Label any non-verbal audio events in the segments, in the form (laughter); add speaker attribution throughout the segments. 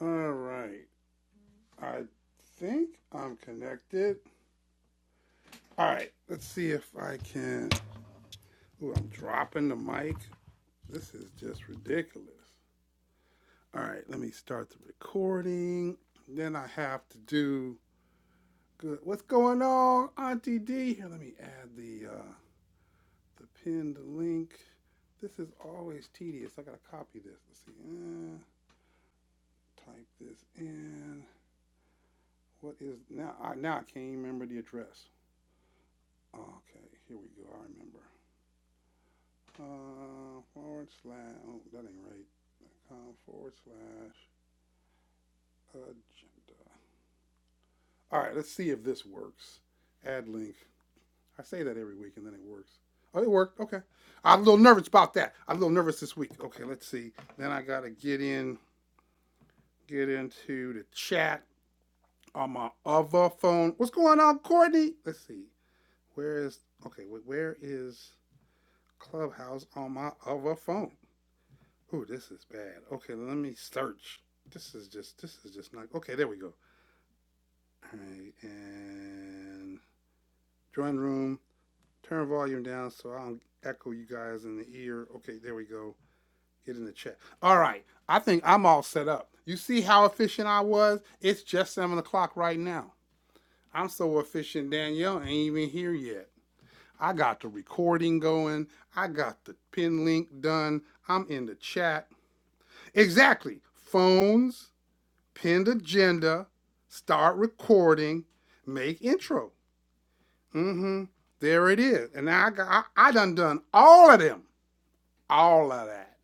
Speaker 1: All right. I think I'm connected. All right. Let's see if I can. Ooh, I'm dropping the mic. This is just ridiculous. All right. Let me start the recording. Then I have to do good. What's going on, Auntie D? Here, let me add the uh, the pinned link. This is always tedious. I gotta copy this. Let's see. Uh, type this in. What is now? I, now I can't even remember the address. Okay, here we go. I remember. Uh, forward slash, oh, that ain't right. Com forward slash agenda. All right, let's see if this works. Add link. I say that every week and then it works. Oh, it worked. Okay. I'm a little nervous about that. I'm a little nervous this week. Okay, let's see. Then I gotta get in, get into the chat on my other phone. What's going on, Courtney? Let's see. Where is okay? Where is Clubhouse on my other phone? Oh, this is bad. Okay, let me search. This is just this is just not okay. There we go. All right, and drawing room. Turn volume down so I don't echo you guys in the ear. Okay, there we go. Get in the chat. All right, I think I'm all set up. You see how efficient I was? It's just seven o'clock right now. I'm so efficient, Danielle ain't even here yet. I got the recording going. I got the pin link done. I'm in the chat. Exactly. Phones, pinned agenda, start recording, make intro. Mm-hmm. There it is. And I, I, I done done all of them. All of that.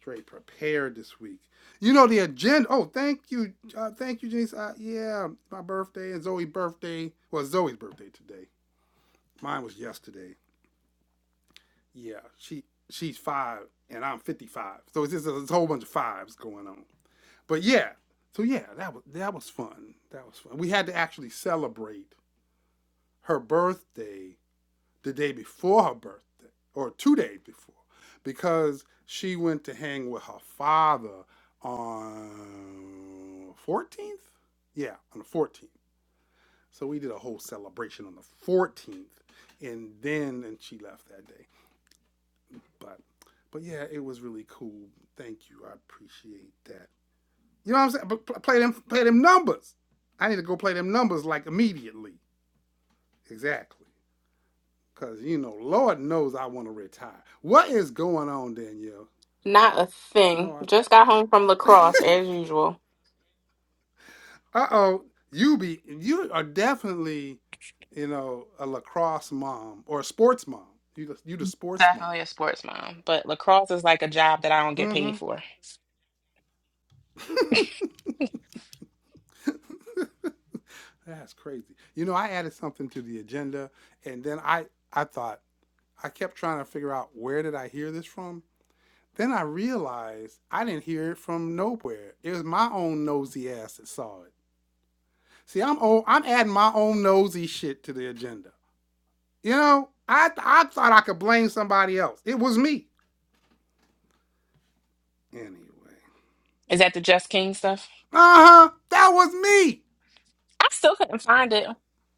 Speaker 1: Straight prepared this week. You know the agenda. Oh, thank you, uh, thank you, Janice. Uh, yeah, my birthday and Zoe's birthday. Well, Zoe's birthday today. Mine was yesterday. Yeah, she she's five and I'm 55. So it's just a, it's a whole bunch of fives going on. But yeah, so yeah, that was that was fun. That was fun. We had to actually celebrate her birthday the day before her birthday, or two days before, because she went to hang with her father on fourteenth. Yeah, on the fourteenth. So we did a whole celebration on the fourteenth, and then and she left that day. But but yeah, it was really cool. Thank you. I appreciate that. You know what I'm saying? But play them, play them numbers. I need to go play them numbers like immediately. Exactly. Cause you know, Lord knows I want to retire. What is going on, Danielle?
Speaker 2: Not a
Speaker 1: No,
Speaker 2: thing. Just got home from
Speaker 1: I. (laughs)
Speaker 2: lacrosse as usual.
Speaker 1: uh oh, you be you are definitely, you know, a lacrosse mom or a sports mom. You the, you the sports mom.
Speaker 2: Definitely a sports mom, but lacrosse is like a job that I don't get
Speaker 1: Mm-hmm.
Speaker 2: paid for.
Speaker 1: That's crazy. You know, I added something to the agenda, and then I I thought I kept trying to figure out where did I hear this from, Then I realized I didn't hear it from nowhere. It was my own nosy ass that saw it. See, I'm old, I'm adding my own nosy shit to the agenda. You know, I I thought I could blame somebody else. It was me. Anyway,
Speaker 2: Is that the Just King stuff?
Speaker 1: uh huh, that was me.
Speaker 2: I still couldn't find it,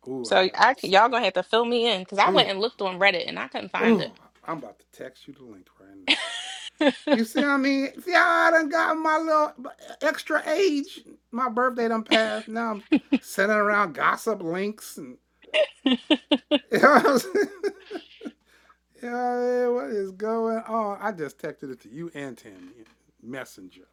Speaker 1: Ooh, I
Speaker 2: so
Speaker 1: had.
Speaker 2: I c- y'all gonna have to fill me in because I went
Speaker 1: Ooh,
Speaker 2: and looked on Reddit and I couldn't find
Speaker 1: ooh,
Speaker 2: it.
Speaker 1: I'm about to text you the link right now.
Speaker 2: (laughs)
Speaker 1: You see what I mean? See how I done got my little extra age. My birthday done passed. Now I'm sitting around gossip links and. (laughs) You know what I'm saying? (laughs) Yeah, yeah, what is going on? I just texted it to you and Tammy, Messenger.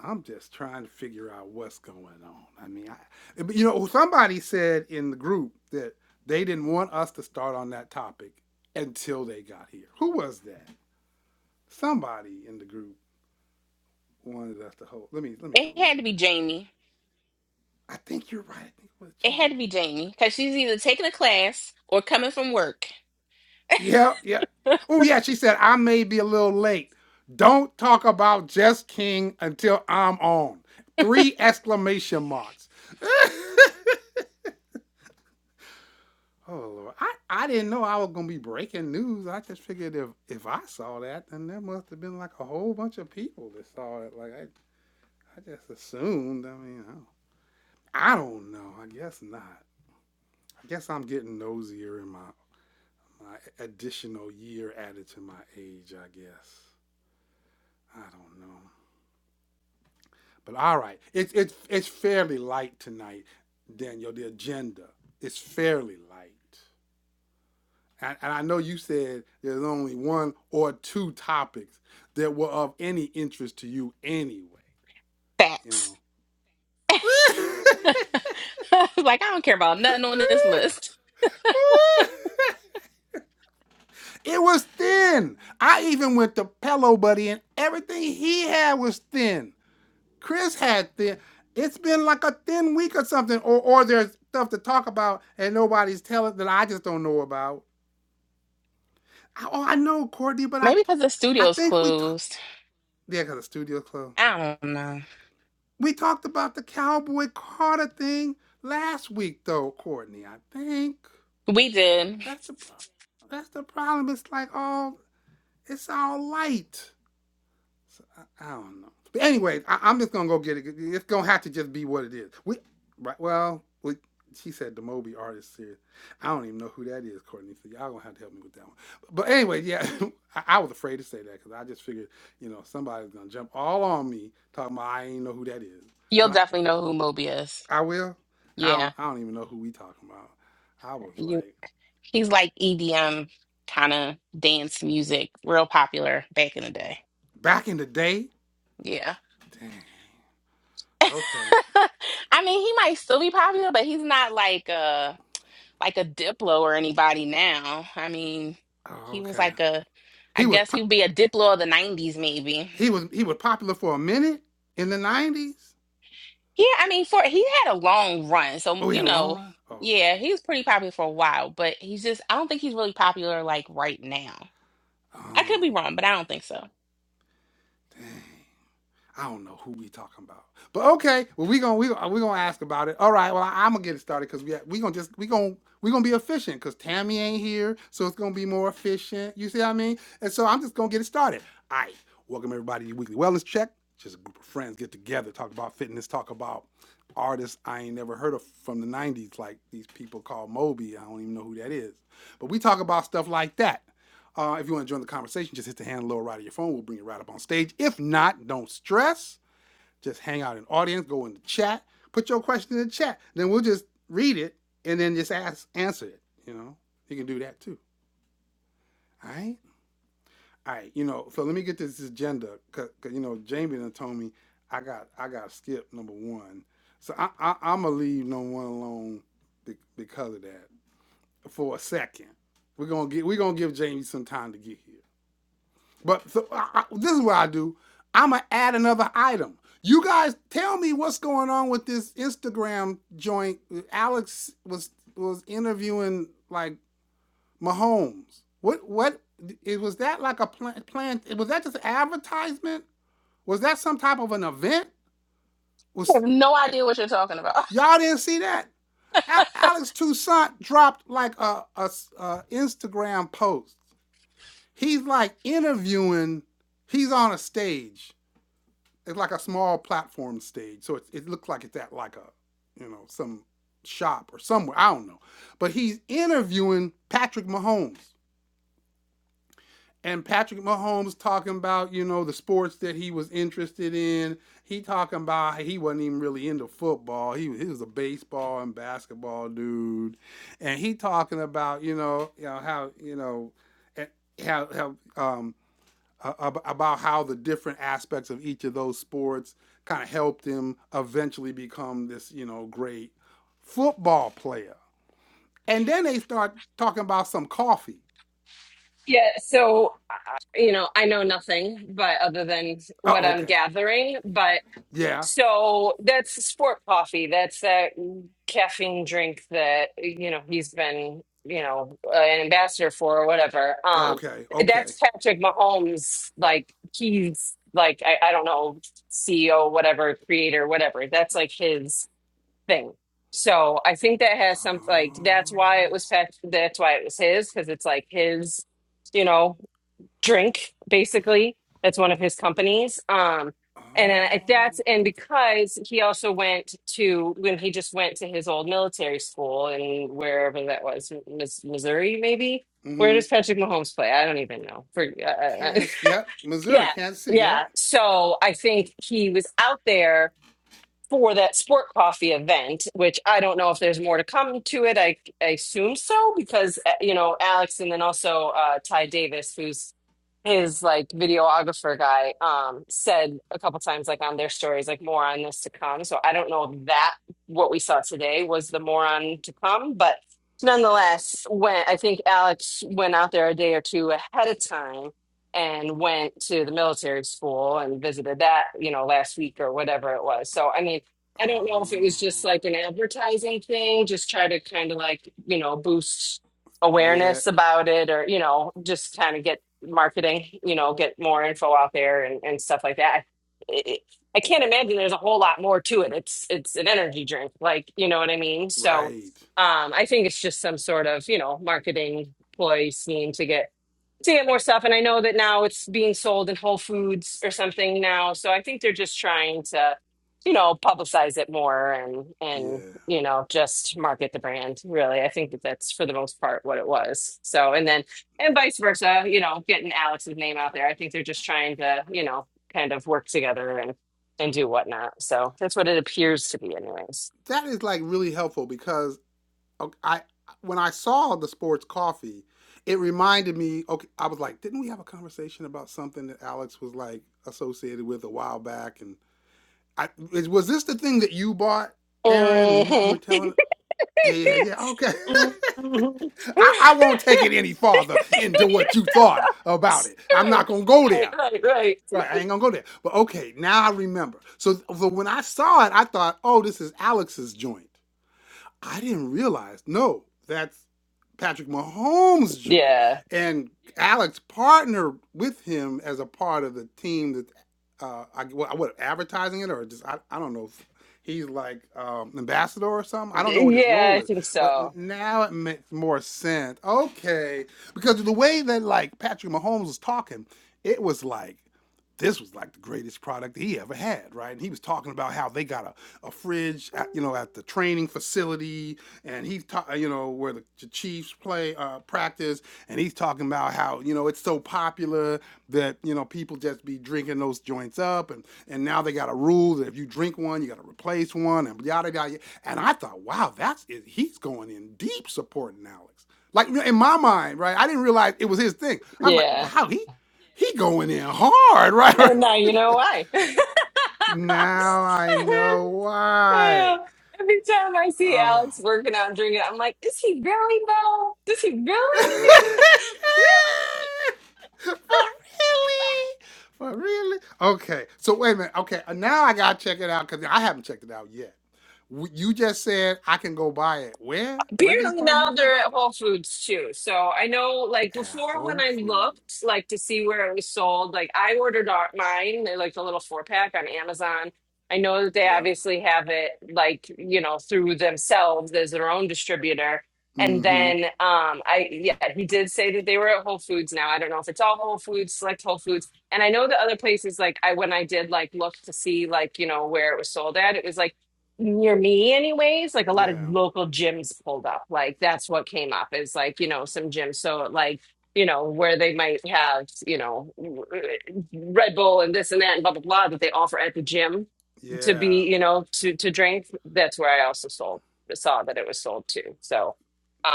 Speaker 1: I'm just trying to figure out what's going on. I mean, I, but you know, somebody said in the group that they didn't want us to start on that topic until they got here. Who was that? Somebody in the group wanted us to hold. Let me let me go
Speaker 2: it had to
Speaker 1: look.
Speaker 2: be Jamie.
Speaker 1: I think you're right. I think it was
Speaker 2: It
Speaker 1: Jamie.
Speaker 2: had to be Jamie because she's either taking a class or coming from work.
Speaker 1: Yeah, yeah. Oh, yeah, she said, I may be a little late. Don't talk about Jess King until I'm on. Three exclamation marks. (laughs) oh, Lord. I, I didn't know I was going to be breaking news. I just figured if, if I saw that, then there must have been like a whole bunch of people that saw it. Like, I, I just assumed. I mean, I don't, I don't know. I guess not. I guess I'm getting nosier in my, my additional year added to my age, I guess. I don't know. But all right, it's it's it's fairly light tonight, Daniel. The agenda is fairly light, and, and I know you said there's only one or two topics that were of any interest to you anyway. You
Speaker 2: Facts.
Speaker 1: know,
Speaker 2: (laughs) like
Speaker 1: (laughs)
Speaker 2: I don't care about nothing on this list.
Speaker 1: it was thin. I even went to Pello Buddy, and everything he had was thin. Chris had thin. It's been like a thin week or something, or or there's stuff to talk about and nobody's telling that I just don't know about. I, oh, I know Courtney, but I,
Speaker 2: Maybe because the
Speaker 1: I
Speaker 2: studio's
Speaker 1: think we talked.
Speaker 2: closed.
Speaker 1: Yeah, cause the studio closed.
Speaker 2: I don't know.
Speaker 1: We talked about the Cowboy Carter thing last week, though, Courtney. I think
Speaker 2: We did.
Speaker 1: that's the that's the problem. It's like all oh, it's all light. So I, I don't know. But anyway, I, I'm just gonna go get it. It's gonna have to just be what it is. We, right? Well, we, she said the Moby artist series. I don't even know who that is, Courtney. So y'all gonna have to help me with that one. But anyway, yeah, (laughs) I, I was afraid to say that because I just figured, you know, somebody's gonna jump all on me talking about I ain't know who that is.
Speaker 2: You'll
Speaker 1: But
Speaker 2: definitely know who Moby is.
Speaker 1: I, I will. I
Speaker 2: Yeah.
Speaker 1: don't. I don't even know who we talking about. I was
Speaker 2: You
Speaker 1: like,
Speaker 2: he's like EDM kind of dance music, real popular back in the day.
Speaker 1: back in the day.
Speaker 2: Yeah.
Speaker 1: Dang. Okay.
Speaker 2: (laughs) I mean, he might still be popular, but he's not like a like a Diplo or anybody now. I mean,
Speaker 1: Oh,
Speaker 2: he was
Speaker 1: okay.
Speaker 2: like a I
Speaker 1: He was.
Speaker 2: guess
Speaker 1: Po-
Speaker 2: he would be a Diplo of the 90s maybe.
Speaker 1: He was he was popular for a minute in the nineties.
Speaker 2: Yeah, I mean, for he had a long run, so
Speaker 1: Oh, he
Speaker 2: you
Speaker 1: had a long
Speaker 2: know,
Speaker 1: run. Oh, okay.
Speaker 2: yeah, he was pretty popular for a while, but he's just I don't think he's really popular like right now. I
Speaker 1: Oh,
Speaker 2: could be wrong, but I don't think so.
Speaker 1: dang. I don't know who we talking about, but okay. Well, we gonna we gonna, we gonna ask about it. All right. Well, I, am gonna get it started because we we gonna just we gonna we gonna be efficient because Tammy ain't here, so it's gonna be more efficient. You see what I mean? And so I'm just gonna get it started. All right. Welcome everybody to your weekly wellness check. Just a group of friends get together, talk about fitness, talk about artists I ain't never heard of from the '90s, like these people called Moby. I don't even know who that is, but we talk about stuff like that. Uh, if you want to join the conversation, just hit the hand on the lower right of your phone. We'll bring it right up on stage. If not, don't stress. Just hang out in the audience, go in the chat, put your question in the chat. Then we'll just read it and then just ask, answer it. You know, you can do that too. All right. All right. You know, so let me get this agenda because you know Jamie done told me I got I got to skip number one. So I, I I'm gonna leave number one alone because of that for a second. We're gonna get we're gonna give Jamie some time to get here. But so I, I- this is what I do. I'm gonna add another item. You guys, tell me what's going on with this Instagram joint. Alex was was interviewing like Mahomes. What what it was that like a plan? plan was that just an advertisement? Was that some type of an event?
Speaker 2: I
Speaker 1: Was
Speaker 2: have no idea what you're talking about.
Speaker 1: y'all didn't see that? Alex Toussaint dropped like a a a Instagram post. He's like interviewing. He's on a stage it's like a small platform stage. So it, it looks like it's at like a, you know, some shop or somewhere. I don't know. But he's interviewing Patrick Mahomes. And Patrick Mahomes talking about, you know, the sports that he was interested in. He talking about he wasn't even really into football. He, was- he was a baseball and basketball dude. And he talking about, you know, you know how, you know, eh, how, how um, uh, about how the different aspects of each of those sports kind of helped him eventually become this, you know, great football player. And then they start talking about some coffee.
Speaker 3: Yeah, so you know, I know nothing but other than what
Speaker 1: Oh,
Speaker 3: I'm
Speaker 1: okay.
Speaker 3: gathering, but
Speaker 1: Yeah.
Speaker 3: so that's sport coffee. That's that caffeine drink that you know he's been, you know, an ambassador for or whatever.
Speaker 1: Oh,
Speaker 3: Um
Speaker 1: Okay. Okay.
Speaker 3: that's Patrick Mahomes like he's like I, I don't know, CEO, whatever, creator, whatever. That's like his thing. So I think that has some like
Speaker 1: Oh.
Speaker 3: that's why it was Pat- that's why it was his because it's like his you know drink basically that's one of his companies um and then I-
Speaker 1: Oh.
Speaker 3: that's and because he also went to when he just went to his old military school and wherever that was Miss, missouri maybe where
Speaker 1: Mm-hmm.
Speaker 3: does patrick mahomes play i don't even know for uh, uh,
Speaker 1: Kansas. Yep.
Speaker 3: (laughs)
Speaker 1: Missouri.
Speaker 3: yeah
Speaker 1: Kansas City.
Speaker 3: yeah
Speaker 1: Yep.
Speaker 3: so i think he was out there for that sport coffee event, which I don't know if there's more to come to it. I, I assume so because uh, you know Alex and then also uh, Ty Davis, who's his like videographer guy, um, said a couple times like on their stories like more on this to come. So I don't know if that what we saw today was the more on to come, but nonetheless, when I think Alex went out there a day or two ahead of time and went to the military school and visited that, you know, last week or whatever it was. So, I mean, I don't know if it
Speaker 1: Oh.
Speaker 3: was just like an advertising thing, just try to kind of like, you know, boost
Speaker 1: Yeah.
Speaker 3: awareness about it or, you know, just kind of get marketing, you know, get more info out there and, and stuff like that. I, I I can't imagine there's a whole lot more to it. It's it's an energy drink, like, you know what I mean? So,
Speaker 1: Right.
Speaker 3: um, I think it's just some sort of, you know, marketing ploy scheme to get to get more stuff. And I know that now it's being sold in Whole Foods or something now. So I think they're just trying to, you know, publicize it more and and
Speaker 1: Yeah.
Speaker 3: you know just market the brand. Really, I think that that's for the most part what it was. So and then and vice versa, you know, getting Alex's name out there. I think they're just trying to, you know, kind of work together and and do whatnot. So that's what it appears to be, anyways.
Speaker 1: That is like really helpful because okay, I when I saw the sports coffee, it reminded me. Okay, I was like, didn't we have a conversation about something that Alex was like associated with a while back? And I is- was this the thing that you bought, Aaron? And you you were
Speaker 3: (laughs)
Speaker 1: telling, yeah, yeah,
Speaker 3: right,
Speaker 1: yeah. Okay. (laughs) I, I won't take it any farther into what you thought about it. I'm not gonna go
Speaker 3: right,
Speaker 1: there.
Speaker 3: right, right.
Speaker 1: Right, I ain't gonna go there. But okay, now I remember. So, so when I saw it, I thought, oh, this is Alex's joint. I didn't realize. No, that's Patrick Mahomes' joint,
Speaker 3: Yeah.
Speaker 1: and Alex partnered with him as a part of the team that uh, I what, what advertising it or just I, I don't know. he's like um, ambassador or something. I don't know what his
Speaker 3: Yeah,
Speaker 1: role
Speaker 3: I
Speaker 1: is,
Speaker 3: think
Speaker 1: but
Speaker 3: so.
Speaker 1: now it makes more sense. Okay, because of the way that like Patrick Mahomes was talking, it was like this was like the greatest product he ever had, right? And he was talking about how they got a a fridge, at, you know, at the training facility, and he's ta- you know where the, the Chiefs play uh, practice, and he's talking about how you know it's so popular that you know people just be drinking those joints up, and and now they got a rule that if you drink one, you got to replace one, and yada yada. And I thought, wow, that's it. he's going in deep supporting Alex. Like in my mind, right? I didn't realize it was his thing. I'm like,
Speaker 3: Yeah.
Speaker 1: wow, he he going in hard, right?
Speaker 3: And now you know why. (laughs)
Speaker 1: (laughs) now I know why.
Speaker 3: Every time I see
Speaker 1: Oh.
Speaker 3: Alex working out and drinking, I'm like, is he really though? Does he
Speaker 1: (laughs)
Speaker 3: really?
Speaker 1: For really? For really? Okay. So wait a minute. Okay. uh, Now I gotta check it out because I haven't checked it out yet. W- You just said I can go buy it. Where? Where'd they
Speaker 3: Apparently now
Speaker 1: partner with?
Speaker 3: they're at Whole Foods too. So I know, like
Speaker 1: At
Speaker 3: before, when
Speaker 1: Whole
Speaker 3: I
Speaker 1: Foods.
Speaker 3: looked, like to see where it was sold, like I ordered our, mine, they're, like the little four pack on Amazon. I know that they
Speaker 1: Yep.
Speaker 3: obviously have it, like you know, through themselves as their own distributor. And
Speaker 1: Mm-hmm.
Speaker 3: then, um, I yeah, he did say that they were at Whole Foods now. I don't know if it's all Whole Foods, select Whole Foods, and I know the other places. Like I, when I did like look to see like you know where it was sold at, it was like near me anyways like a lot of
Speaker 1: Yeah.
Speaker 3: local gyms pulled up like that's what came up is like you know some gyms so like you know where they might have you know red bull and this and that and blah blah blah that they offer at the gym to be
Speaker 1: Yeah.
Speaker 3: you know to to drink that's where i also sold saw that it was sold too. so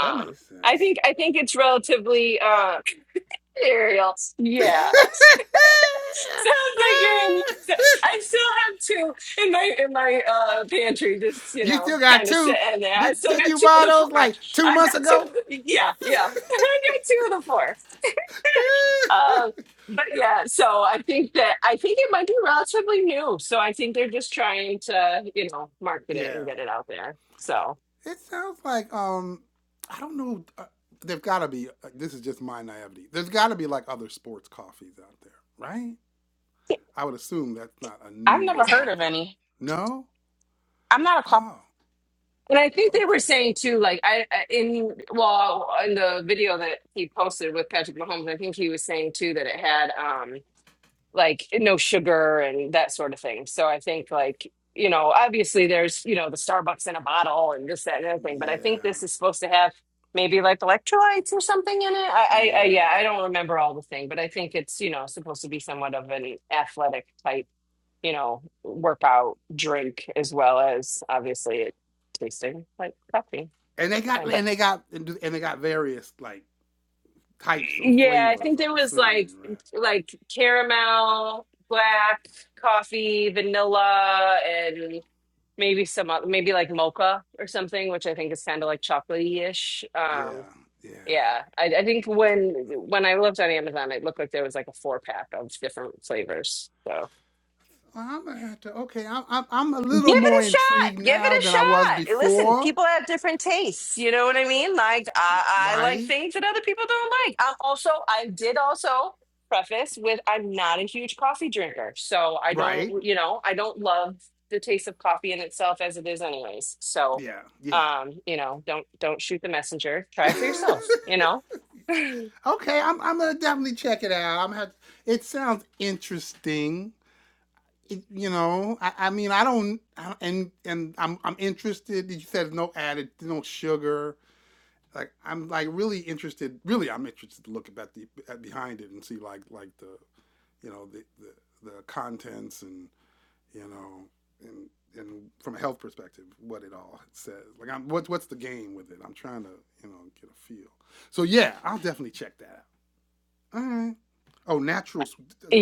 Speaker 1: That makes
Speaker 3: i
Speaker 1: sense.
Speaker 3: think i think it's relatively uh (laughs) material
Speaker 1: (laughs)
Speaker 3: yeah (laughs) Sounds like you're in. I still have two in my in my uh pantry, just you
Speaker 1: you
Speaker 3: know,
Speaker 1: still got
Speaker 3: kind of
Speaker 1: two.
Speaker 3: sitting there. I
Speaker 1: Did,
Speaker 3: still
Speaker 1: didn't
Speaker 3: got
Speaker 1: you
Speaker 3: two of
Speaker 1: buy
Speaker 3: the
Speaker 1: those
Speaker 3: four.
Speaker 1: like two
Speaker 3: I
Speaker 1: months
Speaker 3: got two.
Speaker 1: ago?
Speaker 3: Of the, yeah, yeah. (laughs) I got two of the four. Um,
Speaker 1: (laughs)
Speaker 3: but yeah, so I think that I think it might be relatively new. So I think they're just trying to you know market it
Speaker 1: yeah.
Speaker 3: and get it out there. So.
Speaker 1: It sounds like um, I don't know. Uh, there've got to be. Uh, this is just my naivety. There's got to be like other sports coffees out there, right? I would assume that's not a
Speaker 2: (laughs) I've
Speaker 1: new
Speaker 2: never heard of
Speaker 1: market.
Speaker 2: any.
Speaker 1: No.
Speaker 2: I'm not a cop.
Speaker 1: Oh,
Speaker 3: And I think they were
Speaker 1: okay.
Speaker 3: saying too, like I I- in well in the video that he posted with Patrick Mahomes, I think he was saying too that it had um like no sugar and that sort of thing. So I think like, you know, obviously there's, you know, the Starbucks in a bottle and this, that, and the other thing, but I think
Speaker 1: Yeah,
Speaker 3: this is supposed to have maybe like electrolytes or something in it. I, I, I
Speaker 1: yeah.
Speaker 3: yeah, I don't remember all the thing, but I think it's, you know, supposed to be somewhat of an athletic type, you know, workout drink as well as obviously it tasting like coffee.
Speaker 1: And they got
Speaker 3: Fine, but
Speaker 1: and they got and they got various like types of
Speaker 3: Yeah, I
Speaker 1: flavors.
Speaker 3: think there
Speaker 1: I'm
Speaker 3: was like
Speaker 1: assuming, right?
Speaker 3: like caramel, black coffee, vanilla, and maybe some oth- maybe like mocha or something, which I think is kind of like chocolatey-ish.
Speaker 1: Yeah,
Speaker 3: Um,
Speaker 1: yeah.
Speaker 3: yeah, I, I think when when I looked on Amazon, it looked like there was like a four pack of different flavors. So.
Speaker 1: Well, I'm gonna have to. Okay, I'm I'm, I'm a
Speaker 3: Give
Speaker 1: little more
Speaker 3: it a shot.
Speaker 1: intrigued
Speaker 3: Give it
Speaker 1: now than I was
Speaker 3: a shot. Listen,
Speaker 1: before.
Speaker 3: people have different tastes. You know what I mean? Like I, I like
Speaker 1: Right.
Speaker 3: things that other people don't like. I'm also I did also preface with I'm not a huge coffee drinker. So I
Speaker 1: Right.
Speaker 3: don't, you know, I don't love the taste of coffee in itself as it is anyways. So
Speaker 1: Yeah. Yeah.
Speaker 3: um, you know, don't don't shoot the messenger. Try it for yourself, you
Speaker 1: (laughs)
Speaker 3: know? (laughs)
Speaker 1: okay, I'm I'm gonna definitely check it out. I'm have it sounds interesting. It, you know, I, I mean, I don't, I, and and I'm I'm interested. You said no added, no sugar. Like I'm like really interested. Really, I'm interested to look about the at behind it and see like like the you know the the, the contents and you know and and from a health perspective, what it all says. Like I'm what what's the game with it? I'm trying to you know get a feel. So yeah, I'll definitely check that out. All right. Oh, natural.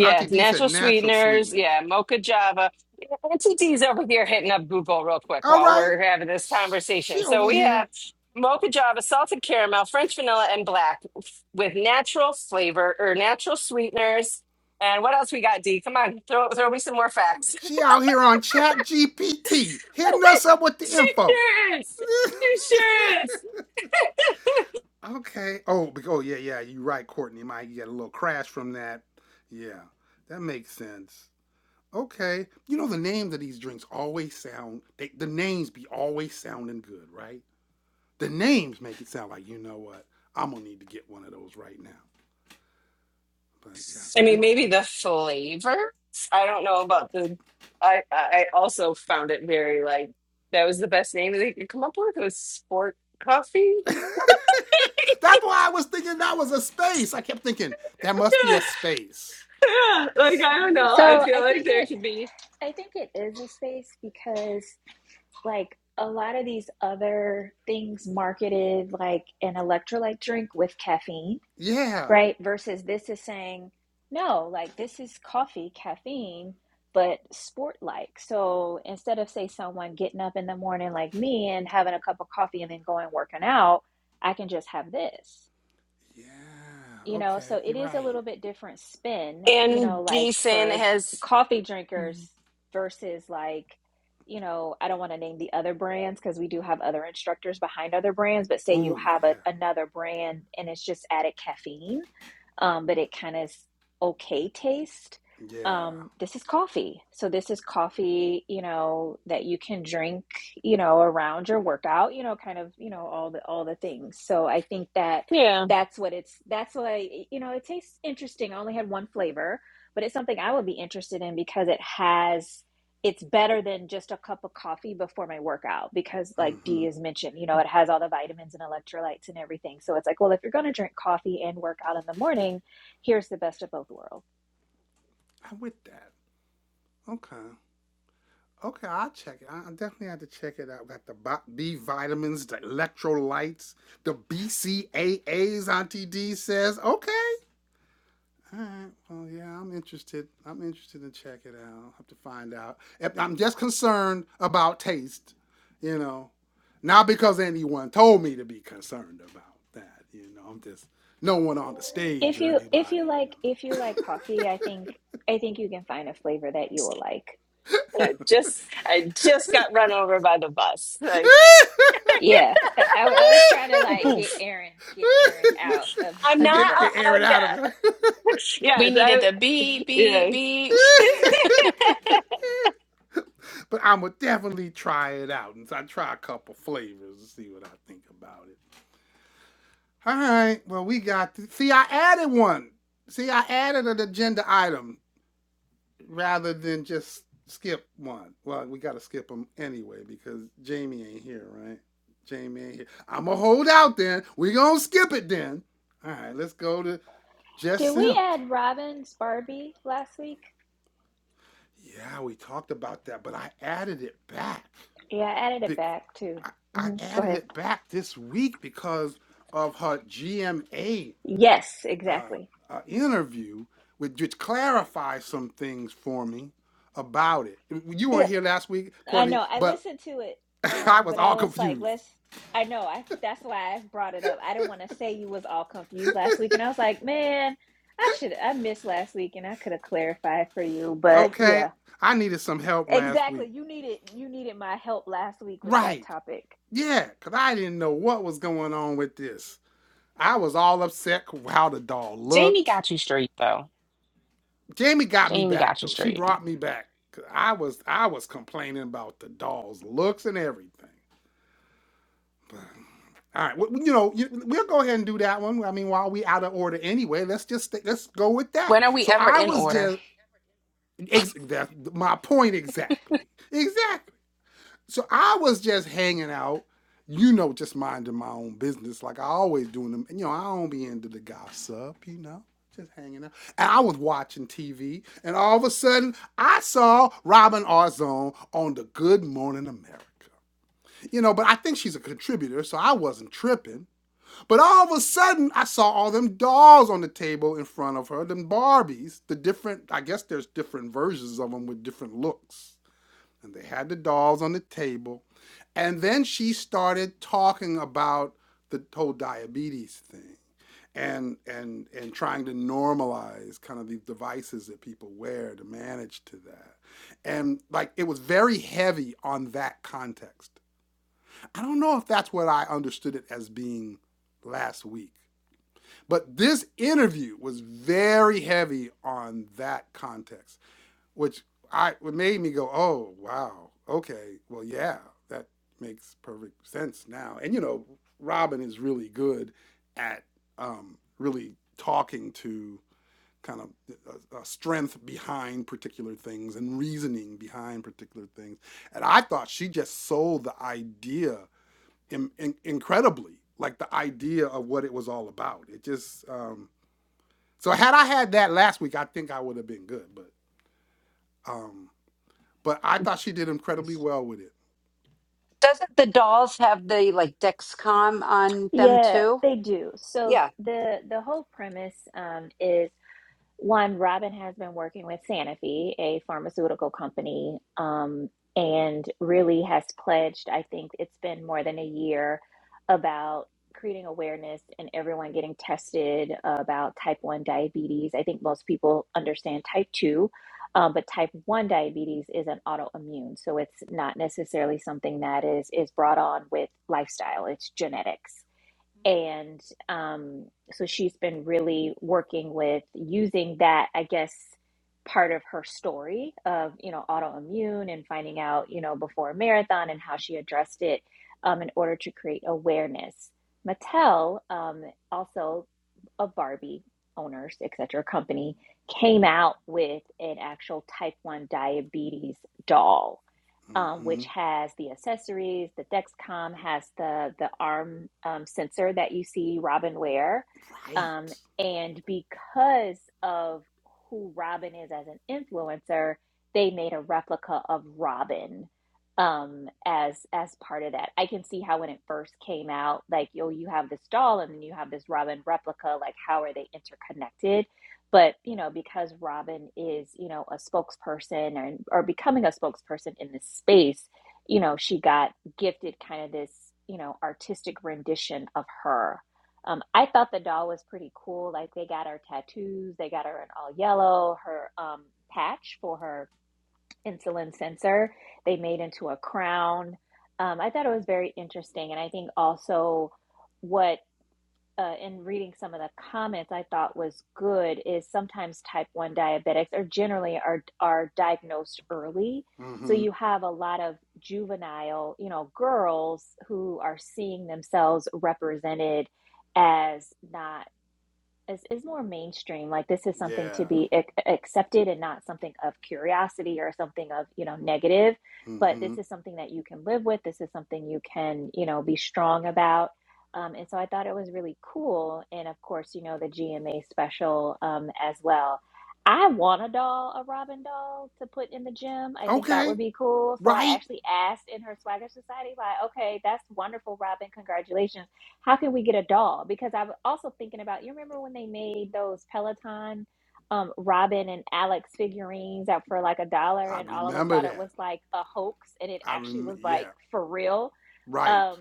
Speaker 1: Auntie D said
Speaker 3: natural
Speaker 1: natural
Speaker 3: sweeteners.
Speaker 1: sweeteners.
Speaker 3: Yeah, mocha java. Yeah, Auntie D's over here hitting up Google real quick
Speaker 1: All
Speaker 3: while
Speaker 1: right.
Speaker 3: we're having this conversation.
Speaker 1: She
Speaker 3: So
Speaker 1: over
Speaker 3: we
Speaker 1: here.
Speaker 3: have mocha java, salted caramel, French vanilla, and black f- with natural flavor or natural sweeteners. And what else we got, D? Come on, throw, throw me some more facts.
Speaker 1: She out here on Chat GPT, hitting us up with
Speaker 3: (laughs)
Speaker 1: the
Speaker 3: she
Speaker 1: info.
Speaker 3: sure is. She
Speaker 1: (laughs)
Speaker 3: sure is.
Speaker 1: okay. Oh, oh yeah, yeah. You're right, Courtney. Might get a little crash from that. Yeah, that makes sense. Okay. You know the names of these drinks always sound. They, the names be always sounding good, right? The names make it sound like you know what. I'm gonna need to get one of those right now. But yeah,
Speaker 3: I
Speaker 1: we
Speaker 3: mean, maybe the flavor. I don't know about the. I I also found it very like that was the best name they could come up with was sport coffee. (laughs) yeah,
Speaker 1: (laughs) That's why I was thinking that was a space. I kept thinking that must be a space.
Speaker 3: yeah. Like I don't know. I
Speaker 4: So
Speaker 3: feel
Speaker 4: I
Speaker 3: like
Speaker 4: think
Speaker 3: there
Speaker 4: it
Speaker 3: could be.
Speaker 4: I think it is a space because like a lot of these other things marketed like an electrolyte drink with caffeine,
Speaker 1: Yeah.
Speaker 4: right? Versus this is saying, no, like this is coffee, caffeine, but sport like. So instead of say someone getting up in the morning like me and having a cup of coffee and then going working out, I can just have this
Speaker 1: Yeah.
Speaker 4: you know so
Speaker 1: Okay.
Speaker 4: it
Speaker 1: You're
Speaker 4: is a
Speaker 1: right.
Speaker 4: little bit different spin you
Speaker 3: And
Speaker 4: know like
Speaker 3: Gießen
Speaker 4: for
Speaker 3: has.
Speaker 4: coffee drinkers versus like you know i don't want to name the other brands because we do have other instructors behind other brands but say you
Speaker 1: Ooh,
Speaker 4: have
Speaker 1: yeah.
Speaker 4: a, another brand and it's just added caffeine um, but it kind of is okay taste
Speaker 1: Yeah.
Speaker 4: um, this is coffee so this is coffee you know that you can drink you know around your workout you know kind of you know all the all the things so i think that
Speaker 3: Yeah,
Speaker 4: that's what it's that's why you know it tastes interesting i only had one flavor but it's something i would be interested in because it has it's better than just a cup of coffee before my workout because like Dee
Speaker 1: Mm-hmm.
Speaker 4: has mentioned you know it has all the vitamins and electrolytes and everything so it's like well if you're going to drink coffee and work out in the morning here's the best of both worlds
Speaker 1: I'm with that. Okay. Okay, I'll check it. I definitely have to check it out. Got the B vitamins, the electrolytes, the BCAAs, Auntie D says. Okay. All right. Well, yeah, I'm interested. I'm interested to check it out. I'll have to find out. If- I'm just concerned about taste, you know. Not because anyone told me to be concerned about that, you know. I'm just no one on the stage
Speaker 4: if
Speaker 1: or
Speaker 4: you if
Speaker 1: anybody,
Speaker 4: you
Speaker 1: you
Speaker 4: like
Speaker 1: know.
Speaker 4: if you like coffee i think i think you can find a flavor that you will like
Speaker 3: I just I just got run over by the bus. Like
Speaker 4: Yeah, I, I I was trying to like get
Speaker 3: poof.
Speaker 4: Aaron, get Aaron out of
Speaker 1: (laughs)
Speaker 3: I'm
Speaker 1: get,
Speaker 4: of the
Speaker 3: not.
Speaker 1: get,
Speaker 4: bus.
Speaker 1: get
Speaker 3: Uh,
Speaker 1: air
Speaker 3: uh,
Speaker 1: it out of
Speaker 3: yeah.
Speaker 1: it.
Speaker 3: (laughs)
Speaker 2: We
Speaker 3: Yes.
Speaker 2: needed
Speaker 3: I.
Speaker 2: the beep, beep,
Speaker 3: Yeah.
Speaker 2: beep.
Speaker 1: (laughs) but I'm gonna definitely try it out and so I try a couple flavors and see what I think about it. All right. Well, we got. th- See, I added one. See, I added an agenda item rather than just skip one. Well, we got to skip them anyway because Jamie ain't here, right? Jamie ain't here. I'm going to hold out then. we going to skip it then. All right. Let's go to Jess
Speaker 4: Did we
Speaker 1: Sims.
Speaker 4: add Robin's Barbie last week?
Speaker 1: Yeah, we talked about that, but I added it back.
Speaker 4: Yeah, I added it back too.
Speaker 1: I
Speaker 4: hmm Go
Speaker 1: added
Speaker 4: ahead.
Speaker 1: it back this week because of her GMA
Speaker 4: Yes,
Speaker 1: uh,
Speaker 4: exactly.
Speaker 1: uh, interview, with, which clarifies some things for me about it. You weren't
Speaker 4: Yep.
Speaker 1: here last week,
Speaker 4: I
Speaker 1: Courtney,
Speaker 4: know. I
Speaker 1: but
Speaker 4: listened to it,
Speaker 1: (laughs) I
Speaker 4: um,
Speaker 1: was
Speaker 4: but
Speaker 1: all
Speaker 4: I was like,
Speaker 1: confused.
Speaker 4: let's. I know. I that's why I brought it up. I didn't want to say you was all confused last week, and I was like, man, I should. I missed last week, and I could have clarified for you. But
Speaker 1: Okay,
Speaker 4: yeah,
Speaker 1: I needed some help last
Speaker 4: exactly.
Speaker 1: week.
Speaker 4: You needed you needed my help last week with that
Speaker 1: Right?
Speaker 4: topic.
Speaker 1: Yeah, because I didn't know what was going on with this. I was all upset how the doll
Speaker 2: Jamie
Speaker 1: looked.
Speaker 2: got you straight though.
Speaker 1: Jamie got me
Speaker 2: Jamie
Speaker 1: back
Speaker 2: got you
Speaker 1: though. She
Speaker 2: straight.
Speaker 1: brought me back. 'Cause I was I was complaining about the doll's looks and everything. But All right, well, you know, we'll go ahead and do that one. I mean, while we out of order anyway, let's just let let's go with that.
Speaker 2: When are we
Speaker 1: So
Speaker 2: ever
Speaker 1: I
Speaker 2: in
Speaker 1: was
Speaker 2: order?
Speaker 1: just ex- my point exactly, exactly. So I was just hanging out, you know, just minding my own business like I always do. Them, you know, I don't be into the gossip, you know, just hanging out. And I was watching TV, and all of a sudden, I saw Robin Arzon on the Good Morning America. You know, but I think she's a contributor, so I wasn't tripping but all of a sudden, I saw all them dolls on the table in front of her, them Barbies, the different, I guess there's different versions of them with different looks. And they had the dolls on the table. And then she started talking about the whole diabetes thing and and and trying to normalize kind of these devices that people wear to manage to that. And like it was very heavy on that context. I don't know if that's what I understood it as being last week. But this interview was very heavy on that context, which I what made me go, "Oh, wow. Okay. Well, yeah, that makes perfect sense now." And you know, Robin is really good at um, really talking to kind of a, a strength behind particular things and reasoning behind particular things. And I thought she just sold the idea in, in, incredibly, like the idea of what it was all about. It just um, so had I had that last week, I think I would have been good. But um, but I thought she did incredibly well with it.
Speaker 5: Doesn't the dolls have the like Dexcom on them
Speaker 4: Yeah,
Speaker 5: too?
Speaker 4: they do. So
Speaker 5: Yeah.
Speaker 4: the the whole premise um, is one, Robin has been working with Sanofi, a pharmaceutical company, um, and really has pledged, I think it's been more than a year, about creating awareness and everyone getting tested about type 1 diabetes. I think most people understand type 2, um, but type 1 diabetes is an autoimmune. So it's not necessarily something that is is brought on with lifestyle, it's genetics. And um, so she's been really working with using that, I guess, part of her story of, you know, autoimmune and finding out, you know, before a marathon and how she addressed it um, in order to create awareness. Mattel, um, also a Barbie owners, et cetera, company, came out with an actual type 1 diabetes doll um,
Speaker 1: Mm-hmm.
Speaker 4: which has the accessories. The Dexcom has the the arm um, sensor that you see Robin wear,
Speaker 1: Right.
Speaker 4: um, and because of who Robin is as an influencer, they made a replica of Robin um, as as part of that. I can see how when it first came out, like oh, you have this doll, and then you have this Robin replica. Like, how are they interconnected? but you know because robin is you know a spokesperson and or becoming a spokesperson in this space you know she got gifted kind of this you know artistic rendition of her um, i thought the doll was pretty cool like they got her tattoos they got her in all yellow her um, patch for her insulin sensor they made into a crown um, i thought it was very interesting and i think also what uh, in reading some of the comments I thought was good is sometimes type 1 diabetics are generally are are diagnosed early. So
Speaker 1: Mm-hmm.
Speaker 4: you have a lot of juvenile, you know, girls who are seeing themselves represented as not is, is more mainstream. Like this is something
Speaker 1: Yeah.
Speaker 4: to be ac- accepted and not something of curiosity or something of, you know, negative, but
Speaker 1: Mm-hmm.
Speaker 4: this is something that you can live with. This is something you can, you know, be strong about. Um, and so I thought it was really cool. And of course, you know, the GMA special um, as well. I want a doll, a Robin doll to put in the gym. I think that
Speaker 1: Okay.
Speaker 4: would be cool. So I
Speaker 1: Right.
Speaker 4: actually asked in her Swagger Society, like, okay, that's wonderful, Robin. Congratulations how can we get a doll? Because I was also thinking about you remember when they made those Peloton um Robin and Alex figurines out for like a dollar
Speaker 1: I
Speaker 4: and all of us
Speaker 1: remember
Speaker 4: thought it
Speaker 1: that.
Speaker 4: was like a hoax and it
Speaker 1: I
Speaker 4: actually
Speaker 1: rem.
Speaker 4: was like
Speaker 1: Yeah.
Speaker 4: for real.
Speaker 1: Right.
Speaker 4: Um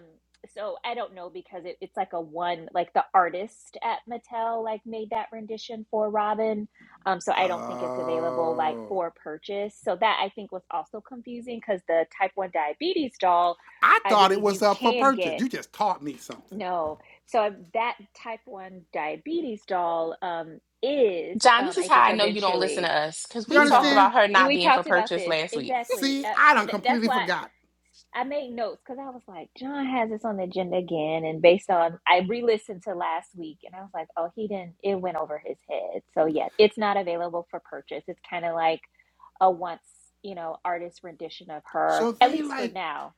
Speaker 4: so I don't know because it, it's like a one like the artist at Mattel like made that rendition for Robin. Um, so I don't think it's available like
Speaker 1: Oh.
Speaker 4: for purchase. So that I think was also confusing because the type 1 diabetes doll,
Speaker 1: I
Speaker 4: I
Speaker 1: thought it
Speaker 4: believe
Speaker 1: was
Speaker 4: you
Speaker 1: up for
Speaker 4: can
Speaker 1: purchase.
Speaker 4: get.
Speaker 1: You just taught me something.
Speaker 4: No. So I- that type 1 diabetes doll um, is,
Speaker 2: John, this
Speaker 4: um,
Speaker 2: is
Speaker 4: I
Speaker 2: how
Speaker 4: think,
Speaker 2: I know you don't listen to
Speaker 4: eventually,
Speaker 2: us because
Speaker 1: You
Speaker 2: we
Speaker 4: you
Speaker 2: talked
Speaker 4: don't,
Speaker 1: understand?
Speaker 2: about her
Speaker 4: you-
Speaker 2: not
Speaker 4: we
Speaker 2: being for
Speaker 4: talked about
Speaker 2: purchase
Speaker 4: this
Speaker 2: last week.
Speaker 4: exactly.
Speaker 1: See,
Speaker 4: Uh,
Speaker 1: I done
Speaker 4: th- that's
Speaker 1: completely
Speaker 4: why
Speaker 1: forgot.
Speaker 4: I made notes because I was like, John has this on the agenda again. And based on, I re-listened to last week and I was like, oh, he didn't, it went over his head. So yeah, it's not available for purchase. It's kind of like a once, you know, artist rendition of her,
Speaker 1: So
Speaker 4: at
Speaker 1: they
Speaker 4: least for
Speaker 1: like
Speaker 4: now.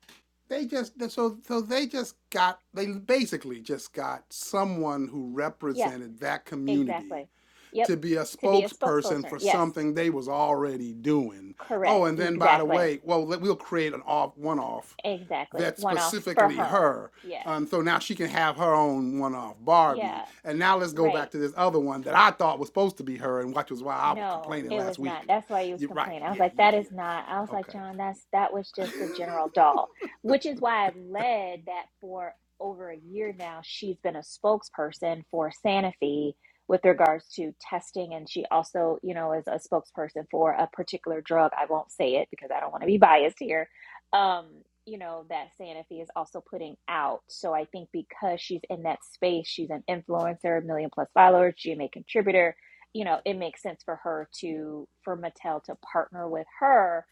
Speaker 1: they just so so they just got they basically just got someone who
Speaker 4: Yeah,
Speaker 1: represented that community
Speaker 4: exactly. Yep.
Speaker 1: to be a
Speaker 4: To be a
Speaker 1: spokesperson
Speaker 4: spokesperson.
Speaker 1: for
Speaker 4: Yes.
Speaker 1: something they was already doing. Oh,
Speaker 4: Correct.
Speaker 1: and then by the
Speaker 4: Exactly.
Speaker 1: way, well we'll create an off one off
Speaker 4: Exactly.
Speaker 1: that's
Speaker 4: One off for
Speaker 1: specifically
Speaker 4: her.
Speaker 1: her.
Speaker 4: Yeah.
Speaker 1: Um, so now she can have her own one-off Barbie,
Speaker 4: Yeah.
Speaker 1: and now let's go back
Speaker 4: Right.
Speaker 1: to this other one that I thought was supposed to be her, and which was why I was
Speaker 4: No,
Speaker 1: complaining
Speaker 4: it
Speaker 1: last
Speaker 4: was not.
Speaker 1: week.
Speaker 4: That's why you was
Speaker 1: You're right.
Speaker 4: complaining. I was
Speaker 1: Yeah,
Speaker 4: like,
Speaker 1: yeah,
Speaker 4: that is not. I was
Speaker 1: yeah.
Speaker 4: like,
Speaker 1: Okay,
Speaker 4: John, that's that was just the general doll, which is why I've led that for over a year now. She's been a spokesperson for Sanofi with regards to testing, and she also, you know, is a spokesperson for a particular drug. I won't say it because I don't want to be biased here. Um, you know, that Sanofi is also putting out. So I think because she's in that space, she's an influencer, million plus followers, GMA contributor you know, it makes sense for her to for Mattel to partner with her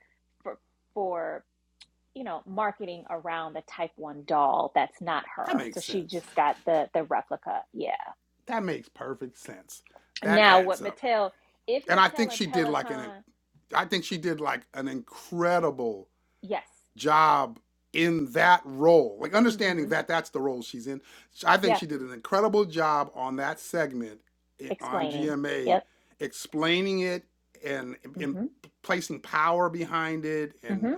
Speaker 4: for for you know marketing around a type one doll that's not
Speaker 1: (laughs) that
Speaker 4: her. So
Speaker 1: makes
Speaker 4: she
Speaker 1: sense.
Speaker 4: just got the the replica. Yeah.
Speaker 1: That makes perfect sense. That
Speaker 4: Now
Speaker 1: adds
Speaker 4: what
Speaker 1: up.
Speaker 4: Mattel if
Speaker 1: And I think
Speaker 4: Mattel and
Speaker 1: she did like an
Speaker 4: Peloton
Speaker 1: I think she did like an incredible
Speaker 4: yes.
Speaker 1: job in that role. Like understanding
Speaker 4: Mm-hmm.
Speaker 1: that that's the role she's in. I think
Speaker 4: Yep.
Speaker 1: she did an incredible job on that segment i- on
Speaker 4: Explaining.
Speaker 1: GMA
Speaker 4: Yep.
Speaker 1: explaining it and in
Speaker 4: Mm-hmm.
Speaker 1: placing power behind it and
Speaker 4: Mm-hmm.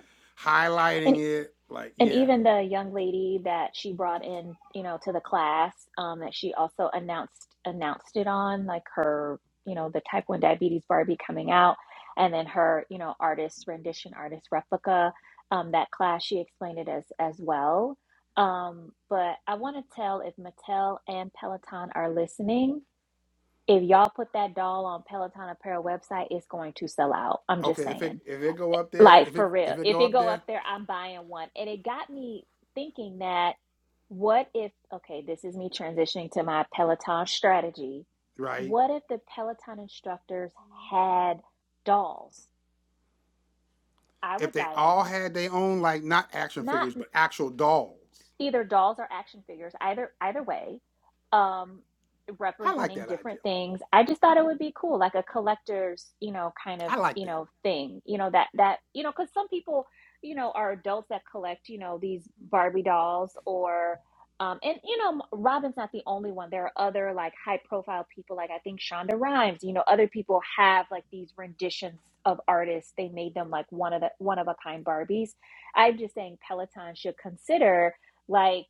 Speaker 4: And
Speaker 1: highlighting it like
Speaker 4: and
Speaker 1: yeah.
Speaker 4: even the young lady that she brought in you know to the class um, that she also announced announced it on like her you know the type 1 diabetes barbie coming out and then her you know artist rendition artist replica um, that class she explained it as as well um, but i want to tell if mattel and peloton are listening if y'all put that doll on peloton apparel website it's going to sell out i'm
Speaker 1: Okay,
Speaker 4: just
Speaker 1: if it
Speaker 4: saying
Speaker 1: if it go up there,
Speaker 4: like
Speaker 1: if
Speaker 4: for
Speaker 1: it
Speaker 4: real.
Speaker 1: if it
Speaker 4: If
Speaker 1: go
Speaker 4: it
Speaker 1: up
Speaker 4: go
Speaker 1: there,
Speaker 4: up there, I'm buying one. And it got me thinking that what if, okay, this is me transitioning to my Peloton strategy.
Speaker 1: right?
Speaker 4: What if the Peloton instructors had dolls? I
Speaker 1: if
Speaker 4: would
Speaker 1: they
Speaker 4: buy
Speaker 1: all
Speaker 4: them.
Speaker 1: had their own like not action
Speaker 4: Not
Speaker 1: figures but actual dolls.
Speaker 4: either dolls or action figures either either way um
Speaker 1: I like
Speaker 4: representing
Speaker 1: that idea.
Speaker 4: different things i just thought it would be cool like a collector's you know kind of
Speaker 1: I like
Speaker 4: you
Speaker 1: that.
Speaker 4: know thing you know that that you know because some people you know are adults that collect you know these barbie dolls or um and you know robin's not the only one there are other like high profile people like i think shonda rhimes you know other people have like these renditions of artists they made them like one of the one of a kind barbies i'm just saying peloton should consider like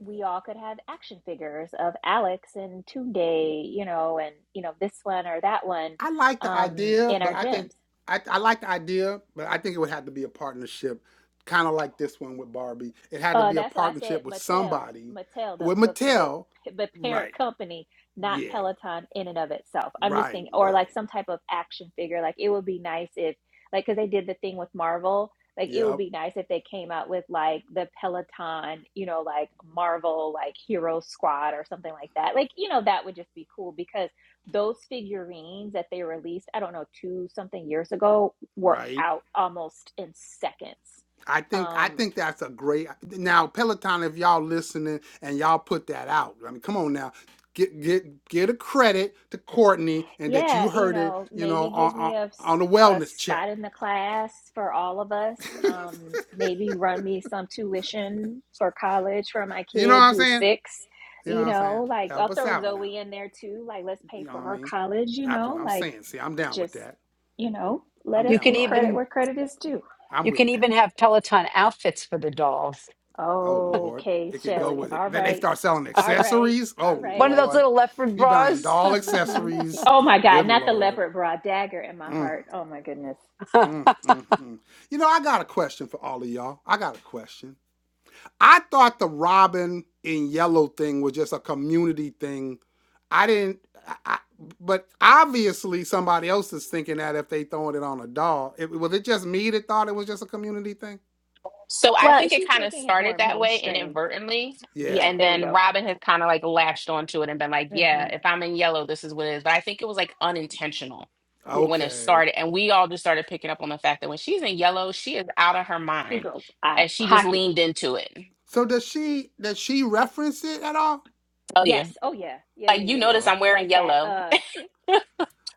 Speaker 4: we all could have action figures of Alex and Tunde, you know, and you know this one or that one
Speaker 1: I like the
Speaker 4: um,
Speaker 1: idea,
Speaker 4: in
Speaker 1: but
Speaker 4: our
Speaker 1: I think
Speaker 4: gyms.
Speaker 1: I, I like the idea, but I think it would have to be a partnership, kind of like this one with Barbie. It had to
Speaker 4: Uh,
Speaker 1: be a
Speaker 4: that's why I
Speaker 1: partnership
Speaker 4: said
Speaker 1: with
Speaker 4: Mattel,
Speaker 1: somebody,
Speaker 4: Mattel, the
Speaker 1: with
Speaker 4: the the
Speaker 1: Mattel.
Speaker 4: the parent
Speaker 1: Right.
Speaker 4: company, not
Speaker 1: Yeah.
Speaker 4: Peloton in and of itself. I'm just
Speaker 1: Right.
Speaker 4: thinking, or
Speaker 1: Right.
Speaker 4: like some type of action figure. Like it would be nice if, like, because they did the thing with Marvel. Like it would
Speaker 1: Yep.
Speaker 4: be nice if they came out with like the Peloton, you know, like Marvel, like Hero Squad or something like that. Like you know, that would just be cool because those figurines that they released, I don't know, two something years ago, were
Speaker 1: Right.
Speaker 4: out almost in seconds.
Speaker 1: I think I
Speaker 4: Um,
Speaker 1: think that's a great now Peloton. If y'all listening and y'all put that out, I mean, come on now, get get get a credit to Courtney and that
Speaker 4: Yeah,
Speaker 1: you
Speaker 4: you
Speaker 1: heard it,
Speaker 4: know,
Speaker 1: you know,
Speaker 4: maybe give
Speaker 1: on
Speaker 4: me
Speaker 1: on,
Speaker 4: a, s-
Speaker 1: on the
Speaker 4: a
Speaker 1: wellness check.
Speaker 4: spot in the class for all of us. Um, maybe run me some tuition for college for my
Speaker 1: You know what
Speaker 4: kid
Speaker 1: I'm
Speaker 4: who's
Speaker 1: saying?
Speaker 4: six.
Speaker 1: You know
Speaker 4: You
Speaker 1: what I'm saying?
Speaker 4: know, like
Speaker 1: Help
Speaker 4: I'll
Speaker 1: us
Speaker 4: throw
Speaker 1: out now.
Speaker 4: Zoe in there too. Like, let's
Speaker 1: You
Speaker 4: pay
Speaker 1: know what
Speaker 4: for
Speaker 1: I
Speaker 4: her
Speaker 1: mean?
Speaker 4: college, you
Speaker 1: That's what
Speaker 4: know,
Speaker 1: I'm
Speaker 4: like
Speaker 1: saying. See, I'm down with
Speaker 4: just,
Speaker 1: that.
Speaker 4: you know, let
Speaker 1: I'm
Speaker 4: us
Speaker 5: You
Speaker 1: down
Speaker 5: could
Speaker 1: with
Speaker 4: give
Speaker 1: all of
Speaker 4: credit
Speaker 1: that.
Speaker 5: even
Speaker 4: where credit is due.
Speaker 1: I'm
Speaker 5: you can
Speaker 1: with that.
Speaker 5: even have Peloton outfits for the dolls.
Speaker 1: Oh Lord,
Speaker 4: Okay,
Speaker 1: it could go
Speaker 4: Shelly.
Speaker 1: with it.
Speaker 4: All
Speaker 1: Then they
Speaker 4: right.
Speaker 1: start selling
Speaker 4: All right.
Speaker 1: accessories. Oh
Speaker 4: All
Speaker 5: One
Speaker 4: right.
Speaker 5: of those
Speaker 1: Lord,
Speaker 5: little leopard
Speaker 1: you buying
Speaker 5: bras. (laughs)
Speaker 1: doll
Speaker 5: and
Speaker 4: Mm-hmm.
Speaker 1: accessories.
Speaker 4: Oh my God,
Speaker 1: Good
Speaker 4: not the
Speaker 1: Lord.
Speaker 4: leopard bra dagger in my
Speaker 1: Mm.
Speaker 4: heart. Oh my goodness.
Speaker 1: Mm, mm, mm. You know, I got a question for all of y'all. I got a question. I thought the Robin in Yellow thing was just a community thing. I didn't, I, I, but obviously somebody else is thinking that if they throwing it on a dog. It, was it just me that thought it was just a community thing?
Speaker 2: So I
Speaker 4: Well,
Speaker 2: think it
Speaker 4: she's
Speaker 2: kind of
Speaker 4: making it
Speaker 2: started
Speaker 4: more
Speaker 2: that way
Speaker 4: mainstream.
Speaker 2: inadvertently.
Speaker 4: Yeah,
Speaker 1: Yeah.
Speaker 2: And
Speaker 4: there we
Speaker 2: then
Speaker 4: go.
Speaker 2: Robin had kind of like latched onto it and been like, yeah,
Speaker 4: hmm
Speaker 2: if I'm in yellow, this is what it is. But I think it was like unintentional
Speaker 4: Yeah,
Speaker 2: when it
Speaker 1: Okay.
Speaker 2: started. And we all just started picking up on the fact that when she's in yellow, she is out of her
Speaker 4: she
Speaker 2: mind.
Speaker 4: goes out of
Speaker 2: And she just
Speaker 4: pocket.
Speaker 2: leaned into it.
Speaker 1: So does she does she reference it at all?
Speaker 2: Tell
Speaker 4: Yes.
Speaker 2: you.
Speaker 4: Oh, yeah. Yeah, yeah,
Speaker 2: Like you
Speaker 4: yeah, yeah.
Speaker 2: notice
Speaker 1: Oh,
Speaker 2: I'm
Speaker 1: Okay.
Speaker 2: wearing
Speaker 4: Like that.
Speaker 2: yellow. (laughs)
Speaker 4: Uh,
Speaker 2: yeah,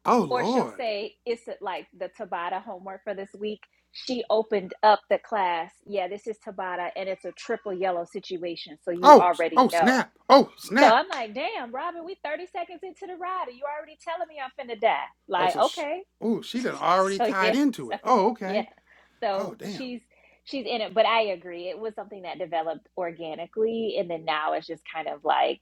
Speaker 1: Oh
Speaker 4: or she'll
Speaker 1: Lord.
Speaker 4: say it's a- like the Tabata homework for this week. She opened up the class. Yeah, this is Tabata, and it's a triple yellow situation, so you
Speaker 1: Oh
Speaker 4: already
Speaker 1: oh
Speaker 4: know.
Speaker 1: snap. Oh
Speaker 4: So
Speaker 1: snap.
Speaker 4: I'm like, damn, Robin, we 30 seconds into the ride, and you already telling me I'm finna die.
Speaker 1: Oh
Speaker 4: Like,
Speaker 1: so she,
Speaker 4: okay.
Speaker 1: oh she done
Speaker 4: (laughs)
Speaker 1: already
Speaker 4: so
Speaker 1: tied
Speaker 4: yeah,
Speaker 1: into
Speaker 4: so
Speaker 1: it. Oh okay.
Speaker 4: yeah.
Speaker 1: Oh
Speaker 4: So
Speaker 1: damn,
Speaker 4: she's she's in it, but I agree. It was something that developed organically and then now it's just kind of like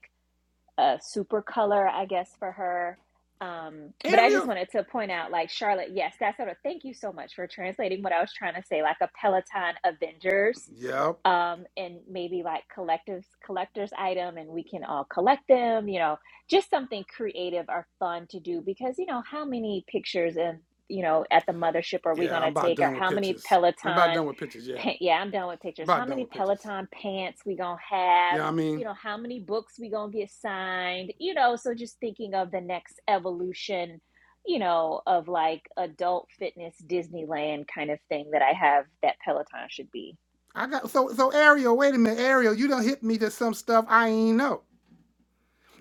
Speaker 4: a super color, I guess, for her. Um, but I just
Speaker 1: Ariel.
Speaker 4: wanted to point out, like Charlotte, yes, that's sort of thank you so much for translating what I was trying to say, like a Peloton Avengers
Speaker 1: Yeah,
Speaker 4: um, and maybe like collectives collectors item and we can all collect them you know just something creative or fun to do because you know how many pictures and you know at the mothership are we going
Speaker 1: Yeah, I'm
Speaker 4: to
Speaker 1: about
Speaker 4: take or
Speaker 1: done with
Speaker 4: how many
Speaker 1: pictures. I'm about done
Speaker 4: peloton
Speaker 1: with pictures. Yeah,
Speaker 4: pa- yeah i'm done with pictures
Speaker 1: about
Speaker 4: how
Speaker 1: done
Speaker 4: many
Speaker 1: with pictures.
Speaker 4: peloton pants we going to have
Speaker 1: Yeah, I
Speaker 4: you
Speaker 1: mean,
Speaker 4: know how many books we going to get signed you know so just thinking of the next evolution you know of like adult fitness disneyland kind of thing that i have that peloton should be
Speaker 1: I got so so Ariel. Wait a minute, Ariel. You done hit me to some stuff I ain't know.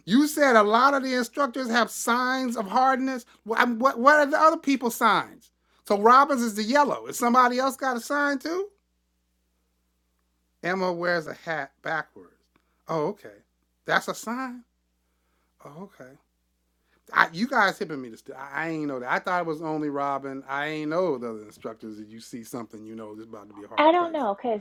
Speaker 1: You said a lot of the instructors have signs of hardness. What what, what are the other people's signs? So Robbins is the yellow. Is somebody else got a sign too? Emma wears a hat backwards. Oh, okay. That's a sign. Oh, okay. I, you guys hipping me to st- I, I ain't know that. I thought it was only Robin. I ain't know the other instructors. If you see something, you know it's about to be a
Speaker 4: I
Speaker 1: hard
Speaker 4: don't
Speaker 1: class.
Speaker 4: know, cause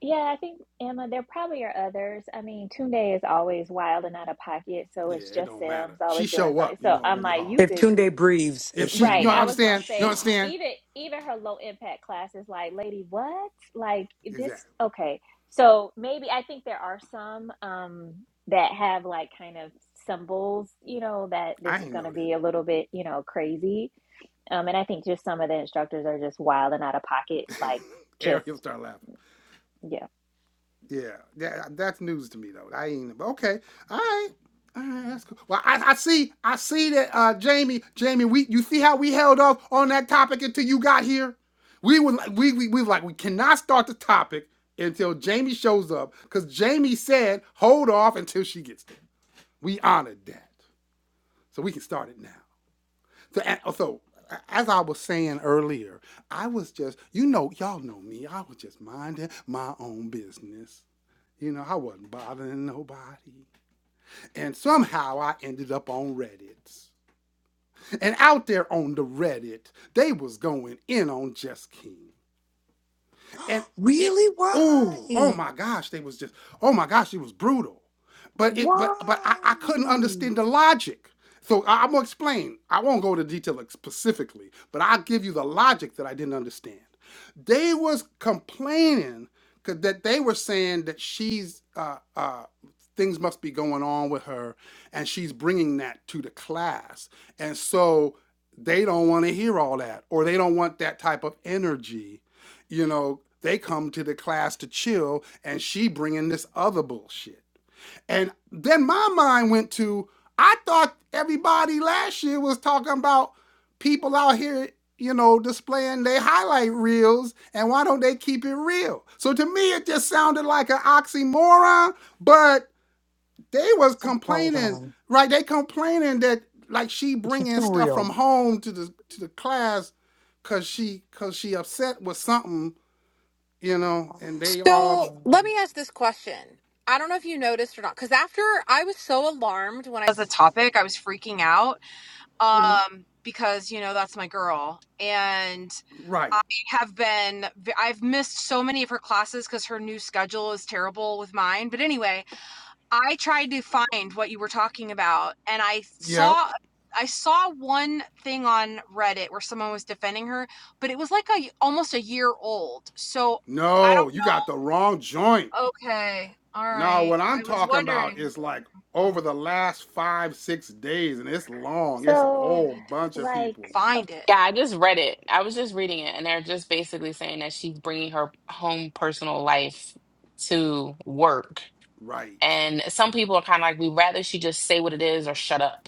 Speaker 4: yeah, I think Emma, there probably are others. I mean, Tunde is always wild and out of pocket, so
Speaker 1: Yeah,
Speaker 4: it's
Speaker 1: it
Speaker 4: just
Speaker 1: don't matter.
Speaker 4: Sims
Speaker 1: She
Speaker 4: always doing
Speaker 1: show
Speaker 4: something.
Speaker 1: up, you
Speaker 4: So
Speaker 1: know it's
Speaker 4: I'm
Speaker 1: gonna be
Speaker 4: like,
Speaker 1: hard.
Speaker 4: you
Speaker 6: If
Speaker 4: could,
Speaker 6: Tunde breathes,
Speaker 1: If
Speaker 6: it's
Speaker 1: she, you
Speaker 4: right?
Speaker 6: um
Speaker 4: I was gonna
Speaker 1: understand? You
Speaker 4: say
Speaker 1: understand?
Speaker 4: even even her low impact classes, like Lady What, like this.
Speaker 1: Exactly.
Speaker 4: Okay, so maybe I think there are some um that have like kind of symbols, you know, that
Speaker 1: I
Speaker 4: this is
Speaker 1: ain't
Speaker 4: gonna
Speaker 1: know that.
Speaker 4: be a little bit, you know, crazy. Um, and I think just some of the instructors are just wild and out of pocket, like just.
Speaker 1: Ariel start laughing.
Speaker 4: yeah.
Speaker 1: Yeah, yeah, that's news to me though. I ain't but okay. All right. All right, that's cool. Well, I, I see, I see that uh, Jamie, Jamie, we, you see how we held off on that topic until you got here. We would, like, we, we, we like, we cannot start the topic until Jamie shows up, because Jamie said, hold off until she gets there. We honored that, so we can start it now. So, so as I was saying earlier, I was just, you know, y'all know me. I was just minding my own business you know, I wasn't bothering nobody. And somehow I ended up on Reddit. And out there on the Reddit, they was going in on Just King and it
Speaker 6: really
Speaker 1: ooh oh
Speaker 6: why?
Speaker 1: my gosh they was just oh my gosh it was brutal but it but but i, I couldn't
Speaker 6: Why?
Speaker 1: understand the logic so I, i'm gonna explain i won't go into detail like, specifically but i'll give you the logic that i didn't understand they was complaining 'cause that they were saying that she's uh uh things must be going on with her and she's bringing that to the class and so they don't want to hear all that or they don't want that type of energy you know they come to the class to chill and she bringing this other bullshit and then my mind went to i thought everybody last year was talking about people out here you know displaying their highlight reels and why don't they keep it real so to me it just sounded like an oxymoron but they was
Speaker 6: Hold
Speaker 1: complaining
Speaker 6: on.
Speaker 1: right they complaining that like she
Speaker 6: She's
Speaker 1: bringing
Speaker 6: too
Speaker 1: stuff from
Speaker 6: real.
Speaker 1: home to the to the class cuz she cuz she upset with something you know, and they all right.
Speaker 7: So let me ask this question. I don't know if you noticed or not, because after I was so alarmed when I was the topic, I was freaking out um, because you know that's my girl, and I have been I've missed so many of her classes because her new schedule is terrible with mine. But anyway, I tried to find what you were talking about, and I
Speaker 1: Yep.
Speaker 7: saw I saw one thing on Reddit where someone was defending her, but it was like a almost a year old. So I
Speaker 1: No,
Speaker 7: don't
Speaker 1: you
Speaker 7: know.
Speaker 1: got the wrong joint.
Speaker 7: Okay. All
Speaker 1: Now,
Speaker 7: right.
Speaker 1: what I'm
Speaker 7: I was
Speaker 1: talking about
Speaker 7: wondering.
Speaker 1: is like
Speaker 7: Hmm,
Speaker 1: over the last five, six days, and it's long. It's a
Speaker 7: I
Speaker 4: So,
Speaker 1: whole
Speaker 7: need to
Speaker 1: bunch of people.
Speaker 4: like, a,
Speaker 7: find it.
Speaker 2: I just read it. I was just reading it. And they're just basically saying that she's bringing her home personal life to work
Speaker 1: Right.
Speaker 2: And some people are kind of like, we'd rather she just say what it is or shut up.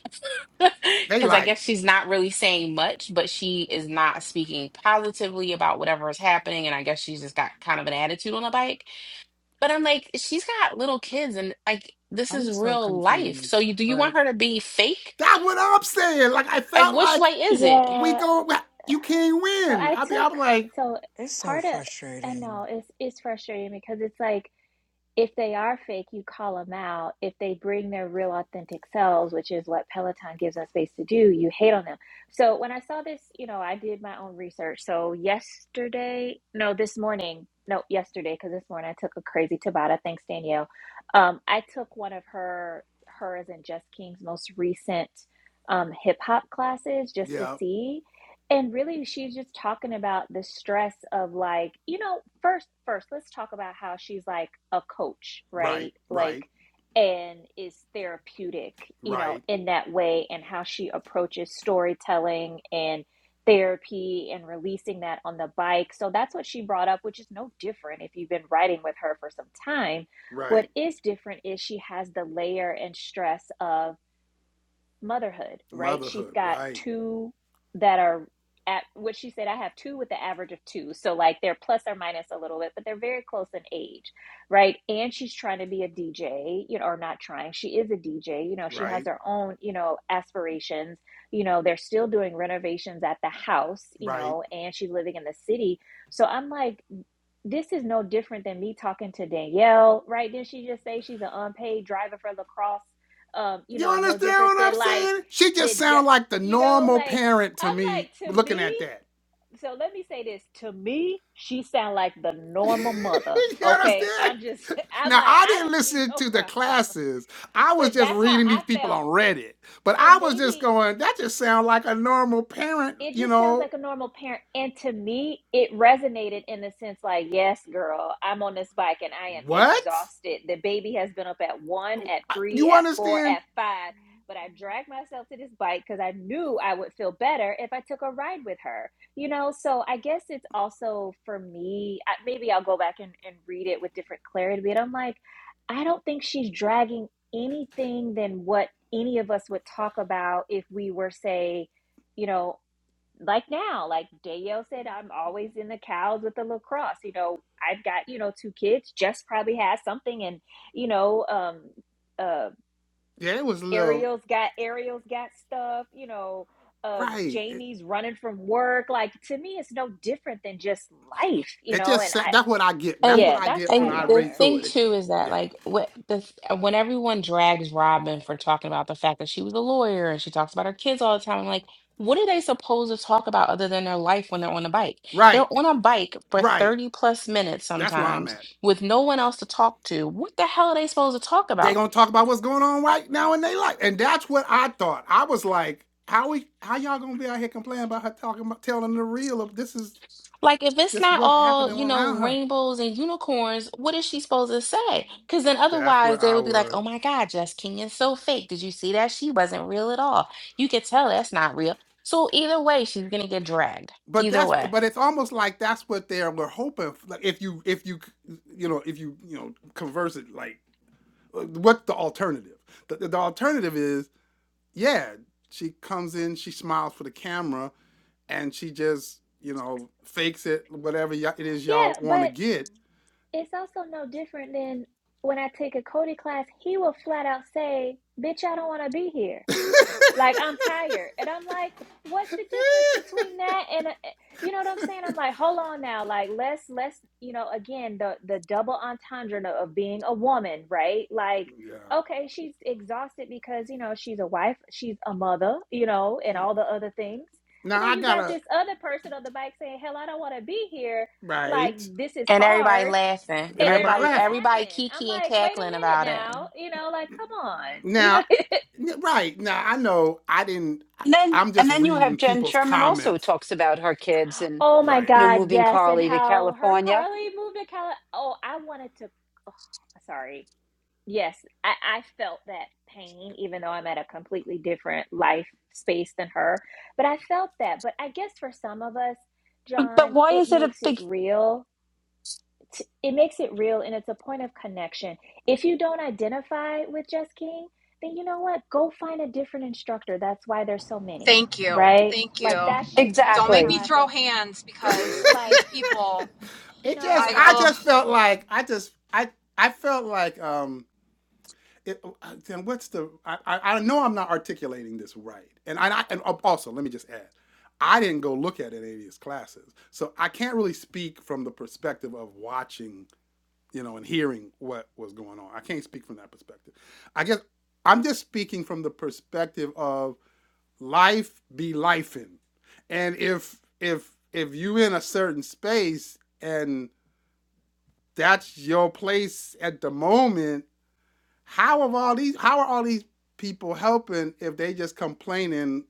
Speaker 2: (laughs)
Speaker 1: They
Speaker 2: Because I
Speaker 1: like,
Speaker 2: guess she's not really saying much, but she is not speaking positively about whatever is happening. And I guess she's just got kind of an attitude on the bike. But I'm like, she's got little kids and like, this
Speaker 6: I'm
Speaker 2: is
Speaker 6: so
Speaker 2: real life. So
Speaker 6: confused.
Speaker 2: you, do you
Speaker 6: Like
Speaker 2: want her to be fake?
Speaker 1: that's what I'm saying. Like, I
Speaker 2: Like,
Speaker 1: felt
Speaker 2: which way
Speaker 1: like
Speaker 2: is it?
Speaker 1: we
Speaker 4: yeah.
Speaker 1: go, you can't
Speaker 4: So
Speaker 1: win.
Speaker 4: I
Speaker 1: I be,
Speaker 4: took
Speaker 1: I'm like,
Speaker 4: so
Speaker 6: it's so
Speaker 4: part of I
Speaker 6: frustrating.
Speaker 4: know it's it's frustrating because it's like If they are fake, you call them out. If they bring their real authentic selves, which is what Peloton gives us space to do, you hate on them. So when I saw this, you know, I did my own research. So yesterday, no, this morning, no, yesterday, because this morning I took a crazy Tabata. Thanks, Danielle. Um, I took one of her, hers and Just King's most recent um, hip hop classes just to
Speaker 1: yeah,
Speaker 4: see. And really, she's just talking about the stress of like, you know, first, first, let's talk about how she's like a coach,
Speaker 1: right,
Speaker 4: right? Like,
Speaker 1: right,
Speaker 4: and is therapeutic, you know,
Speaker 1: right,
Speaker 4: in that way, and how she approaches storytelling and therapy and releasing that on the bike. So that's what she brought up, which is no different if you've been riding with her for some time. What
Speaker 1: right.
Speaker 4: is different is she has the layer and stress of motherhood, right? She's
Speaker 1: Motherhood,
Speaker 4: got
Speaker 1: right,
Speaker 4: two that are at what she said, I have two with the average of two. So, like, they're plus or minus a little bit, but they're very close in age, right? And she's trying to be a DJ, you know, or not trying. She is a DJ, you know, she has
Speaker 1: right,
Speaker 4: her own, you know, aspirations. You know, they're still doing renovations at the house, you
Speaker 1: right.
Speaker 4: know, and she's living in the city. So, I'm like, this is no different than me talking to Danielle, right? Didn't she just say she's an unpaid driver for lacrosse? um, you
Speaker 1: You
Speaker 4: know, no
Speaker 1: understand
Speaker 4: different
Speaker 1: what I'm
Speaker 4: than like
Speaker 1: saying? She
Speaker 4: the
Speaker 1: just sound
Speaker 4: ju-
Speaker 1: like the
Speaker 4: you know,
Speaker 1: normal
Speaker 4: like
Speaker 1: parent to
Speaker 4: I'm
Speaker 1: me
Speaker 4: like to
Speaker 1: looking at
Speaker 4: me.
Speaker 1: that.
Speaker 4: So let me say this to me, she sound like the
Speaker 1: (laughs)
Speaker 4: normal mother.
Speaker 1: you
Speaker 4: Okay,
Speaker 1: understand?
Speaker 4: I'm just (laughs) I'm
Speaker 1: Now
Speaker 4: like
Speaker 1: I
Speaker 4: I
Speaker 1: didn't
Speaker 4: didn't see
Speaker 1: listen
Speaker 4: no
Speaker 1: to
Speaker 4: (laughs)
Speaker 1: the
Speaker 4: problem,
Speaker 1: classes. I was
Speaker 4: but
Speaker 1: just
Speaker 4: that's how
Speaker 1: reading
Speaker 4: I
Speaker 1: these people
Speaker 4: felt,
Speaker 1: on Reddit. But I
Speaker 4: and
Speaker 1: was just
Speaker 4: maybe.
Speaker 1: going, that just sounds like a normal parent,
Speaker 4: it
Speaker 1: you
Speaker 4: just sounds
Speaker 1: know.
Speaker 4: like a normal parent. And to me, it resonated in the sense like, yes, girl, I'm on this bike and I am
Speaker 1: What?
Speaker 4: exhausted. The baby has been up at one, at three,
Speaker 1: You
Speaker 4: at four,
Speaker 1: understand?
Speaker 4: at five. But I dragged myself to this bike because I knew I would feel better if I took a ride with her. You know, so I guess it's also for me, I, maybe I'll go back and, and read it with different clarity. But I'm like, I don't think she's dragging anything than what any of us would talk about if we were, say, you know, like now, like Danielle said, I'm always in the cows with the lacrosse. You know, I've got, you know, two kids. Jess probably has something and, you know, um uh
Speaker 1: Yeah, it was a little
Speaker 4: Ariel's got Ariel's got stuff, you know, uh
Speaker 1: right. It,
Speaker 4: Jamie's running from work. Like to me it's no different than just life, you
Speaker 1: it
Speaker 4: know,
Speaker 1: just
Speaker 4: and I
Speaker 1: that's what I get. That's
Speaker 2: And
Speaker 1: what
Speaker 4: yeah,
Speaker 1: I
Speaker 4: that's
Speaker 1: get
Speaker 4: what
Speaker 1: when
Speaker 4: I
Speaker 1: I
Speaker 2: and the
Speaker 1: read
Speaker 4: gather.
Speaker 1: through
Speaker 2: thing
Speaker 1: it. It-
Speaker 2: too is that
Speaker 1: yeah.
Speaker 2: like what the when everyone drags Robin for talking about the fact that she was a lawyer and she talks about her kids all the time, I'm like, what are they supposed to talk about other than their life when they're on a bike? They're
Speaker 1: Right.
Speaker 2: on a bike for
Speaker 1: Right.
Speaker 2: 30 plus minutes
Speaker 1: That's where I'm
Speaker 2: sometimes
Speaker 1: at.
Speaker 2: with no one else to talk to. What the hell are they supposed to talk
Speaker 1: they
Speaker 2: about?
Speaker 1: gonna talk about what's going on right now in their life. And that's what I thought. I was like, how we how y'all gonna be out here complaining about her talking about telling the real of this is
Speaker 2: Like, if it's
Speaker 1: this
Speaker 2: not
Speaker 1: what's
Speaker 2: all,
Speaker 1: happening
Speaker 2: you know,
Speaker 1: around her.
Speaker 2: rainbows and unicorns, what is she supposed to say? Because then
Speaker 1: That's
Speaker 2: otherwise
Speaker 1: where
Speaker 2: they
Speaker 1: I
Speaker 2: would be like,
Speaker 1: would
Speaker 2: oh my God, Jess King is so fake. Did you see that? She wasn't real at all. You could tell that's not real. So either way, she's gonna get dragged.
Speaker 1: but
Speaker 2: Either
Speaker 1: that's
Speaker 2: way.
Speaker 1: but it's almost like that's what they were hoping like if you if you you know if you you know converse it like uh, what's the alternative the, the alternative is yeah she comes in she smiles for the camera and she just you know fakes it whatever it is
Speaker 4: Yeah,
Speaker 1: y'all want to
Speaker 4: but
Speaker 1: get
Speaker 4: it's also no different than when I take a Cody class, he will flat out say, Bitch, I don't wanna be here
Speaker 1: (laughs)
Speaker 4: like I'm tired. And I'm like, what's the difference between that and a, eh," you know what I'm saying? I'm like, hold on now, like let's let's you know again the the double entendre no- of being a woman, right? Like
Speaker 1: yeah.
Speaker 4: okay, she's exhausted because you know she's a wife, she's a mother, you know, and all the other things. But
Speaker 1: Now
Speaker 4: then
Speaker 1: I
Speaker 4: you got
Speaker 1: gotta
Speaker 4: this other person on the bike saying, "Hell, I don't want to be here. Like
Speaker 1: right,
Speaker 4: this is
Speaker 2: And everybody
Speaker 4: hard."
Speaker 2: laughing.
Speaker 1: and
Speaker 4: And
Speaker 1: everybody
Speaker 2: Everybody,
Speaker 4: everybody
Speaker 1: laughing.
Speaker 2: everybody
Speaker 4: laughing. I'm
Speaker 2: kiki and
Speaker 4: like, wait a
Speaker 2: cackling
Speaker 4: minute
Speaker 2: about it.
Speaker 4: now, you know, like, come on, you know,
Speaker 1: Now, right now I know I didn't.
Speaker 5: then
Speaker 1: I'm
Speaker 5: and
Speaker 1: just
Speaker 5: then you have
Speaker 1: reading
Speaker 5: Jen
Speaker 1: people's
Speaker 5: Sherman also who
Speaker 1: comments.
Speaker 5: talks about her kids and
Speaker 4: Oh my
Speaker 1: Right.
Speaker 5: you know
Speaker 4: God,
Speaker 5: moving
Speaker 4: yes. And
Speaker 5: Carly to
Speaker 4: how her
Speaker 5: California.
Speaker 4: Carly moved to Cali. Oh, I wanted to. Oh, sorry. Yes, I, I felt that pain, even though I'm at a completely different life space than her. But I felt that. But I guess for some of us,
Speaker 5: But
Speaker 4: John,
Speaker 5: why
Speaker 4: it
Speaker 5: is it a
Speaker 4: makes it
Speaker 5: big
Speaker 4: real. T- It makes it real, and it's a point of connection. If you don't identify with Jess King, then you know what? Go find a different instructor. That's why there's so many,
Speaker 7: Thank you.
Speaker 4: right?
Speaker 7: Thank you.
Speaker 4: Like that's just that's
Speaker 7: Don't
Speaker 4: just
Speaker 7: make
Speaker 4: how
Speaker 5: exactly?
Speaker 7: me
Speaker 4: I
Speaker 7: throw
Speaker 4: feel
Speaker 7: hands
Speaker 1: (laughs)
Speaker 7: because these
Speaker 4: like
Speaker 7: people.
Speaker 4: you
Speaker 1: it
Speaker 4: know,
Speaker 1: just
Speaker 7: I
Speaker 1: I
Speaker 4: like
Speaker 7: oh.
Speaker 1: just felt like I just I I felt like um it, uh, then what's the? I, I know I'm not articulating this right, and I, I and oh, also let me just add, I didn't go look at any of these classes, so I can't really speak from the perspective of watching, you know, and hearing what was going on. I can't speak from that perspective. I guess I'm just speaking from the perspective of life be lifing, and if if if you in a certain space and that's your place at the moment how of all these? How are all these people helping if they just complaining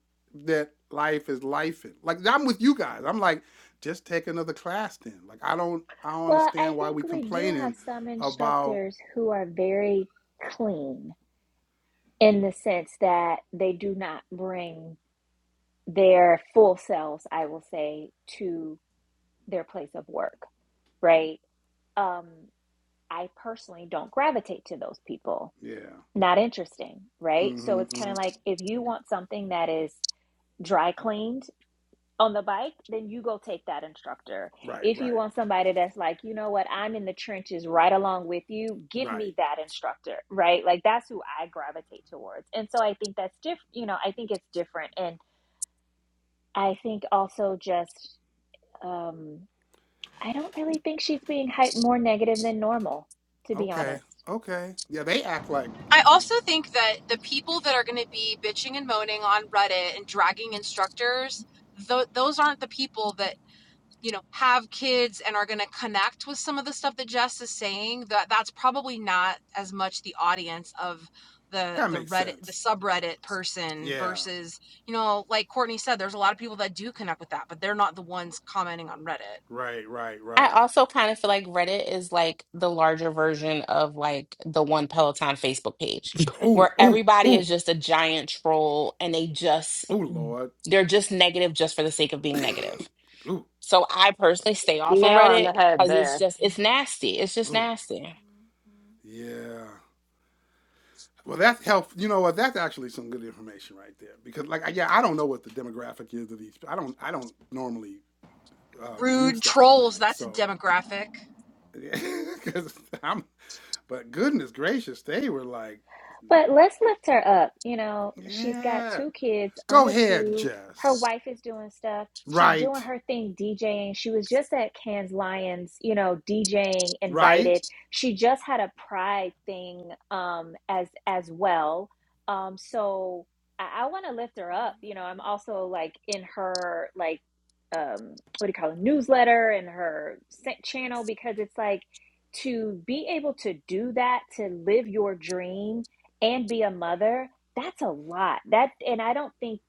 Speaker 1: that life is life? Like I'm with you guys. I'm like, just take another class then. Like I don't, I don't
Speaker 4: Well, I
Speaker 1: understand why we
Speaker 4: think we do have
Speaker 1: complaining
Speaker 4: some
Speaker 1: about.
Speaker 4: instructors who are very clean in the sense that they do not bring their full selves, I will say, to their place of work, right? Um, I personally don't gravitate to those people.
Speaker 1: Yeah.
Speaker 4: Not interesting, right? So
Speaker 1: Mm-hmm,
Speaker 4: it's kind
Speaker 1: mm-hmm.
Speaker 4: of like if you want something that is dry cleaned on the bike, then you go take that instructor.
Speaker 1: Right.
Speaker 4: If you
Speaker 1: Right.
Speaker 4: want somebody that's like, you know what, I'm in the trenches right along with you, give
Speaker 1: Right.
Speaker 4: me that instructor, right? Like that's who I gravitate towards. And so I think that's diff, you know, I think it's different. And I think also just, um, I don't really think she's being hyped more negative than normal, to be
Speaker 1: Okay.
Speaker 4: honest.
Speaker 1: Okay. Yeah, they act like
Speaker 7: I
Speaker 1: gee,
Speaker 7: also think that the people that are going to be bitching and moaning on Reddit and dragging instructors, th- those aren't the people that you know have kids and are going to connect with some of the stuff that jess is saying that that's probably not as much the audience of the
Speaker 1: that
Speaker 7: the
Speaker 1: makes
Speaker 7: reddit the
Speaker 1: sense.
Speaker 7: subreddit person
Speaker 1: Yeah.
Speaker 7: versus you know like courtney said there's a lot of people that do connect with that but they're not the ones commenting on reddit
Speaker 1: Right. Right.
Speaker 2: I
Speaker 1: Right.
Speaker 2: also kind of feel like Reddit is like the larger version of like the One Peloton Facebook page where
Speaker 1: Oh. Oh.
Speaker 2: everybody is
Speaker 1: Oh.
Speaker 2: just a giant troll and they just
Speaker 1: Oh. Lord.
Speaker 2: they're just negative just for the sake of being negative.
Speaker 1: Oh.
Speaker 2: So I personally stay
Speaker 3: (laughs)
Speaker 2: off of
Speaker 3: Nail on
Speaker 2: Reddit
Speaker 3: the head
Speaker 2: because it's
Speaker 3: there.
Speaker 2: just it's nasty. It's just
Speaker 1: Oh.
Speaker 2: nasty.
Speaker 1: Yeah. Well, that's helpful. You know what? That's actually some good information right there. Because, like, yeah, I don't know what the demographic is of these. I don't. I don't normally uh, view
Speaker 7: rude
Speaker 1: stuff on
Speaker 7: trolls
Speaker 1: Reddit.
Speaker 7: that's a
Speaker 1: So,
Speaker 7: demographic
Speaker 1: (laughs) because I'm. But goodness gracious, they were like,
Speaker 4: But let's lift her up. You know, she's got
Speaker 1: yeah,
Speaker 4: two kids
Speaker 1: go
Speaker 4: under
Speaker 1: ahead,
Speaker 4: two. Her
Speaker 1: Jess.
Speaker 4: wife is doing stuff. She's doing
Speaker 1: Right,
Speaker 4: her thing DJing. She was just at Cannes Lions, you know, DJing
Speaker 1: right,
Speaker 4: invited. She just had a pride thing um as as well. Um so I, I wanna lift her up. You know, I'm also like in her like um what do you call it newsletter and her channel because it's like to be able to do that, to live your dream and be a mother, that's a lot. That and I don't think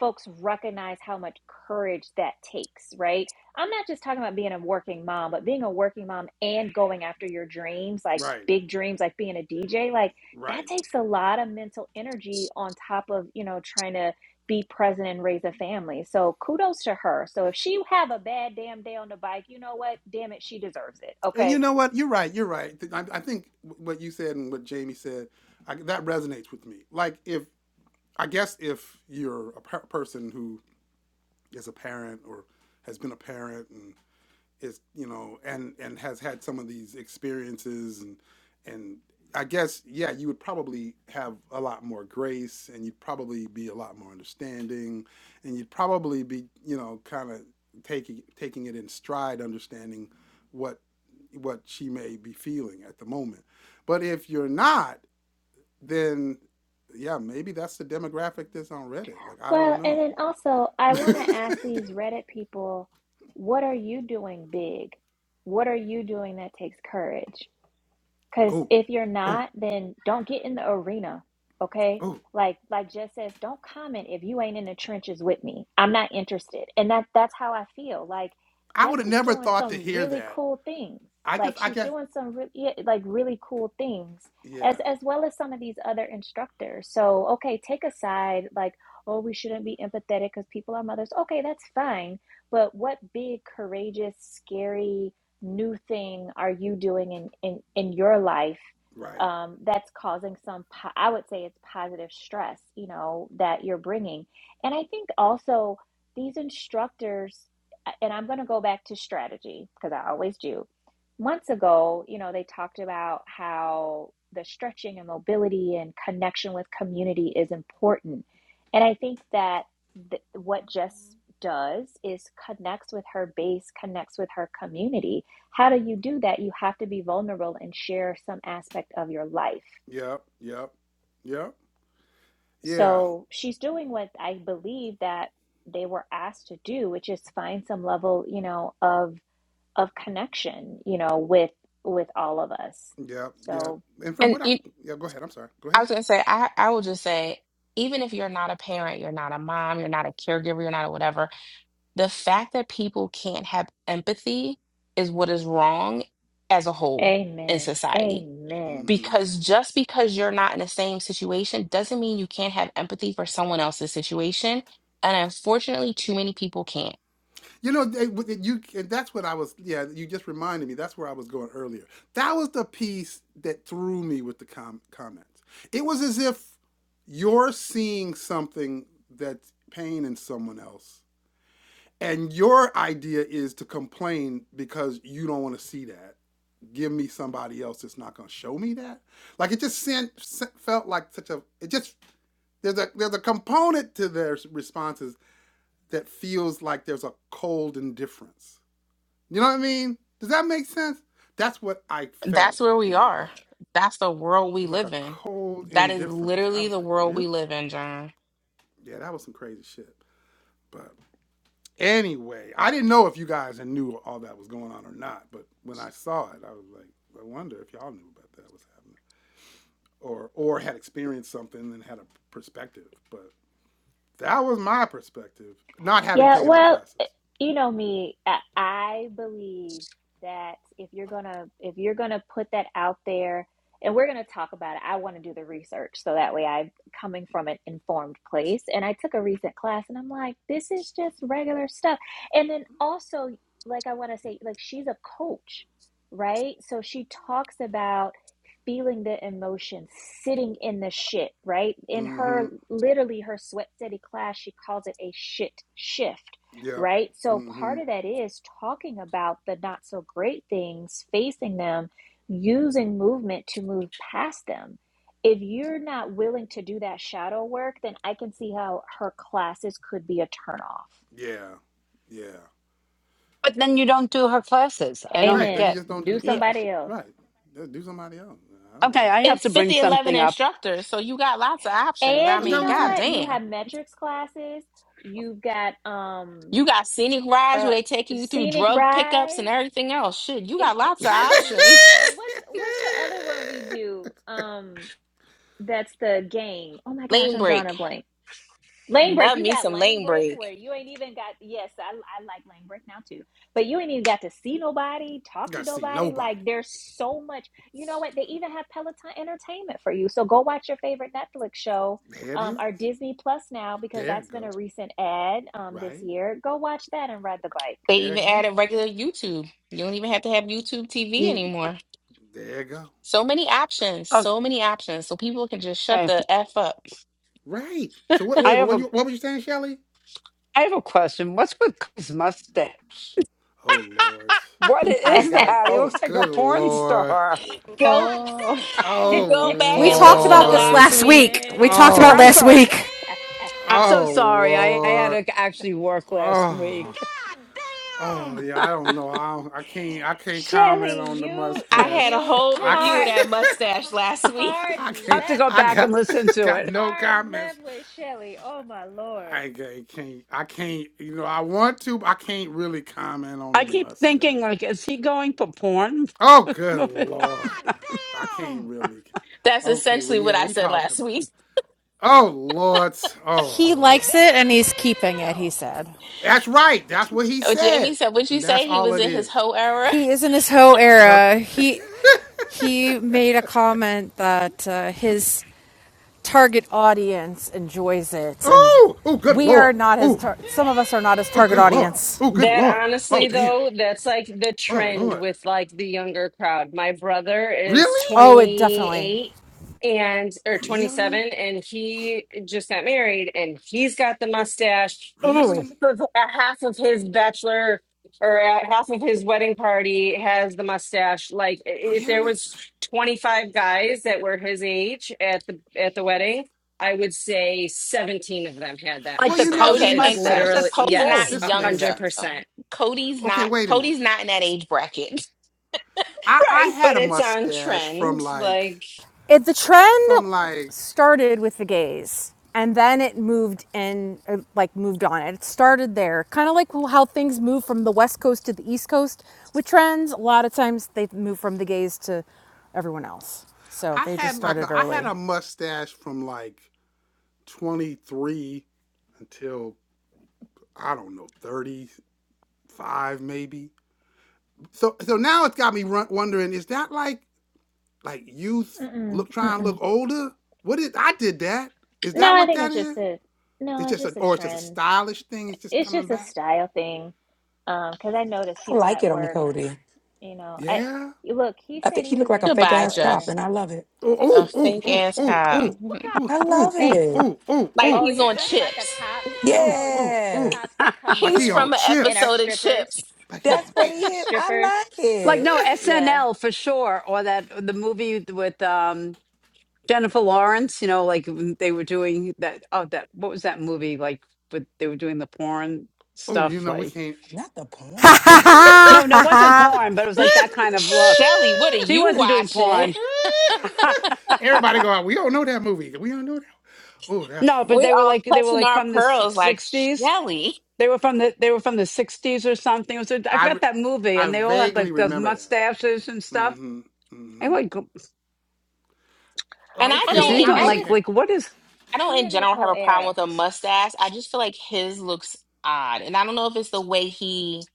Speaker 4: folks recognize how much courage that takes, right? I'm not just talking about being a working mom, but being a working mom and going after your dreams, like
Speaker 1: right,
Speaker 4: big dreams like being a DJ, like
Speaker 1: right.
Speaker 4: that takes a lot of mental energy on top of, you know, trying to be present and raise a family. So kudos to her. So if she have a bad damn day on the bike, you know what? Damn it, she deserves it.
Speaker 1: And
Speaker 4: Okay?
Speaker 1: you know what? You're right. You're right. I, I think what you said and what Jamie said, I, that resonates with me. Like, if I guess if you're a per- person who as a parent or has been a parent and is you know and and has had some of these experiences and and I guess yeah you would probably have a lot more grace and you'd probably be a lot more understanding and you'd probably be you know kind of taking taking it in stride understanding what what she may be feeling at the moment but if you're not then yeah maybe that's the demographic that's on Reddit like I don't
Speaker 4: Well, and
Speaker 1: know
Speaker 4: then also, I want to
Speaker 1: (laughs)
Speaker 4: ask these Reddit people, what are you doing big? What are you doing that takes courage? Because
Speaker 1: Oh,
Speaker 4: if you're
Speaker 1: oh,
Speaker 4: not, then don't get in the arena, okay?
Speaker 1: oh.
Speaker 4: Like like Jess says, don't comment if you ain't in the trenches with me. I'm not interested. And that that's how I feel. Like
Speaker 1: I
Speaker 4: Jess
Speaker 1: would have
Speaker 4: is
Speaker 1: never
Speaker 4: doing
Speaker 1: thought to
Speaker 4: some
Speaker 1: hear
Speaker 4: really
Speaker 1: that.
Speaker 4: cool things.
Speaker 1: I guess,
Speaker 4: Like
Speaker 1: I
Speaker 4: she's
Speaker 1: guess,
Speaker 4: doing some really like really cool things
Speaker 1: yeah,
Speaker 4: as as well as some of these other instructors. So, okay, take a side like oh, we shouldn't be empathetic cuz people are mothers. Okay, that's fine. But what big courageous, scary new thing are you doing in in, in your life
Speaker 1: right.
Speaker 4: um, that's causing some po- i would say it's positive stress you know that you're bringing and i think also these instructors and i'm going to go back to strategy because i always do months ago you know they talked about how the stretching and mobility and connection with community is important and i think that th- what Jess does is connects with her base, connects with her community. How do you do that? You have to be vulnerable and share some aspect of your life.
Speaker 1: Yep, yep, yep, yeah,
Speaker 4: So she's doing what I believe that they were asked to do, which is find some level, you know, of of connection, you know, with with all of us.
Speaker 1: yep, yep.
Speaker 4: So
Speaker 1: And from
Speaker 2: And
Speaker 1: what I,
Speaker 2: you,
Speaker 1: yeah, go ahead. I'm sorry. Go
Speaker 2: I
Speaker 1: ahead.
Speaker 2: was gonna say I I will just say even if you're not a parent, you're not a mom, you're not a caregiver, you're not a whatever The fact that people can't have empathy is what is wrong as a whole in
Speaker 4: amen.
Speaker 2: society.
Speaker 4: Amen.
Speaker 1: hmm
Speaker 2: Because just because you're not in the same situation doesn't mean you can't have empathy for someone else's situation. And unfortunately, too many people can't.
Speaker 1: You know, they, with- you, and that's what I was, yeah, you just reminded me. That's where I was going earlier. That was the piece that threw me with the com- comments. It was as if you're seeing something that's pain in someone else And your idea is to complain because you don't want to see that. Give me somebody else that's not going to show me that. Like it just sent, sent- felt like such a. It just there's a there's a component to their responses that feels like there's a cold indifference. You know what I mean? Does that make sense? That's what I
Speaker 2: That's
Speaker 1: felt
Speaker 2: where we
Speaker 1: in
Speaker 2: are.
Speaker 1: that.
Speaker 2: That's the world we
Speaker 1: It's like
Speaker 2: live
Speaker 1: a
Speaker 2: in.
Speaker 1: cold
Speaker 2: That is
Speaker 1: indifference. I
Speaker 2: literally
Speaker 1: was
Speaker 2: the
Speaker 1: like,
Speaker 2: world we
Speaker 1: really?
Speaker 2: live in, John.
Speaker 1: Yeah, that was some crazy shit. but. Anyway, I didn't know if you guys knew all that was going on or not, but when I saw it, I was like, I wonder if y'all knew about that was happening, or or had experienced something and had a perspective. But that was my perspective, not having
Speaker 4: Yeah,
Speaker 1: taken the
Speaker 4: well, eh,
Speaker 1: classes.
Speaker 4: you know me, I I believe that if you're gonna if you're gonna put that out there, and we're gonna talk about it, I want to do the research so that way I'm coming from an informed place. And I took a recent class, and I'm like, this is just regular stuff. And then also, like I want to say, like she's a coach, right? So she talks about feeling the emotion, sitting in the shit, right? In
Speaker 1: Mm-hmm.
Speaker 4: her, literally her sweat steady class, she calls it a shit shift,
Speaker 1: Yep.
Speaker 4: right? So
Speaker 1: Mm-hmm.
Speaker 4: part of that is talking about the not so great things, facing them, using movement to move past them. If you're not willing to do that shadow work, then I can see how her classes could be a turnoff.
Speaker 1: Yeah. Yeah.
Speaker 5: But then you don't do her classes. I
Speaker 1: Right.
Speaker 5: don't
Speaker 1: Then you
Speaker 4: Amen.
Speaker 5: get.
Speaker 1: just don't do the
Speaker 4: Do
Speaker 5: Yeah.
Speaker 1: classes.
Speaker 4: somebody else.
Speaker 1: Right. Yeah, do somebody else. I don't
Speaker 5: Okay,
Speaker 1: know.
Speaker 5: I have
Speaker 2: It's
Speaker 5: to bring
Speaker 2: 50 11
Speaker 5: something up.
Speaker 2: instructors, so you got lots of options. I
Speaker 4: And
Speaker 1: Uh, That's
Speaker 4: you
Speaker 2: mean,
Speaker 1: what I'm
Speaker 4: know
Speaker 1: saying.
Speaker 4: what? You
Speaker 2: goddamn.
Speaker 4: have metrics classes. You've got um
Speaker 2: You got scenic rides where
Speaker 4: uh
Speaker 2: they taking you through
Speaker 4: scenic
Speaker 2: drug pickups and
Speaker 4: rides
Speaker 2: everything else. Shit, you
Speaker 4: (laughs)
Speaker 2: got lots of
Speaker 1: (laughs)
Speaker 4: i mean
Speaker 2: options.
Speaker 4: and what's what's the other one we do um that's the game oh my
Speaker 2: (laughs)
Speaker 4: gosh
Speaker 2: Lane
Speaker 4: i'm drawing a
Speaker 2: break.
Speaker 4: blank lane break
Speaker 2: Love
Speaker 4: you
Speaker 2: me
Speaker 4: got
Speaker 2: some
Speaker 4: lane
Speaker 2: lane
Speaker 4: break
Speaker 2: break.
Speaker 4: where you ain't even got yes i, I like lane break now too but you ain't even got to see nobody
Speaker 1: You
Speaker 4: talk to
Speaker 1: Gotta see
Speaker 4: nobody like
Speaker 1: nobody.
Speaker 4: there's so much you know what they even have peloton entertainment for you so go watch your favorite netflix show
Speaker 1: There it
Speaker 4: um,
Speaker 1: is.
Speaker 4: or Disney Plus now because
Speaker 1: There it
Speaker 4: that's been
Speaker 1: go.
Speaker 4: a recent ad um, this
Speaker 1: Right?
Speaker 4: year. Go watch that and ride the
Speaker 2: They
Speaker 4: bike.
Speaker 1: There
Speaker 2: even
Speaker 1: you go.
Speaker 2: added regular YouTube. You don't even have to have YouTube TV
Speaker 5: Y-
Speaker 2: anymore.
Speaker 1: There you go.
Speaker 2: So many options. So many options. So people can just shut
Speaker 5: Okay,
Speaker 2: the F up.
Speaker 1: Right. So what?
Speaker 5: I
Speaker 1: Wait, but
Speaker 5: have a
Speaker 1: what you what were you saying, Shelly?
Speaker 5: I have a question. What's with his mustache?
Speaker 1: Oh Lord.
Speaker 5: What
Speaker 1: I
Speaker 5: is
Speaker 4: (laughs)
Speaker 1: got.
Speaker 5: that? He
Speaker 1: Oh,
Speaker 5: looks like a
Speaker 1: good
Speaker 5: porn
Speaker 1: lord.
Speaker 5: star.
Speaker 1: God
Speaker 2: Go
Speaker 1: damn!
Speaker 4: Oh.
Speaker 1: Oh
Speaker 4: (laughs)
Speaker 2: go back
Speaker 7: We
Speaker 2: and
Speaker 7: talked
Speaker 2: listen to
Speaker 7: about this
Speaker 1: lord.
Speaker 2: last
Speaker 7: last
Speaker 2: week.
Speaker 7: week. We talked about
Speaker 5: I'm
Speaker 1: Oh.
Speaker 7: last
Speaker 1: Damn.
Speaker 5: sorry.
Speaker 7: week.
Speaker 5: I'm so
Speaker 1: Oh
Speaker 5: sorry. I, I had
Speaker 1: lord.
Speaker 5: to actually work last
Speaker 1: Oh.
Speaker 5: week.
Speaker 1: God damn! Oh yeah. I don't know. I don't, I can't. I can't comment
Speaker 4: Shelly,
Speaker 1: on the
Speaker 4: you
Speaker 2: I had
Speaker 1: mustache.
Speaker 2: a
Speaker 4: you
Speaker 2: whole
Speaker 1: I
Speaker 2: review of
Speaker 4: hard
Speaker 1: can't.
Speaker 2: that mustache last week.
Speaker 1: (laughs)
Speaker 4: hard
Speaker 1: I
Speaker 5: I
Speaker 1: can't.
Speaker 5: have to
Speaker 4: left
Speaker 5: go
Speaker 1: I
Speaker 5: back and
Speaker 1: got
Speaker 5: listen
Speaker 1: (laughs)
Speaker 5: to
Speaker 1: got
Speaker 5: it.
Speaker 1: no
Speaker 4: hard
Speaker 1: comments
Speaker 4: left with Shelly. Oh my lord.
Speaker 1: I, I can't. I can't. You know, I want to, but I can't really comment on the
Speaker 5: I keep thinking,
Speaker 1: mustache.
Speaker 5: like, is he going for porn?
Speaker 1: Oh, good
Speaker 5: (laughs)
Speaker 1: lord! God damn. I can't really.
Speaker 2: (laughs) That's
Speaker 1: Okay, well,
Speaker 2: essentially what
Speaker 1: yeah,
Speaker 2: I
Speaker 1: we
Speaker 2: said
Speaker 1: talked
Speaker 2: last
Speaker 1: about.
Speaker 2: week.
Speaker 1: Oh lord!
Speaker 7: He
Speaker 1: Oh, Lord.
Speaker 7: likes it and he's keeping it,
Speaker 1: Damn!
Speaker 7: he said.
Speaker 1: that's right. That's what he
Speaker 2: Oh, Jamie
Speaker 1: said,
Speaker 2: said, what'd you
Speaker 1: and
Speaker 2: say?
Speaker 1: that's
Speaker 2: He
Speaker 1: all
Speaker 2: was
Speaker 1: it
Speaker 2: in his
Speaker 1: is.
Speaker 2: hoe era?
Speaker 7: He is in his hoe
Speaker 1: Now,
Speaker 7: era.
Speaker 1: (laughs)
Speaker 7: He he made a comment that uh, his target audience enjoys it and
Speaker 1: oh, oh, good
Speaker 7: we are
Speaker 1: lord!
Speaker 7: not his
Speaker 1: Oh,
Speaker 7: tar- some of us are not his
Speaker 1: oh,
Speaker 7: target
Speaker 1: good lord!
Speaker 7: audience.
Speaker 1: Oh, good
Speaker 3: That
Speaker 1: lord! Oh,
Speaker 3: honestly,
Speaker 1: damn!
Speaker 3: though, that's like the
Speaker 1: Oh,
Speaker 3: trend
Speaker 1: lord!
Speaker 3: with like the younger crowd. My brother is
Speaker 1: Really?
Speaker 7: Oh, it definitely.
Speaker 3: 28 and or 27,
Speaker 1: Really?
Speaker 3: and he just got married, and he's got the mustache.
Speaker 5: oh,
Speaker 1: Really?
Speaker 3: Half of, uh, half of his bachelor or uh, half of his wedding party has the mustache. Like i- if there
Speaker 1: Really?
Speaker 3: was 25 guys that were his age at the at the wedding I would say 17 of them had that
Speaker 5: like
Speaker 1: Well,
Speaker 5: the
Speaker 1: you know,
Speaker 3: mustache.
Speaker 5: Cody
Speaker 2: Okay,
Speaker 1: this
Speaker 3: It's
Speaker 2: and
Speaker 1: makes
Speaker 5: mustache?
Speaker 3: literally,
Speaker 1: sense.
Speaker 5: That's
Speaker 2: Cody's not
Speaker 5: oh,
Speaker 3: yes,
Speaker 1: This
Speaker 2: young
Speaker 1: makes
Speaker 2: though.
Speaker 1: sense.
Speaker 3: 100%.
Speaker 2: Cody's
Speaker 1: Okay,
Speaker 2: not
Speaker 1: wait a minute.
Speaker 2: Cody's not in that age bracket.
Speaker 1: I, I
Speaker 3: Right,
Speaker 1: had
Speaker 3: but
Speaker 1: a
Speaker 3: it's on
Speaker 1: mustache from
Speaker 3: trend.
Speaker 1: like
Speaker 3: Like,
Speaker 7: it the trend
Speaker 1: from like
Speaker 7: started with the gays and then it moved in uh, like moved on it started there kind of like how things move from the west coast to the east coast with trends a lot of times they move from the gays to everyone else so
Speaker 1: I
Speaker 7: they just
Speaker 1: had like a
Speaker 7: started
Speaker 1: I had a
Speaker 7: early (laughs)
Speaker 1: mustache from like 23 until I don't know 35 maybe. So so now it's got me run, wondering is that like like youth
Speaker 4: Mm-mm,
Speaker 1: look trying to look
Speaker 4: mm-mm.
Speaker 1: older? What is I did that? Is
Speaker 4: No,
Speaker 1: that
Speaker 4: I
Speaker 1: what
Speaker 4: think
Speaker 1: that
Speaker 4: it's just
Speaker 1: is?
Speaker 4: a
Speaker 1: It's
Speaker 4: no, it's
Speaker 1: just a
Speaker 4: just a
Speaker 1: or it's just a
Speaker 4: trend.
Speaker 1: stylish thing. It's just
Speaker 4: It's
Speaker 1: coming
Speaker 4: just a
Speaker 1: back.
Speaker 4: style thing. Um, 'cause I noticed
Speaker 6: I
Speaker 4: people
Speaker 6: like
Speaker 4: at
Speaker 6: it on
Speaker 4: work,
Speaker 6: Cody.
Speaker 4: you know, I
Speaker 1: Yeah.
Speaker 4: you look, he
Speaker 6: I
Speaker 4: said
Speaker 6: think he
Speaker 4: he
Speaker 6: looked
Speaker 4: was
Speaker 6: like
Speaker 2: (laughs)
Speaker 4: in
Speaker 6: a
Speaker 4: his
Speaker 6: fake
Speaker 2: Goodbye,
Speaker 4: whole
Speaker 6: ass
Speaker 2: Jeff.
Speaker 6: cop
Speaker 4: era,
Speaker 6: and I love it.
Speaker 1: Oh,
Speaker 2: A
Speaker 1: oh,
Speaker 2: fake
Speaker 1: oh,
Speaker 2: ass
Speaker 1: oh,
Speaker 2: cop.
Speaker 1: oh,
Speaker 2: (laughs)
Speaker 6: I
Speaker 4: a
Speaker 1: oh,
Speaker 6: love
Speaker 1: oh,
Speaker 4: fake.
Speaker 6: it.
Speaker 1: oh, oh,
Speaker 2: Like
Speaker 1: oh, oh,
Speaker 4: Oh,
Speaker 2: he's
Speaker 4: you're
Speaker 2: on
Speaker 4: talking about the
Speaker 2: Chips.
Speaker 4: cops?
Speaker 1: oh,
Speaker 4: No, y-
Speaker 1: oh,
Speaker 4: the
Speaker 6: Yes.
Speaker 1: oh.
Speaker 4: cops that come
Speaker 1: Like
Speaker 2: He's
Speaker 1: he
Speaker 4: in
Speaker 2: from
Speaker 1: on
Speaker 2: an
Speaker 4: and are
Speaker 1: chips.
Speaker 2: episode of
Speaker 4: strippers,
Speaker 2: Chips.
Speaker 1: Like he
Speaker 6: That's
Speaker 1: on
Speaker 6: what
Speaker 4: or
Speaker 1: chips.
Speaker 6: he
Speaker 4: sh-
Speaker 6: is. I
Speaker 4: strippers.
Speaker 6: like
Speaker 5: like
Speaker 6: it.
Speaker 5: no
Speaker 4: Yeah.
Speaker 5: SNL for sure, or that the movie with um Jennifer Lawrence, you know, like when they were doing that. Oh, that what was that movie? Like, but they were doing the porn
Speaker 1: Oh, you
Speaker 5: stuff.
Speaker 1: know we
Speaker 5: Like,
Speaker 1: can't.
Speaker 6: Not the
Speaker 7: Ha
Speaker 6: porn.
Speaker 1: (laughs)
Speaker 7: ha
Speaker 6: Oh my
Speaker 7: ha
Speaker 5: no, no, it
Speaker 7: ha
Speaker 6: god.
Speaker 5: wasn't
Speaker 7: ha!
Speaker 5: porn, but it was like that kind of look.
Speaker 2: Shelly, what are
Speaker 5: She
Speaker 2: you
Speaker 5: wasn't doing
Speaker 2: watching?
Speaker 5: porn.
Speaker 2: (laughs)
Speaker 5: (laughs)
Speaker 1: Everybody go out. We don't know that movie. We don't know that. Oh, that's
Speaker 5: no,
Speaker 1: funny.
Speaker 5: but
Speaker 2: We
Speaker 5: they were
Speaker 2: all
Speaker 5: like they were
Speaker 2: clutching
Speaker 5: like
Speaker 2: our
Speaker 5: from the s-
Speaker 2: pearls like
Speaker 5: sixties.
Speaker 2: Shelly.
Speaker 5: They were from the they were from the sixties or something. It was a, I
Speaker 1: I re-
Speaker 5: forgot that movie,
Speaker 1: I
Speaker 5: and they all had
Speaker 1: vaguely
Speaker 5: like those
Speaker 1: remember that.
Speaker 5: mustaches and stuff.
Speaker 1: Mm-hmm.
Speaker 5: I
Speaker 1: Mm-hmm.
Speaker 5: like go-
Speaker 1: Uh,
Speaker 2: And I
Speaker 4: I
Speaker 5: I'm
Speaker 1: Okay. Well,
Speaker 5: sitting
Speaker 4: mean,
Speaker 1: I
Speaker 2: don't
Speaker 5: going
Speaker 4: I
Speaker 5: like
Speaker 4: just
Speaker 1: okay.
Speaker 5: like what is
Speaker 2: I don't
Speaker 4: he
Speaker 2: in
Speaker 4: and his
Speaker 2: general have
Speaker 4: whole
Speaker 2: a problem with
Speaker 4: era
Speaker 2: a mustache. I just feel like his looks odd. And I don't know if it's the way he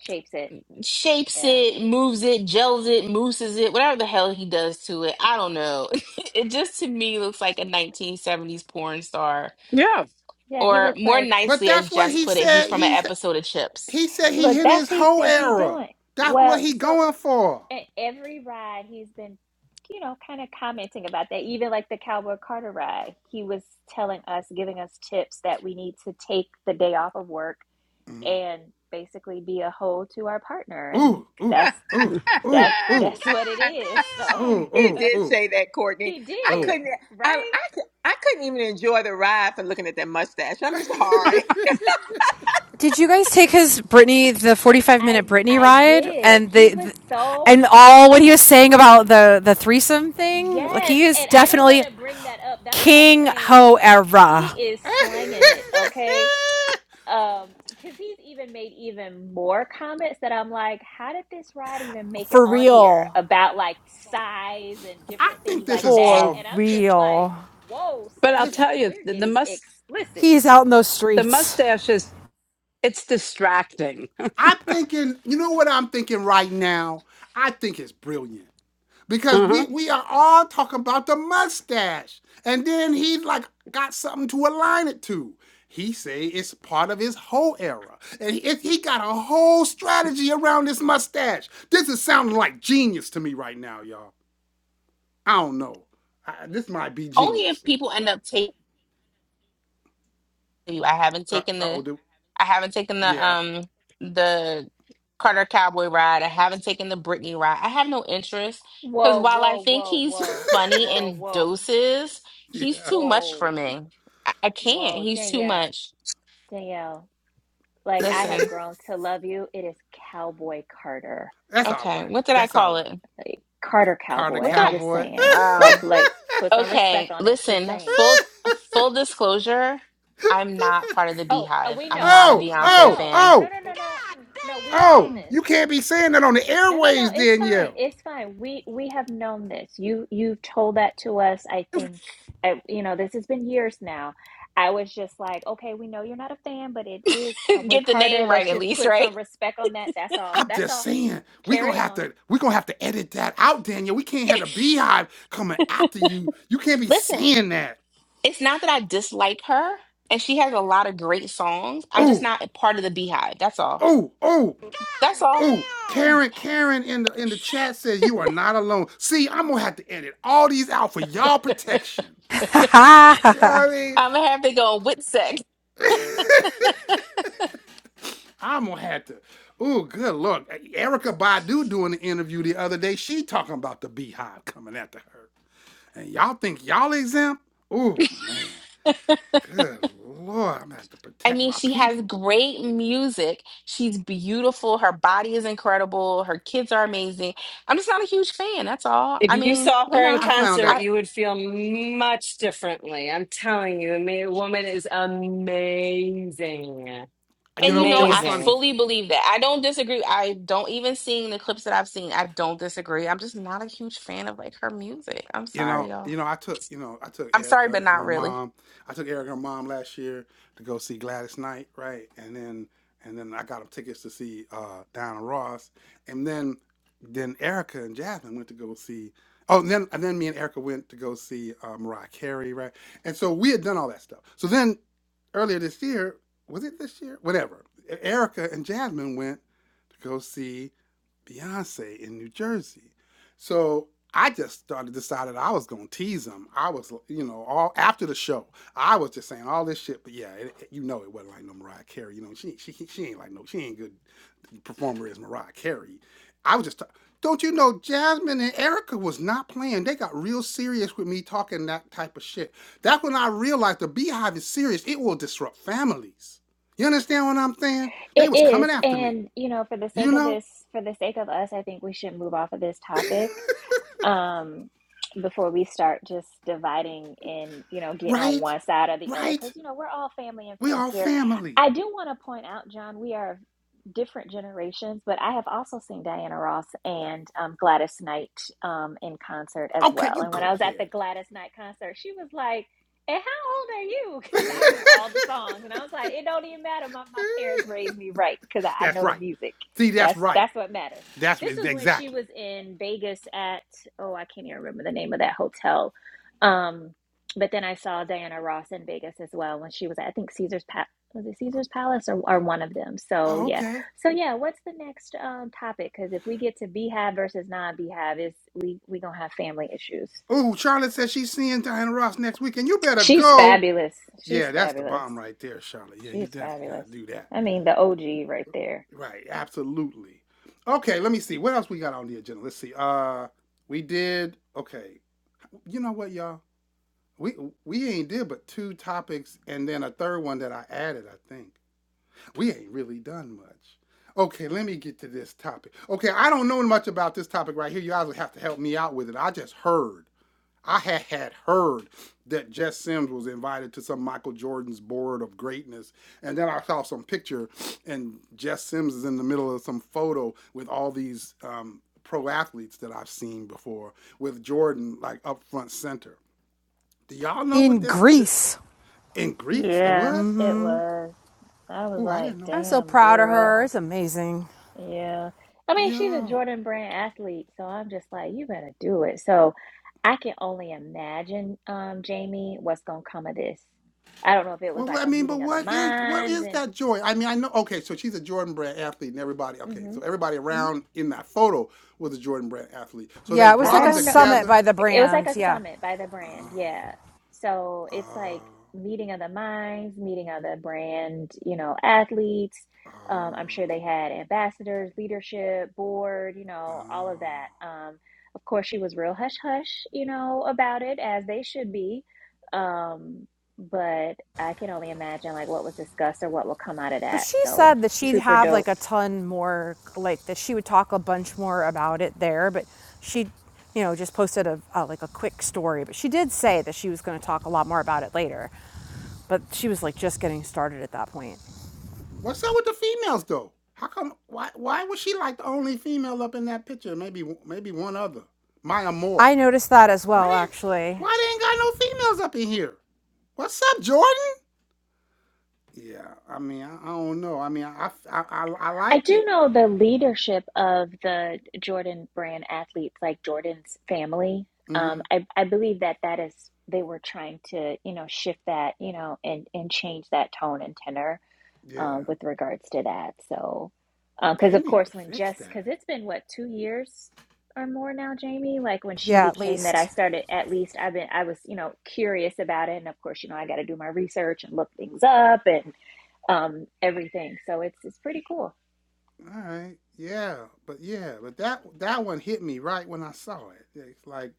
Speaker 4: shapes it.
Speaker 2: shapes
Speaker 4: Yeah.
Speaker 2: it, moves it, gels it, mooses it, whatever the hell he does to it. I don't know. (laughs) it just to me looks like a 1970s porn star.
Speaker 5: yeah.
Speaker 4: Yeah, he
Speaker 2: Or
Speaker 4: looks
Speaker 2: more
Speaker 4: like
Speaker 1: But
Speaker 2: nicely, as
Speaker 1: that's what
Speaker 2: Jess
Speaker 1: he
Speaker 2: put it, he's
Speaker 1: said.
Speaker 2: from an
Speaker 1: He said.
Speaker 2: episode of Chips.
Speaker 1: He said
Speaker 4: look,
Speaker 1: he in
Speaker 4: that's
Speaker 1: his
Speaker 4: he
Speaker 1: whole
Speaker 4: said he
Speaker 1: era.
Speaker 4: doing.
Speaker 1: That's what
Speaker 4: Well,
Speaker 1: he
Speaker 4: so
Speaker 1: going for.
Speaker 4: at every ride he's been, you know, kind of commenting about that. Even like the Cowboy Carter ride, he was telling us, giving us tips that we need to take the day off of work
Speaker 1: Mhm.
Speaker 4: and basically be a hoe to our partner and
Speaker 1: Ooh, ooh,
Speaker 4: that's
Speaker 1: ooh, ooh,
Speaker 4: That's
Speaker 1: ooh.
Speaker 8: (laughs)
Speaker 1: God
Speaker 4: that's what it is. So
Speaker 1: damn! Ooh,
Speaker 8: he
Speaker 1: ooh,
Speaker 4: (laughs)
Speaker 8: did
Speaker 1: ooh,
Speaker 8: say that, Courtney.
Speaker 4: he
Speaker 8: I
Speaker 1: ooh.
Speaker 4: did,
Speaker 8: couldn't. I, I
Speaker 4: right?
Speaker 8: cou- I couldn't even enjoy the ride for looking at that mustache.
Speaker 1: (laughs)
Speaker 8: I'm sorry. (laughs)
Speaker 7: Did you guys take his Britney the forty five minute
Speaker 4: I
Speaker 7: Britney
Speaker 4: I
Speaker 7: ride
Speaker 4: did.
Speaker 7: and
Speaker 4: He
Speaker 7: the,
Speaker 4: was
Speaker 7: the
Speaker 4: so
Speaker 7: and all what he was saying about the the threesome thing? Like
Speaker 4: yes,
Speaker 7: he is
Speaker 4: and I didn't
Speaker 7: definitely
Speaker 4: want to bring that up. That's what I'm
Speaker 7: king
Speaker 4: saying.
Speaker 7: ho
Speaker 4: He
Speaker 7: era.
Speaker 4: is
Speaker 1: I
Speaker 4: slanging it, okay? Um, because he's even made even more comments that I'm like, how did this ride even make it
Speaker 7: For
Speaker 4: on here
Speaker 7: real.
Speaker 4: about like size and different
Speaker 1: think
Speaker 4: things
Speaker 1: this
Speaker 4: like
Speaker 1: is
Speaker 4: that?
Speaker 7: For
Speaker 1: all
Speaker 4: And I'm just like,
Speaker 7: real.
Speaker 4: whoa,
Speaker 5: But I'll
Speaker 4: sir,
Speaker 1: this
Speaker 5: tell
Speaker 4: like
Speaker 5: you
Speaker 4: we're
Speaker 5: the, the
Speaker 4: getting
Speaker 5: must
Speaker 4: explicit
Speaker 7: He's out in those
Speaker 5: the
Speaker 7: streets.
Speaker 5: mustaches it's distracting
Speaker 1: I'm thinking, you know what I'm thinking right now? I think it's brilliant. because we
Speaker 5: Uh-huh.
Speaker 1: we are all talking about the mustache and then he like got something to align it to he say it's part of his whole era and he, he got a whole strategy around this mustache this is sounding like genius to me right now y'all i don't know I, this might be
Speaker 2: Only if
Speaker 1: genius
Speaker 2: people end up taking you. I haven't
Speaker 1: uh,
Speaker 2: taken the
Speaker 1: oh dude
Speaker 2: I haven't taken the
Speaker 1: yeah
Speaker 2: um the Carter Cowboy ride. I haven't taken the Britney ride. I have no interest because
Speaker 4: Whoa,
Speaker 2: while I
Speaker 4: whoa,
Speaker 2: think
Speaker 4: whoa,
Speaker 2: he's
Speaker 4: whoa,
Speaker 2: funny
Speaker 4: whoa,
Speaker 2: in
Speaker 4: whoa,
Speaker 2: doses,
Speaker 1: (laughs)
Speaker 2: he's
Speaker 1: yeah
Speaker 2: too much for
Speaker 4: whoa,
Speaker 2: me. I, I can't.
Speaker 4: whoa,
Speaker 2: He's too
Speaker 4: Danielle,
Speaker 2: much.
Speaker 4: Danielle. Like I have
Speaker 2: Listen.
Speaker 4: grown to love you. It is Cowboy Carter,
Speaker 1: that's all
Speaker 2: Okay.
Speaker 1: right
Speaker 2: What did I
Speaker 1: that's all
Speaker 2: call
Speaker 1: right
Speaker 2: it?
Speaker 4: like Carter
Speaker 1: carter
Speaker 4: Cowboy.
Speaker 2: What did
Speaker 4: I'm
Speaker 2: I?
Speaker 4: just
Speaker 1: cowboy
Speaker 4: saying, like,
Speaker 2: Um.
Speaker 4: like, put some respect
Speaker 2: Okay.
Speaker 4: on it. Just
Speaker 2: Listen.
Speaker 4: saying.
Speaker 2: Full full disclosure. I'm not
Speaker 1: (laughs)
Speaker 2: part of the
Speaker 4: Oh, uh,
Speaker 2: Beehive.
Speaker 4: we
Speaker 2: I'm
Speaker 4: know,
Speaker 2: not a
Speaker 1: Oh,
Speaker 4: we we
Speaker 2: Beyonce
Speaker 1: oh,
Speaker 4: know.
Speaker 2: fan.
Speaker 4: Oh no,
Speaker 1: oh,
Speaker 4: no,
Speaker 1: God
Speaker 4: no, no,
Speaker 1: damn.
Speaker 4: no. We've
Speaker 1: oh!
Speaker 4: known
Speaker 1: You
Speaker 4: this.
Speaker 1: can't be saying that on the
Speaker 4: No, no, no.
Speaker 1: airways,
Speaker 4: It's fine.
Speaker 1: Danielle.
Speaker 4: It's fine. We we have known this. You you've told that to us. I think I, you know this has been years now. I was just like, okay, we know you're not a fan, but it is
Speaker 2: (laughs)
Speaker 4: Cowboy
Speaker 2: Get the
Speaker 4: Carter.
Speaker 2: name right
Speaker 4: Let's
Speaker 2: at
Speaker 4: just
Speaker 2: least,
Speaker 4: put
Speaker 2: right?
Speaker 4: some respect on that. That's all.
Speaker 1: I'm
Speaker 4: That's
Speaker 1: just
Speaker 4: all.
Speaker 1: saying we gonna
Speaker 4: Carry
Speaker 1: have
Speaker 4: on.
Speaker 1: to we gonna have to edit that out, Danielle. We can't have the beehive coming after you. You can't be
Speaker 2: Listen.
Speaker 1: saying that.
Speaker 2: It's not that I dislike her, and she has a lot of great songs. I'm just
Speaker 1: Oh,
Speaker 2: not a part of the Beehive. That's all.
Speaker 1: oh, oh,
Speaker 2: That's
Speaker 1: oh!
Speaker 2: all.
Speaker 1: Karen, Karen in the in the chat says you are not alone. See, I'm gonna have to edit all these out for y'all protection.
Speaker 7: (laughs)
Speaker 1: You know what I mean?
Speaker 2: I'm gonna have to go with sex.
Speaker 1: I'm gonna have to. Ooh, good lord. Erica Badu doing the interview the other day. She talking about the beehive coming after her. And y'all think y'all exempt? Ooh, man. Good lord. I'm gonna have to
Speaker 2: I
Speaker 1: protect
Speaker 2: mean,
Speaker 1: my
Speaker 2: she has
Speaker 1: people.
Speaker 2: great music. She's beautiful. Her body is incredible. Her kids are amazing. I'm just not a huge fan. That's all.
Speaker 3: if
Speaker 2: I
Speaker 3: you
Speaker 2: mean,
Speaker 3: saw
Speaker 2: you
Speaker 3: her in
Speaker 2: know,
Speaker 1: I found
Speaker 3: concert,
Speaker 1: out,
Speaker 2: I
Speaker 3: you would feel much differently. I'm telling you, the woman is amazing.
Speaker 1: you
Speaker 2: and
Speaker 1: know,
Speaker 2: you
Speaker 1: you know
Speaker 2: know,
Speaker 1: what's
Speaker 2: I
Speaker 1: funny?
Speaker 3: Amazing.
Speaker 2: fully believe that. I don't disagree. I don't even seeing the clips that I've seen. I don't disagree. I'm just not a huge fan of like her music. I'm
Speaker 1: You know,
Speaker 2: sorry, y'all.
Speaker 1: you know, I took, you know, I took
Speaker 2: I'm sorry, but
Speaker 1: Erica and
Speaker 2: not
Speaker 1: her
Speaker 2: really.
Speaker 1: mom. I took Erica and her mom last year to go see Gladys Knight, right? And then, and then I got them tickets to see uh, Diana Ross. And then, then Erica and Jasmine went to go see. Oh, and then and then me and Erica went to go see uh, Mariah Carey, right? And so we had done all that stuff. So then earlier this year, was it this year? Whatever. E- Erica and Jasmine went to go see Beyonce in New Jersey. So I just started decided I was gonna tease him. I was, you know, all after the show, I was just saying all this shit. But yeah, it, it- you know, it wasn't like no Mariah Carey. You know, she she she ain't like no, she ain't good performer as Mariah Carey. I was just, ta- don't you know, Jasmine and Erica was not playing. They got real serious with me talking that type of shit. That's when I realized the Beehive is serious. It will disrupt families. You understand what I'm saying? They
Speaker 4: It
Speaker 1: was coming
Speaker 4: is,
Speaker 1: after me.
Speaker 4: and you know, for the
Speaker 1: You
Speaker 4: sake of
Speaker 1: know.
Speaker 4: this, for the sake of us, I think we should move off of this topic. um before we start just dividing and you know getting on
Speaker 1: Right?
Speaker 4: one side or the other
Speaker 1: Right?
Speaker 4: because you know we're all family and
Speaker 1: We
Speaker 4: friends
Speaker 1: all
Speaker 4: here
Speaker 1: family.
Speaker 4: i do want to point out john we are different generations, but I have also seen Diana Ross and um, Gladys Knight um, in concert as
Speaker 1: Okay,
Speaker 4: well.
Speaker 1: you
Speaker 4: And when I
Speaker 1: go
Speaker 4: was at the
Speaker 1: ahead.
Speaker 4: Gladys Knight concert, she was like, "And how old are you?" (laughs) Because I do all the songs, and I was like, "It don't even matter. My my parents raised me right because I, I
Speaker 1: That's
Speaker 4: know the
Speaker 1: right.
Speaker 4: music.
Speaker 1: See, that's
Speaker 4: That's
Speaker 1: right.
Speaker 4: that's what matters."
Speaker 1: That's
Speaker 4: This was when she
Speaker 1: exactly.
Speaker 4: was in Vegas at oh I can't even remember the name of that hotel. Um, but then I saw Diana Ross in Vegas as well when she was at, I think Caesar's Palace was it Caesar's Palace or, or one of them? So
Speaker 1: Oh,
Speaker 4: yeah,
Speaker 1: okay.
Speaker 4: so yeah, what's the next um, topic? Because if we get to Beehive versus non-Beehive, is we we gonna have family issues.
Speaker 1: Oh, Charlotte says she's seeing Diana Ross next weekend. You better
Speaker 4: She's
Speaker 1: go.
Speaker 4: fabulous. She's
Speaker 1: Yeah, that's the
Speaker 4: fabulous.
Speaker 1: bomb right there, Charlotte. Yeah, you
Speaker 4: She's
Speaker 1: definitely gotta
Speaker 4: fabulous.
Speaker 1: do that.
Speaker 4: I mean, the OG right there.
Speaker 1: Right, absolutely. Okay, let me see. What else we got on the agenda? Let's see. Uh we did okay. You know what, y'all? We we ain't did but two topics and then a third one that I added, I think. we ain't really done much. Okay, let me get to this topic. Okay, I don't know much about this topic right here. You guys would have to help me out with it. I just heard, I had, had heard that Jess Sims was invited to some Michael Jordan's board of greatness. And then I saw some picture, and Jess Sims is in the middle of some photo with all these um, pro athletes that I've seen before, with Jordan like up front center. Do y'all know what
Speaker 7: in
Speaker 1: this th-
Speaker 7: Greece.
Speaker 1: in Greece it
Speaker 4: Yeah,
Speaker 1: was?
Speaker 7: Mm-hmm.
Speaker 4: it was. I was
Speaker 1: Oh, I
Speaker 4: like,
Speaker 1: didn't know
Speaker 7: I'm
Speaker 1: that.
Speaker 7: so
Speaker 4: damn,
Speaker 7: proud of
Speaker 4: girl.
Speaker 7: her. It's amazing.
Speaker 4: Yeah. I mean, she's a
Speaker 1: Yo.
Speaker 4: Jordan Brand athlete, so I'm just like, you better do it. So I can only imagine, um, Jamie, what's gonna come of this. I don't know if it was
Speaker 1: Well, well,
Speaker 4: like
Speaker 1: I
Speaker 4: a
Speaker 1: mean, but
Speaker 4: meeting of the
Speaker 1: what is what
Speaker 4: minds
Speaker 1: is
Speaker 4: and.
Speaker 1: that joy? I mean, I know. Okay, so she's a Jordan Brand athlete, and everybody. Okay,
Speaker 4: Mm-hmm.
Speaker 1: so everybody
Speaker 4: Mm-hmm.
Speaker 1: around in that photo was a Jordan Brand athlete. So
Speaker 7: Yeah,
Speaker 1: they
Speaker 7: it was
Speaker 1: brought
Speaker 7: like
Speaker 4: I
Speaker 1: them
Speaker 7: a
Speaker 4: don't know.
Speaker 7: summit
Speaker 1: together.
Speaker 7: by the
Speaker 4: It was like
Speaker 7: brand.
Speaker 4: a
Speaker 7: Yeah.
Speaker 4: summit by the brand, yeah. So it's
Speaker 1: Oh,
Speaker 4: like meeting of the minds, meeting of the brand, you know, athletes.
Speaker 1: oh,
Speaker 4: Um, I'm sure they had ambassadors, leadership, board, you
Speaker 1: oh.
Speaker 4: know, all of that. Um, of course, she was real hush hush, you know, about it as they should be. Um, but I can only imagine like what was discussed or what will come out of
Speaker 7: But
Speaker 4: that.
Speaker 7: she
Speaker 4: So
Speaker 7: said that she'd
Speaker 4: super
Speaker 7: have
Speaker 4: dope.
Speaker 7: like a ton more, like that she would talk a bunch more about it there. But she, you know, just posted a, a like a quick story. But she did say that she was going to talk a lot more about it later. But she was like just getting started at that point.
Speaker 1: What's up with the females though? How come? Why? Why was she like the only female up in that picture? Maybe, maybe one other, Maya Moore.
Speaker 7: I noticed that as
Speaker 1: Why
Speaker 7: well,
Speaker 1: didn't?
Speaker 7: actually.
Speaker 1: Why they ain't got no females up in here? What's up, Jordan? Yeah, I mean, I, I don't know. I mean, I I, I, I
Speaker 4: I
Speaker 1: liked it.
Speaker 4: do know the leadership of the Jordan brand athletes, like Jordan's family.
Speaker 1: hmm
Speaker 4: Um, I, I believe that that is they were trying to, you know, shift that, you know, and and change that tone and tenor
Speaker 1: Yeah,
Speaker 4: um, with regards to that. So, because
Speaker 1: they
Speaker 4: of
Speaker 1: need to
Speaker 4: course, when
Speaker 1: fix
Speaker 4: Jess, because
Speaker 1: that.
Speaker 4: it's been what two years or more now, Jamie, like when she
Speaker 7: Yeah, at
Speaker 4: became that, I
Speaker 7: least.
Speaker 4: started at least I've been I was, you know, curious about it, and of course, you know, I got to do my research and look things up and um, everything. So it's it's pretty cool.
Speaker 1: All right. Yeah, but yeah, but that that one hit me right when I saw it. It's like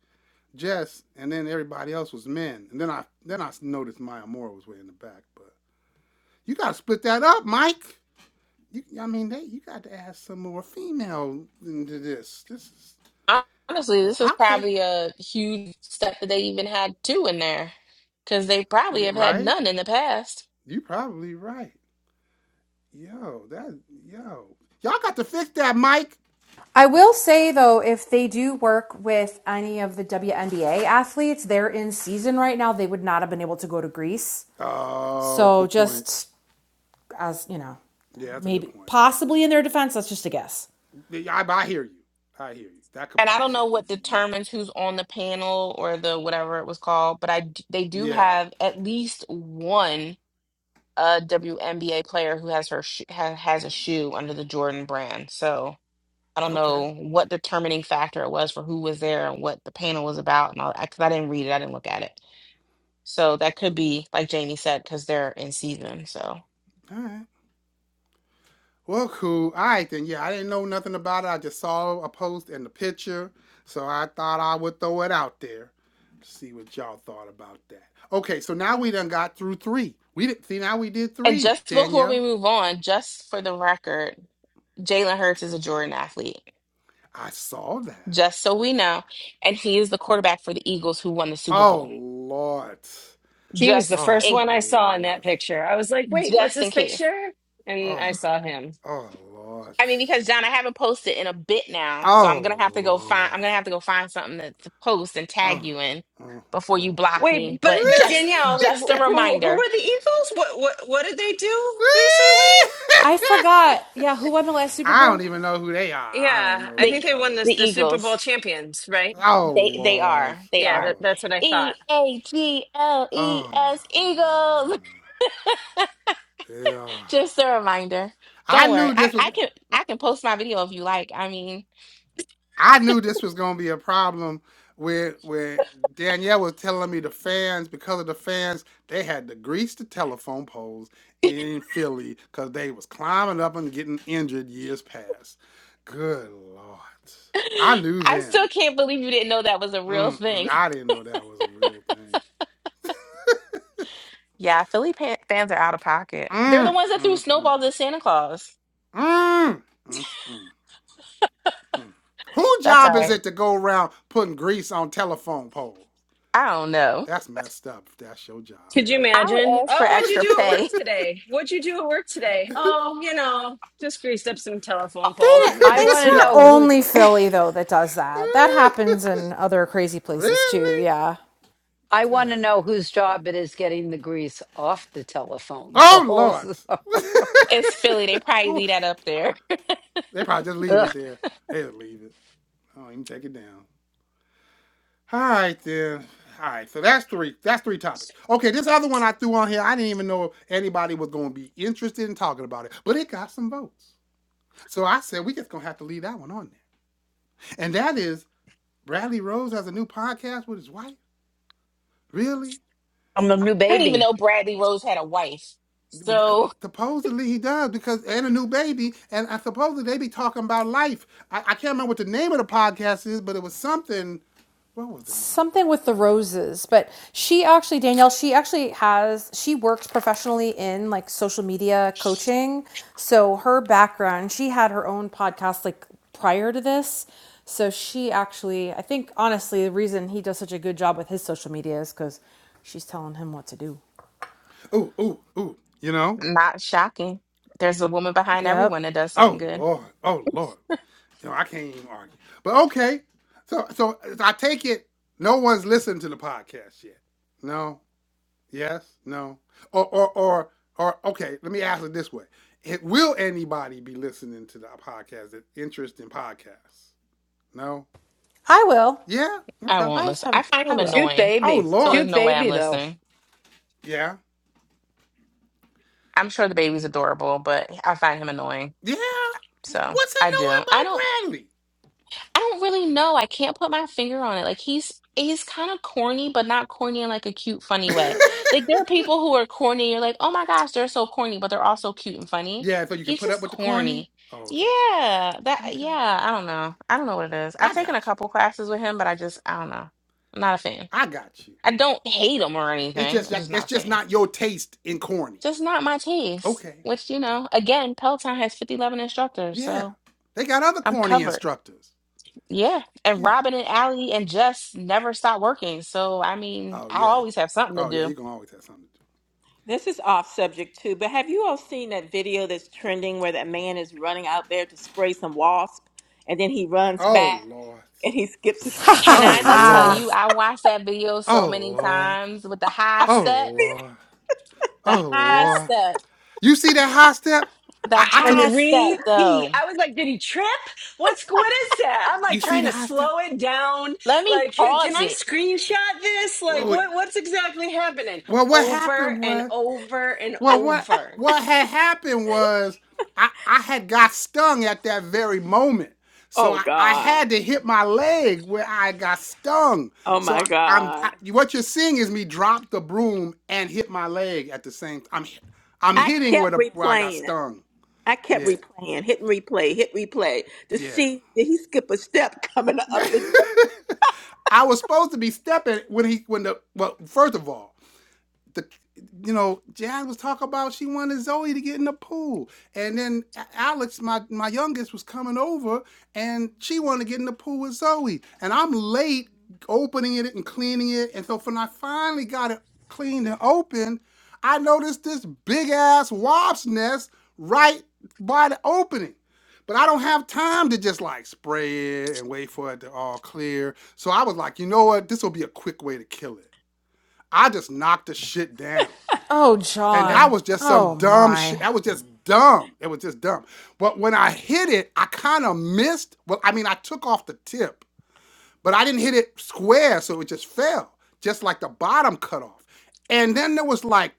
Speaker 1: Jess, and then everybody else was men, and then I then I noticed Maya Moore was way in the back. But you gotta split that up, Mike. You, I mean, they, you got to add some more female into this. This is,
Speaker 2: Honestly,
Speaker 1: but
Speaker 2: this is
Speaker 1: okay,
Speaker 2: probably a huge step that they even had two in there because they probably
Speaker 1: yeah,
Speaker 2: have had
Speaker 1: right.
Speaker 2: none in the past.
Speaker 1: You probably right. Yo, that yo, y'all got to fix that, Mike.
Speaker 7: I
Speaker 1: But
Speaker 7: will say though, if they do work with any of the WNBA athletes, they're in season right now. They would not have been able to go to Greece.
Speaker 1: oh, that's a
Speaker 7: So
Speaker 1: good point.
Speaker 7: just as you know,
Speaker 1: Yeah, that's a good
Speaker 7: maybe
Speaker 1: point.
Speaker 7: possibly in their defense, that's just a guess.
Speaker 1: Yeah, I, I hear you. I hear you. That could
Speaker 2: And I don't know
Speaker 1: possibly
Speaker 2: what
Speaker 1: be it.
Speaker 2: determines who's on the panel or the whatever it was called, but I d- they do
Speaker 1: Yeah.
Speaker 2: have at least one uh WNBA player who has her sh ha has a shoe under the Jordan brand. So I don't
Speaker 1: Okay.
Speaker 2: know what determining factor it was for who was there and what the panel was about and all that because I didn't read it, I didn't look at it. So that could be, like Jamie said, because they're in season. So.
Speaker 1: All right. Well, cool. All right then. Yeah, I didn't know nothing about it. I just saw a post and the picture, so I thought I would throw it out there. to See what y'all thought about that. Okay, so now we done got through three. We did, see now we did
Speaker 2: And
Speaker 1: three,
Speaker 2: just before we
Speaker 1: Danielle.
Speaker 2: move on, just for the record, Jalen Hurts is a Jordan athlete,
Speaker 1: I saw that.
Speaker 2: just so we know, and he is the quarterback for the Eagles who won the Super
Speaker 1: Oh
Speaker 2: Bowl.
Speaker 1: Lord.
Speaker 3: He was the
Speaker 2: Just
Speaker 1: Oh
Speaker 3: first
Speaker 2: in
Speaker 3: one I saw in
Speaker 1: Lord.
Speaker 3: that picture. I was like, wait, what's
Speaker 2: just in
Speaker 3: this
Speaker 2: case.
Speaker 3: picture? And I
Speaker 1: Oh
Speaker 3: saw him.
Speaker 1: oh Lord.
Speaker 2: I mean, because John, I haven't posted in a bit now, so I'm gonna
Speaker 1: Oh
Speaker 2: have to go find. I'm
Speaker 1: Lord.
Speaker 2: gonna have to go find something to, to post and
Speaker 1: (laughs)
Speaker 2: tag
Speaker 1: Oh,
Speaker 2: you in
Speaker 1: oh,
Speaker 2: before you
Speaker 1: oh.
Speaker 2: block
Speaker 3: Wait,
Speaker 2: me.
Speaker 3: but
Speaker 2: But
Speaker 3: but
Speaker 2: just
Speaker 3: Danielle,
Speaker 2: just a
Speaker 3: who who
Speaker 2: reminder,
Speaker 3: were the Eagles? What what what did they do recently?
Speaker 7: I forgot.
Speaker 1: (laughs)
Speaker 7: Yeah, who won the last Super
Speaker 1: I don't
Speaker 7: Bowl?
Speaker 1: even know who they are. I don't
Speaker 3: Yeah,
Speaker 1: know
Speaker 3: I
Speaker 1: who
Speaker 2: the
Speaker 1: we
Speaker 3: think they
Speaker 1: talking
Speaker 3: won this
Speaker 2: the
Speaker 1: about.
Speaker 3: the Super
Speaker 2: Eagles,
Speaker 3: Bowl champions, right?
Speaker 1: Oh
Speaker 2: they they
Speaker 1: Lord.
Speaker 2: are they
Speaker 3: Yeah,
Speaker 2: are
Speaker 1: Oh.
Speaker 3: that, that's what I
Speaker 2: E
Speaker 3: thought.
Speaker 2: A G L E
Speaker 1: Oh
Speaker 2: S
Speaker 1: my
Speaker 2: Eagles.
Speaker 1: God. Yeah.
Speaker 2: Just a reminder.
Speaker 1: I
Speaker 2: Don't worry.
Speaker 1: knew
Speaker 2: I,
Speaker 1: this was
Speaker 2: I can I can post my video if you like. I mean,
Speaker 1: I knew this was gonna be a problem where where Danielle was telling me the fans, because of the fans, they had to grease the telephone poles in Philly because they was climbing up and getting injured years past. Good lord.
Speaker 2: (laughs)
Speaker 1: I knew
Speaker 2: I still
Speaker 1: then.
Speaker 2: can't believe you didn't know that was a real
Speaker 1: Mm-mm,
Speaker 2: thing.
Speaker 1: I didn't know that was a real thing.
Speaker 2: Yeah, Philly pan- fans are out of pocket. They're the
Speaker 1: Mm,
Speaker 2: ones that threw
Speaker 1: mm, mm,
Speaker 2: snowballs at Santa Claus.
Speaker 1: mm, mm, mm, mm. Who
Speaker 2: That's all
Speaker 1: job is
Speaker 2: right.
Speaker 1: it to go around putting grease on telephone poles?
Speaker 2: I don't know.
Speaker 1: That's messed up. That's your job.
Speaker 3: Could
Speaker 1: That
Speaker 3: you
Speaker 1: ain't.
Speaker 2: I
Speaker 3: imagine?
Speaker 2: would ask for
Speaker 1: (laughs)
Speaker 3: Oh, what'd you
Speaker 2: extra
Speaker 3: do at work
Speaker 2: pay.
Speaker 3: today? What'd you do at work today? Oh, you know, just greased up some telephone
Speaker 7: They,
Speaker 3: poles. (laughs) No
Speaker 5: I
Speaker 3: big
Speaker 5: want
Speaker 7: it's
Speaker 5: to
Speaker 7: not
Speaker 3: deal.
Speaker 5: know who.
Speaker 7: only Philly though that does that. That happens in other crazy places too.
Speaker 1: really?
Speaker 7: Yeah.
Speaker 5: I want to
Speaker 1: Goodness.
Speaker 5: know whose job it is getting the grease off the telephone
Speaker 1: Oh
Speaker 5: poles.
Speaker 1: Lord.
Speaker 2: It's Philly. They
Speaker 1: (laughs)
Speaker 2: probably
Speaker 1: Who-
Speaker 2: leave that up there.
Speaker 1: they probably just
Speaker 5: (laughs)
Speaker 1: leave it
Speaker 5: Ugh,
Speaker 1: there. They'll leave it. I don't even take it down. All right then. All right, so that's three. That's three topics. Okay, this other one I threw on here, I didn't even know if anybody was going to be interested in talking about it, but it got some votes. So I said we just gonna have to leave that one on there. And that is Bradley Rose has a new podcast with his wife. Really?
Speaker 5: I'm a new
Speaker 2: I didn't even
Speaker 5: baby.
Speaker 2: know Bradley Rose had a wife.
Speaker 1: uh,
Speaker 2: So
Speaker 1: Supposedly he does because and a new baby and I supposedly they be talking about life. I, I can't remember what the name of the podcast is, but it was something. What was the name of the
Speaker 7: something with the
Speaker 1: podcast?
Speaker 7: roses but she actually danielle she actually has she works professionally in like social media coaching so her background she had her own podcast like prior to this so she actually i think honestly the reason he does such a good job with his social media is because she's telling him what to do
Speaker 1: Ooh ooh ooh. You know?
Speaker 2: not shocking. There's a woman behind everyone
Speaker 7: yep
Speaker 2: that does something
Speaker 1: Oh
Speaker 2: good.
Speaker 1: Lord. Oh Lord. You know I can't even argue. But okay. So so I take it no one's listened to the podcast yet. No. Yes. No. Or or or or okay. Let me ask it this way: it, Will anybody be listening to the podcast? That interest in podcasts? No.
Speaker 7: i will
Speaker 1: Yeah.
Speaker 2: I
Speaker 1: Okay.
Speaker 2: won't
Speaker 7: i just
Speaker 2: listen. I
Speaker 7: haven't
Speaker 2: find him
Speaker 7: i will
Speaker 5: Cute
Speaker 2: annoying.
Speaker 1: Oh
Speaker 5: baby.
Speaker 2: So
Speaker 1: Lord.
Speaker 2: there's
Speaker 5: Cute
Speaker 2: no way I'm
Speaker 5: baby, though.
Speaker 2: listening.
Speaker 1: Yeah.
Speaker 2: I'm sure the baby's adorable, but I find him annoying.
Speaker 1: Yeah.
Speaker 2: So
Speaker 1: What's
Speaker 2: I do. I don't
Speaker 1: annoying
Speaker 2: I don't really know. I can't put my finger on it. Like he's he's kind of corny, but not corny in like a cute, funny
Speaker 1: about
Speaker 2: way. Like
Speaker 1: Bradley?
Speaker 2: there are
Speaker 1: (laughs)
Speaker 2: people who are corny, you're like, oh my gosh, they're so corny, but they're also cute and funny.
Speaker 1: yeah. So you can
Speaker 2: He's
Speaker 1: put up
Speaker 2: just
Speaker 1: with the corny.
Speaker 2: corny.
Speaker 1: Oh, okay.
Speaker 2: Yeah. That
Speaker 1: Okay.
Speaker 2: yeah, I don't know. I don't know what it is.
Speaker 1: I
Speaker 2: I've taken
Speaker 1: got
Speaker 2: a
Speaker 1: you.
Speaker 2: couple classes with him, but I just I don't know. I'm not a fan.
Speaker 1: I got you.
Speaker 2: I don't hate him or
Speaker 1: It's
Speaker 2: anything.
Speaker 1: just
Speaker 2: I'm just
Speaker 1: yeah,
Speaker 2: not
Speaker 1: it's
Speaker 2: a
Speaker 1: just
Speaker 2: fan.
Speaker 1: not your taste in corny.
Speaker 2: Just not my taste.
Speaker 1: Okay.
Speaker 2: Which, you know, again, Peloton has fifty eleven instructors,
Speaker 1: Yeah.
Speaker 2: so
Speaker 1: They got other
Speaker 2: I'm
Speaker 1: corny
Speaker 2: covered.
Speaker 1: instructors.
Speaker 2: Yeah. And
Speaker 1: Yeah.
Speaker 2: Robin and Allie and Jess never stop working. So, I mean,
Speaker 1: Oh
Speaker 2: I
Speaker 1: yeah.
Speaker 2: always have something to
Speaker 1: Oh yeah.
Speaker 2: do.
Speaker 1: You're gonna always have something to do.
Speaker 8: This is off subject too, but have you all seen that video that's trending where that man is running out there to spray some wasp, and then he runs
Speaker 1: Oh
Speaker 8: back
Speaker 1: Lord.
Speaker 8: and he skips (laughs) a,
Speaker 7: (laughs) Ha ha
Speaker 2: Can
Speaker 8: a
Speaker 1: Oh
Speaker 7: ha
Speaker 2: I just
Speaker 8: couple?
Speaker 2: tell
Speaker 1: Lord.
Speaker 2: you,
Speaker 7: ha!
Speaker 2: I watched that video so
Speaker 1: Oh
Speaker 2: many
Speaker 1: Lord.
Speaker 2: times with the high
Speaker 1: Oh
Speaker 2: step,
Speaker 1: Lord.
Speaker 2: the
Speaker 1: Oh
Speaker 2: high
Speaker 1: Lord.
Speaker 2: step,
Speaker 1: You see that high step?
Speaker 2: the
Speaker 1: I, I took
Speaker 2: high
Speaker 3: And
Speaker 1: it.
Speaker 2: step,
Speaker 3: repeat.
Speaker 2: though.
Speaker 3: I was like, did he trip? What's what is that? I'm
Speaker 1: You
Speaker 3: like
Speaker 1: see
Speaker 3: trying
Speaker 1: the
Speaker 3: to
Speaker 1: high step?
Speaker 3: slow it down.
Speaker 2: Let me
Speaker 3: Like, can, can
Speaker 2: pause
Speaker 3: I
Speaker 2: it.
Speaker 3: screenshot this? Like,
Speaker 1: Well,
Speaker 3: what what's exactly happening?
Speaker 1: Well, what
Speaker 3: Over
Speaker 1: happened
Speaker 3: and
Speaker 1: was,
Speaker 3: over and
Speaker 1: well, what
Speaker 3: over.
Speaker 1: what had happened was, I I had got stung at that very moment, so
Speaker 8: Oh
Speaker 1: I, I
Speaker 8: God!
Speaker 1: had to hit my leg where I got stung.
Speaker 8: Oh
Speaker 1: So
Speaker 8: my
Speaker 1: I, I'm I,
Speaker 8: God!
Speaker 1: what you're seeing is me drop the broom and hit my leg at the same. time. I'm I'm
Speaker 8: I
Speaker 1: hitting where
Speaker 8: kept
Speaker 1: the where I got
Speaker 8: replaying it.
Speaker 1: stung.
Speaker 8: I kept
Speaker 1: Yeah,
Speaker 8: replaying, hit and replay, hit replay to
Speaker 1: yeah.
Speaker 8: see did he skip a step (laughs) coming
Speaker 1: (laughs)
Speaker 8: up the.
Speaker 1: I was supposed to be stepping when he when the well first of all. the you know Jazz was talking about she wanted Zoe to get in the pool, and then Alex, my my youngest, was coming over, and she wanted to get in the pool with Zoe, and I'm late opening it and cleaning it, and so when I finally got it cleaned and open, I noticed this big ass wasp's nest right by the opening. But I don't have time to just like spray it and wait for it to all clear. So I was like, you know what? This will be a quick way to kill it. I just knocked the shit down.
Speaker 7: oh
Speaker 1: And that
Speaker 7: john
Speaker 1: was just
Speaker 7: oh
Speaker 1: some dumb shit.
Speaker 7: my
Speaker 1: That was just dumb. It was just dumb. But when I hit it, I kind of missed. Well, I mean, I took off the tip, but I didn't hit it square, so it just fell, just like the bottom cut off. And then there was like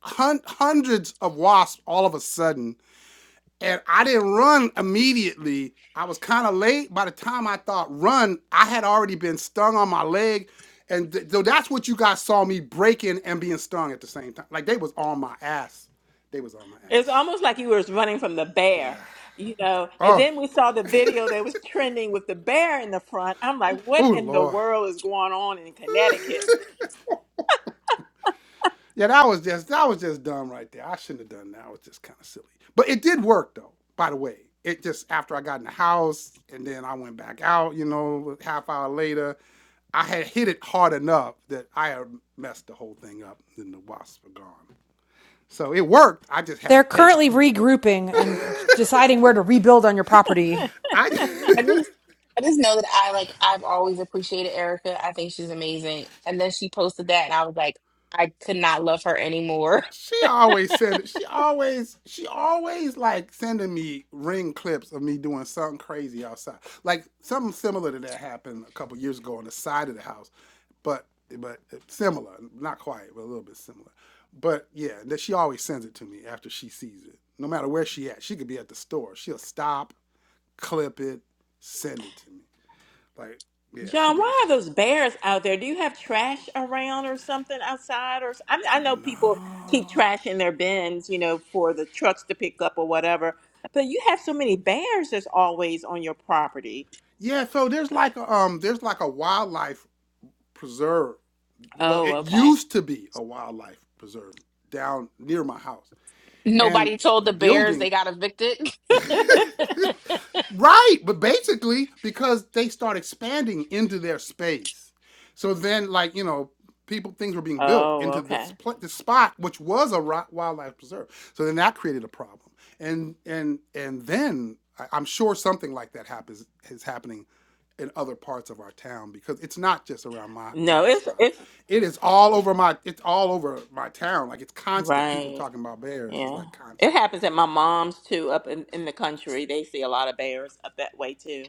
Speaker 1: hun- hundreds of wasps all of a sudden and I didn't run immediately. I was kind of late. By the time I thought run, I had already been stung on my leg, and th- so that's what you guys saw me breaking and being stung at the same time. Like they was on my ass. They was on my
Speaker 8: It's
Speaker 1: ass.
Speaker 8: almost like he was running from the
Speaker 1: Yeah.
Speaker 8: bear, you know. And
Speaker 1: Oh,
Speaker 8: then we saw the video that was trending with the bear in the front. I'm like, (laughs) what
Speaker 1: oh
Speaker 8: in the
Speaker 1: Lord.
Speaker 8: world is going on in Connecticut?
Speaker 1: Yeah, that was just that was just dumb right there. I shouldn't have done that. It was just kind of silly. But it did work though, by the way. It just after I got in the house and then I went back out, you know, half hour later, I had hit it hard enough that I had messed the whole thing up and the wasps were gone. So it worked. I just had
Speaker 7: They're
Speaker 1: to take a
Speaker 7: currently
Speaker 1: few.
Speaker 7: regrouping and deciding where to rebuild on your property.
Speaker 1: I
Speaker 2: I
Speaker 1: (laughs)
Speaker 2: just, I just know that I like, I've always appreciated Erica. I think she's amazing. And then she posted that, and I was like, I could not love her anymore. (laughs)
Speaker 1: She always send she always she always like sending me ring clips of me doing something crazy outside. Like something similar to that happened a couple years ago on the side of the house. But but similar, not quite, but a little bit similar. But yeah, that she always sends it to me after she sees it. No matter where she at. She could be at the store. She'll stop, clip it, send it to me. Like, yeah, she
Speaker 8: John,
Speaker 1: does
Speaker 8: why are
Speaker 1: that.
Speaker 8: those bears out there? Do you have trash around or something outside? Or I, I know people keep
Speaker 1: No.
Speaker 8: trash in their bins, you know, for the trucks to pick up or whatever. But you have so many bears that's always on your property.
Speaker 1: Yeah, so there's like a um there's like a wildlife preserve well,
Speaker 8: Oh,
Speaker 1: it
Speaker 8: okay.
Speaker 1: used to be a wildlife preserve down near my house, and
Speaker 2: Nobody told the Bears
Speaker 1: building
Speaker 2: they got evicted. (laughs)
Speaker 1: (laughs) Right, but basically because they start expanding into their space. So then like, you know, people things were being built
Speaker 8: Oh,
Speaker 1: into this
Speaker 8: okay.
Speaker 1: pla this spot which was a ri- wildlife preserve. So then that created a problem. And and and then I, I'm sure something like that happens is happening in other parts of our town because it's not just around my my
Speaker 8: No, it's
Speaker 1: spot.
Speaker 8: it's
Speaker 1: It is all over my it's all over my town. Like it's constant people
Speaker 8: right.
Speaker 1: talking about bears. It's
Speaker 8: Yeah.
Speaker 1: like constant.
Speaker 8: It happens at my mom's too, up in, in the country. They see a lot of bears up that way too.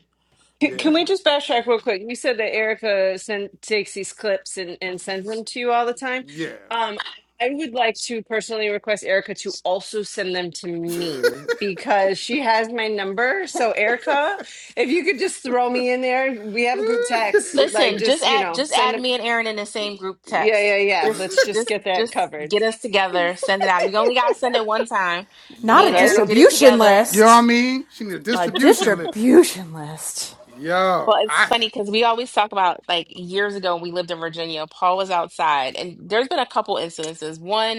Speaker 3: C- Can
Speaker 1: Yeah.
Speaker 3: we just backtrack real quick? You said that Erica send, takes these clips and, and sends them to you all the time.
Speaker 1: Yeah.
Speaker 3: Um, I would like to personally request Erica to also send them to me because she has my number. So, Erica, if you could just throw me in there, we have a group text.
Speaker 1: (laughs)
Speaker 3: Like,
Speaker 2: Listen, just
Speaker 3: just, you
Speaker 2: add
Speaker 3: know,
Speaker 2: just
Speaker 3: send
Speaker 2: add
Speaker 3: them.
Speaker 2: me and Aaron in the same group
Speaker 3: Yeah, yeah,
Speaker 2: text.
Speaker 3: yeah.
Speaker 2: Just
Speaker 3: Let's just
Speaker 2: just
Speaker 3: get that
Speaker 2: just
Speaker 3: covered.
Speaker 2: get us
Speaker 3: (laughs)
Speaker 2: together, send it out. You only gotta send it one time. Me
Speaker 7: Not a
Speaker 2: and Aaron
Speaker 1: Yo.
Speaker 2: will
Speaker 3: Right?
Speaker 2: get it
Speaker 7: distribution
Speaker 2: together.
Speaker 1: You know what I
Speaker 7: list.
Speaker 1: mean? She need a
Speaker 7: A
Speaker 1: distribution list.
Speaker 7: distribution list.
Speaker 1: Yo.
Speaker 2: Well, it's
Speaker 1: I
Speaker 2: funny because we always talk about like years ago when we lived in Virginia, Paul was outside, and there's been a couple incidences. One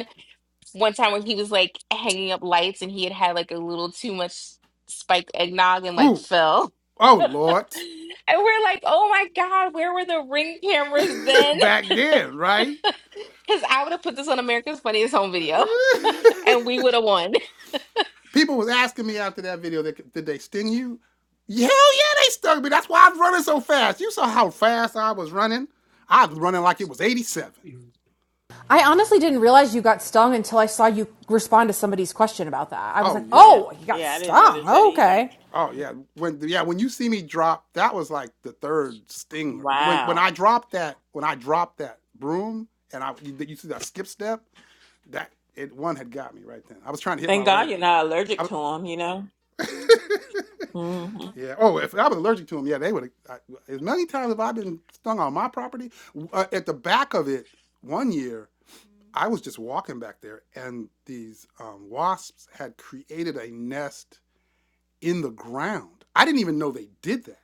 Speaker 2: one time when he was like hanging up lights and he had had like a little too much spiked eggnog and like
Speaker 1: ooh.
Speaker 2: fell.
Speaker 1: Oh
Speaker 2: (laughs) and
Speaker 1: Lord.
Speaker 2: we're like, oh my God, where were the ring cameras
Speaker 1: (laughs)
Speaker 2: then?
Speaker 1: Back
Speaker 2: (laughs)
Speaker 1: then, right?
Speaker 2: Because I would have put this on America's Funniest Home Video
Speaker 1: (laughs)
Speaker 2: and we would have won.
Speaker 1: People was asking me after that video, they, did they sting you? Hell yeah, they stung me. That's why I was running so fast. You saw how fast I was running. I was running like it was 87.
Speaker 7: I honestly didn't realize you got stung until I saw you respond to somebody's question about that. I was
Speaker 1: Oh
Speaker 7: like,
Speaker 1: yeah.
Speaker 8: Yeah.
Speaker 7: oh, you got
Speaker 8: Yeah, I didn't
Speaker 7: stung.
Speaker 8: notice that
Speaker 7: Oh,
Speaker 8: either.
Speaker 7: Okay.
Speaker 1: Oh yeah. When yeah, when you see me drop, that was like the third sting. When when
Speaker 8: Wow.
Speaker 1: I dropped that, when I dropped that broom and I you, you see that skip step, that it one had got me right then. I was trying to hit my
Speaker 8: Thank God you're
Speaker 1: leg.
Speaker 8: not
Speaker 1: I
Speaker 8: allergic
Speaker 1: was,
Speaker 8: to them, you know?
Speaker 1: (laughs)
Speaker 8: hmm
Speaker 1: yeah. Oh, if I was allergic to them, yeah, they would. As many times have I been stung on my property. Uh, at the back of it, one year I was just walking back there, and these um, wasps had created a nest in the ground. I didn't even know they did that,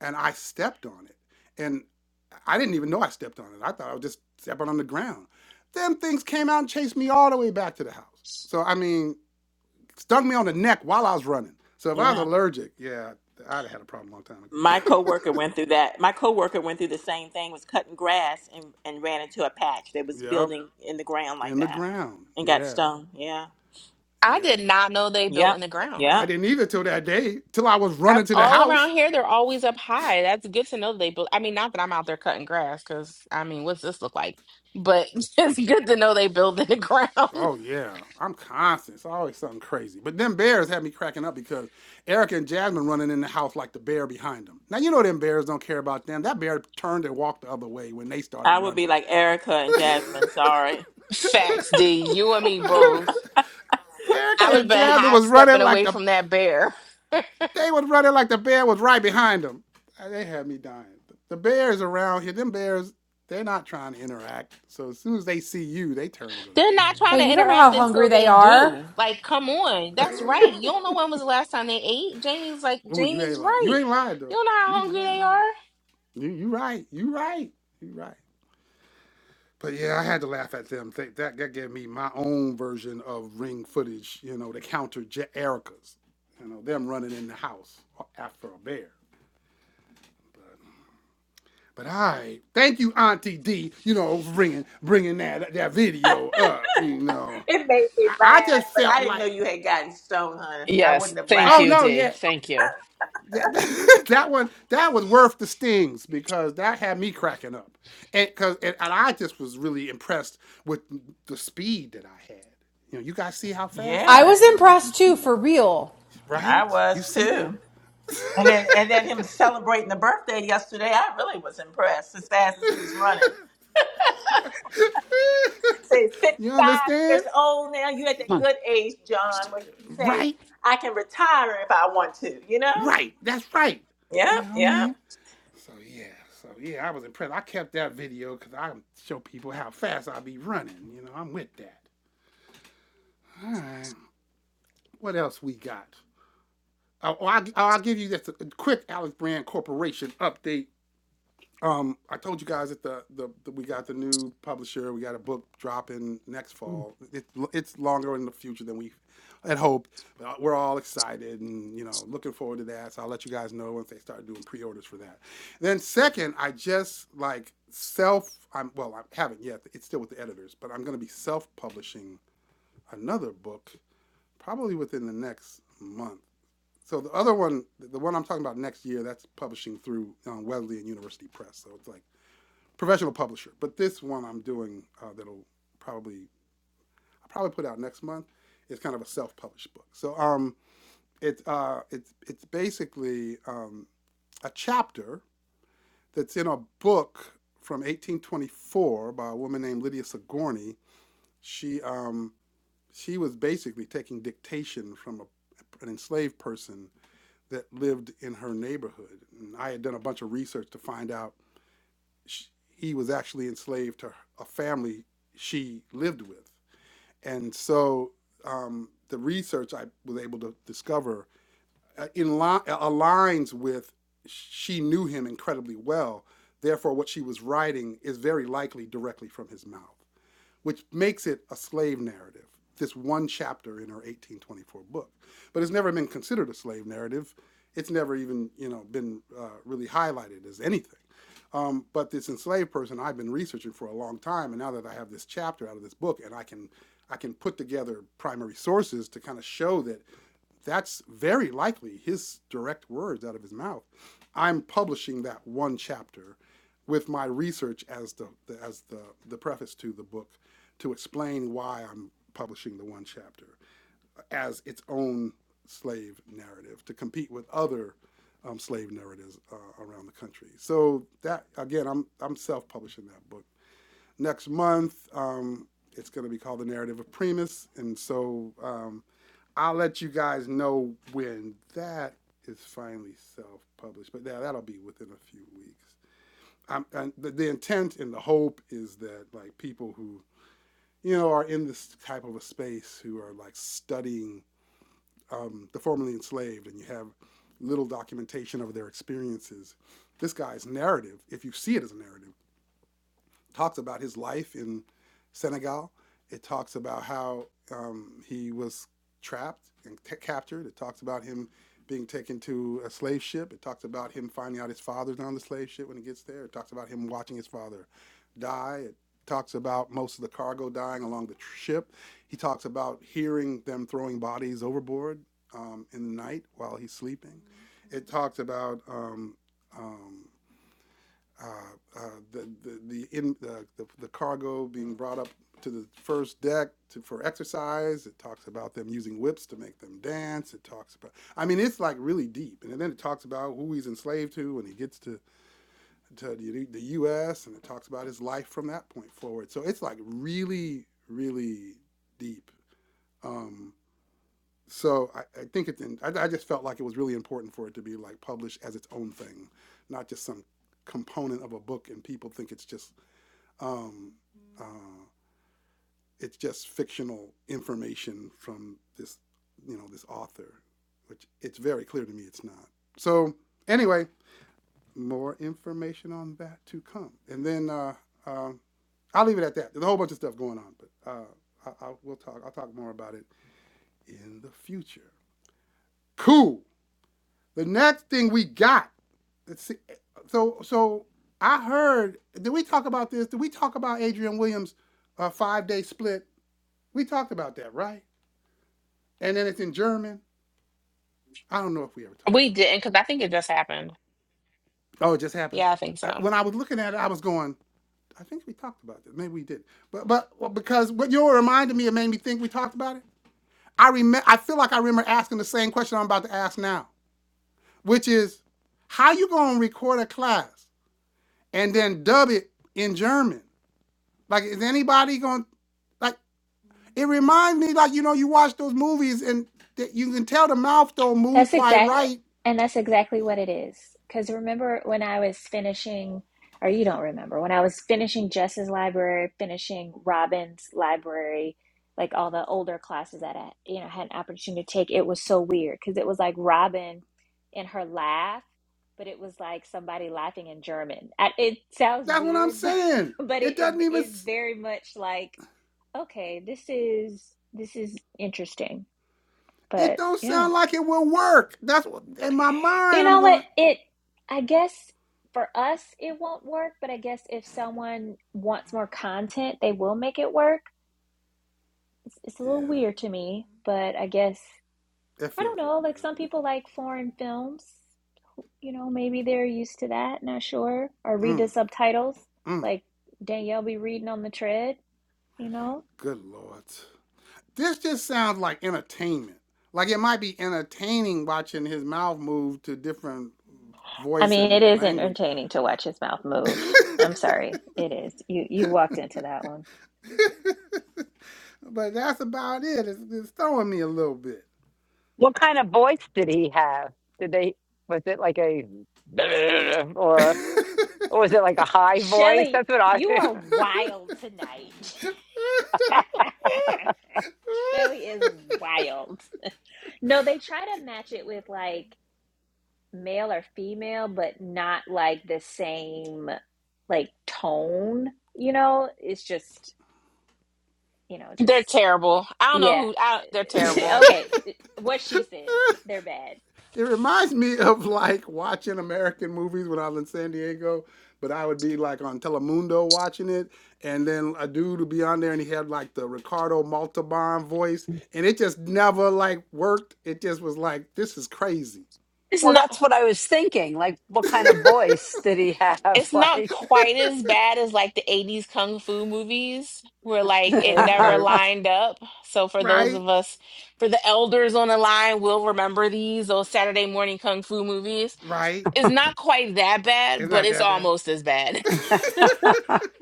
Speaker 1: and I stepped on it, and I didn't even know I stepped on it. I thought I was just stepping on the ground. Them things came out and chased me all the way back to the house. So I mean, stung me on the neck while I was running. So if I was
Speaker 8: Yeah.
Speaker 1: allergic, yeah, I'd have had a problem a long time ago.
Speaker 8: My coworker went through that. My coworker went through the same thing, was cutting grass and, and ran into a patch that
Speaker 1: (laughs)
Speaker 8: was
Speaker 1: yep,
Speaker 8: building in the ground like
Speaker 1: in the
Speaker 8: that
Speaker 1: ground.
Speaker 8: and got
Speaker 1: Yeah,
Speaker 8: stung. Yeah.
Speaker 2: I
Speaker 1: yeah.
Speaker 2: did not know they built
Speaker 8: Yep.
Speaker 2: in the ground.
Speaker 1: I
Speaker 8: Yep.
Speaker 1: didn't either till that day, till I was
Speaker 2: I,
Speaker 1: running to the
Speaker 2: all around
Speaker 1: house.
Speaker 2: here, they're always up high. That's good to know they built. I mean, not that I'm out there cutting grass because I mean, what's this look like? But (laughs) it's good to know they build in the (laughs) ground.
Speaker 1: Oh yeah, I'm constant. It's always something crazy. But them bears had me cracking up because Erica and Jasmine running in the house like the bear behind them. Now you know them bears don't care about them. That bear turned and walked the other way when they started
Speaker 8: I would be
Speaker 1: running.
Speaker 8: like Erica and Jasmine. Sorry.
Speaker 2: Facts, D. You and me both. I
Speaker 1: Erica
Speaker 2: would have
Speaker 1: and
Speaker 2: been
Speaker 1: Jasmine
Speaker 2: high
Speaker 1: was
Speaker 2: stepping
Speaker 1: running like
Speaker 2: away
Speaker 1: the
Speaker 2: from that bear.
Speaker 1: They was running like the bear was right behind them. Uh, They had me dying. The bears around here, them bears, they're not trying to interact. So as soon as they see you, they turn and go the
Speaker 2: They're
Speaker 1: other way.
Speaker 2: not trying
Speaker 7: Hey,
Speaker 2: to
Speaker 7: you don't know how
Speaker 2: interact
Speaker 7: hungry
Speaker 2: until
Speaker 7: they
Speaker 2: they
Speaker 7: are.
Speaker 2: do. Like, come on. That's right. You don't know when was the last time they ate. Jamie's like,
Speaker 1: Oh, you
Speaker 2: Jamie's
Speaker 1: ain't lying. You
Speaker 2: right.
Speaker 1: ain't lying
Speaker 2: You
Speaker 1: though.
Speaker 2: don't know
Speaker 1: You
Speaker 2: how
Speaker 1: you
Speaker 2: hungry
Speaker 1: ain't
Speaker 2: they
Speaker 1: lying.
Speaker 2: are.
Speaker 1: You you right. You right. You right. But yeah, I had to laugh at them. They, that that gave me my own version of ring footage. You know, to counter Erica's. You know, them running in the house after a bear. But I thank you, Auntie D. You know, for bringing bringing that that video up. You know,
Speaker 8: It made me
Speaker 1: I, I
Speaker 8: laugh,
Speaker 1: just
Speaker 8: but
Speaker 1: felt
Speaker 8: I didn't
Speaker 1: like,
Speaker 8: know you had gotten stoned, honey. I
Speaker 3: Yes.
Speaker 8: wouldn't have
Speaker 3: Thank
Speaker 1: oh
Speaker 8: laughed.
Speaker 3: you,
Speaker 1: no,
Speaker 3: D.
Speaker 1: yeah,
Speaker 3: Thank you.
Speaker 1: that, that (laughs) that one that was worth the stings because that had me cracking up, and because and, and I just was really impressed with the speed that I had. You know, you guys see how fast I
Speaker 7: I
Speaker 8: Yeah,
Speaker 1: was
Speaker 7: was
Speaker 1: going. Did you
Speaker 7: impressed too,
Speaker 1: see that?
Speaker 7: for real.
Speaker 1: Right?
Speaker 8: I
Speaker 1: You
Speaker 8: was
Speaker 1: see that?
Speaker 8: too. And then, and then him celebrating the birthday yesterday, I really was impressed as fast as he was running.
Speaker 1: (laughs)
Speaker 8: Say he's 55
Speaker 1: you
Speaker 8: years
Speaker 1: understand?
Speaker 8: old now. You at that
Speaker 5: Come
Speaker 8: good age, John, where you can say,
Speaker 1: Right?
Speaker 8: I can retire if I want to, you know?
Speaker 1: Right. That's right. You
Speaker 8: Yep,
Speaker 1: know what I mean?
Speaker 8: yep.
Speaker 1: So yeah, so yeah, I was impressed. I kept that video because I show people how fast I be running. You know, I'm with that. All right, what else we got? Oh, oh, I, oh I'll give you just a quick Alex Brand Corporation update. Um, I told you guys that the, the, the we got the new publisher. We got a book dropping next
Speaker 5: on.
Speaker 1: fall. It, it's longer in the future than we had hoped. we're all excited and you know looking forward to that. So I'll let you guys know once they start doing pre-orders for that. Then second, I just like self. I'm well, I haven't yet. It's still with the editors, but I'm going to be self-publishing another book probably within the next month. So the other one, the one I'm talking about next year, that's publishing through um, Wesleyan University Press. So it's like professional publisher. But this one I'm doing uh, that'll probably I'll probably put out next month is kind of a self-published book. So um, it's uh, it's it's basically um, a chapter that's in a book from 1824 by a woman named Lydia Sigourney. She um, she was basically taking dictation from a, an enslaved person that lived in her neighborhood. And I had done a bunch of research to find out sh he was actually enslaved to a family she lived with. And so um, the research I was able to discover uh, in li- aligns with she knew him incredibly well. Therefore, what she was writing is very likely directly from his mouth which makes it a slave narrative, this one chapter in her 1824 book. But it's never been considered a slave narrative. It's never even, you know, been uh, really highlighted as anything. Um, but this enslaved person I've been researching for a long time, and now that I have this chapter out of this book, and I can, I can put together primary sources to kind of show that that's very likely his direct words out of his mouth. I'm publishing that one chapter with my research as the, the as the, the preface to the book to explain why I'm publishing the one chapter as its own slave narrative to compete with other um, slave narratives uh, around the country. So that again, I'm I'm self-publishing that book next month. Um, it's going to be called The Narrative of Primus. And so um, I'll let you guys know when that is finally self published. But yeah, that'll be within a few weeks. I'm, and the, the intent and the hope is that like people who you know are in this type of a space who are like studying um, the formerly enslaved and you have little documentation of their experiences this guy's narrative if you see it as a narrative talks about his life in Senegal. It talks about how um, he was trapped and t- captured. It talks about him being taken to a slave ship. It talks about him finding out his father's on the slave ship when he gets there. It talks about him watching his father die. It talks about most of the cargo dying along the tr- ship. He talks about hearing them throwing bodies overboard um, in the night while he's sleeping. It talks about um, um, uh, uh, the the the, in, the the the cargo being brought up to the first deck to, for exercise. It talks about them using whips to make them dance. It talks about I mean it's like really deep, and then it talks about who he's enslaved to when he gets to to the, the U.S. and it talks about his life from that point forward. So it's like really really deep. Um, so I, I think it's I, I just felt like it was really important for it to be like published as its own thing, not just some component of a book and people think it's just um, uh, it's just fictional information from this, you know, this author, which it's very clear to me it's not. So anyway, more information on that to come, and then uh, um I'll leave it at that. There's a whole bunch of stuff going on, but uh, I, I will talk. I'll talk more about it in the future. Cool. The next thing we got. Let's see. So so I heard. Did we talk about this? Did we talk about Adrian Williams' uh, five day split We talked about that, right? And then it's in German. I don't know if we ever talked
Speaker 2: We
Speaker 1: about
Speaker 2: didn't,
Speaker 1: that.
Speaker 2: because I think it just happened.
Speaker 1: Oh, it just happened.
Speaker 2: Yeah, I think
Speaker 1: I,
Speaker 2: so.
Speaker 1: when I was looking at it, I was going, I think we talked about this. Maybe we did. But but well, because what you reminded me, it made me think we talked about it. I remember. I feel like I remember asking the same question I'm about to ask now, which is, how you gonna record a class and then dub it in German? Like, is anybody gonna like? It reminds me, like you know, you watch those movies and that you can tell the mouth don't move
Speaker 4: That's
Speaker 1: quite
Speaker 4: exact,
Speaker 1: right
Speaker 4: and that's exactly what it is. Because remember when I was finishing, or you don't remember, when I was finishing Jess's library, finishing Robin's library, like all the older classes that I, you know, had an opportunity to take, it was so weird because it was like Robin and her laugh, but it was like somebody laughing in German. I, it sounds
Speaker 1: That's what I'm
Speaker 4: weird, (laughs) but
Speaker 1: saying.
Speaker 4: but
Speaker 1: It
Speaker 4: it,
Speaker 1: doesn't
Speaker 4: it
Speaker 1: even.
Speaker 4: is very much like, okay, this is this is interesting,
Speaker 1: It
Speaker 4: but
Speaker 1: don't
Speaker 4: yeah.
Speaker 1: sound like it will work. That's what in my
Speaker 4: You
Speaker 1: mind.
Speaker 4: know
Speaker 1: I'm
Speaker 4: what?
Speaker 1: going.
Speaker 4: It, I guess for us, it won't work, but I guess if someone wants more content, they will make it work. It's, it's a
Speaker 1: Yeah,
Speaker 4: little weird to me, but I guess,
Speaker 1: that
Speaker 4: I
Speaker 1: feels
Speaker 4: don't
Speaker 1: a little
Speaker 4: know, like
Speaker 1: weird
Speaker 4: some
Speaker 1: to me.
Speaker 4: people like foreign films. You know, maybe they're used to that, not sure. Or read the
Speaker 1: Mm,
Speaker 4: subtitles,
Speaker 1: mm.
Speaker 4: like Danielle be reading on the tread, you know?
Speaker 1: Good lord, this just sounds like entertainment. Like it might be entertaining watching his mouth move to different
Speaker 4: I
Speaker 1: voice
Speaker 4: mean,
Speaker 1: and
Speaker 4: it is
Speaker 1: language,
Speaker 4: entertaining to
Speaker 1: but,
Speaker 4: watch his mouth move. I'm sorry, it is. You you walked into that one.
Speaker 1: but that's about it. It's, it's throwing me a little bit.
Speaker 5: What kind of voice did he have? Did they? Was it like a (laughs) or, or was it like a high voice?
Speaker 4: Shelly,
Speaker 5: That's what I.
Speaker 4: you
Speaker 5: (laughs)
Speaker 4: are wild tonight. (laughs) Shelly is wild. No, they try to match it with like male or female, but not like the same like tone, you know? It's just, you know, just
Speaker 2: They're terrible. I don't know
Speaker 4: yeah.
Speaker 2: who. I, they're
Speaker 4: (laughs)
Speaker 2: terrible.
Speaker 4: Okay, what she said.
Speaker 1: (laughs)
Speaker 4: They're bad.
Speaker 1: It reminds me of like watching American movies when I was in San Diego, but I would be like on Telemundo watching it, and then a dude would be on there and he had like the Ricardo Montalban voice, and it just never like worked. It just was like, this is crazy.
Speaker 2: It's
Speaker 5: Well,
Speaker 2: not.
Speaker 5: that's what I was thinking. Like, what kind of voice did he have? (laughs)
Speaker 2: it's not
Speaker 5: Like,
Speaker 2: quite as bad as like the 80s kung fu movies where like it never
Speaker 1: Okay,
Speaker 2: lined up. So for those
Speaker 1: right,
Speaker 2: of us for the elders on the line will remember these those Saturday morning kung fu movies.
Speaker 1: right.
Speaker 2: It's not quite that bad,
Speaker 1: It's
Speaker 2: but
Speaker 1: not
Speaker 2: it's
Speaker 1: that bad.
Speaker 2: almost as bad.
Speaker 5: (laughs)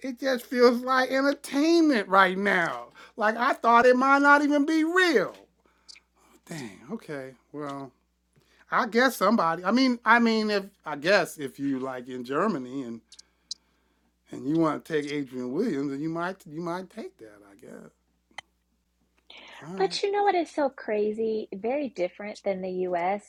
Speaker 1: It just feels like entertainment right now. Like I thought it might not even be real. Dang, okay, well. I guess somebody. I mean, I mean, if I guess if you like in Germany and and you want to take Adrian Williams, then you might you might take that. I guess. All right.
Speaker 4: But you know what is so crazy? Very different than the US.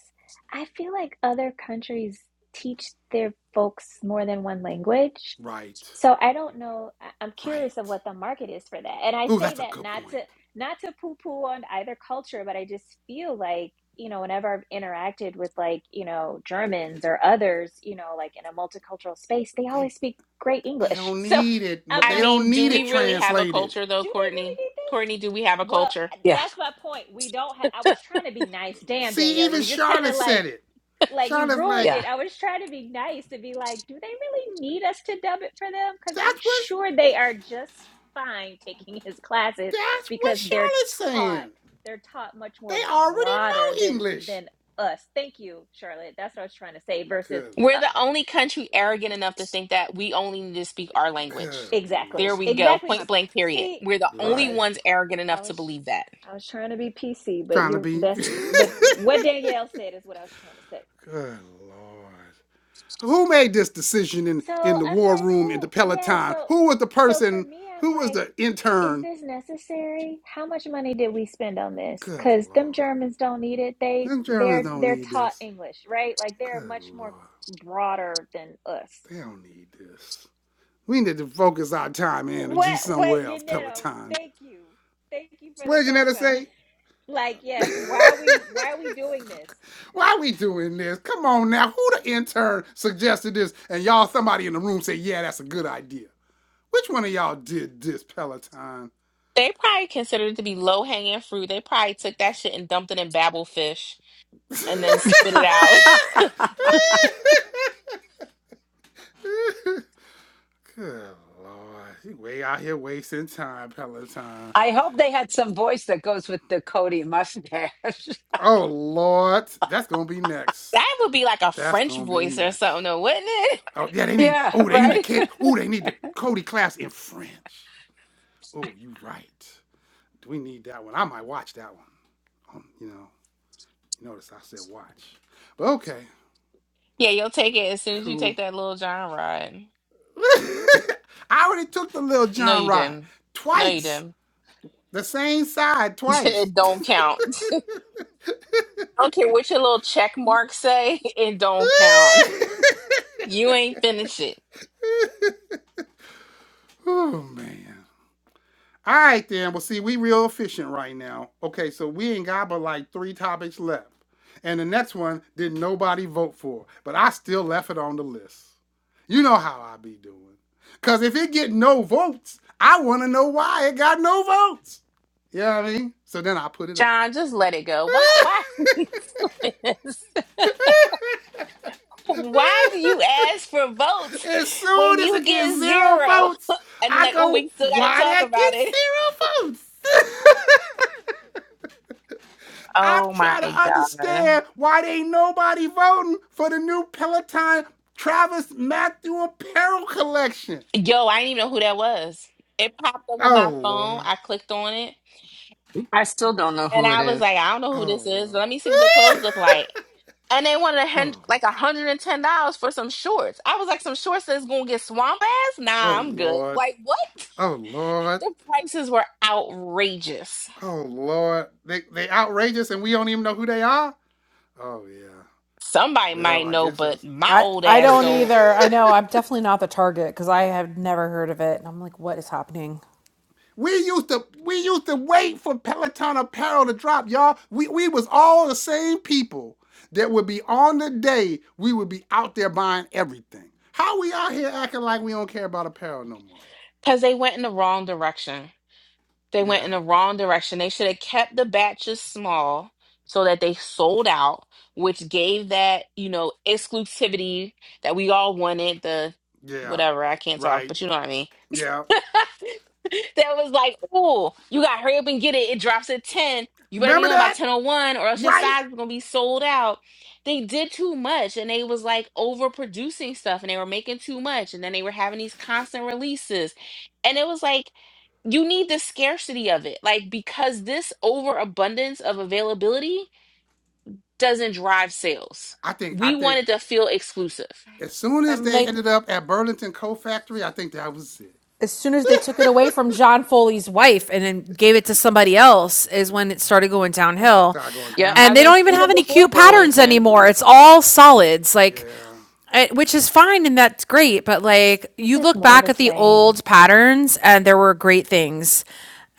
Speaker 4: I feel like other countries teach their folks more than one language.
Speaker 1: Right.
Speaker 4: So I don't know. I- I'm curious
Speaker 1: Right.
Speaker 4: of what the market is for that. And I
Speaker 1: Ooh,
Speaker 4: say
Speaker 1: that's a
Speaker 4: that
Speaker 1: good
Speaker 4: not
Speaker 1: point.
Speaker 4: to not to poo-poo on either culture, but I just feel like, you know, whenever I've interacted with like, you know, Germans or others, you know, like in a multicultural space, they
Speaker 1: They
Speaker 4: always speak great
Speaker 1: they
Speaker 4: English. (laughs)
Speaker 1: don't
Speaker 4: So
Speaker 1: need it.
Speaker 2: (laughs)
Speaker 4: I'm
Speaker 2: I
Speaker 1: They
Speaker 4: like,
Speaker 2: mean,
Speaker 1: don't
Speaker 2: do
Speaker 4: do
Speaker 1: need
Speaker 4: they
Speaker 2: we
Speaker 1: it
Speaker 2: really
Speaker 4: really?
Speaker 2: have a
Speaker 1: translated.
Speaker 2: culture though,
Speaker 4: do they really
Speaker 2: Courtney?
Speaker 4: need
Speaker 2: Courtney, do we have a
Speaker 4: this? Well,
Speaker 2: culture?
Speaker 5: yeah,
Speaker 4: that's my point. We don't have I was trying to be nice. Damn,
Speaker 1: See,
Speaker 4: Danielle,
Speaker 1: even
Speaker 4: you just kind
Speaker 1: Charlotte
Speaker 4: of like
Speaker 1: said it.
Speaker 4: like you
Speaker 1: Charlotte's
Speaker 4: ruined
Speaker 1: like,
Speaker 4: it.
Speaker 5: yeah.
Speaker 4: I was trying to be nice to be like, do they really need us to dub it for them? Cuz I'm
Speaker 1: that's what
Speaker 4: sure they are just fine taking (laughs) his classes
Speaker 1: that's what
Speaker 4: because they're
Speaker 1: Charlotte's
Speaker 4: taught
Speaker 1: saying.
Speaker 4: they're taught much
Speaker 1: They
Speaker 4: more
Speaker 1: already
Speaker 4: broader
Speaker 1: know
Speaker 4: than
Speaker 1: English.
Speaker 4: than us. Thank you, Charlotte. That's what I was trying to say versus
Speaker 1: Good
Speaker 2: We're
Speaker 4: uh,
Speaker 2: the
Speaker 1: lord.
Speaker 2: only country arrogant enough to think that we only need to speak our language.
Speaker 1: Good lord.
Speaker 4: exactly.
Speaker 2: There we go.
Speaker 4: Exactly my
Speaker 2: Point
Speaker 4: point.
Speaker 2: blank period.
Speaker 4: See,
Speaker 2: We're the only
Speaker 4: okay,
Speaker 1: Right.
Speaker 2: ones arrogant
Speaker 4: I
Speaker 2: enough to
Speaker 4: was
Speaker 2: believe that.
Speaker 4: I was trying to be PC, but
Speaker 1: Trying to
Speaker 4: you're
Speaker 1: be
Speaker 4: that's but
Speaker 1: (laughs)
Speaker 4: what Danielle said is what I was trying to say.
Speaker 1: Good Lord. Who made this decision in,
Speaker 4: So
Speaker 1: in the
Speaker 4: I'm
Speaker 1: war
Speaker 4: like,
Speaker 1: room in the
Speaker 4: who? Yeah.
Speaker 1: Peloton?
Speaker 4: So
Speaker 1: Who was the
Speaker 4: so for
Speaker 1: person?
Speaker 4: me, I'm
Speaker 1: Who was
Speaker 4: like,
Speaker 1: the
Speaker 4: is
Speaker 1: intern?
Speaker 4: this necessary? How much money did we spend on this?
Speaker 1: Good
Speaker 4: Because
Speaker 1: Lord.
Speaker 4: them Germans don't need it. They
Speaker 1: Them Germans
Speaker 4: they're
Speaker 1: don't
Speaker 4: they're
Speaker 1: need
Speaker 4: taught
Speaker 1: this.
Speaker 4: English, right? Like they're
Speaker 1: Good
Speaker 4: much
Speaker 1: Lord.
Speaker 4: more broader than us.
Speaker 1: They don't need this. We need to focus our time and
Speaker 4: What
Speaker 1: energy
Speaker 4: what
Speaker 1: somewhere else,
Speaker 4: Yanetto?
Speaker 1: Peloton.
Speaker 4: Thank you, thank you for
Speaker 1: What
Speaker 4: the
Speaker 1: did Janetta
Speaker 4: cosign.
Speaker 1: say?
Speaker 4: (laughs) like yes, why are we why are we doing this?
Speaker 1: Why are we doing this? Come on now. Who the intern suggested this? And y'all, somebody in the room said, yeah, that's a good idea. Which one of y'all did this, Peloton?
Speaker 2: They probably considered it to be low hanging fruit. They probably took that shit and dumped it in babble fish
Speaker 1: (laughs)
Speaker 2: and then spit it out. (laughs)
Speaker 5: (laughs)
Speaker 1: Good lord. You way out here wasting time, Peloton.
Speaker 5: I hope they had some voice that goes with the Cody mustache. (laughs)
Speaker 1: Oh lord. That's gonna be next.
Speaker 2: That would be like a
Speaker 1: That's
Speaker 2: French
Speaker 1: gonna be
Speaker 2: voice or
Speaker 1: next.
Speaker 2: something, though, wouldn't it? (laughs)
Speaker 1: Oh yeah, they need
Speaker 5: yeah,
Speaker 1: oh they need the
Speaker 5: right?
Speaker 1: Katie. Oh, they need the Cody class in French. Oh, you right. Do we need that one? I might watch that one. Um, you know, notice I said watch. But okay,
Speaker 2: Yeah, you'll take it as soon as you
Speaker 1: cool.
Speaker 2: take that little John ride.
Speaker 1: (laughs) I already took the little
Speaker 2: No,
Speaker 1: John
Speaker 2: you
Speaker 1: ride
Speaker 2: didn't. No, you
Speaker 1: twice.
Speaker 2: didn't.
Speaker 1: The same side
Speaker 2: (laughs)
Speaker 1: twice.
Speaker 2: It
Speaker 1: (laughs)
Speaker 2: don't count. I don't care what your little check marks say. (laughs) It don't count. You ain't finished it,
Speaker 1: oh man. All right then. Well, see, we real efficient right now. Okay, so we ain't got but like three topics left, and the next one did nobody vote for, but I still left it on the list. You know how I be doing. Cause if it get no votes, I want to know why it got no votes. You know what I mean? So then I put it on.
Speaker 2: John. Just let it go. Why? Why? (laughs) Why do you
Speaker 1: (laughs)
Speaker 2: ask for votes
Speaker 1: As
Speaker 2: when
Speaker 1: soon as
Speaker 2: you
Speaker 1: it
Speaker 2: get
Speaker 1: gets zero
Speaker 2: zero?
Speaker 1: votes,
Speaker 2: (laughs) And then
Speaker 1: I
Speaker 2: like, oh,
Speaker 1: go,
Speaker 2: we still gotta
Speaker 1: why
Speaker 2: talk
Speaker 1: that
Speaker 2: about
Speaker 1: gets
Speaker 2: it.
Speaker 1: zero votes? (laughs) I'm
Speaker 2: Oh
Speaker 1: trying to
Speaker 2: my God.
Speaker 1: understand why there ain't nobody voting for the new Peloton Travis Matthew apparel collection.
Speaker 2: Yo, I didn't even know who that was. It popped up on
Speaker 1: Oh
Speaker 2: my phone.
Speaker 1: Lord.
Speaker 2: I clicked on it,
Speaker 3: I still don't know
Speaker 2: and
Speaker 3: who it
Speaker 2: I
Speaker 3: is.
Speaker 2: was like, I don't know who
Speaker 1: Oh
Speaker 2: this is.
Speaker 1: Lord.
Speaker 2: Let me see
Speaker 1: (laughs)
Speaker 2: what the clothes look like. And they wanted a hundred,
Speaker 1: oh,
Speaker 2: like a hundred and ten dollars for some shorts. I was like, some shorts that's gonna get swamp ass?
Speaker 1: oh
Speaker 2: Nah, I'm good.
Speaker 1: Lord.
Speaker 2: Like what? (laughs)
Speaker 1: Oh Lord.
Speaker 2: The prices were outrageous.
Speaker 1: Oh Lord. They they outrageous and we don't even know who they are? Oh yeah.
Speaker 2: Somebody
Speaker 1: Well,
Speaker 2: might
Speaker 1: I
Speaker 2: know,
Speaker 1: guess
Speaker 2: but
Speaker 1: that's
Speaker 2: my
Speaker 7: I,
Speaker 2: old
Speaker 7: I
Speaker 2: ass
Speaker 7: don't
Speaker 2: don't.
Speaker 7: either. I know I'm
Speaker 1: (laughs)
Speaker 7: definitely not the target because I have never heard of it. And I'm like, what is happening?
Speaker 1: We used to we used to wait for Peloton apparel to drop, y'all. We we was all the same people that would be on the day we would be out there buying everything. How we out here acting like we don't care about apparel no more?
Speaker 2: Because they went in the wrong direction. They went
Speaker 1: Yeah,
Speaker 2: in the wrong direction. They should have kept the batches small so that they sold out, which gave that, you know, exclusivity that we all wanted, the
Speaker 1: yeah,
Speaker 2: whatever, I can't talk,
Speaker 1: right,
Speaker 2: but you know what I mean
Speaker 1: yeah.
Speaker 2: that was like, oh, you got to hurry up and get it. It drops at 10. You better be
Speaker 1: Remember
Speaker 2: on by
Speaker 1: that,
Speaker 2: 1001 or else your
Speaker 1: right?
Speaker 2: size is going to be sold out. They did too much and they was like overproducing stuff and they were making too much. And then they were having these constant releases. And it was like, you need the scarcity of it. Like, because this overabundance of availability doesn't drive sales.
Speaker 1: I think I
Speaker 2: We
Speaker 1: think
Speaker 2: wanted to feel exclusive.
Speaker 1: as soon as
Speaker 7: And
Speaker 1: they
Speaker 7: they
Speaker 1: ended up at Burlington Coat Factory, I think that was it.
Speaker 7: as soon as they took it away from John Foley's wife and then gave it to somebody else is
Speaker 1: Yeah,
Speaker 7: when it started going
Speaker 1: it
Speaker 7: downhill.
Speaker 1: started going
Speaker 2: Yep, I
Speaker 7: And
Speaker 1: downhill.
Speaker 7: they
Speaker 2: was
Speaker 7: don't even have
Speaker 2: even
Speaker 7: any
Speaker 2: before
Speaker 7: cute patterns
Speaker 2: Burlington.
Speaker 7: anymore. It's all solids, like
Speaker 1: Yeah,
Speaker 7: eh, which is fine and that's great, but like
Speaker 4: It's
Speaker 7: you
Speaker 4: just
Speaker 7: look
Speaker 4: more of
Speaker 7: back
Speaker 4: the
Speaker 7: at the
Speaker 4: same.
Speaker 7: old patterns and there were great things.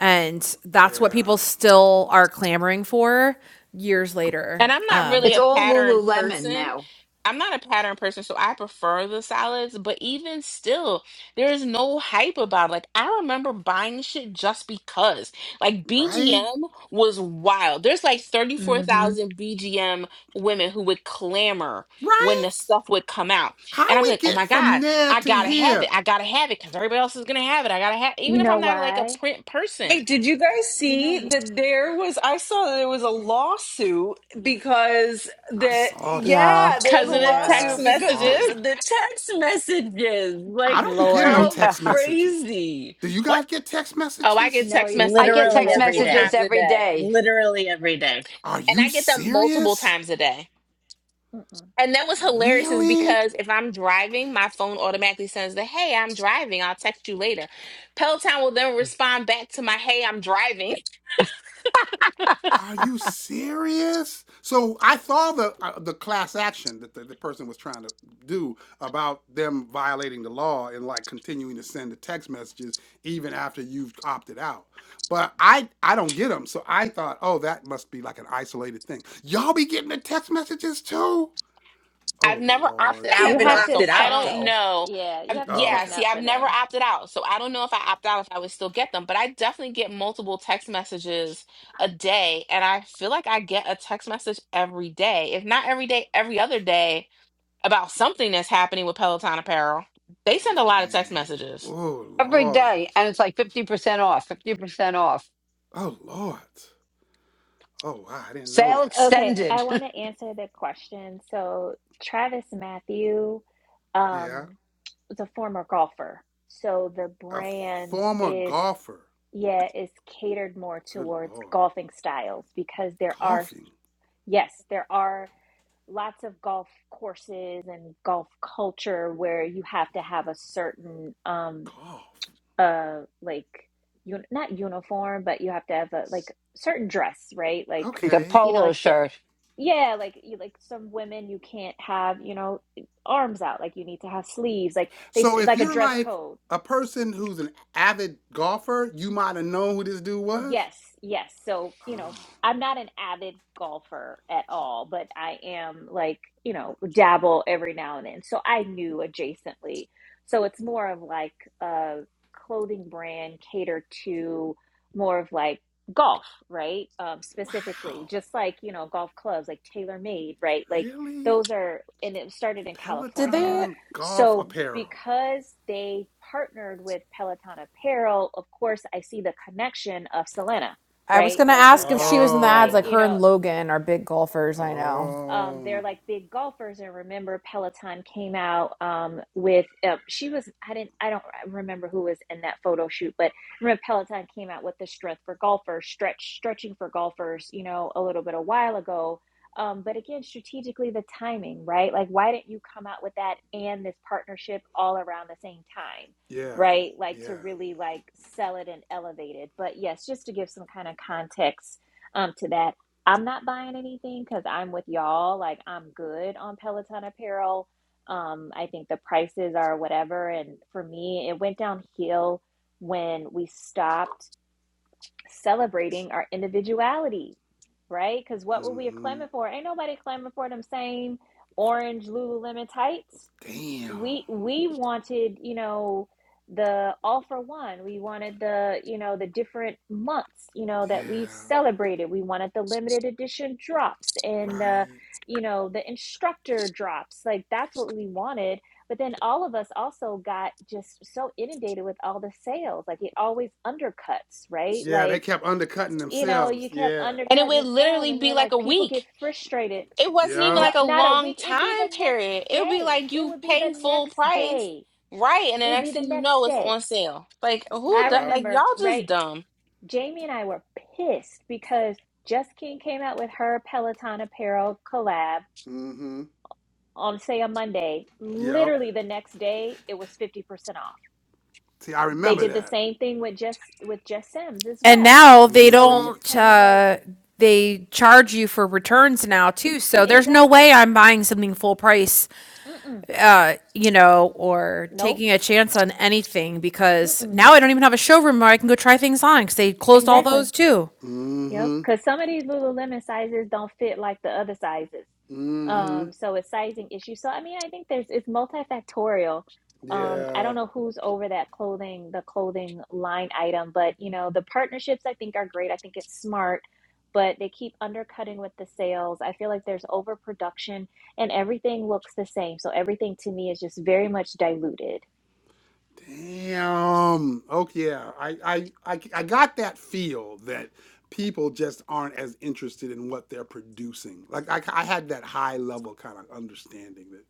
Speaker 7: And that's what people
Speaker 1: yeah,
Speaker 7: still are clamoring for years
Speaker 2: And
Speaker 7: later.
Speaker 2: I'm
Speaker 7: Um,
Speaker 2: not really
Speaker 5: It's
Speaker 2: a
Speaker 5: all
Speaker 2: pattern
Speaker 5: Lululemon
Speaker 2: person.
Speaker 5: now.
Speaker 2: I'm not a pattern person, so I prefer the salads, but even still, there is no hype about it. Like, I remember buying shit just because. Like,
Speaker 1: right,
Speaker 2: BGM was wild. There's like
Speaker 4: hmm
Speaker 2: 34,000 BGM women who would clamor when the
Speaker 1: right.
Speaker 2: stuff would come out.
Speaker 1: How
Speaker 2: And I'd be
Speaker 1: we
Speaker 2: like, oh
Speaker 1: get
Speaker 2: my
Speaker 1: from
Speaker 2: God,
Speaker 1: there
Speaker 2: I
Speaker 1: to
Speaker 2: gotta have it.
Speaker 1: here?
Speaker 2: I gotta have it because everybody else is gonna have it. I gotta have even
Speaker 4: You
Speaker 2: if
Speaker 4: know
Speaker 2: I'm not like a
Speaker 4: why?
Speaker 2: print person
Speaker 3: Wait, did you guys
Speaker 4: You
Speaker 3: see
Speaker 4: know,
Speaker 3: that there was I saw that there was a
Speaker 4: wh-
Speaker 3: lawsuit because
Speaker 1: I
Speaker 3: that
Speaker 1: saw that.
Speaker 7: Yeah.
Speaker 3: yeah, there was
Speaker 2: because
Speaker 3: a
Speaker 2: of the
Speaker 1: I
Speaker 2: text
Speaker 4: yeah,
Speaker 3: lawsuit because
Speaker 1: saw
Speaker 3: the,
Speaker 2: messages.
Speaker 3: the,
Speaker 1: that.
Speaker 3: the text messages.
Speaker 1: I
Speaker 3: Like
Speaker 1: don't be getting no
Speaker 4: Lord.
Speaker 3: how
Speaker 5: Yeah.
Speaker 1: text messages.
Speaker 3: crazy.
Speaker 1: Do you
Speaker 3: What?
Speaker 1: guys get text
Speaker 2: Oh, I get
Speaker 1: messages?
Speaker 4: No,
Speaker 2: text
Speaker 4: you, you
Speaker 5: I
Speaker 2: messages
Speaker 4: have
Speaker 5: get
Speaker 4: to
Speaker 3: Literally
Speaker 5: text
Speaker 4: sign up
Speaker 2: multiple
Speaker 4: for
Speaker 3: every
Speaker 5: messages
Speaker 3: day.
Speaker 2: times
Speaker 4: them.
Speaker 2: a
Speaker 5: every
Speaker 2: day.
Speaker 5: day,
Speaker 3: Okay.
Speaker 1: Are
Speaker 2: And
Speaker 1: you
Speaker 2: I get them multiple
Speaker 1: serious?
Speaker 2: times a day.
Speaker 4: Mm-mm.
Speaker 2: And that was hilarious is
Speaker 1: Really?
Speaker 2: because if I'm driving, my phone automatically sends the hey, I'm driving. I'll text you later. Peloton will then respond back to my hey, I'm driving.
Speaker 1: Are you serious? So I saw the uh, the class action that the, the person was trying to do about them violating the law and like continuing to send the text messages even after you've opted out. But I I don't get them, so I thought, oh, that must be like an isolated thing. Y'all be getting the text messages too?
Speaker 2: I've
Speaker 1: Oh
Speaker 2: never
Speaker 1: Lord.
Speaker 2: opted
Speaker 3: I
Speaker 2: out
Speaker 4: You
Speaker 3: haven't
Speaker 2: though.
Speaker 4: have to
Speaker 2: So
Speaker 3: opted
Speaker 2: I
Speaker 3: out
Speaker 2: don't
Speaker 4: sign.
Speaker 3: though.
Speaker 2: know.
Speaker 4: Yeah, you
Speaker 2: Um,
Speaker 4: have to
Speaker 1: Oh
Speaker 2: yeah,
Speaker 1: okay.
Speaker 4: sign
Speaker 2: see,
Speaker 4: up
Speaker 2: I've
Speaker 4: for
Speaker 2: never
Speaker 4: them.
Speaker 2: opted out. So I don't know if I opt out if I would still get them, but I definitely get multiple text messages a day. And I feel like I get a text message every day. If not every day, every other day about something that's happening with Peloton apparel, they send a lot of
Speaker 1: Dang.
Speaker 2: text messages.
Speaker 1: Oh
Speaker 5: every
Speaker 1: Lord.
Speaker 5: day, and it's like 50% off, 50% off.
Speaker 1: Oh Lord. Oh wow, I didn't know
Speaker 4: Uh,
Speaker 5: Sale
Speaker 1: that.
Speaker 4: Okay,
Speaker 5: extended.
Speaker 4: I
Speaker 5: (laughs)
Speaker 4: want to answer the question. So, Travis Matthew um,
Speaker 1: Yeah.
Speaker 4: was a former golfer. So, the
Speaker 1: A
Speaker 4: brand
Speaker 1: former
Speaker 4: is,
Speaker 1: golfer
Speaker 4: yeah, is catered more
Speaker 1: Good
Speaker 4: towards
Speaker 1: Lord.
Speaker 4: golfing styles because there are,
Speaker 1: Coughing.
Speaker 4: yes, there are. lots of golf courses and golf culture where you have to have a certain um
Speaker 1: Cough.
Speaker 4: uh like you not uniform but you have to have a like certain dress right like
Speaker 5: like a
Speaker 1: Okay.
Speaker 4: you know
Speaker 5: polo
Speaker 4: like so
Speaker 5: shirt.
Speaker 4: yeah like you like some women you can't have you know arms out like you need to have sleeves like they s-
Speaker 1: So if
Speaker 4: like a
Speaker 1: you're
Speaker 4: dress
Speaker 1: like
Speaker 4: code
Speaker 1: a person who's an avid golfer, you might have known who this dude was.
Speaker 4: Yes, yes. So,
Speaker 1: Oh,
Speaker 4: you know, I'm not an avid golfer at all, but I am like, you know, dabble every now and then. So I knew adjacently. So it's more of like a clothing brand catered to more of like golf, right? Um, specifically,
Speaker 1: wow.
Speaker 4: just like, you know, golf clubs like Tailor Made, right? Like
Speaker 1: Really?
Speaker 4: those are, and it started in
Speaker 7: Did
Speaker 4: California.
Speaker 7: they?
Speaker 1: Peloton golf
Speaker 4: So,
Speaker 1: apparel.
Speaker 4: because they partnered with Peloton Apparel, of course, I see the connection of Selena,
Speaker 7: I was
Speaker 4: right?
Speaker 7: gonna
Speaker 4: Like,
Speaker 7: ask
Speaker 4: you've
Speaker 7: if she
Speaker 4: got,
Speaker 7: was in the ads.
Speaker 4: like,
Speaker 7: Like
Speaker 1: Oh.
Speaker 4: you
Speaker 7: her
Speaker 4: know,
Speaker 7: and Logan are big golfers. I know.
Speaker 4: um, they're
Speaker 1: Oh.
Speaker 4: like big golfers. And remember, Peloton came out um, with uh, she was I didn't I don't remember who was in that photo shoot, but remember Peloton came out with the strength for golfers, stretch stretching for golfers, you know, a little bit a while ago. Um, but again, strategically, the timing, right? Like, why didn't you come out with that and this partnership all around the same time?
Speaker 1: Yeah.
Speaker 4: right like to
Speaker 1: Yeah.
Speaker 4: really like sell it and elevate it but yes just to give some kind of context um, to that I'm not buying anything because I'm with y'all. Like I'm good on Peloton apparel. Um, I think the prices are whatever. And for me, it went downhill when we stopped celebrating our individuality, right? Because what were we
Speaker 1: Mm-hmm.
Speaker 4: clamoring for? Ain't nobody clamoring for them same orange Lululemon tights
Speaker 1: Damn.
Speaker 4: we we wanted you know the all for one we wanted the you know the different months you know
Speaker 1: Yeah.
Speaker 4: that we celebrated we wanted the limited edition drops and the
Speaker 1: Right.
Speaker 4: you know the instructor drops like that's what we wanted but then all of us also got just so inundated with all the sales like it always undercuts right
Speaker 1: Yeah, they
Speaker 4: like
Speaker 1: kept undercutting
Speaker 4: you know you
Speaker 1: themselves.
Speaker 4: kept
Speaker 1: Yeah.
Speaker 2: And it
Speaker 4: undercutting the
Speaker 2: would
Speaker 4: sales
Speaker 2: literally
Speaker 4: and
Speaker 2: be
Speaker 4: you're
Speaker 2: like a
Speaker 4: like people
Speaker 2: week.
Speaker 4: get frustrated
Speaker 2: It wasn't even
Speaker 4: no,
Speaker 1: Yep.
Speaker 2: like a
Speaker 4: not a
Speaker 2: long
Speaker 4: week. It'd be
Speaker 2: time
Speaker 4: the next
Speaker 2: period. It would be
Speaker 4: day.
Speaker 2: like
Speaker 4: It
Speaker 2: you
Speaker 4: would be the
Speaker 2: pay full
Speaker 4: next
Speaker 2: price,
Speaker 4: day.
Speaker 2: right? And the
Speaker 4: It would
Speaker 2: next
Speaker 4: be the
Speaker 2: thing you
Speaker 4: next
Speaker 2: know, it's
Speaker 4: day.
Speaker 2: on sale. Like, who,
Speaker 4: I
Speaker 2: do-
Speaker 1: Yep.
Speaker 2: like, y'all
Speaker 4: remember,
Speaker 2: just
Speaker 4: right?
Speaker 2: dumb.
Speaker 4: Jamie and I were pissed because Just King came out with her Peloton apparel collab
Speaker 1: Mm-hmm.
Speaker 4: on, say, a Monday.
Speaker 1: Yep.
Speaker 4: Literally the next day, it was 50% off.
Speaker 1: See, I
Speaker 4: They
Speaker 1: remember
Speaker 4: did the
Speaker 1: that.
Speaker 4: same thing with just with Just Sims as
Speaker 7: And
Speaker 4: well.
Speaker 7: now they
Speaker 4: So it's
Speaker 1: Mm-hmm.
Speaker 4: just
Speaker 7: don't,
Speaker 4: kind of like,
Speaker 7: uh, they charge you for returns now too. So there's no
Speaker 4: exactly.
Speaker 7: way I'm buying something full price,
Speaker 4: Mm-mm.
Speaker 7: uh, you know, or
Speaker 4: Nope.
Speaker 7: taking a chance on anything because
Speaker 4: Mm-mm.
Speaker 7: now I don't even have a showroom where I can go try things on because they closed all
Speaker 4: Exactly.
Speaker 7: those too.
Speaker 4: Yep,
Speaker 1: Mm-hmm.
Speaker 4: because some of these Lululemon sizes don't fit like the other sizes.
Speaker 1: Mm-hmm.
Speaker 4: Um, so it's sizing issue. So I mean, I think there's it's multifactorial. Um, I
Speaker 1: Yeah.
Speaker 4: don't know who's over that clothing, the clothing line item, but you know, the partnerships I think are great. I think it's smart, but they keep undercutting with the sales. I feel like there's overproduction and everything looks the same. So everything to me is just very much diluted.
Speaker 1: Damn. Okay. Yeah. I, I I I got that feel that people just aren't as interested in what they're producing. Like I, I had that high level kind of understanding that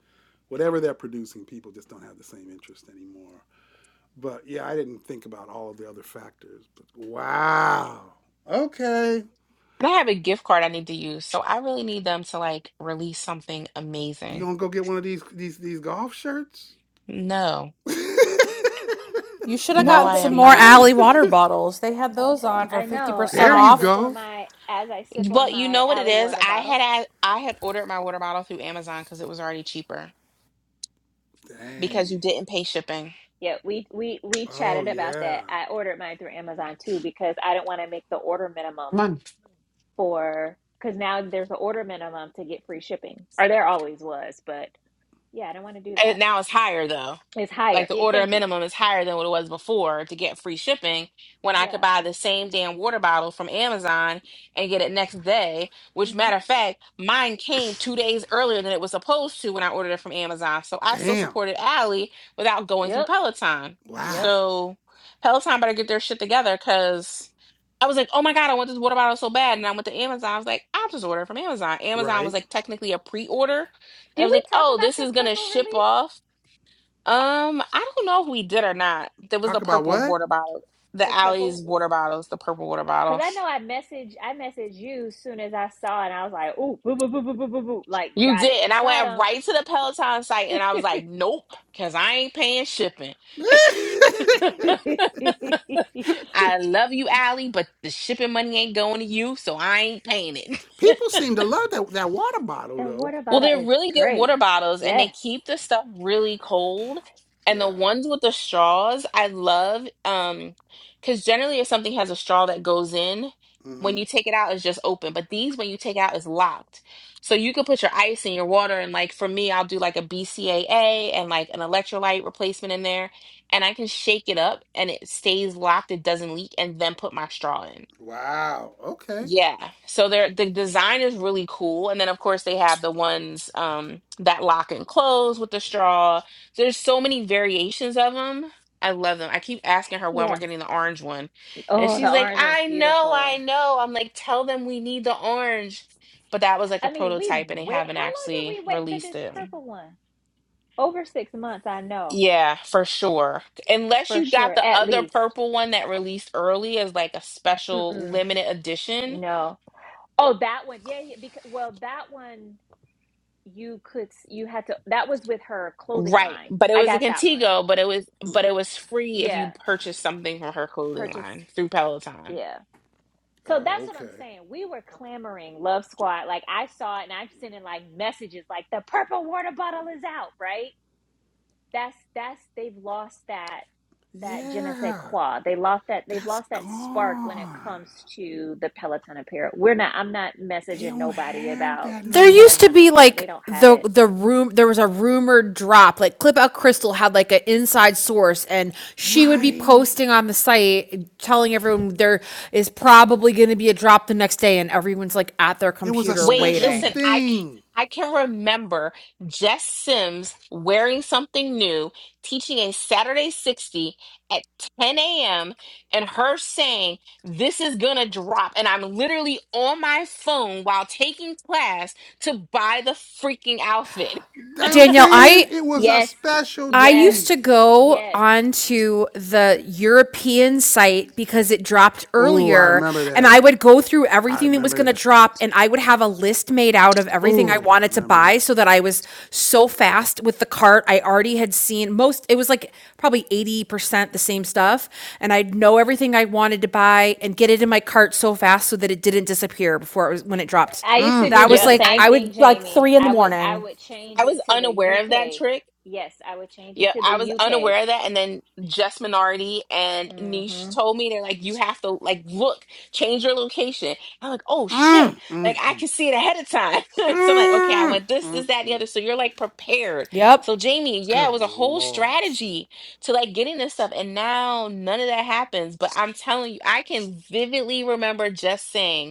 Speaker 1: whatever they're producing, people just don't have the same interest anymore. But yeah, I didn't think about all of the other factors. But wow. Okay.
Speaker 2: And I have a gift card I need to use. So I really need them to like release something
Speaker 1: You
Speaker 2: amazing.
Speaker 1: gonna go get one of these these these golf shirts?
Speaker 2: No,
Speaker 1: (laughs)
Speaker 7: You should have
Speaker 2: no,
Speaker 4: No,
Speaker 7: gotten
Speaker 2: I
Speaker 4: but
Speaker 7: some
Speaker 2: am
Speaker 4: see,
Speaker 7: more
Speaker 4: even
Speaker 2: not.
Speaker 4: the
Speaker 7: Alley
Speaker 4: thing
Speaker 7: water bottles. They had those on for
Speaker 4: I know
Speaker 7: 50%
Speaker 4: as
Speaker 1: there
Speaker 4: I
Speaker 1: you
Speaker 4: sip
Speaker 7: off
Speaker 4: on
Speaker 1: go.
Speaker 4: my as I sip
Speaker 2: Well,
Speaker 4: on
Speaker 2: you
Speaker 4: my
Speaker 2: know what it
Speaker 4: Alley
Speaker 2: is?
Speaker 4: water
Speaker 2: I
Speaker 4: bottle.
Speaker 2: had, I had ordered my water bottle through Amazon because it was already cheaper because you
Speaker 1: Dang.
Speaker 2: didn't pay shipping.
Speaker 4: Yeah, we we we
Speaker 1: Oh
Speaker 4: chatted about
Speaker 1: yeah.
Speaker 4: that. I ordered mine through Amazon too because I didn't want to make the order minimum
Speaker 5: Come on.
Speaker 4: for because now there's an order minimum to get free shipping, or there always was, but yeah, I don't want to do
Speaker 2: And
Speaker 4: that.
Speaker 2: now it's higher though.
Speaker 4: It's
Speaker 2: Like
Speaker 4: higher.
Speaker 2: the
Speaker 4: It,
Speaker 2: order
Speaker 4: thank you.
Speaker 2: minimum is higher than what it was before to get free shipping when I could
Speaker 4: Yeah.
Speaker 2: buy the same damn water bottle from Amazon and get it next day. Which
Speaker 4: hmm
Speaker 2: matter of fact, mine came two days earlier than it was supposed to when I ordered it from Amazon. So I still
Speaker 1: Damn.
Speaker 2: supported Ally without going through
Speaker 4: Yep.
Speaker 2: Peloton.
Speaker 1: Wow.
Speaker 4: Yep.
Speaker 2: So Peloton better get their shit together because I was like, oh my God, I want this water bottle so bad. And I went to Amazon. I was like, I'll just order it from Amazon. Amazon was
Speaker 1: Right.
Speaker 2: like technically a pre order I
Speaker 4: Did
Speaker 2: was
Speaker 4: we
Speaker 2: like,
Speaker 4: talk
Speaker 2: oh,
Speaker 4: about
Speaker 2: this
Speaker 4: the
Speaker 2: is gonna
Speaker 4: purple
Speaker 2: ship
Speaker 4: release?
Speaker 2: off. Um, I don't know if we did or not. There was a
Speaker 1: Talk about
Speaker 2: purple
Speaker 1: what?
Speaker 2: water bottle, the
Speaker 4: The
Speaker 2: Alley's
Speaker 4: purple,
Speaker 2: water bottles, the purple water
Speaker 4: because
Speaker 2: bottle.
Speaker 4: I know I messaged I messaged you soon as I saw it, and I was like, "Ooh, boo, boo, boo, boo, boo, boo, boo!" Like,
Speaker 2: You
Speaker 4: got it,
Speaker 2: did, and I went
Speaker 4: got
Speaker 2: right to the Peloton site, and I was like, nope, cause I ain't paying shipping.
Speaker 1: (laughs)
Speaker 4: him. (laughs)
Speaker 2: I love you, Allie, but the shipping money ain't going to you, so I ain't paying it.
Speaker 1: People seem to love that, that water bottle
Speaker 4: The
Speaker 1: though.
Speaker 4: water
Speaker 2: Well,
Speaker 4: bottle
Speaker 2: they're
Speaker 4: is
Speaker 2: really good
Speaker 4: great.
Speaker 2: water bottles and they
Speaker 4: Yes.
Speaker 2: keep the stuff really cold. And the
Speaker 1: Yeah.
Speaker 2: ones with the straws, I love um because generally if something has a straw that goes in, when
Speaker 1: hmm
Speaker 2: you take it out, it's just open. But these, when you take out, it's locked. So you could put your ice in your water and like for me, I'll do like a BCAA and like an electrolyte replacement in there, and I can shake it up and it stays locked, it doesn't leak, and then put my straw in.
Speaker 1: Wow. Okay.
Speaker 2: Yeah. So they're the design is really cool. And then of course they have the ones um that lock and close with the straw. There's so many variations of them. I love them. I keep asking her when we're
Speaker 4: Yes.
Speaker 2: getting the orange one. And
Speaker 4: Oh,
Speaker 2: she's
Speaker 4: the
Speaker 2: like,
Speaker 4: orange one's
Speaker 2: "I know, I
Speaker 4: beautiful.
Speaker 2: know." I'm like, "Tell them we need the orange." But that was like a
Speaker 4: I mean, we
Speaker 2: prototype and they
Speaker 4: wait.
Speaker 2: haven't
Speaker 4: How long did
Speaker 2: actually
Speaker 4: we wait for
Speaker 2: released
Speaker 4: this
Speaker 2: it.
Speaker 4: purple one? Over six months, I know
Speaker 2: Yeah, for sure. Unless
Speaker 4: for
Speaker 2: you got
Speaker 4: sure,
Speaker 2: the
Speaker 4: at
Speaker 2: other
Speaker 4: least.
Speaker 2: purple one that released early as like a special
Speaker 4: Mm-mm.
Speaker 2: limited edition
Speaker 4: No. Oh, that one. Yeah, yeah. Because well, that one you could s- you had to. That was with her clothing
Speaker 2: Right.
Speaker 4: line.
Speaker 2: But it
Speaker 4: I
Speaker 2: was a
Speaker 4: got that one.
Speaker 2: Contigo, but it was but it was free if
Speaker 4: Yeah.
Speaker 2: you purchased something from her clothing
Speaker 4: Purchase.
Speaker 2: line through Peloton.
Speaker 4: Yeah. So
Speaker 1: Oh,
Speaker 4: that's what I'm
Speaker 1: okay.
Speaker 4: saying. We were clamoring Love Squad. Like I saw it and I'm sending like messages like the purple water bottle is out, right? that's that's they've lost that that je ne sais
Speaker 1: Yeah.
Speaker 4: quoi. They lost that they've
Speaker 1: That's
Speaker 4: lost that spark when it
Speaker 1: gone.
Speaker 4: comes to the Peloton apparel. We're not I'm not
Speaker 1: They
Speaker 4: messaging
Speaker 1: don't
Speaker 4: nobody
Speaker 1: have
Speaker 4: about
Speaker 1: that no
Speaker 7: There used to
Speaker 1: more.
Speaker 4: Peloton
Speaker 7: be
Speaker 4: apparel. They
Speaker 7: like
Speaker 4: don't have
Speaker 7: the
Speaker 4: it.
Speaker 7: the room there was a rumored drop like Clip Out Crystal had like an inside source and she would be
Speaker 1: Right.
Speaker 7: posting on the site telling everyone there is probably going to be a drop the next day and everyone's like at their
Speaker 1: It was a
Speaker 7: computer
Speaker 2: Wait,
Speaker 1: special
Speaker 2: listen,
Speaker 7: waiting.
Speaker 2: I c-
Speaker 1: thing.
Speaker 2: I can remember Jess Sims wearing something new, teaching a Saturday 60 at 10 a.m. and her saying, "This is gonna drop." And I'm literally on my phone while taking class to buy the freaking outfit.
Speaker 1: You know what I'm
Speaker 7: Danielle,
Speaker 1: saying
Speaker 7: I
Speaker 1: it was a
Speaker 4: Yes,
Speaker 1: special
Speaker 7: I
Speaker 4: yes,
Speaker 7: used
Speaker 1: thing.
Speaker 7: to go
Speaker 4: yes.
Speaker 7: onto the European site because it dropped
Speaker 1: Oh, I
Speaker 7: earlier,
Speaker 1: remember
Speaker 7: and
Speaker 1: that.
Speaker 7: I would go through
Speaker 1: I
Speaker 7: everything that was
Speaker 1: remember
Speaker 7: going to
Speaker 1: that.
Speaker 7: drop, and I would have a list made out of everything I
Speaker 1: Oh, I
Speaker 7: wanted to
Speaker 1: remember
Speaker 7: buy
Speaker 1: that.
Speaker 7: so that I was so fast with the cart. I already had seen most, it was like probably 80% the same stuff, and I'd know everything I wanted to buy and get it in my cart so fast so that it didn't disappear before it was when it dropped.
Speaker 4: I used to
Speaker 1: Mm,
Speaker 4: do
Speaker 7: That was
Speaker 4: the
Speaker 2: Yep,
Speaker 1: mm,
Speaker 7: like,
Speaker 4: same
Speaker 2: I
Speaker 7: I
Speaker 1: mm,
Speaker 7: would
Speaker 4: thing,
Speaker 7: like
Speaker 4: Jamie.
Speaker 7: three in the
Speaker 4: I would I
Speaker 7: morning.
Speaker 4: would
Speaker 2: I
Speaker 4: change
Speaker 2: was
Speaker 4: it to the
Speaker 2: unaware of that
Speaker 4: UK.
Speaker 2: trick
Speaker 4: Yes, I would change it
Speaker 2: Yeah,
Speaker 4: to the
Speaker 2: I was
Speaker 4: UK.
Speaker 2: unaware of that. And then Just Minority and Niche
Speaker 4: hmm
Speaker 2: told me they're like, you have to like look, change your location. I'm like, oh shit.
Speaker 1: mm, mm,
Speaker 2: Like I
Speaker 1: mm,
Speaker 2: can see it ahead of time. (laughs) so I'm like, okay, I
Speaker 1: mm,
Speaker 2: want this,
Speaker 1: mm,
Speaker 2: this, that, and the
Speaker 1: mm.
Speaker 2: other. So you're like prepared.
Speaker 7: Yep.
Speaker 2: So Jamie, yeah, it
Speaker 1: Good
Speaker 2: was a whole
Speaker 1: Lord.
Speaker 2: strategy to like getting this stuff. And now none of that happens. But I'm telling you, I can vividly remember just saying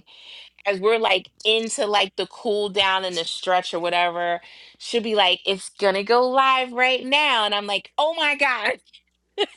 Speaker 2: as we're like into like the cool down and the stretch or whatever, she'll be like, it's gonna go live right now. And I'm like, oh my God,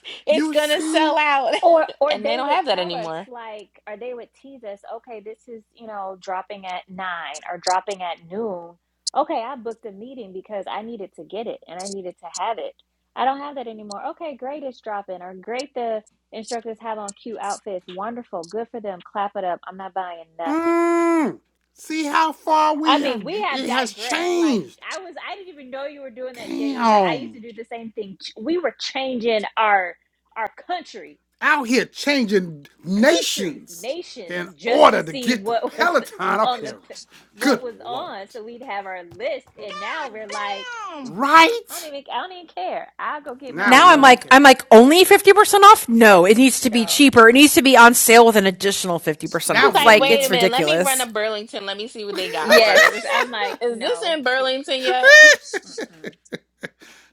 Speaker 2: (laughs) it's
Speaker 1: You
Speaker 2: gonna
Speaker 1: see?
Speaker 2: sell out.
Speaker 4: Or
Speaker 2: (laughs)
Speaker 4: or
Speaker 2: and they
Speaker 4: they
Speaker 2: don't
Speaker 4: would
Speaker 2: have that
Speaker 4: tell us
Speaker 2: anymore.
Speaker 4: like, or they would tease us. Okay, this is you know dropping at nine or dropping at noon. Okay, I booked a meeting because I needed to get it and I needed to have it. I don't have that anymore. Okay, great, it's dropping. Or great, the instructors have on cute outfits. Wonderful, good for them. Clap it up. I'm not buying nothing.
Speaker 1: Mm, see how far we
Speaker 4: I mean,
Speaker 1: have,
Speaker 4: we have
Speaker 1: it has
Speaker 4: digressed. Like
Speaker 1: changed.
Speaker 4: I was, I didn't even know you were doing that, Jamie. But I used to
Speaker 1: Damn.
Speaker 4: do the same thing. Ch- We were changing our our country,
Speaker 1: Out here changing
Speaker 4: countries,
Speaker 1: nations in
Speaker 4: nations, just to
Speaker 1: order to
Speaker 4: see
Speaker 1: get the
Speaker 4: what (laughs) was
Speaker 1: Peloton
Speaker 4: on the
Speaker 1: apparel.
Speaker 4: p- what
Speaker 1: Good
Speaker 4: was on,
Speaker 1: Lord.
Speaker 4: so we'd have our list. And
Speaker 1: God
Speaker 4: now we're like,
Speaker 1: damn!
Speaker 4: I don't
Speaker 1: Right?
Speaker 4: even, I don't even care. I'll go get
Speaker 1: Now
Speaker 4: mine
Speaker 7: now
Speaker 1: we ain't
Speaker 7: I'm
Speaker 1: gonna
Speaker 4: from
Speaker 7: like
Speaker 1: care.
Speaker 7: I'm like only 50% off? No, it needs to be
Speaker 4: no.
Speaker 7: cheaper. It needs to be on sale with an additional 50%
Speaker 1: Now
Speaker 2: It's
Speaker 7: off.
Speaker 1: we
Speaker 2: like,
Speaker 1: don't
Speaker 7: Like
Speaker 1: even
Speaker 2: wait a
Speaker 7: it's
Speaker 1: care.
Speaker 4: Mm-mm.
Speaker 2: minute, let me run to
Speaker 7: ridiculous.
Speaker 2: Burlington. Let me see what they got
Speaker 4: Yes,
Speaker 2: first.
Speaker 4: I'm like
Speaker 1: (laughs)
Speaker 2: Is this
Speaker 4: no.
Speaker 2: in Burlington yet?
Speaker 4: mm, mm.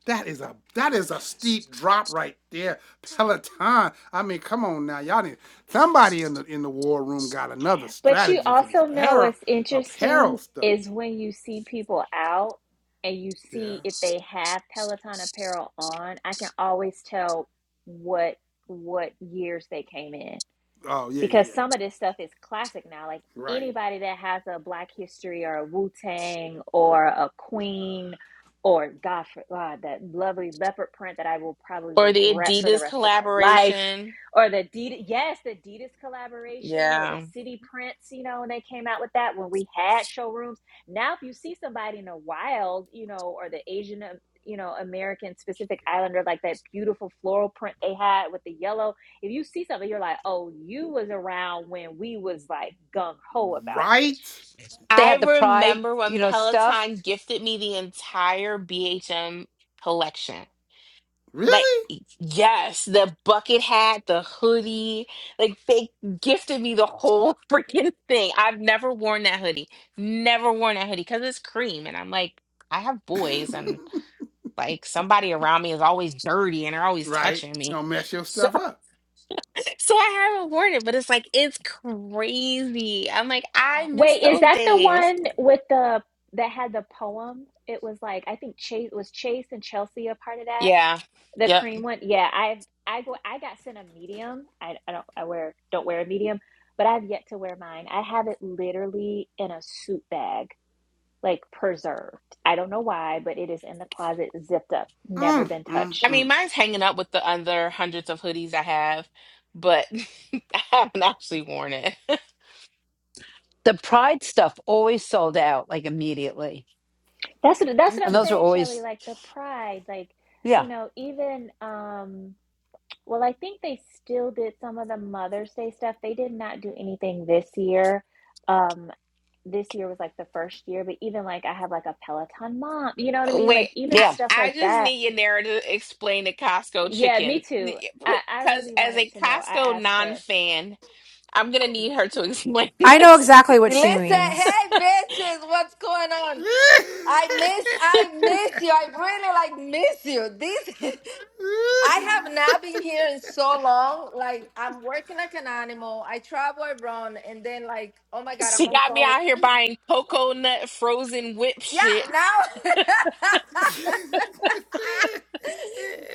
Speaker 1: that is a that is a steep drop right there. Peloton. I mean, come on now. Y'all need somebody in the in the war room got another
Speaker 4: But you
Speaker 1: strategy for this
Speaker 4: also know
Speaker 1: apparel
Speaker 4: what's
Speaker 1: apparel
Speaker 4: interesting
Speaker 1: stuff.
Speaker 4: is when you see people out and you
Speaker 1: Yeah.
Speaker 4: see if they have Peloton apparel on, I can always tell what what years they came in
Speaker 1: Oh yeah, yeah, yeah.
Speaker 4: because some of this stuff is classic now. Like
Speaker 1: Right.
Speaker 4: anybody that has a Black History or a Wu Tang or a Queen or God, for, God, that lovely leopard print that I will probably
Speaker 2: Or the
Speaker 4: regret for the
Speaker 2: Adidas
Speaker 4: rest of my life,
Speaker 2: collaboration?
Speaker 4: or the Adidas, yes, the Adidas collaboration or the
Speaker 2: Yeah.
Speaker 4: City prints. You know, when they came out with that when we had showrooms. Now, if you see somebody in the wild, you know, or the Asian. um, You know, American specific islander, like that beautiful floral print they had with the yellow if you see something, you're like, oh, you was around when we was like gung ho about this.
Speaker 1: Right?
Speaker 5: They
Speaker 2: I
Speaker 5: had the Pride,
Speaker 2: remember
Speaker 5: you
Speaker 2: when
Speaker 5: know, stuff.
Speaker 2: Peloton gifted me the entire BHM collection. Like,
Speaker 1: Really?
Speaker 2: yes, the bucket hat, the hoodie, like they gifted me the whole (laughs) freaking thing. I've never worn that hoodie. Never worn that hoodie because it's cream. And I'm like, I have boys
Speaker 1: (laughs)
Speaker 2: and like somebody around me is always dirty and they're always
Speaker 1: right.
Speaker 2: touching me.
Speaker 1: Don't mess your
Speaker 2: So,
Speaker 1: stuff up.
Speaker 2: (laughs) so I haven't worn it, but it's like, it's crazy. I'm like, I miss
Speaker 4: Wait, is
Speaker 2: those
Speaker 4: that the
Speaker 2: days.
Speaker 4: one with the that had the poem? It was like I think Chase was Chase and Chelsea a part of that.
Speaker 2: Yeah.
Speaker 4: The
Speaker 2: Yep.
Speaker 4: cream one, yeah. I I go I got sent a medium. I, I don't I wear don't wear a medium, but I've yet to wear mine. I have it literally in a suit bag, like preserved. I don't know why, but it is in the closet, zipped up, never
Speaker 1: Mm,
Speaker 4: been
Speaker 1: mm,
Speaker 2: I
Speaker 4: touched
Speaker 2: mean,
Speaker 1: mm.
Speaker 2: mine's hanging up with the other hundreds of hoodies I have, but (laughs) I haven't actually worn it. (laughs)
Speaker 5: The Pride stuff always sold out like immediately.
Speaker 4: That's what that's
Speaker 1: It
Speaker 4: what
Speaker 5: And
Speaker 4: I'm
Speaker 5: those
Speaker 1: just
Speaker 5: are
Speaker 4: saying, Shelley.
Speaker 5: always,
Speaker 4: Like the pride, like
Speaker 5: yeah,
Speaker 4: you know, even um, well, I think they still did some of the Mother's Day stuff. They did not do anything this year. Um, this year was like the first year, but even like I have like a Peloton mom, you know what I mean?
Speaker 2: Wait,
Speaker 4: Like even
Speaker 2: I,
Speaker 5: yeah,
Speaker 4: stuff
Speaker 2: I
Speaker 4: like
Speaker 2: just
Speaker 4: that.
Speaker 2: need your narrative to explain the Costco
Speaker 4: Yeah, me
Speaker 2: chicken.
Speaker 4: too. I I
Speaker 2: Because
Speaker 4: really
Speaker 2: as
Speaker 4: wanted
Speaker 2: a
Speaker 4: to know. I
Speaker 2: Costco
Speaker 4: asked
Speaker 2: non
Speaker 4: her,
Speaker 2: fan, I'm going to need her to explain (laughs)
Speaker 7: I know
Speaker 2: this.
Speaker 7: exactly what she
Speaker 9: Listen,
Speaker 7: means.
Speaker 9: hey bitches, what's going
Speaker 1: (laughs)
Speaker 9: on? I miss, I miss you. I really like miss you. This, (laughs) I have not been here in so long. Like I'm working like an animal. I travel around, and then like, oh my god, I'm
Speaker 2: She
Speaker 9: on
Speaker 2: got me
Speaker 9: call.
Speaker 2: out here
Speaker 9: Yeah,
Speaker 2: buying coconut frozen whip shit,
Speaker 9: now. (laughs)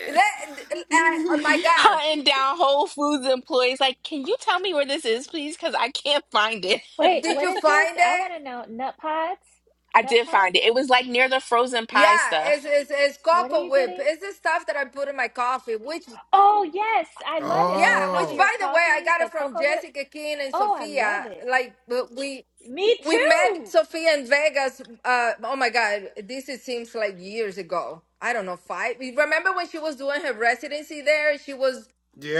Speaker 9: Let- I- oh my god,
Speaker 2: hunting down Whole Foods employees. Like, can you tell me where this is, please? Because I can't find it.
Speaker 4: wait,
Speaker 9: did
Speaker 4: what
Speaker 9: you
Speaker 4: is this?
Speaker 9: find
Speaker 4: I
Speaker 9: it?
Speaker 4: want to know nut pods,
Speaker 2: I
Speaker 4: nut
Speaker 2: did find
Speaker 4: pods.
Speaker 2: it. It was like near the frozen
Speaker 9: Yeah,
Speaker 2: pie stuff.
Speaker 9: it's it's, it's
Speaker 4: What are
Speaker 9: cocoa
Speaker 4: you
Speaker 9: whip.
Speaker 4: getting?
Speaker 9: It's the stuff that I put in my coffee. Which
Speaker 4: Oh yes, I love it on
Speaker 9: Yeah,
Speaker 4: top
Speaker 9: which
Speaker 4: of
Speaker 1: oh,
Speaker 4: your
Speaker 9: by the way, I
Speaker 4: coffee,
Speaker 9: got it
Speaker 4: the
Speaker 9: from
Speaker 4: cocoa whip.
Speaker 9: Jessica King and
Speaker 4: Oh, I love
Speaker 9: Sophia.
Speaker 4: it.
Speaker 9: Like but we
Speaker 4: Me
Speaker 9: we met
Speaker 4: too.
Speaker 9: Sophia in Vegas. Uh, oh my God, this it seems like years ago. I don't know five. you Remember when she was doing her residency there? She was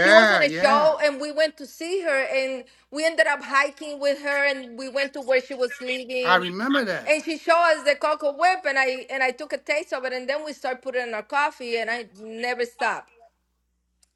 Speaker 9: she was on a
Speaker 1: yeah.
Speaker 9: show, and we went to see her, and we ended up hiking with her, and we went to where she was
Speaker 1: I
Speaker 9: living,
Speaker 1: remember that.
Speaker 9: and she showed us the cocoa whip, and I and I took a taste of it, and then we started putting it in our coffee, and I never stopped.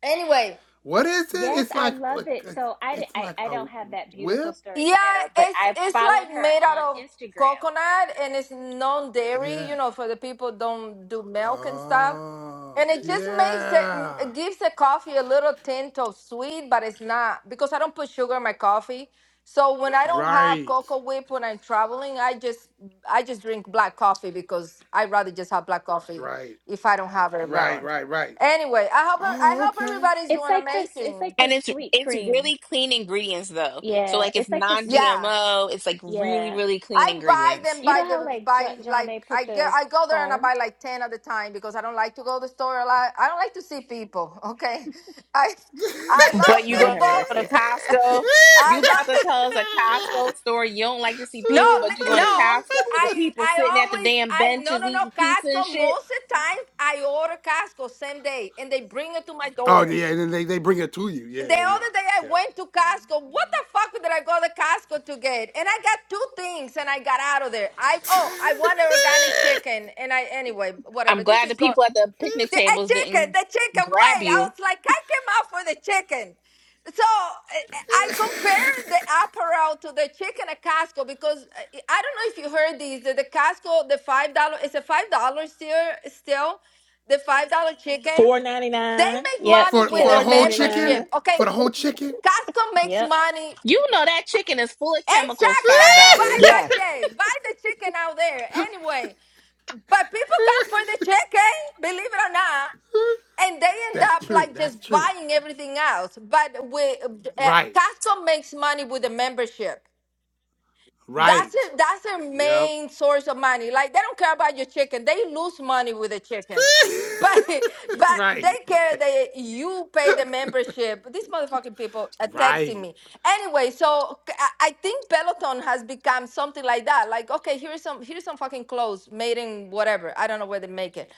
Speaker 9: Anyway,
Speaker 1: What is it?
Speaker 4: Yes,
Speaker 1: It's
Speaker 4: I
Speaker 1: like
Speaker 4: love it.
Speaker 1: it's,
Speaker 4: So I, di-
Speaker 1: it's
Speaker 4: I
Speaker 1: like
Speaker 4: I
Speaker 1: a
Speaker 4: don't have that beautiful
Speaker 1: whip.
Speaker 4: story,
Speaker 9: Yeah,
Speaker 4: Yanetta, but
Speaker 9: it's
Speaker 4: I
Speaker 9: it's
Speaker 4: followed
Speaker 9: like
Speaker 4: her
Speaker 9: made out
Speaker 4: on
Speaker 9: of
Speaker 4: Instagram.
Speaker 9: coconut and it's non dairy,
Speaker 1: Yeah.
Speaker 9: you know, for the people don't do milk and stuff.
Speaker 1: Oh,
Speaker 9: And it just makes it, mm,
Speaker 1: yeah.
Speaker 9: it gives the coffee a little tint of sweet, but it's not because I don't put sugar in my coffee. So when I don't have
Speaker 1: Right.
Speaker 9: cocoa whip when I'm traveling, I just I just drink black coffee because I'd rather just have black coffee
Speaker 1: Right.
Speaker 9: if I don't have it
Speaker 1: Right,
Speaker 9: around.
Speaker 1: right, right.
Speaker 9: Anyway, I hope I
Speaker 1: Oh,
Speaker 9: hope
Speaker 1: okay.
Speaker 9: everybody's
Speaker 4: It's
Speaker 9: doing
Speaker 4: like this. It's like
Speaker 9: amazing.
Speaker 2: And
Speaker 4: this
Speaker 2: it's
Speaker 4: sweet
Speaker 2: it's
Speaker 4: cream.
Speaker 2: really clean ingredients though. So
Speaker 4: Yeah,
Speaker 2: like it's
Speaker 4: it's like the sweet.
Speaker 9: Yeah.
Speaker 2: non-GMO. It's like really
Speaker 4: Yeah,
Speaker 2: really clean
Speaker 9: I buy
Speaker 2: ingredients.
Speaker 9: them
Speaker 4: you
Speaker 9: by
Speaker 4: know how
Speaker 9: the
Speaker 4: like
Speaker 9: by
Speaker 4: Jo- John
Speaker 9: like
Speaker 4: they put
Speaker 9: I get
Speaker 4: the
Speaker 9: I go there and I
Speaker 4: foam.
Speaker 9: buy like ten at a time because I don't like to go to the store a lot. I don't like to see people. (laughs) Okay, I I love
Speaker 2: But you
Speaker 4: Lord
Speaker 2: go
Speaker 4: have
Speaker 2: to
Speaker 4: mercy.
Speaker 9: people.
Speaker 2: Costco.
Speaker 9: (laughs) I
Speaker 2: You about to
Speaker 9: love
Speaker 2: tell us a Costco
Speaker 1: (laughs)
Speaker 2: story. You don't like to
Speaker 1: (laughs)
Speaker 2: see
Speaker 9: (laughs) no
Speaker 2: people, but you
Speaker 9: li-
Speaker 2: going to
Speaker 9: no.
Speaker 2: Costco with the
Speaker 9: I
Speaker 2: people sitting
Speaker 9: I
Speaker 2: at the
Speaker 9: always
Speaker 2: damn
Speaker 9: I no
Speaker 2: benches
Speaker 9: no no
Speaker 2: eating pizza and
Speaker 9: Costco.
Speaker 2: shit.
Speaker 9: Most of the time I order Costco same day and they bring it to my
Speaker 1: oh
Speaker 9: door.
Speaker 1: yeah, and then they, they bring it to you.
Speaker 9: The
Speaker 1: Yeah, yeah, yeah,
Speaker 9: other day I
Speaker 1: yeah.
Speaker 9: went to Costco. What the fuck did I go to Costco to get? And I got two things and I got out of there. I
Speaker 1: (laughs)
Speaker 9: oh, I wanted organic chicken and I anyway,
Speaker 2: I'm
Speaker 9: whatever. This
Speaker 2: glad the
Speaker 9: is go
Speaker 2: people at the picnic
Speaker 9: the a
Speaker 2: tables
Speaker 9: chicken,
Speaker 2: didn't
Speaker 9: the chicken way.
Speaker 2: grab
Speaker 9: I
Speaker 2: you.
Speaker 9: was like, I came out for the chicken. So I I compared the apparel to the chicken at Costco because uh, I don't know if you heard these. The the Costco, the five dollar, it's a five dollar still, still, the five dollar chicken.
Speaker 8: Four ninety
Speaker 9: They
Speaker 8: nine.
Speaker 9: make
Speaker 4: Yep,
Speaker 9: money
Speaker 1: for
Speaker 9: with
Speaker 1: for
Speaker 4: yep,
Speaker 9: their
Speaker 1: the
Speaker 8: Four
Speaker 1: whole
Speaker 8: ninety
Speaker 1: chicken,
Speaker 8: nine.
Speaker 9: membership.
Speaker 1: for
Speaker 9: Okay,
Speaker 1: the whole chicken.
Speaker 9: Costco makes
Speaker 4: yep.
Speaker 9: money.
Speaker 2: You know that chicken is full of chemicals.
Speaker 9: Exactly. I
Speaker 2: Five
Speaker 9: don't buy
Speaker 2: dollars.
Speaker 9: that
Speaker 5: yeah.
Speaker 1: (laughs)
Speaker 9: shit. Buy the chicken out there anyway. But people come for the chicken, believe it or not, and they end
Speaker 1: That's
Speaker 9: up
Speaker 1: true.
Speaker 9: like
Speaker 1: That's
Speaker 9: just
Speaker 1: true.
Speaker 9: buying everything else. But we, uh,
Speaker 1: Right.
Speaker 9: Costco makes money with the membership. That's
Speaker 1: Right.
Speaker 9: it. that's their
Speaker 1: Yep.
Speaker 9: main source of money. Like they don't care about your chicken. They lose money with the chicken. But (laughs)
Speaker 1: (laughs)
Speaker 9: but they
Speaker 1: right.
Speaker 9: care
Speaker 1: Right.
Speaker 9: that you pay the membership. These motherfucking people are texting
Speaker 1: Right.
Speaker 9: me. Anyway, so c- I I think Peloton has become something like that. Like, okay, here's some here's some fucking clothes made in whatever. I don't know where they make it.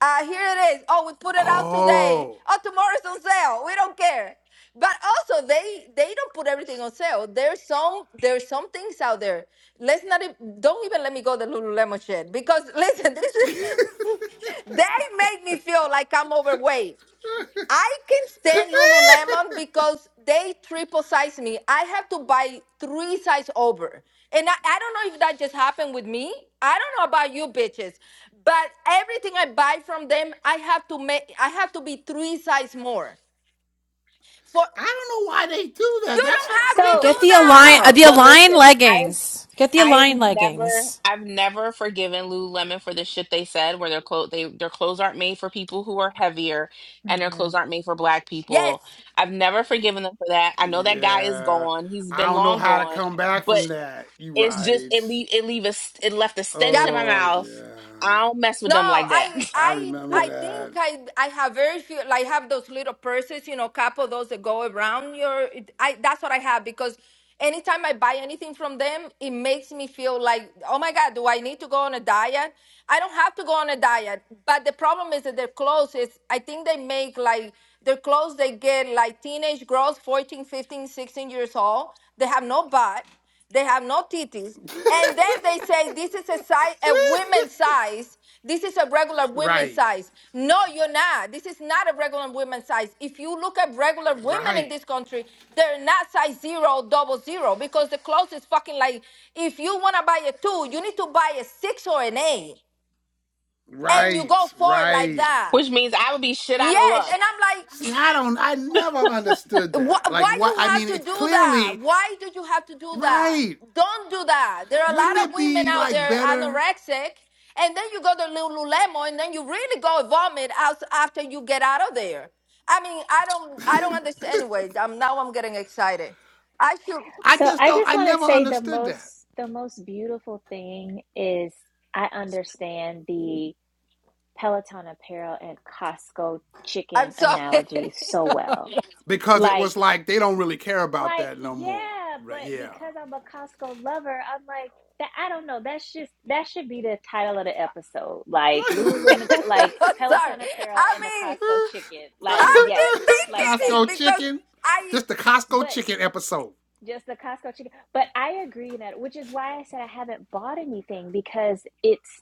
Speaker 9: Uh, here it is. Oh, we put it out today.
Speaker 1: Oh.
Speaker 9: Oh, tomorrow's on sale. We don't care. But also, they they don't put everything on sale. There's some there's some things out there. Let's not e- don't even let me go the Lululemon shit because listen, (laughs) this
Speaker 1: (laughs)
Speaker 9: is,
Speaker 1: I
Speaker 9: they make me feel like I'm overweight. I can stand Lululemon because they triple size me. I have to buy three size over. And I, I don't know if that just happened with me. I don't know about you bitches, but everything I buy from them, I have to make I have to be three size more. For
Speaker 1: don't know why they do that.
Speaker 9: you
Speaker 1: That's some
Speaker 9: don't have to
Speaker 4: So.
Speaker 1: crazy
Speaker 7: Get
Speaker 9: do
Speaker 7: the align uh,
Speaker 9: that.
Speaker 1: stuff.
Speaker 7: the
Speaker 2: But
Speaker 7: align
Speaker 2: listen, I
Speaker 7: leggings. Get the
Speaker 2: I have
Speaker 7: align
Speaker 2: never
Speaker 7: leggings.
Speaker 2: I've never forgiven Lululemon for the shit they said where their clothes they their clothes aren't made for people who are heavier and their clothes
Speaker 4: Mhm.
Speaker 2: aren't made for black people.
Speaker 9: Yes.
Speaker 2: I've never forgiven them for that. I know that guy is
Speaker 1: Yeah.
Speaker 2: gone. He's
Speaker 1: I
Speaker 2: been
Speaker 1: don't know
Speaker 2: long
Speaker 1: how to
Speaker 2: gone.
Speaker 1: come back
Speaker 2: but.
Speaker 1: from that. You
Speaker 2: It's just
Speaker 1: right.
Speaker 2: it leave it leave a it left a stench
Speaker 9: Yep.
Speaker 2: in my
Speaker 1: Oh
Speaker 2: mouth.
Speaker 1: yeah.
Speaker 2: I don't mess with
Speaker 9: No,
Speaker 2: them like that.
Speaker 9: I
Speaker 1: I
Speaker 9: I
Speaker 1: remember
Speaker 9: I think
Speaker 1: that.
Speaker 9: I I have very few like
Speaker 2: (laughs)
Speaker 9: have those little purses, you know, couple those that go around your it- I that's what I have because anytime I buy anything from them, it makes me feel like, oh my God, do I need to go on a diet? I don't have to go on a diet. But the problem is that their clothes is I think they make like their clothes they get like teenage girls, 14, 15, 16 years old. They have no butt they have no titties. And then they say
Speaker 1: (laughs)
Speaker 9: this is a size, a women's size. This is a regular women's
Speaker 1: right.
Speaker 9: size. No, you're not. This is not a regular women's size. If you look at regular women in
Speaker 1: Right.
Speaker 9: this country, they're not size zero, double zero, because the clothes is fucking like. If you wanna buy a two, you need to buy a six or an eight, and you go
Speaker 1: Right.
Speaker 9: forward like
Speaker 1: Right.
Speaker 9: that.
Speaker 2: Which means I would be shit out of
Speaker 9: Yes, and
Speaker 2: luck.
Speaker 9: I'm like,
Speaker 1: See, I don't I never understood
Speaker 9: Why,
Speaker 1: that. Like
Speaker 9: why
Speaker 1: what
Speaker 9: you
Speaker 1: I
Speaker 9: have
Speaker 1: mean,
Speaker 9: to
Speaker 1: it's
Speaker 9: do that?
Speaker 1: clearly
Speaker 9: Why do you have to do that?
Speaker 1: right.
Speaker 9: Don't do that. There are a
Speaker 1: Wouldn't
Speaker 9: lot of
Speaker 1: it
Speaker 9: women
Speaker 1: be
Speaker 9: out
Speaker 1: like
Speaker 9: there
Speaker 1: better? (laughs)
Speaker 9: anorexic, and then you go to Lululemon, and then you really go vomit out after you get out of there. I mean, I don't, I don't understand. Anyway, I'm now I'm getting excited. I should.
Speaker 1: I
Speaker 4: So
Speaker 1: just
Speaker 4: I
Speaker 1: don't
Speaker 4: just
Speaker 1: I
Speaker 4: want to
Speaker 1: never
Speaker 4: say the
Speaker 1: understood that.
Speaker 4: most the most beautiful thing is I understand the. Peloton apparel and Costco
Speaker 9: I'm
Speaker 4: chicken
Speaker 9: sorry. (laughs)
Speaker 4: analogy
Speaker 9: no,
Speaker 4: so well.
Speaker 1: Because it
Speaker 4: Like,
Speaker 1: was like they don't really care about
Speaker 4: like,
Speaker 1: that no more.
Speaker 4: yeah,
Speaker 1: Right.
Speaker 4: but
Speaker 1: Yeah.
Speaker 4: because I'm a Costco lover, I'm like that. I don't know. That's just that should be the title of the episode. Like
Speaker 1: (laughs)
Speaker 4: Lululemon, like
Speaker 9: sorry.
Speaker 4: Peloton apparel and the
Speaker 9: I mean,
Speaker 4: Costco chicken. Like,
Speaker 9: I'm
Speaker 4: yes,
Speaker 9: just
Speaker 4: like that's
Speaker 9: thinking
Speaker 1: Costco
Speaker 4: it.
Speaker 9: because
Speaker 1: chicken.
Speaker 9: I
Speaker 1: This the Costco
Speaker 4: But
Speaker 1: chicken episode.
Speaker 4: Just the Costco chicken. But I agree that, which is why I said I haven't bought anything because it's,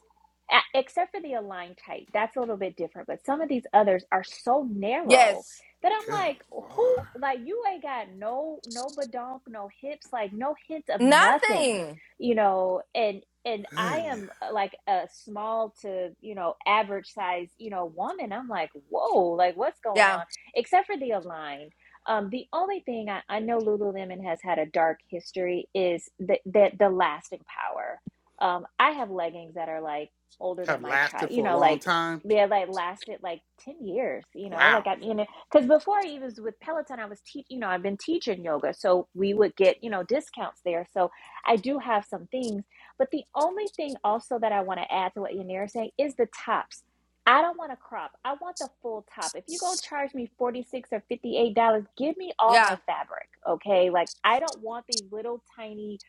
Speaker 4: except for the Align type, that's a little bit different. But some of these others are so narrow
Speaker 9: yes,
Speaker 4: that
Speaker 1: Good
Speaker 4: I'm like,
Speaker 1: lord,
Speaker 4: who, like, you ain't got no, no badonk, no hips, like, no hint of nothing,
Speaker 9: nothing.
Speaker 4: you know? And, and I
Speaker 1: goodness,
Speaker 4: am uh, like a small to, you know, average size, you know, woman. I'm like, whoa, like, what's going
Speaker 9: Yeah,
Speaker 4: on? Except for the Align. Um, the only thing I, I know Lululemon has had a dark history is the the, the lasting power. Um, I have leggings that are like older than
Speaker 1: have
Speaker 4: my
Speaker 1: lasted
Speaker 4: child, you
Speaker 1: for a
Speaker 4: know,
Speaker 1: long
Speaker 4: like
Speaker 1: time.
Speaker 4: they like lasted like 10 years, you know,
Speaker 1: Wow.
Speaker 4: like I mean, because before I even was with Peloton, I was teach, you know, I've been teaching yoga, so we would get, you know, discounts there. So I do have some things, but the only thing also that I want to add to what Yanira is saying is the tops I don't want a crop. I want the full top. If you go charge me $46 or $58, give me all
Speaker 9: yeah.
Speaker 4: my fabric, okay? Like I don't want these little tiny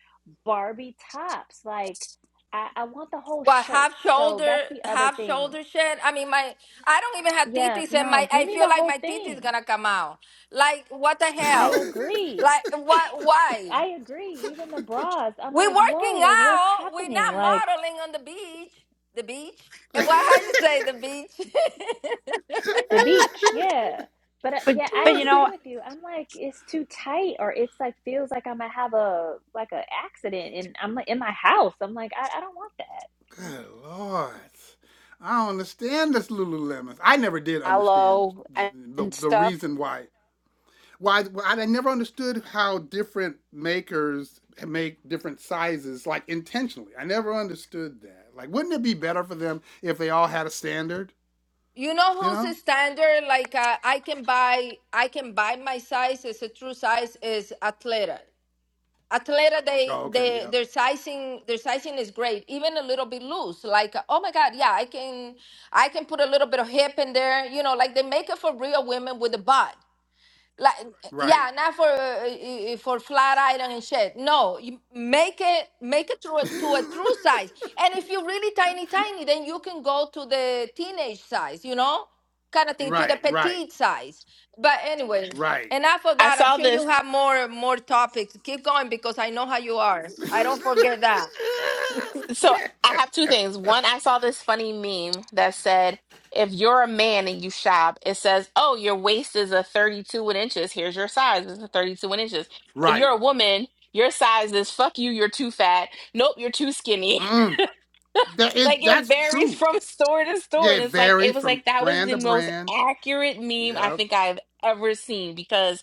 Speaker 4: Barbie tops. Like I, I want the whole
Speaker 9: What
Speaker 4: shirt.
Speaker 9: half
Speaker 4: So that's
Speaker 9: shoulder,
Speaker 4: the other
Speaker 9: half
Speaker 4: thing.
Speaker 9: shoulder shit? I mean, my I don't even have
Speaker 4: Yeah,
Speaker 9: titties, and
Speaker 4: no,
Speaker 9: my
Speaker 4: give
Speaker 9: I
Speaker 4: me
Speaker 9: feel
Speaker 4: the
Speaker 9: like
Speaker 4: whole
Speaker 9: my titties
Speaker 4: thing.
Speaker 9: gonna come out. Like what the
Speaker 4: I
Speaker 9: hell?
Speaker 4: agree.
Speaker 9: Like what? Why?
Speaker 4: I agree. Even the bras. I'm
Speaker 9: We are
Speaker 4: like, whoa,
Speaker 9: working
Speaker 4: like what's
Speaker 9: out. We're
Speaker 4: happening?
Speaker 9: not
Speaker 4: Like
Speaker 9: modeling on the beach. The beach.
Speaker 1: (laughs)
Speaker 9: And
Speaker 1: Good
Speaker 9: why? How you say the beach?
Speaker 4: The beach, yeah. But uh, yeah,
Speaker 5: But, but
Speaker 4: I
Speaker 5: you know,
Speaker 4: agree with you. I'm like, it's too tight, or it's like feels like I'm gonna have a like a accident, and I'm like in my house. I'm like, I, I don't want that.
Speaker 1: lord, I don't understand this Lululemon. I never did understand
Speaker 5: aloe and,
Speaker 1: the
Speaker 5: and
Speaker 1: the
Speaker 5: stuff.
Speaker 1: reason why why I never understood how different makers make different sizes like intentionally. I never understood that. Like, wouldn't it be better for them if they all had a standard?
Speaker 9: (laughs) you know
Speaker 1: You
Speaker 9: who's a
Speaker 1: know?
Speaker 9: standard? Like uh, I can buy, I can buy my size. It's a true size. Is Athleta. Atleta, they,
Speaker 1: Oh, okay.
Speaker 9: they
Speaker 1: Yep.
Speaker 9: their sizing their sizing is great, even a little bit loose. Like, oh my God, yeah, I can I can put a little bit of hip in there. You know, like they make it for real women with a butt like
Speaker 1: Right.
Speaker 9: yeah not for uh, uh, for flat iron and shit no you make it make it to a, to a true
Speaker 1: (laughs)
Speaker 9: size and if you're really tiny tiny then you can go to the teenage size you know kind of thing to
Speaker 1: right.
Speaker 9: the
Speaker 1: Right.
Speaker 9: petite size but anyway
Speaker 1: Right.
Speaker 9: enough of
Speaker 2: I
Speaker 9: that i'm
Speaker 2: saw
Speaker 9: sure
Speaker 2: this
Speaker 9: you have more more topics keep going because i know how you are
Speaker 1: (laughs)
Speaker 9: i don't forget that
Speaker 2: so I have two things. One, I saw this funny meme that said, if you're a man and you shop, it says, Oh, your waist is a 32 in inches. Here's your size. It's a 32 in inches. If you're
Speaker 1: right.
Speaker 2: a woman, your size is fuck you, you're too fat. Nope, you're too skinny.
Speaker 1: Mm. That
Speaker 2: like
Speaker 1: it,
Speaker 2: it
Speaker 1: that's
Speaker 2: varies (laughs)
Speaker 1: true.
Speaker 2: from store to
Speaker 1: Yeah,
Speaker 2: store and
Speaker 1: it
Speaker 2: it's like it
Speaker 1: varies
Speaker 2: was
Speaker 1: from
Speaker 2: like that was
Speaker 1: brand
Speaker 2: the
Speaker 1: to
Speaker 2: most
Speaker 1: brand.
Speaker 2: accurate meme i
Speaker 1: Yep.
Speaker 2: think i've ever seen because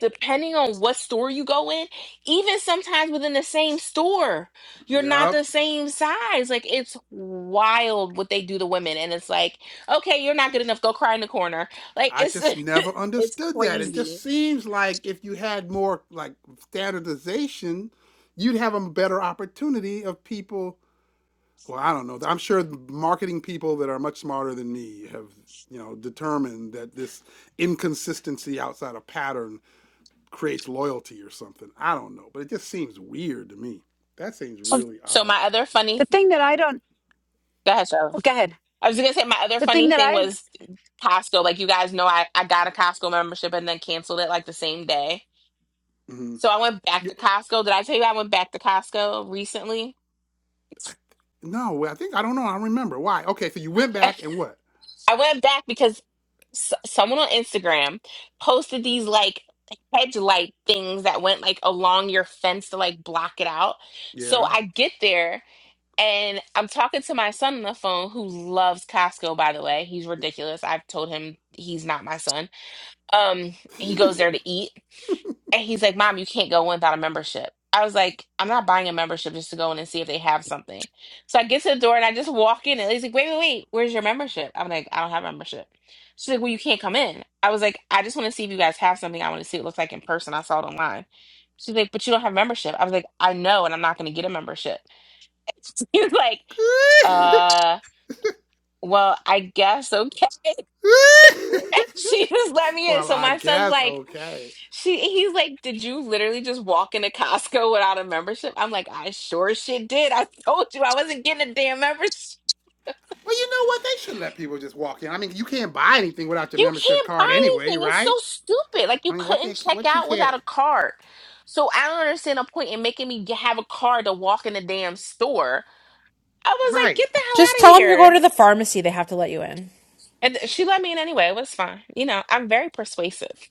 Speaker 2: depending on what store you go in even sometimes within the same store you're not
Speaker 1: Yep.
Speaker 2: the same size like it's wild what they do to women and it's like okay you're not good enough go cry in the corner like
Speaker 1: I
Speaker 2: it's
Speaker 1: just never
Speaker 2: (laughs) it's
Speaker 1: understood that. It just
Speaker 2: crazy
Speaker 1: seems like if you had more like standardization, you'd have a better opportunity of people. Well, I don't know. I'm sure marketing people that are much smarter than me have, you know, determined that this inconsistency outside of pattern creates loyalty or something. I don't know, but it just seems weird to me. That seems
Speaker 5: Well,
Speaker 1: really
Speaker 2: so
Speaker 1: odd.
Speaker 2: my other
Speaker 5: the
Speaker 2: funny
Speaker 5: thing that I don't
Speaker 2: go ahead Charlotte.
Speaker 5: Well, go ahead.
Speaker 2: I was gonna say my other
Speaker 5: The thing
Speaker 2: funny
Speaker 5: that
Speaker 2: thing
Speaker 5: I
Speaker 2: was Costco. Like you guys know, I, I got a Costco membership and then canceled it like the same day.
Speaker 1: hmm
Speaker 2: So I went back
Speaker 1: You,
Speaker 2: to Costco. Did I tell you I went back to Costco recently?
Speaker 1: I, no, I think I don't know. I don't remember why. Okay, so you went
Speaker 2: (laughs)
Speaker 1: back
Speaker 2: I
Speaker 1: and what?
Speaker 2: went back because s- someone on Instagram posted these like hedge light things that went like along your fence to like block it out. So
Speaker 1: Yeah.
Speaker 2: I get there and I'm talking to my son on the phone who loves Costco, by the way. He's ridiculous. I've told him he's not my son Um, he goes there to eat, and he's like, "Mom, you can't go in without a membership." I was like, "I'm not buying a membership just to go in and see if they have something." So I get to the door and I just walk in, and he's like, "Wait, wait, wait, where's your membership?" I'm like, "I don't have a membership." She's like, "Well, you can't come in." I was like, "I just want to see if you guys have something. I want to see what it looks like in person. I saw it online." She's like, "But you don't have a membership." I was like, "I know, and I'm not going to get a membership." (laughs) She's like,
Speaker 1: (laughs)
Speaker 2: "Uh, well, I guess okay."
Speaker 1: (laughs)
Speaker 2: (laughs) she just let me in.
Speaker 1: well,
Speaker 2: So
Speaker 1: I
Speaker 2: my son's
Speaker 1: guess
Speaker 2: like,
Speaker 1: okay.
Speaker 2: she he's like, did you literally just walk into Costco without a membership? I'm like, I sure as shit did. I told you I wasn't getting a damn membership.
Speaker 1: Well, you know what? They should let people just walk in. I mean, you can't buy anything without your
Speaker 2: You
Speaker 1: membership
Speaker 2: can't
Speaker 1: card
Speaker 2: buy
Speaker 1: anyway,
Speaker 2: anything. It's so
Speaker 1: right?
Speaker 2: stupid. Like
Speaker 1: I
Speaker 2: you
Speaker 1: mean, what
Speaker 2: couldn't
Speaker 1: they
Speaker 2: check
Speaker 1: what you
Speaker 2: out without
Speaker 1: care?
Speaker 2: a card. So I don't understand the point in making me g- have a card to walk in the damn store. I was like,
Speaker 1: Right.
Speaker 2: get the hell
Speaker 7: Just
Speaker 2: out of
Speaker 7: tell them you're going
Speaker 2: here.
Speaker 7: to the pharmacy. They have to let you in.
Speaker 2: And she let me in anyway. It was fine. You know, I'm very persuasive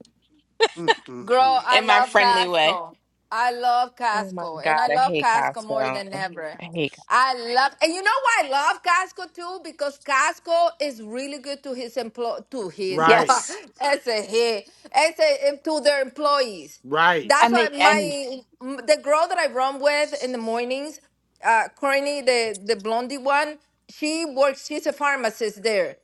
Speaker 1: Mm, mm, mm.
Speaker 9: Girl, I
Speaker 2: in my
Speaker 9: love
Speaker 2: friendly way.
Speaker 9: Costco. I love
Speaker 2: Oh my
Speaker 9: Costco. And
Speaker 2: God,
Speaker 9: I
Speaker 2: I
Speaker 9: love
Speaker 2: hate
Speaker 9: Costco more
Speaker 2: Costco.
Speaker 9: than ever.
Speaker 2: I hate Co-
Speaker 9: I love and you know why I love Costco too? Because Costco is really good to his employ to his
Speaker 1: Right.
Speaker 5: yes,
Speaker 9: (laughs) as a he as a to their employees.
Speaker 1: Right.
Speaker 9: That's
Speaker 5: and
Speaker 9: why
Speaker 5: they and
Speaker 9: my m- the girl that I run with in the mornings, uh Courtney, the the blondie one, she works, she's a pharmacist there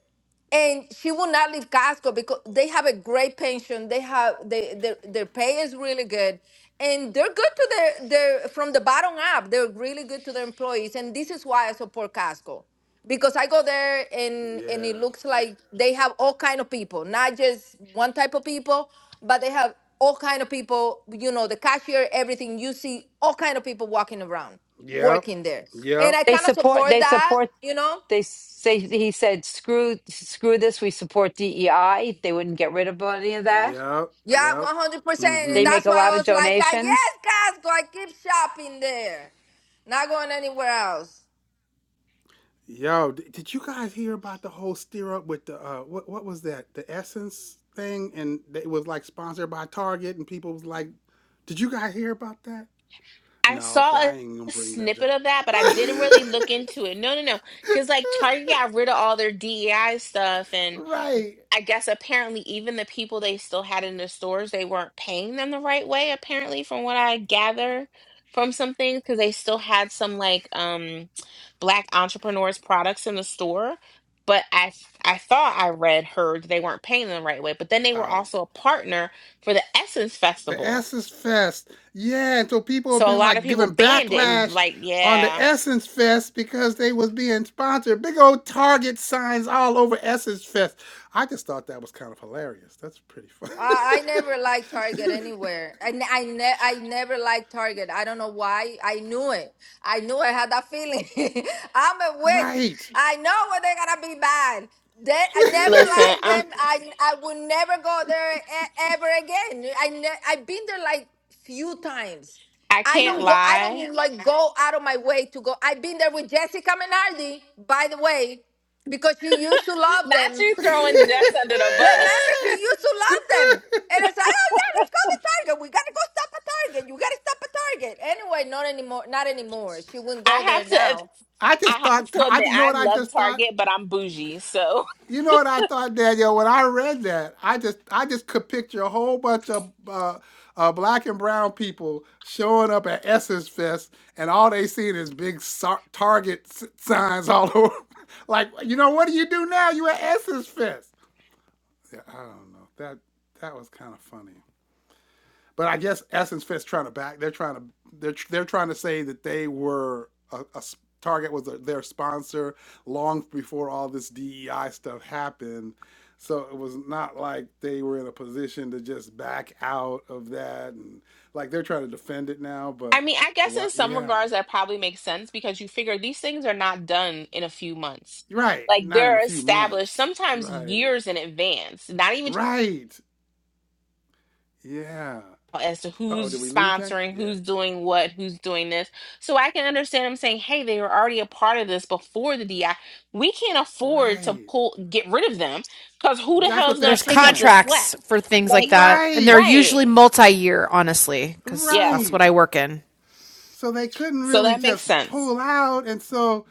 Speaker 9: and she will not leave Costco because they have a great pension. They have they their their pay is really good, and they're good to their their from the bottom up. They're really good to their employees, and this is why I support Costco because I go there and and
Speaker 1: Yeah.
Speaker 9: it looks like they have all kind of people, not just one type of people, but they have all kind of people. You know, the cashier, everything. You see all kind of people walking around
Speaker 1: Yep.
Speaker 9: working there, and
Speaker 1: Yep.
Speaker 9: I
Speaker 5: they
Speaker 9: kind of
Speaker 5: support
Speaker 9: support
Speaker 5: they
Speaker 9: that.
Speaker 5: support
Speaker 9: You know
Speaker 5: they say he said screw screw this. We support DEI. They wouldn't get rid of any of that.
Speaker 1: Yep.
Speaker 9: Yeah,
Speaker 1: Yep.
Speaker 9: one hundred percent,
Speaker 5: They
Speaker 9: and
Speaker 1: Mm-hmm.
Speaker 5: make
Speaker 9: that's
Speaker 5: a
Speaker 9: why
Speaker 5: lot
Speaker 9: I
Speaker 5: of
Speaker 9: was like, "Ah, "Yes,
Speaker 5: donations.
Speaker 9: guys, go I keep shopping there, not going anywhere else."
Speaker 1: Yo, d- did you guys hear about the whole steer up with the uh what what was that? The Essence thing and it was like sponsored by Target and people was like, "Did you guys hear about that?"
Speaker 2: I
Speaker 1: No,
Speaker 2: saw
Speaker 1: okay,
Speaker 2: a
Speaker 1: I ain't gonna bring that. (laughs)
Speaker 2: snippet of that, but I didn't really look into it. No, no, no. Because like Target got rid of all their DEI stuff,
Speaker 1: right.
Speaker 2: I guess apparently even the people they still had in the stores, they weren't paying them the right way, apparently, from what I gather from some things, because they still had some like um black entrepreneurs products in the store. But I s- I thought I read, heard they weren't paying them the right way. But then they were
Speaker 1: Um,
Speaker 2: also a partner for the Essence
Speaker 1: the
Speaker 2: Festival.
Speaker 1: Essence Fest. Yeah, and so people have
Speaker 2: So a
Speaker 1: been
Speaker 2: lot of
Speaker 1: like
Speaker 2: people
Speaker 1: giving
Speaker 2: banned it and
Speaker 1: backlash
Speaker 2: like,
Speaker 1: on the
Speaker 2: yeah.
Speaker 1: Essence Fest because they was being sponsored. Big old Target signs all over Essence Fest. I just thought that was kind of hilarious. That's pretty fun.
Speaker 9: I, I never liked Target
Speaker 1: (laughs)
Speaker 9: anywhere. I ne- I, ne- I never liked Target. I don't know why. I knew it. I knew I had that feeling. (laughs) I'm a witch.
Speaker 1: right.
Speaker 9: I know when they're gonna be bad. They, I never
Speaker 2: Listen,
Speaker 9: liked
Speaker 2: I'm
Speaker 1: (laughs)
Speaker 9: them. I I would never go there e- ever again. I ne- I've been there like few times.
Speaker 2: I
Speaker 9: I
Speaker 2: can't
Speaker 9: don't go. I don't
Speaker 2: lie.
Speaker 9: Yeah. like go out of my way to go. I've been there with Jessica Menardi, by the way, because she used to
Speaker 2: (laughs)
Speaker 9: love
Speaker 2: Not
Speaker 9: them.
Speaker 2: you throwing Jess under the bus.
Speaker 9: Remember, she used to love them. And it's like, oh yeah, let's go to Target. We gotta go stop at Target. You gotta stop at Target. Anyway, not anymore. Not anymore. She wouldn't
Speaker 2: I
Speaker 9: go there
Speaker 2: have to.
Speaker 9: now.
Speaker 1: I just
Speaker 2: I have
Speaker 1: thought,
Speaker 2: to
Speaker 1: I,
Speaker 2: admit,
Speaker 1: you know
Speaker 2: I
Speaker 1: what I
Speaker 2: love
Speaker 1: just thought?
Speaker 2: Target, but I'm bougie. So,
Speaker 1: You know what I thought, Daniel? When I read that, I just I just could picture a whole bunch of uh, uh, black and brown people showing up at Essence Fest, and all they seen is big sar- Target s- signs all (laughs) over. like, you know, what do you do now? You at Essence Fest? Yeah, I don't know. That that was kind of funny but I guess Essence Fest trying to back they're trying to they're they're trying to say that they were a a Target was a, their sponsor long before all this DEI stuff happened. So it was not like they were in a position to just back out of that and like they're trying to defend it now,
Speaker 2: I
Speaker 1: but
Speaker 2: mean, I guess
Speaker 1: why
Speaker 2: in some
Speaker 1: yeah.
Speaker 2: regards that probably makes sense because you figure these things are not done in a few months.
Speaker 1: Right,
Speaker 2: Like
Speaker 1: not in
Speaker 2: they're
Speaker 1: a few
Speaker 2: established
Speaker 1: months.
Speaker 2: sometimes
Speaker 1: Right.
Speaker 2: years in advance, not even
Speaker 1: Right. Yeah.
Speaker 2: as to
Speaker 1: Uh-oh,
Speaker 2: who's
Speaker 1: did we lose that?
Speaker 2: sponsoring,
Speaker 1: Yeah.
Speaker 2: who's doing what, who's doing this. So I can understand them saying, hey, they were already a part of this before the DI. We can't afford to
Speaker 1: Right.
Speaker 2: pull, get rid of them because who the
Speaker 1: That's
Speaker 2: hell
Speaker 1: what
Speaker 2: is
Speaker 1: they're
Speaker 2: going to
Speaker 7: There's
Speaker 2: pick up
Speaker 1: saying.
Speaker 2: the slack?
Speaker 7: contracts for things like
Speaker 2: Like,
Speaker 7: that, and they're
Speaker 1: Right.
Speaker 2: right.
Speaker 7: usually multi-year, honestly, because
Speaker 2: Yeah.
Speaker 7: that's
Speaker 1: Right.
Speaker 7: what I work in.
Speaker 1: So they couldn't
Speaker 2: So
Speaker 1: really
Speaker 2: that makes
Speaker 1: just
Speaker 2: sense.
Speaker 1: pull out. And so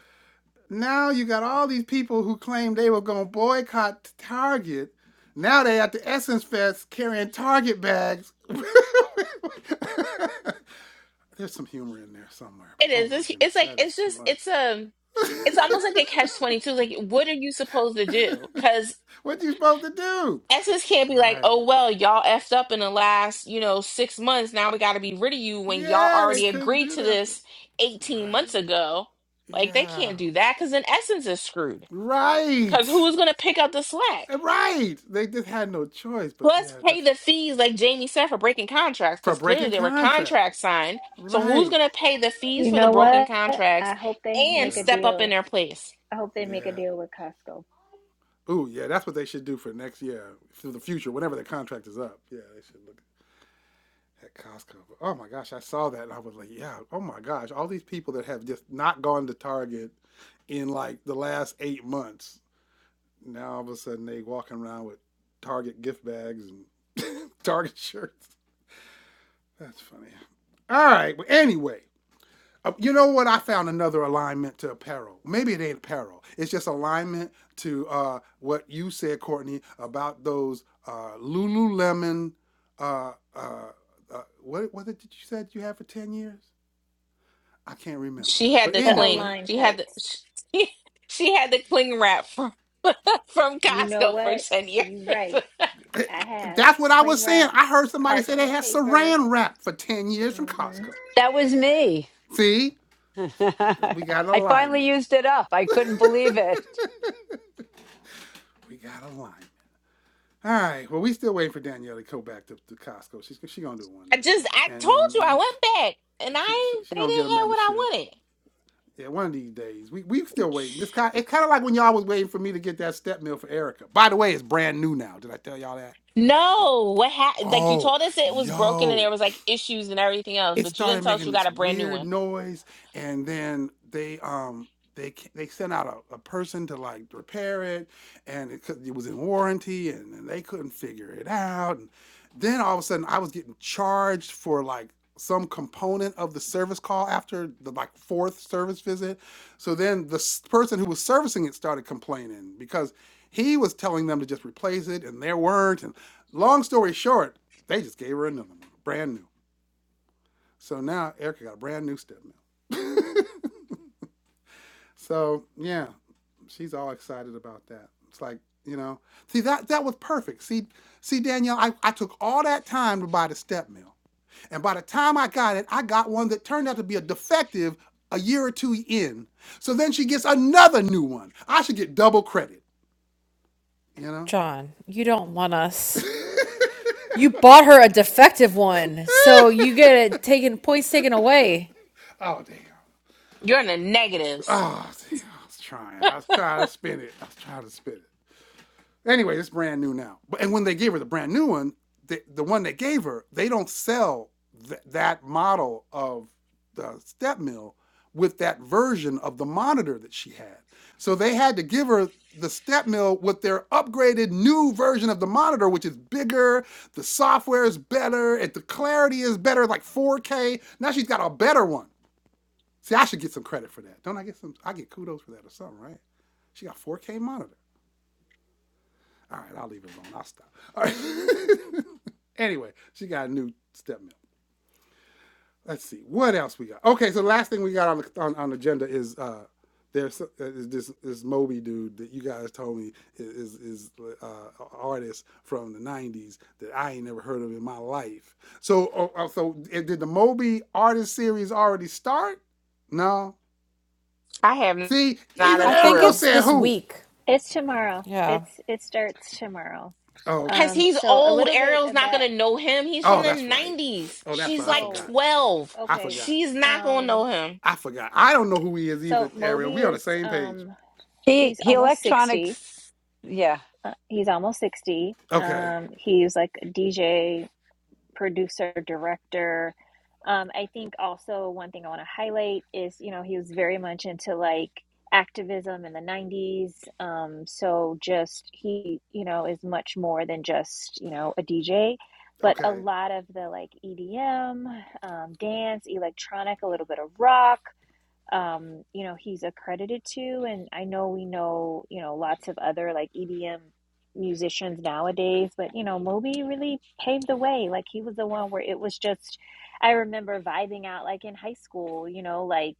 Speaker 1: now you got all these people who claimed they were going to boycott Target. Now they at the Essence Fest carrying Target bags. (laughs) There's some humor in there somewhere. But
Speaker 2: It
Speaker 1: oh
Speaker 2: is.
Speaker 1: my
Speaker 2: It's, it's
Speaker 1: goodness,
Speaker 2: like
Speaker 1: that is
Speaker 2: it's
Speaker 1: too
Speaker 2: just it's
Speaker 1: much.
Speaker 2: um it's almost like a catch twenty two. Like, what are you supposed to do?
Speaker 1: (laughs)
Speaker 2: Because
Speaker 1: what you supposed to do?
Speaker 2: Essence can't be like,
Speaker 1: Right.
Speaker 2: oh well, y'all effed up in the last you know six months. Now we got to be rid of you when y'all
Speaker 1: Yeah, they
Speaker 2: already
Speaker 1: couldn't
Speaker 2: agreed
Speaker 1: do
Speaker 2: to
Speaker 1: that.
Speaker 2: this eighteen
Speaker 1: Right.
Speaker 2: months ago. Like they
Speaker 1: Yeah.
Speaker 2: can't do that because then Essence is screwed. Because
Speaker 1: Right.
Speaker 2: who's gonna pick up the slack?
Speaker 1: Right. They just had no choice, but
Speaker 2: Plus,
Speaker 1: yeah,
Speaker 2: pay
Speaker 1: that's
Speaker 2: the fees like Jamie said for breaking contracts.
Speaker 1: for
Speaker 2: Because clearly
Speaker 1: breaking
Speaker 2: there were
Speaker 1: contract.
Speaker 2: contracts signed. So who's
Speaker 1: Right.
Speaker 2: gonna pay the fees
Speaker 4: You
Speaker 2: for the
Speaker 4: know
Speaker 2: broken
Speaker 4: what? I
Speaker 2: contracts
Speaker 4: hope they
Speaker 2: and
Speaker 4: make a
Speaker 1: Yeah.
Speaker 2: step up in
Speaker 4: deal.
Speaker 2: their place?
Speaker 4: I hope they make a
Speaker 1: Yeah.
Speaker 4: deal with Costco.
Speaker 1: Ooh, yeah, that's what they should do for next year, for the future, whenever the contract is up. Yeah, they should look at Costco. But, oh my gosh, I saw that and I was like, yeah, oh my gosh, all these people that have just not gone to Target in like the last eight months, now all of a sudden they walking around with Target gift bags and (laughs) Target shirts. That's funny. All right, but anyway, Uh, You know what? I found another alignment to apparel. Maybe it ain't apparel. It's just alignment to uh, what you said, Courtney, about those uh, Lululemon. Uh, uh, uh, what what did you said you had for ten years? I can't remember.
Speaker 2: She had
Speaker 1: But
Speaker 2: the
Speaker 4: The
Speaker 2: cling.
Speaker 1: anyway,
Speaker 4: Align
Speaker 2: She had the
Speaker 4: tights.
Speaker 2: (laughs) she, she had the cling wrap (laughs) from from
Speaker 4: You know
Speaker 2: Costco for
Speaker 4: what?
Speaker 2: ten years.
Speaker 4: You right.
Speaker 2: I
Speaker 4: I have
Speaker 1: that's what I was
Speaker 4: cling
Speaker 1: saying.
Speaker 4: wrap,
Speaker 1: I heard somebody say they
Speaker 4: parchment
Speaker 1: had
Speaker 4: paper.
Speaker 1: Saran wrap for ten years from
Speaker 4: hmm
Speaker 1: Costco.
Speaker 5: That was me.
Speaker 1: See,
Speaker 5: (laughs) I
Speaker 1: we got
Speaker 5: finally
Speaker 1: alignment.
Speaker 5: used it up. I couldn't believe it.
Speaker 1: We got alignment. All right. Well, we still waiting for Danielle to go back to, to Costco. She's she gonna do it one day
Speaker 2: just I
Speaker 1: and
Speaker 2: told you I
Speaker 1: then
Speaker 2: went back and
Speaker 1: She,
Speaker 2: I
Speaker 1: she she
Speaker 2: they
Speaker 1: gonna get a
Speaker 2: didn't have what I
Speaker 1: membership.
Speaker 2: wanted.
Speaker 1: Yeah, one of these days. We we still waiting. It's kind it's kind of like when y'all was waiting for me to get that step meal for Erica. By the way, it's brand new now. Did I tell y'all that? It's
Speaker 2: No, what happened? Like you
Speaker 1: oh
Speaker 2: told us it was broken and there
Speaker 1: yo
Speaker 2: was like issues and everything else,
Speaker 1: it
Speaker 2: but you didn't
Speaker 1: started
Speaker 2: tell us
Speaker 1: making
Speaker 2: you got
Speaker 1: this
Speaker 2: a brand new
Speaker 1: weird
Speaker 2: one.
Speaker 1: noise and then they um they they sent out a, a person to like repair it and it, could- it was in warranty and, and they couldn't figure it out and then all of a sudden i was getting charged for like some component of the service call after the like fourth service visit so then the s- person who was servicing it started complaining because he was telling them to just replace it and they weren't and long story short they just gave her another one brand new so now Erica got a brand new step mill. So yeah, she's all excited about that. It's like, you know, see that that was perfect. See, see Danielle, I, I took all that time to buy the step mill. And by the time I got it, I got one that turned out to be a defective a year or two in. So then she gets another new one. I should get double credit, you know?
Speaker 7: John, you don't want us. You bought her a defective one, so you get it taken points taken away.
Speaker 1: Oh damn.
Speaker 2: You're in the negatives.
Speaker 1: Oh damn. I was trying. I was trying to spin it. I was trying to spin it. Anyway, it's brand new now. But and when they gave her the brand new one, the the one they gave her, they don't sell th- that model of the step mill with that version of the monitor that she had. So they had to give her the step mill with their upgraded new version of the monitor, which is bigger, the software is better, and the clarity is better, like 4K. Now she's got a better one. See, I should get some credit for that. Don't I get some? I get kudos for that or something, right? She got 4K monitor. All right, I'll leave it alone. I'll stop. All right. (laughs) anyway, she got a new step milk. Let's see what else we got. Okay, so the last thing we got on the, on, on the agenda is uh, there's uh, this this Moby dude that you guys told me is is uh, a artist from the '90s that I ain't never heard of in my life. So oh, oh, so eh, did the Moby artist series already start? No.
Speaker 2: I have
Speaker 1: See,
Speaker 2: not
Speaker 1: even
Speaker 2: a
Speaker 7: I think
Speaker 1: Ariel
Speaker 2: clue.
Speaker 7: it's
Speaker 1: said
Speaker 7: this
Speaker 1: who.
Speaker 7: week.
Speaker 4: It's tomorrow.
Speaker 7: Yeah.
Speaker 4: It's it starts tomorrow.
Speaker 1: Oh, okay.
Speaker 2: Cause
Speaker 4: Um,
Speaker 2: he's
Speaker 4: so a
Speaker 2: old.
Speaker 4: little bit
Speaker 2: Ariel's not
Speaker 4: about
Speaker 2: gonna know him. He's from
Speaker 1: Oh,
Speaker 2: the
Speaker 1: that's right.
Speaker 2: nineties.
Speaker 1: Oh, that's
Speaker 2: She's
Speaker 1: right. I
Speaker 2: like
Speaker 4: whoa.
Speaker 1: forgot.
Speaker 2: twelve.
Speaker 1: I
Speaker 4: Okay.
Speaker 1: forgot.
Speaker 2: She's not gonna know
Speaker 4: Um,
Speaker 2: him.
Speaker 1: I forgot. I don't know who he is
Speaker 4: so
Speaker 1: either, Ariel.
Speaker 4: Moby
Speaker 1: We on the
Speaker 4: is
Speaker 1: same page.
Speaker 4: um
Speaker 5: He
Speaker 4: he's
Speaker 5: he
Speaker 4: almost 60.
Speaker 5: electronics. Yeah.
Speaker 4: Uh, he's almost 60.
Speaker 1: Okay.
Speaker 4: Um, he's like a DJ, producer, director. Um, I think also one thing I want to highlight is, you know, he was very much into like activism in the 90s. Um, so just he, you know, is much more than just, you know, a DJ. But a
Speaker 1: Okay.
Speaker 4: lot of the like EDM, um, dance, electronic, a little bit of rock, um, you know, he's accredited to. And I know we know, you know, lots of other like EDM musicians nowadays, but you know, Moby really paved the way. Like he was the one where it was just, I remember vibing out like in high school, you know, like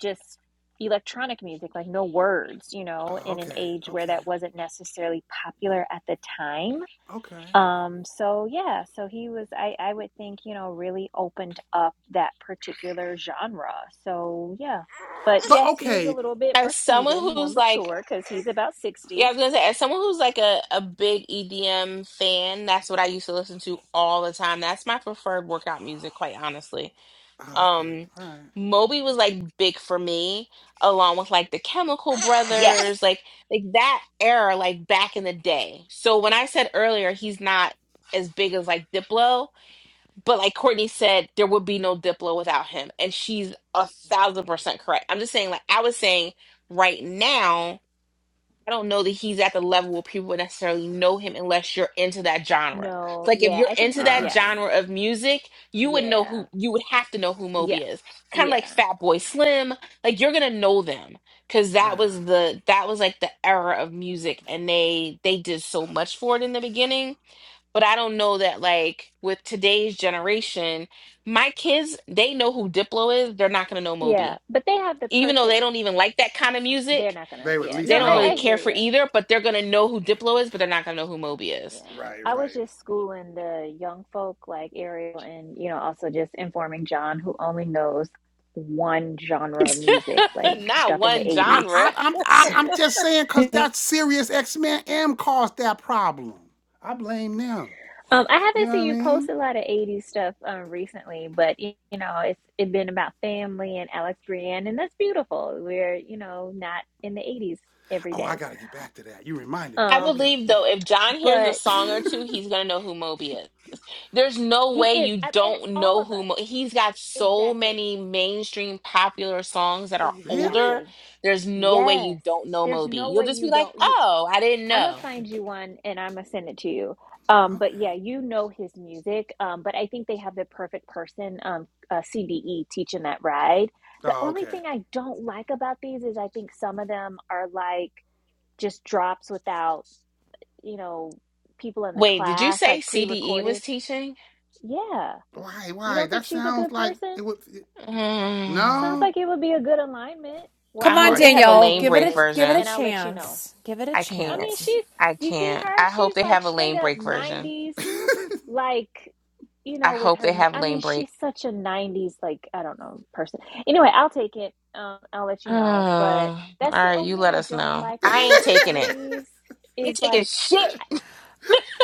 Speaker 4: just electronic music, like no words, you know,
Speaker 1: Oh,
Speaker 4: in an
Speaker 1: okay.
Speaker 4: age where
Speaker 1: Okay.
Speaker 4: that wasn't necessarily popular at the time
Speaker 1: Okay.
Speaker 4: um, so yeah, so he was, I, I would think, you know, really opened up that particular genre. So yeah, but
Speaker 1: But
Speaker 4: yes, he is a
Speaker 1: okay.
Speaker 4: little bit more
Speaker 2: as someone
Speaker 4: seasoned, more
Speaker 2: who's like
Speaker 4: mature because he's about
Speaker 2: yeah i
Speaker 4: 60.
Speaker 2: was gonna say as someone who's like a, a big edm fan that's what i used to listen to all the time that's my preferred workout music quite honestly
Speaker 1: Oh, okay.
Speaker 2: um
Speaker 1: All right.
Speaker 2: moby was like big for me along with like the chemical
Speaker 4: Yes.
Speaker 2: brothers like like that era like back in the day so when i said earlier he's not as big as like diplo but like courtney said there would be no diplo without him and she's a thousand percent correct i'm just saying like i was saying right now I don't know that he's at the level where people would necessarily know him unless you're into that genre. It's
Speaker 4: No,
Speaker 2: like if
Speaker 4: yeah,
Speaker 2: you're
Speaker 4: I think
Speaker 2: into
Speaker 4: you,
Speaker 1: All
Speaker 2: that
Speaker 4: yeah,
Speaker 1: right.
Speaker 2: genre of music, you would know
Speaker 4: yeah,
Speaker 2: who you would have to know who
Speaker 4: yeah,
Speaker 2: Moby is. Kind of like
Speaker 4: yeah,
Speaker 2: Fatboy Slim, like you're gonna know them because
Speaker 1: All
Speaker 2: that
Speaker 1: right.
Speaker 2: was the that was like the era of music, and they they did so much for it in the beginning. But I don't know that like with today's generation, my kids they know who Diplo is. They're not gonna know
Speaker 4: yeah.
Speaker 2: Moby,
Speaker 4: But they have the
Speaker 2: even though they
Speaker 4: perfect,
Speaker 2: don't even like that kind of music
Speaker 4: they're not gonna,
Speaker 1: They would at
Speaker 4: yeah,
Speaker 1: least
Speaker 2: they
Speaker 4: no,
Speaker 2: don't
Speaker 4: I,
Speaker 2: really
Speaker 4: I
Speaker 1: know.
Speaker 2: care
Speaker 4: hear
Speaker 2: for
Speaker 4: you.
Speaker 2: either, but they're gonna know who Diplo is, but they're not gonna know who Moby is.
Speaker 4: Yeah.
Speaker 1: Right.
Speaker 4: I was
Speaker 1: Right.
Speaker 4: just schooling the young folk like Ariel and, you know, also just informing John, who only knows one genre of
Speaker 2: (laughs)
Speaker 4: music, like
Speaker 2: not
Speaker 4: stuck in the
Speaker 2: one
Speaker 1: I,
Speaker 4: 80s.
Speaker 2: genre.
Speaker 1: I I'm I'm
Speaker 4: (laughs)
Speaker 1: I'm just saying because that serious X Men M caused that problem. I blame them.
Speaker 4: um, I
Speaker 1: You
Speaker 4: haven't
Speaker 1: know
Speaker 4: seen
Speaker 1: what I
Speaker 4: you post
Speaker 1: mean?
Speaker 4: a lot of 80s stuff um, recently, but, y- you know, it's it been about family and Alex Brienne, and that's beautiful. We're, you know, not in the 80s every
Speaker 1: Oh, I
Speaker 4: day.
Speaker 1: gotta get back to that. You reminded me.
Speaker 2: I
Speaker 4: Um,
Speaker 1: Okay.
Speaker 2: believe
Speaker 1: Yeah.
Speaker 2: though, if John hears a
Speaker 4: but
Speaker 2: song or
Speaker 1: (laughs)
Speaker 2: two, he's gonna know who Moby is. There's no
Speaker 4: he
Speaker 2: way
Speaker 4: is,
Speaker 2: you
Speaker 4: I, and
Speaker 2: don't
Speaker 4: all
Speaker 2: know
Speaker 4: of
Speaker 2: who
Speaker 4: us,
Speaker 2: Mo- he's got so
Speaker 4: exactly,
Speaker 2: many mainstream popular songs that are
Speaker 1: really?
Speaker 2: older.
Speaker 4: exactly.
Speaker 2: There's no way you
Speaker 4: Yes.
Speaker 2: don't know
Speaker 4: There's
Speaker 2: Moby.
Speaker 4: no
Speaker 2: You'll
Speaker 4: way
Speaker 2: just be
Speaker 4: you
Speaker 2: like,
Speaker 4: don't you
Speaker 2: "Oh, I didn't
Speaker 4: I'm gonna
Speaker 2: know."
Speaker 4: find you one and I'm gonna send it to you. Um, but
Speaker 1: Okay.
Speaker 4: yeah, you know his music. Um, but I think they have the perfect person, um, uh, CDE teaching that ride. The
Speaker 1: Oh,
Speaker 4: only
Speaker 1: okay.
Speaker 4: thing I don't like about these is I think some of them are like just drops without, you know, people in the
Speaker 2: Wait, did you
Speaker 4: class,
Speaker 2: say
Speaker 4: like
Speaker 2: CDE was
Speaker 4: pre-recorded.
Speaker 2: teaching?
Speaker 4: Yeah.
Speaker 1: Why?
Speaker 4: You
Speaker 1: Why?
Speaker 4: don't think
Speaker 1: That
Speaker 4: she's a
Speaker 1: sounds
Speaker 4: good
Speaker 1: like
Speaker 4: person?
Speaker 1: it would. It,
Speaker 4: It
Speaker 2: Mm,
Speaker 4: sounds
Speaker 1: No,
Speaker 4: like it would be a good alignment. Well,
Speaker 2: I
Speaker 7: Come
Speaker 4: I'm gonna
Speaker 7: on,
Speaker 2: hope
Speaker 1: like.
Speaker 2: they
Speaker 4: take the
Speaker 2: have a
Speaker 4: class
Speaker 7: Danielle.
Speaker 2: lane
Speaker 7: Give it
Speaker 2: break
Speaker 7: a
Speaker 4: anyway,
Speaker 7: give it a
Speaker 2: version.
Speaker 4: and I'll let you know.
Speaker 7: chance. Give it a
Speaker 2: I
Speaker 4: I
Speaker 2: can't.
Speaker 4: mean,
Speaker 7: chance.
Speaker 4: she's,
Speaker 2: I
Speaker 4: do you see
Speaker 2: can't.
Speaker 4: her?
Speaker 2: I hope
Speaker 4: She's
Speaker 2: they
Speaker 4: like
Speaker 2: have a
Speaker 4: straight
Speaker 2: lane
Speaker 4: up
Speaker 2: break version.
Speaker 4: 90s, like, you
Speaker 2: I
Speaker 4: know, with
Speaker 2: hope they
Speaker 4: her,
Speaker 2: have
Speaker 4: I mean,
Speaker 2: lane break.
Speaker 4: she's such a 90s, like, I don't know, person. Anyway, I'll take it. Um, I'll let
Speaker 2: (sighs)
Speaker 4: you know. But
Speaker 2: Oh,
Speaker 4: that's
Speaker 2: all
Speaker 4: the
Speaker 2: right,
Speaker 4: only
Speaker 2: you
Speaker 4: thing
Speaker 2: let
Speaker 4: I
Speaker 2: us
Speaker 4: don't
Speaker 2: know.
Speaker 4: like
Speaker 1: (laughs)
Speaker 2: I ain't
Speaker 4: about some
Speaker 2: taking
Speaker 4: of
Speaker 2: it.
Speaker 4: these
Speaker 2: I ain't
Speaker 4: is
Speaker 2: taking
Speaker 4: like,
Speaker 2: shit.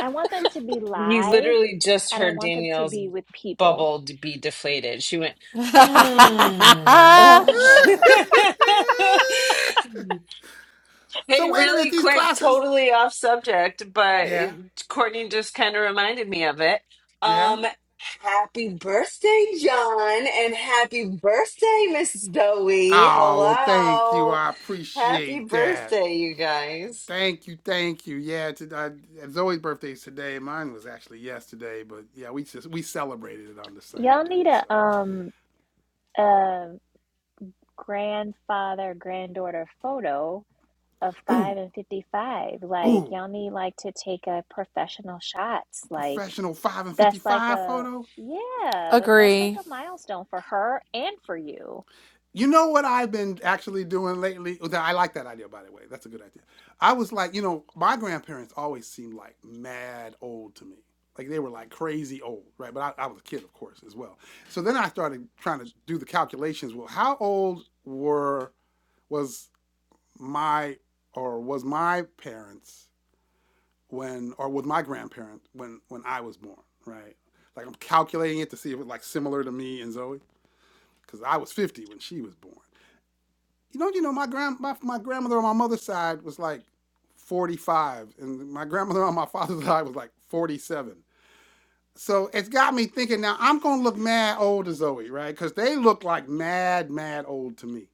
Speaker 4: I want them to be
Speaker 3: You
Speaker 4: live
Speaker 3: literally just
Speaker 4: and I
Speaker 3: heard
Speaker 4: want them to
Speaker 3: Danielle's
Speaker 4: be with people.
Speaker 3: bubble d- be deflated. She went, mm.
Speaker 7: (laughs)
Speaker 4: Ugh.
Speaker 3: (laughs)
Speaker 1: so
Speaker 3: Hey,
Speaker 1: wait a
Speaker 3: really
Speaker 1: minute. These
Speaker 3: quick,
Speaker 1: classes.
Speaker 3: totally off subject, but
Speaker 1: Yeah,
Speaker 3: Courtney just kind of reminded me of it.
Speaker 1: yeah.
Speaker 3: Um, happy birthday, John, and happy birthday, Miss Zoe.
Speaker 1: Oh well, thank you.
Speaker 3: Hello.
Speaker 1: I
Speaker 3: Happy
Speaker 1: appreciate that.
Speaker 3: birthday, you guys.
Speaker 1: Thank you, thank you. Yeah, to, I, Zoe's birthday's today. Mine was actually yesterday, but yeah, we just we celebrated it on the
Speaker 4: Y'all
Speaker 1: same
Speaker 4: need
Speaker 1: day. So,
Speaker 4: a, um, a grandfather, granddaughter photo of
Speaker 1: ooh,
Speaker 4: five and 55. Like,
Speaker 1: ooh,
Speaker 4: y'all need like to take a professional shots.
Speaker 1: a
Speaker 4: Like,
Speaker 1: professional five and
Speaker 4: that's like
Speaker 1: fifty-five
Speaker 4: a,
Speaker 1: photo.
Speaker 4: yeah, like that's like
Speaker 7: Agree.
Speaker 4: a milestone for her and for you.
Speaker 1: You know what I've been actually doing lately? Oh, I like that idea, by the way. That's a good idea. I was like, you know, my grandparents always seemed like mad old to me. Like they were like crazy old, right? But I, I was a kid, of course, as well. So then I started trying to do the calculations. Well, how old were was my or was my parents when or was my grandparent when when I was born, right? Like I'm calculating it to see if it was like similar to me and Zoe, because I was 50 when she was born you know, you know, my grand my, my grandmother on my mother's side was like 45, and my grandmother on my (laughs) father's side was like 47. So it's got me thinking now I'm gonna look mad old to Zoe, right? Because they look like mad, mad old to me.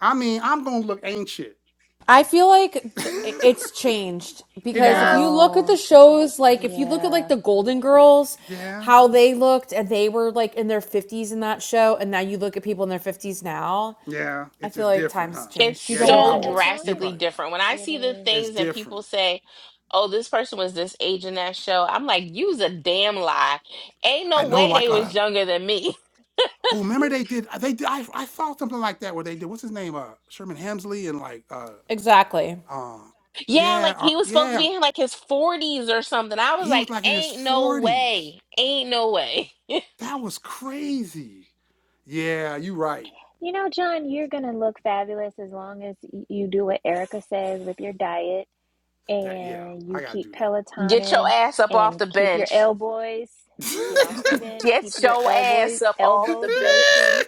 Speaker 1: I mean, I'm gonna look ancient.
Speaker 7: I feel like
Speaker 1: (laughs)
Speaker 7: th-
Speaker 1: it
Speaker 7: it's changed because if you
Speaker 1: is?
Speaker 7: look at the
Speaker 4: No,
Speaker 7: shows, like if you look at like
Speaker 4: yeah.
Speaker 7: the Golden Girls,
Speaker 1: Yeah.
Speaker 7: how they looked and they were like in their 50s in that show, and now you look at people in their 50s now,
Speaker 1: Yeah.
Speaker 7: I
Speaker 1: It's
Speaker 7: feel
Speaker 1: just
Speaker 7: like
Speaker 1: different,
Speaker 7: times
Speaker 1: huh?
Speaker 2: It's
Speaker 7: changed. You
Speaker 1: Yeah,
Speaker 7: don't
Speaker 1: you're
Speaker 7: look
Speaker 4: Yeah,
Speaker 2: so
Speaker 1: probably
Speaker 4: as
Speaker 7: old.
Speaker 1: right.
Speaker 4: long
Speaker 1: You're
Speaker 4: as
Speaker 2: drastically
Speaker 1: probably right.
Speaker 2: different. When I
Speaker 4: it
Speaker 2: see the
Speaker 4: is.
Speaker 1: It's
Speaker 2: things and
Speaker 1: different.
Speaker 2: people say, oh, this person was this age in that show, I'm like, use a damn lie. Ain't
Speaker 1: I
Speaker 2: no
Speaker 1: know
Speaker 2: way they
Speaker 1: like
Speaker 2: was
Speaker 1: uh
Speaker 2: younger than me.
Speaker 1: oh remember they did they did I, I saw something like that where they did what's his name? Uh Sherman Hemsley and like uh
Speaker 7: Exactly.
Speaker 1: Uh,
Speaker 2: (laughs) yeah,
Speaker 1: yeah,
Speaker 2: like
Speaker 1: uh,
Speaker 2: he was supposed to
Speaker 1: yeah.
Speaker 2: be in like his 40s or something. I was
Speaker 1: He
Speaker 2: like,
Speaker 1: was like in his
Speaker 2: ain't no
Speaker 1: forties.
Speaker 2: way. Ain't no way.
Speaker 1: That was crazy. Yeah, you right.
Speaker 4: You know, John, you're gonna look fabulous as long as y- you do what Erica says with your diet
Speaker 1: That yeah,
Speaker 4: and you
Speaker 1: I gotta
Speaker 4: keep
Speaker 1: do
Speaker 2: (laughs) Get your
Speaker 4: Pelotoning
Speaker 2: ass up off
Speaker 4: and
Speaker 2: the
Speaker 4: keep your
Speaker 2: bench.
Speaker 4: elbows, get off the
Speaker 1: that.
Speaker 4: bench,
Speaker 2: Get
Speaker 4: keep your
Speaker 2: your
Speaker 4: elbows
Speaker 2: ass up off the
Speaker 4: elbows
Speaker 2: bench.
Speaker 1: (laughs)
Speaker 4: lotioned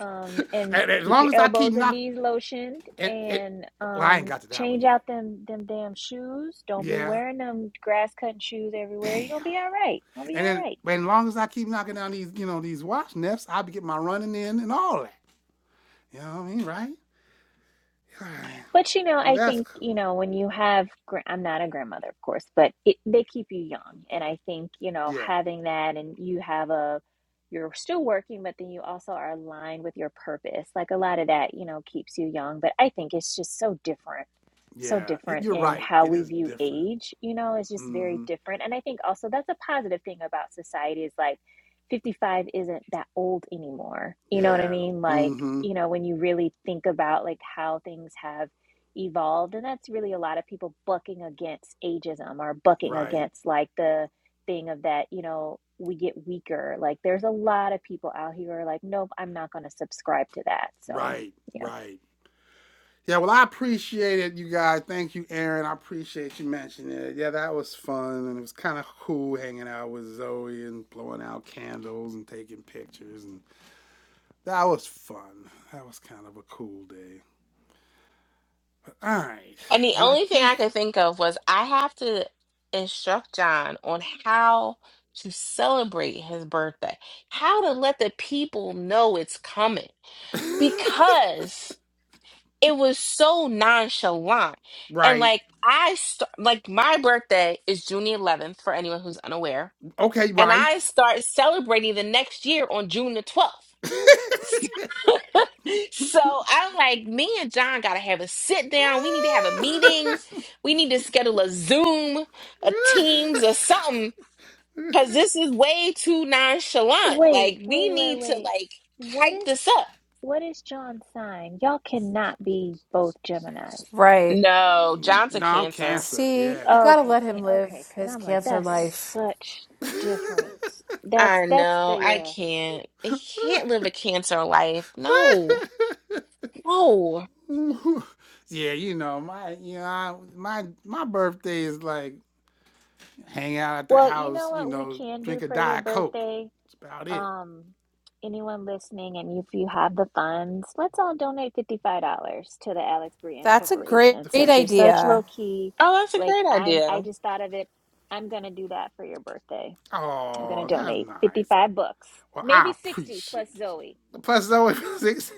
Speaker 4: um, and
Speaker 1: and as
Speaker 4: keep
Speaker 1: long
Speaker 4: your
Speaker 1: as I keep
Speaker 4: elbows and
Speaker 1: knocking,
Speaker 4: knees lotioned
Speaker 1: it, it.
Speaker 4: and
Speaker 1: Well, I ain't
Speaker 4: um,
Speaker 1: got to that one
Speaker 4: change out
Speaker 1: yet.
Speaker 4: them them damn shoes. Don't be
Speaker 1: Yeah,
Speaker 4: wearing them grass cutting shoes everywhere.
Speaker 1: damn.
Speaker 4: You're gonna be all right. Gonna be
Speaker 1: And
Speaker 4: all
Speaker 1: then,
Speaker 4: right.
Speaker 1: as long as I keep knocking down these, you know, these watch nets, I'll be getting my running in and all that. You know what I mean, right? (sighs)
Speaker 4: But you know,
Speaker 1: Well,
Speaker 4: I
Speaker 1: that's
Speaker 4: think,
Speaker 1: cool.
Speaker 4: you know, when you have, gra- I'm not a grandmother, of course, but it, they keep you young. And I think, you know,
Speaker 1: Yeah,
Speaker 4: having that and you have a, you're still working, but then you also are aligned with your purpose. Like a lot of that, you know, keeps you young. But I think it's just so different, so
Speaker 1: yeah. It,
Speaker 4: different
Speaker 1: you're
Speaker 4: in
Speaker 1: right.
Speaker 4: how
Speaker 1: It
Speaker 4: we
Speaker 1: is
Speaker 4: view
Speaker 1: different.
Speaker 4: age, you know, it's just
Speaker 1: Mm-hmm.
Speaker 4: very different. And I think also that's a positive thing about society is like, 55 isn't that old anymore. You know what I
Speaker 1: Yeah.
Speaker 4: mean? Like,
Speaker 1: Mm-hmm.
Speaker 4: you know, when you really think about like how things have evolved and that's really a lot of people bucking against ageism or bucking
Speaker 1: Right.
Speaker 4: against like the thing of that you know we get weaker like there's a lot of people out here who are like nope i'm not going to subscribe to that so
Speaker 1: Right.
Speaker 4: yeah
Speaker 1: Right. Yeah, well, I appreciate it, you guys. Thank you, Aaron. I appreciate you mentioning it. Yeah, that was fun, and it was kind of cool hanging out with Zoe and blowing out candles and taking pictures, and that was fun. That was kind of a cool day. But, all right,
Speaker 2: And the
Speaker 1: and I
Speaker 2: only thing I
Speaker 1: think,
Speaker 2: could think of was I have to instruct John on how to celebrate his birthday, how to let the people know it's coming
Speaker 1: (laughs)
Speaker 2: because it was so nonchalant. And
Speaker 1: right?
Speaker 2: like, I start, like, my birthday is June the 11th for anyone who's unaware.
Speaker 1: Okay,
Speaker 2: And
Speaker 1: right.
Speaker 2: I start celebrating the next year on June the 12th.
Speaker 1: (laughs)
Speaker 2: (laughs) So I'm like, me and John gotta have a sit down. We need to have a meeting. We need to schedule a Zoom, a Teams, or something. Cause this is way too nonchalant. Like
Speaker 4: Wait,
Speaker 2: we
Speaker 4: wait, wait,
Speaker 2: need to
Speaker 4: wait.
Speaker 2: like
Speaker 4: What
Speaker 2: hype
Speaker 4: is
Speaker 2: this up.
Speaker 4: what is John's sign? Y'all cannot be both Geminis.
Speaker 7: Right.
Speaker 2: No, John's a
Speaker 1: no, I'm
Speaker 2: cancer.
Speaker 1: cancer.
Speaker 7: See,
Speaker 1: Yeah,
Speaker 7: you
Speaker 4: Oh,
Speaker 7: gotta
Speaker 4: okay
Speaker 7: let him
Speaker 4: thank
Speaker 7: live
Speaker 4: okay because
Speaker 7: his
Speaker 4: i'm like
Speaker 7: cancer
Speaker 4: that's
Speaker 7: life.
Speaker 4: such
Speaker 1: (laughs)
Speaker 4: difference that's
Speaker 2: I
Speaker 4: that's
Speaker 2: know. I
Speaker 4: the uh,
Speaker 2: can't. He can't live a cancer life. No. No.
Speaker 1: yeah, you know my, you know I, my my birthday is like hang out at the
Speaker 4: Well, you know
Speaker 1: house, you
Speaker 4: what we
Speaker 1: know,
Speaker 4: can
Speaker 1: drink
Speaker 4: do
Speaker 1: a
Speaker 4: for your
Speaker 1: diet coke.
Speaker 4: birthday?
Speaker 1: That's about it.
Speaker 4: Um, anyone listening, and if you have the funds, let's all donate $55 to the Alex Brienne
Speaker 7: That's a great
Speaker 4: Corporation
Speaker 1: The
Speaker 4: since you're
Speaker 1: fifth.
Speaker 4: such low
Speaker 7: idea.
Speaker 4: key.
Speaker 2: Oh, that's a
Speaker 4: Like
Speaker 2: great
Speaker 4: I'm
Speaker 2: idea.
Speaker 4: I just thought of it. I'm gonna do that for your birthday. I'm gonna
Speaker 1: Oh, that's
Speaker 4: donate
Speaker 1: nice. I,
Speaker 4: 55 bucks,
Speaker 1: well, I
Speaker 4: maybe 60 plus
Speaker 1: appreciate you.
Speaker 4: Zoe.
Speaker 1: Plus, it's only (laughs) six.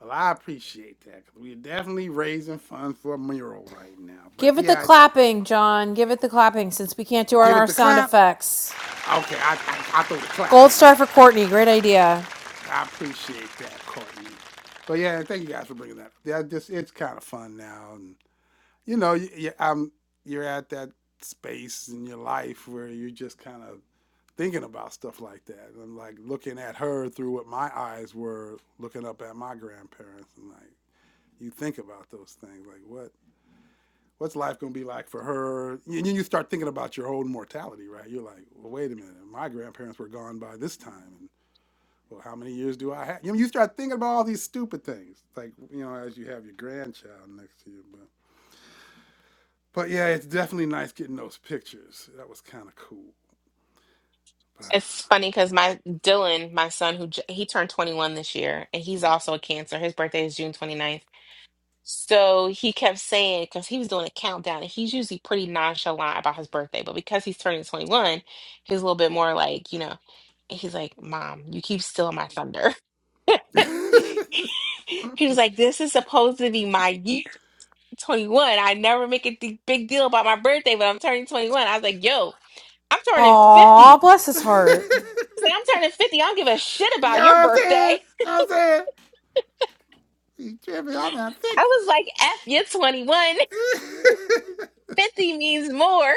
Speaker 1: well, I appreciate that 'cause we're definitely raising funds for a mural right now. But
Speaker 7: Give it the
Speaker 1: yeah,
Speaker 7: clapping, John. Give it the clapping since we can't do it on
Speaker 1: give it
Speaker 7: our
Speaker 1: the
Speaker 7: sound
Speaker 1: clap.
Speaker 7: effects.
Speaker 1: Okay, I I, I throw the clap
Speaker 7: Gold star
Speaker 1: in.
Speaker 7: for Courtney. Great idea.
Speaker 1: I appreciate that, Courtney. But yeah, thank you guys for bringing that. up. Yeah, just it's kind of fun now, and you know, you, you, I'm you're at that space in your life where you're just kind of thinking about stuff like that. And I'm like looking at her through what my eyes were looking up at my grandparents, and like you think about those things, like what what's life gonna be like for her? And then you start thinking about your own mortality, right? You're like, well, wait a minute, my grandparents were gone by this time, and well, how many years do I have? You know, you start thinking about all these stupid things, like you know, as you have your grandchild next to you. But but yeah, it's definitely nice getting those pictures. That was kind of cool. But
Speaker 2: It's funny because my Dylan, my son, who j- he turned 21 this year, and he's also a Cancer. His birthday is June 29th. So he kept saying, because he was doing a countdown, and he's usually pretty nonchalant about his birthday, but because he's turning 21, he's a little bit more like, you know, and he's like, Mom, you keep stealing my thunder. (laughs) He was like, This is supposed to be my year 21. I never make a d- big deal about my birthday, but I'm turning 21." I was like, Yo, I'm turning 50.
Speaker 7: Aw, bless his
Speaker 1: (laughs)
Speaker 7: heart.
Speaker 2: like, I'm turning 50. I don't give a shit
Speaker 1: you know
Speaker 2: about your
Speaker 1: what I'm saying? You
Speaker 2: birthday.
Speaker 1: know what I'm saying? You tripping? I'm not
Speaker 2: I
Speaker 1: fixed.
Speaker 2: was like, F, you're 21. (laughs)
Speaker 1: (laughs)
Speaker 2: 50 means more.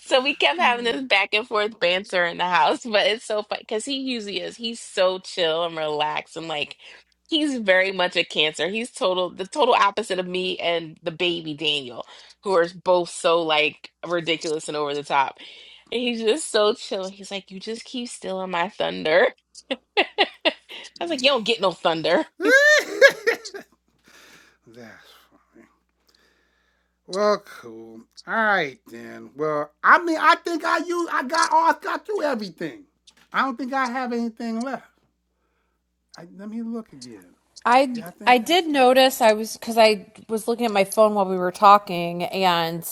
Speaker 2: So we kept having this back and forth banter in the house, but it's so fun because he usually is. He's so chill and relaxed and like he's very much a cancer. He's total the total opposite of me and the baby Daniel, who are both so like ridiculous and over the top. And he's just so chill. He's like, You just keep stealing my thunder. (laughs) I was
Speaker 1: Man,
Speaker 2: like, You don't get no thunder.
Speaker 1: (laughs) that's funny. Well, cool. All right then. Well, I mean, I think I used, I got all, I got through everything. I don't think I have anything left. I, let me look again.
Speaker 7: I
Speaker 1: Yeah, I think
Speaker 7: I
Speaker 1: that's
Speaker 7: did
Speaker 1: it.
Speaker 7: notice I was because I was looking at my phone while we were talking, and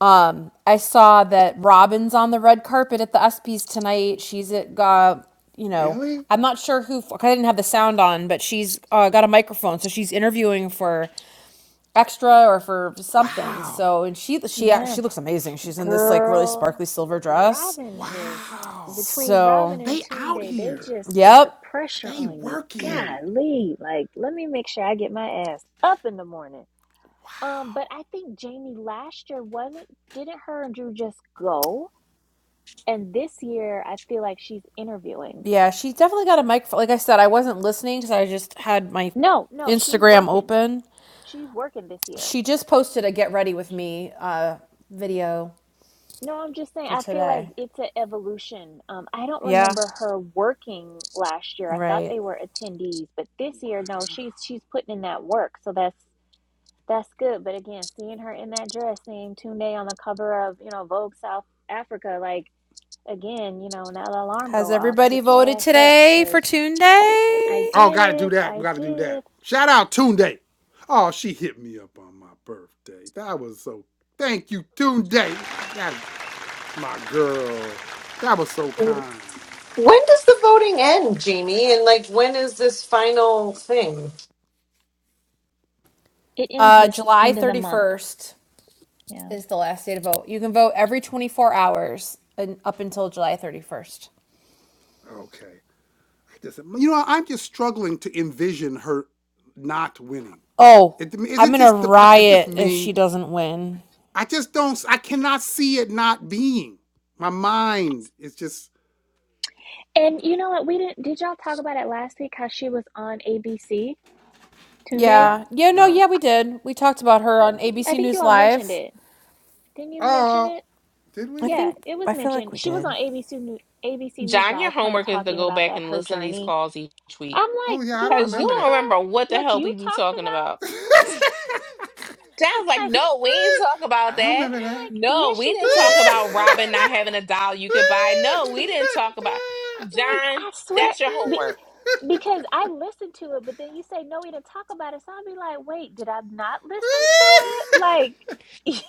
Speaker 7: um, I saw that Robin's on the red carpet at the ESPYS tonight. She's at uh, you know
Speaker 1: Really?
Speaker 7: I'm not sure who. I didn't have the sound on, but she's uh, got a microphone, so she's interviewing for extra or for something.
Speaker 1: Wow.
Speaker 7: So and she she
Speaker 4: Yeah,
Speaker 7: she looks amazing. She's in this like really sparkly
Speaker 4: girl,
Speaker 7: silver dress.
Speaker 4: Robin just
Speaker 1: Wow.
Speaker 4: between Robin
Speaker 7: So
Speaker 4: and
Speaker 1: They out
Speaker 4: Tunde, they
Speaker 1: here.
Speaker 4: just put the
Speaker 7: yep,
Speaker 4: pressure
Speaker 1: They
Speaker 4: on you.
Speaker 1: working.
Speaker 4: Golly, like let me make sure I get my ass up in the morning. Um, but
Speaker 1: Wow.
Speaker 4: I think Jamie last year wasn't, didn't her and Drew just go? And this year, I feel like she's interviewing.
Speaker 7: yeah, she definitely got a mic. Like I said, I wasn't listening because I just had my
Speaker 4: No, no, she's
Speaker 7: Instagram
Speaker 4: working.
Speaker 7: open.
Speaker 4: She's working this year.
Speaker 7: She just posted a get ready with me uh, video
Speaker 4: No, I'm just saying,
Speaker 7: for
Speaker 4: I feel like
Speaker 7: today.
Speaker 4: it's an evolution. Um, I don't
Speaker 7: Yeah,
Speaker 4: remember her working last year. I thought
Speaker 7: right.
Speaker 4: they were attendees, but this
Speaker 1: Wow.
Speaker 4: year, no, she's she's putting in that work. So that's that's good. But again, seeing her in that dress, seeing Tunde on the cover of, you know, Vogue South Africa, like again, you know, now the alarm
Speaker 7: Has
Speaker 4: go off,
Speaker 7: everybody
Speaker 4: get your
Speaker 7: voted
Speaker 4: ass up
Speaker 7: today for
Speaker 4: because
Speaker 7: Tune
Speaker 4: I
Speaker 7: Day?
Speaker 1: Oh, gotta do
Speaker 4: did,
Speaker 1: that.
Speaker 4: I
Speaker 1: Gotta do that.
Speaker 4: did.
Speaker 1: Shout out Tunde. Oh, she hit me up on my birthday. That was so thank you, Tunde. That's my girl. That was so kind.
Speaker 3: When does the voting end, Jamie? And like, when is this final thing?
Speaker 4: It ends
Speaker 7: Uh,
Speaker 4: this
Speaker 7: July
Speaker 4: end of the
Speaker 7: thirty
Speaker 4: month.
Speaker 7: first.
Speaker 4: Yeah.
Speaker 7: is the last day to vote. You can vote every 24 hours and up until July 31st.
Speaker 1: Okay. I just you know, I'm just struggling to envision her not winning.
Speaker 7: Oh,
Speaker 1: It, is
Speaker 7: I'm
Speaker 1: it
Speaker 7: gonna
Speaker 1: just the it's just
Speaker 7: riot if
Speaker 1: me?
Speaker 7: she doesn't win.
Speaker 1: I just don't. I cannot see it not being. My mind is just
Speaker 4: And you know what? We didn't, did y'all talk about it last week how she was on ABC Tunde?
Speaker 7: Yeah.
Speaker 1: no,
Speaker 7: Yeah, no,
Speaker 1: no.
Speaker 7: yeah, we did. We talked about her on
Speaker 4: I
Speaker 7: ABC
Speaker 4: think you
Speaker 7: News
Speaker 4: all mentioned
Speaker 7: Live.
Speaker 4: it. Didn't you mention
Speaker 1: Oh,
Speaker 4: it?
Speaker 1: did
Speaker 7: I
Speaker 1: we?
Speaker 4: Yeah,
Speaker 7: think
Speaker 4: it
Speaker 7: I
Speaker 4: was
Speaker 7: feel like
Speaker 4: mentioned.
Speaker 7: we
Speaker 4: She was on
Speaker 7: did.
Speaker 4: ABC ABC News
Speaker 2: John, your
Speaker 4: Live kind of
Speaker 2: homework is to
Speaker 4: talking
Speaker 2: go
Speaker 4: about
Speaker 2: back
Speaker 4: that
Speaker 2: and
Speaker 4: her
Speaker 2: listen to these
Speaker 4: journey.
Speaker 2: calls each week
Speaker 4: I'm
Speaker 1: Oh
Speaker 4: like,
Speaker 1: yeah,
Speaker 4: you
Speaker 1: I don't
Speaker 4: don't
Speaker 2: because you
Speaker 1: remember
Speaker 2: don't
Speaker 1: that.
Speaker 4: remember
Speaker 2: remember what the
Speaker 4: what
Speaker 2: hell
Speaker 4: you
Speaker 2: we be
Speaker 4: talked
Speaker 2: talking about.
Speaker 1: (laughs)
Speaker 4: about? (laughs)
Speaker 2: John's like,
Speaker 4: like,
Speaker 2: no, we ain't talk about
Speaker 1: I don't
Speaker 2: that.
Speaker 1: remember
Speaker 4: and I'm
Speaker 1: that.
Speaker 4: like,
Speaker 2: No,
Speaker 4: yes,
Speaker 2: we
Speaker 4: you
Speaker 2: didn't talk
Speaker 4: did.
Speaker 2: about Robin not having a doll you could buy. No, we didn't talk about
Speaker 4: I'm like,
Speaker 2: John.
Speaker 4: I
Speaker 2: That's your
Speaker 4: swear.
Speaker 2: homework.
Speaker 4: Because I listened to it, but then you say no, we didn't talk about it. So I'll be like, wait, did I not listen to it?
Speaker 1: (laughs)
Speaker 4: Like,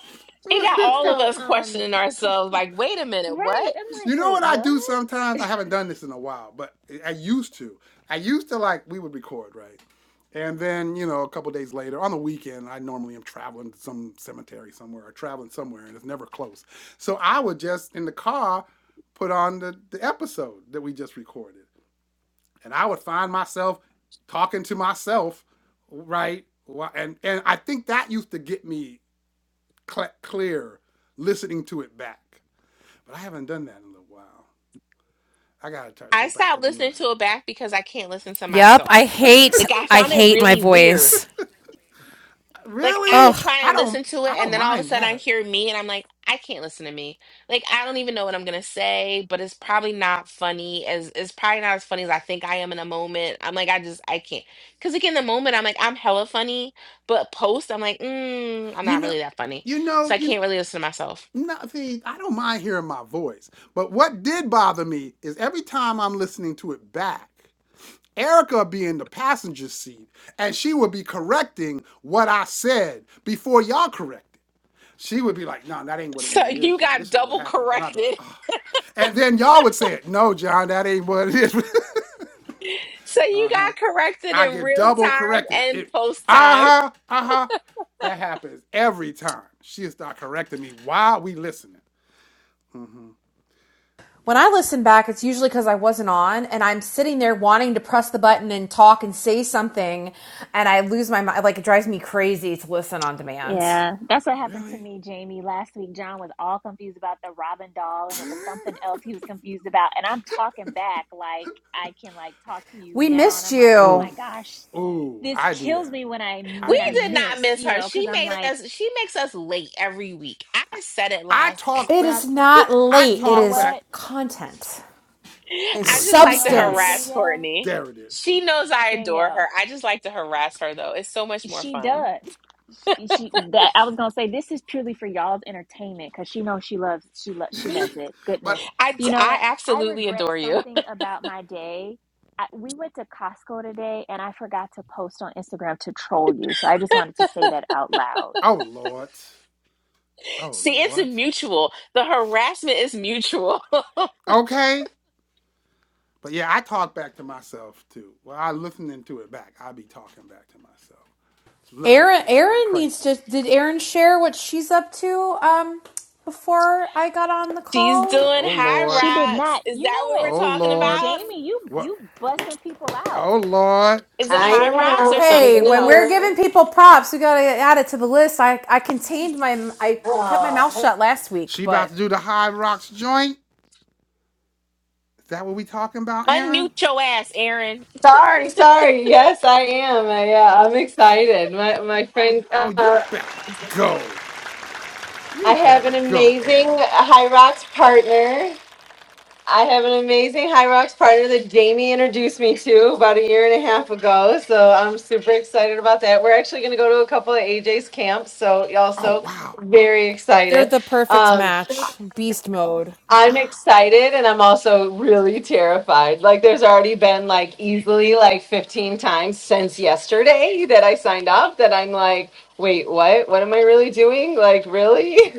Speaker 2: He got
Speaker 4: (laughs)
Speaker 2: all of
Speaker 4: so
Speaker 2: us
Speaker 4: um,
Speaker 2: questioning ourselves. Like, wait a minute,
Speaker 4: right?
Speaker 2: what?
Speaker 4: I'm
Speaker 1: You
Speaker 4: like,
Speaker 1: know
Speaker 4: wait,
Speaker 1: what I
Speaker 4: what?
Speaker 1: do sometimes? I haven't done this in a while, but I used to. I used to like we would record, right? And then, you know, a couple days later, on the weekend, I normally am traveling to some cemetery somewhere or traveling somewhere and it's never close. So I would just in the car put on the, the episode that we just recorded. And I would find myself talking to myself, right? And and I think that used to get me cl- clear listening to it back. But I haven't done that in a little while. I gotta try,
Speaker 2: I
Speaker 1: go back to
Speaker 2: stopped
Speaker 1: doing
Speaker 2: listening
Speaker 1: that.
Speaker 2: to it back because I can't listen to
Speaker 7: Yep, I
Speaker 2: myself.
Speaker 7: hate
Speaker 2: Like, I
Speaker 7: I
Speaker 2: found it
Speaker 7: hate my
Speaker 2: really weird
Speaker 7: voice.
Speaker 2: Like I would
Speaker 1: Really?
Speaker 7: Ugh.
Speaker 2: try
Speaker 1: I
Speaker 2: and
Speaker 1: don't.
Speaker 2: listen to
Speaker 1: I
Speaker 2: it, and
Speaker 1: don't
Speaker 2: then all of a
Speaker 1: mind
Speaker 2: sudden I
Speaker 1: that.
Speaker 2: hear me, and I'm like, I can't listen to me. Like I don't even know what I'm gonna say, but it's probably not funny. As it's probably not as funny as I think I am in a moment. I'm like, I just I can't. Because like in the moment, I'm like, I'm hella funny, but post, I'm like, mm, I'm
Speaker 1: You
Speaker 2: not
Speaker 1: know.
Speaker 2: really that funny,
Speaker 1: You know.
Speaker 2: so I
Speaker 1: You.
Speaker 2: can't really listen to myself. (laughs)
Speaker 1: Nothing. I don't mind hearing my voice. But what did bother me is every time I'm listening to it back, Erica would be in the passenger seat and she would be correcting what I said before y'all corrected. She would be like, no, that ain't what it
Speaker 2: So
Speaker 1: really is,
Speaker 2: you
Speaker 1: John.
Speaker 2: got
Speaker 1: This is what
Speaker 2: double
Speaker 1: happened. And I'd be like,
Speaker 2: corrected. (laughs)
Speaker 1: oh. And then y'all would say it, no, John, that ain't what it is. (laughs)
Speaker 2: So you got corrected
Speaker 1: I
Speaker 2: in
Speaker 1: get
Speaker 2: real
Speaker 1: double
Speaker 2: time
Speaker 1: corrected.
Speaker 2: and
Speaker 1: It
Speaker 2: post time.
Speaker 1: aha aha. That happens every time. She'll start correcting me while we listening.
Speaker 7: When
Speaker 1: But,
Speaker 7: I listen back, it's usually because I wasn't on and I'm sitting there wanting to press the button and talk and say something, and I lose my mind. Like, it drives me crazy to listen on demand.
Speaker 4: Yeah, that's what happened to
Speaker 1: Really?
Speaker 4: me, Jamie, last week. John was all confused about the Robin doll, and it
Speaker 1: (laughs)
Speaker 4: was something else he was confused about. And I'm talking back like I can like talk to you
Speaker 7: We
Speaker 4: now, and
Speaker 7: missed
Speaker 4: I'm like, oh
Speaker 7: you.
Speaker 4: my
Speaker 1: Ooh,
Speaker 4: gosh,
Speaker 1: ooh,
Speaker 4: this
Speaker 1: I do
Speaker 4: kills
Speaker 1: that.
Speaker 4: me when I
Speaker 1: I
Speaker 2: We
Speaker 4: when I
Speaker 1: do
Speaker 2: did
Speaker 1: that.
Speaker 2: not
Speaker 4: miss,
Speaker 2: miss
Speaker 4: you
Speaker 2: her.
Speaker 4: know,
Speaker 2: She
Speaker 4: because I'm
Speaker 2: made
Speaker 4: like,
Speaker 2: us. She makes us late every week. I said it
Speaker 1: I
Speaker 2: last.
Speaker 1: talk
Speaker 7: It is
Speaker 1: back.
Speaker 7: not
Speaker 1: I
Speaker 7: late.
Speaker 4: you
Speaker 7: It
Speaker 4: know
Speaker 1: talk
Speaker 7: is
Speaker 1: back.
Speaker 4: what,
Speaker 7: content.
Speaker 2: (laughs)
Speaker 7: It's
Speaker 2: I
Speaker 1: There it
Speaker 2: just
Speaker 4: you
Speaker 1: is.
Speaker 2: like to
Speaker 4: know
Speaker 1: There it
Speaker 4: what,
Speaker 2: harass
Speaker 1: is.
Speaker 7: substance.
Speaker 4: Danielle,
Speaker 2: Courtney.
Speaker 1: There it is.
Speaker 2: She knows I adore
Speaker 4: Danielle.
Speaker 2: her. I just like to harass her though. It's so much more
Speaker 4: She
Speaker 2: fun.
Speaker 4: does. She, she that I was gonna say this is purely for y'all's entertainment because she knows she loves she loves she loves it.
Speaker 1: But
Speaker 4: Goodness,
Speaker 2: I
Speaker 4: you know
Speaker 2: I
Speaker 4: what? I
Speaker 2: absolutely
Speaker 4: regret
Speaker 2: adore you.
Speaker 4: something about my day. I, we went to Costco today and I forgot to post on Instagram to troll you. So I just wanted to say that out loud.
Speaker 1: oh Lord.
Speaker 2: (laughs)
Speaker 1: Oh
Speaker 2: See, it's a
Speaker 1: Lord.
Speaker 2: mutual. The harassment is mutual. (laughs)
Speaker 1: Okay. But yeah, I talk back to myself too. Well, I listening to it back. I be talking back to myself. Look, look,
Speaker 7: Erin.
Speaker 1: this sound
Speaker 7: Erin needs
Speaker 1: crazy.
Speaker 7: to did Erin share what she's up to um before I got on the
Speaker 2: She's
Speaker 7: call?
Speaker 2: doing
Speaker 1: Oh
Speaker 2: high
Speaker 1: Lord,
Speaker 4: She did
Speaker 2: rocks.
Speaker 4: not.
Speaker 2: Is
Speaker 4: You
Speaker 2: that
Speaker 4: know
Speaker 2: what
Speaker 4: what,
Speaker 2: we're
Speaker 1: oh
Speaker 2: talking
Speaker 1: Lord,
Speaker 2: about?
Speaker 4: Jamie? You
Speaker 1: what?
Speaker 4: you
Speaker 1: what-
Speaker 4: busting people out.
Speaker 1: Oh Lord,
Speaker 2: Is it
Speaker 1: did
Speaker 4: She
Speaker 1: she
Speaker 3: I
Speaker 4: did
Speaker 2: high
Speaker 4: not.
Speaker 2: rocks or
Speaker 3: am. I
Speaker 7: Hey,
Speaker 2: something
Speaker 7: when we're
Speaker 2: else?
Speaker 3: am.
Speaker 7: giving people props, we gotta add it to the list. I, I contained my I kept my mouth
Speaker 3: Aw.
Speaker 7: shut last week,
Speaker 1: she about
Speaker 7: but
Speaker 1: to do the high rocks joint? Is that what we talking about, Aaron?
Speaker 2: Unmute your ass, Aaron.
Speaker 3: Sorry, sorry. Yes, I am. I, uh, I'm excited. My my friend.
Speaker 1: Oh, you better go.
Speaker 3: I
Speaker 1: You
Speaker 3: have
Speaker 1: better
Speaker 3: an
Speaker 1: go,
Speaker 3: amazing
Speaker 1: Aaron.
Speaker 3: High Rocks partner. I have an amazing High Rocks partner that Jamie introduced me to about a year and a half ago. So I'm super excited about that. We're actually going to go to a couple of AJ's camps. So
Speaker 1: Oh
Speaker 3: also
Speaker 1: wow,
Speaker 3: very
Speaker 7: they're
Speaker 3: excited.
Speaker 7: the perfect
Speaker 3: Um,
Speaker 7: match. Beast mode.
Speaker 3: I'm
Speaker 1: wow.
Speaker 3: excited and I'm also really terrified. Like there's already been like easily like 15 times since yesterday that I signed up that I'm like, wait, what? What am I really doing? Like really? (laughs)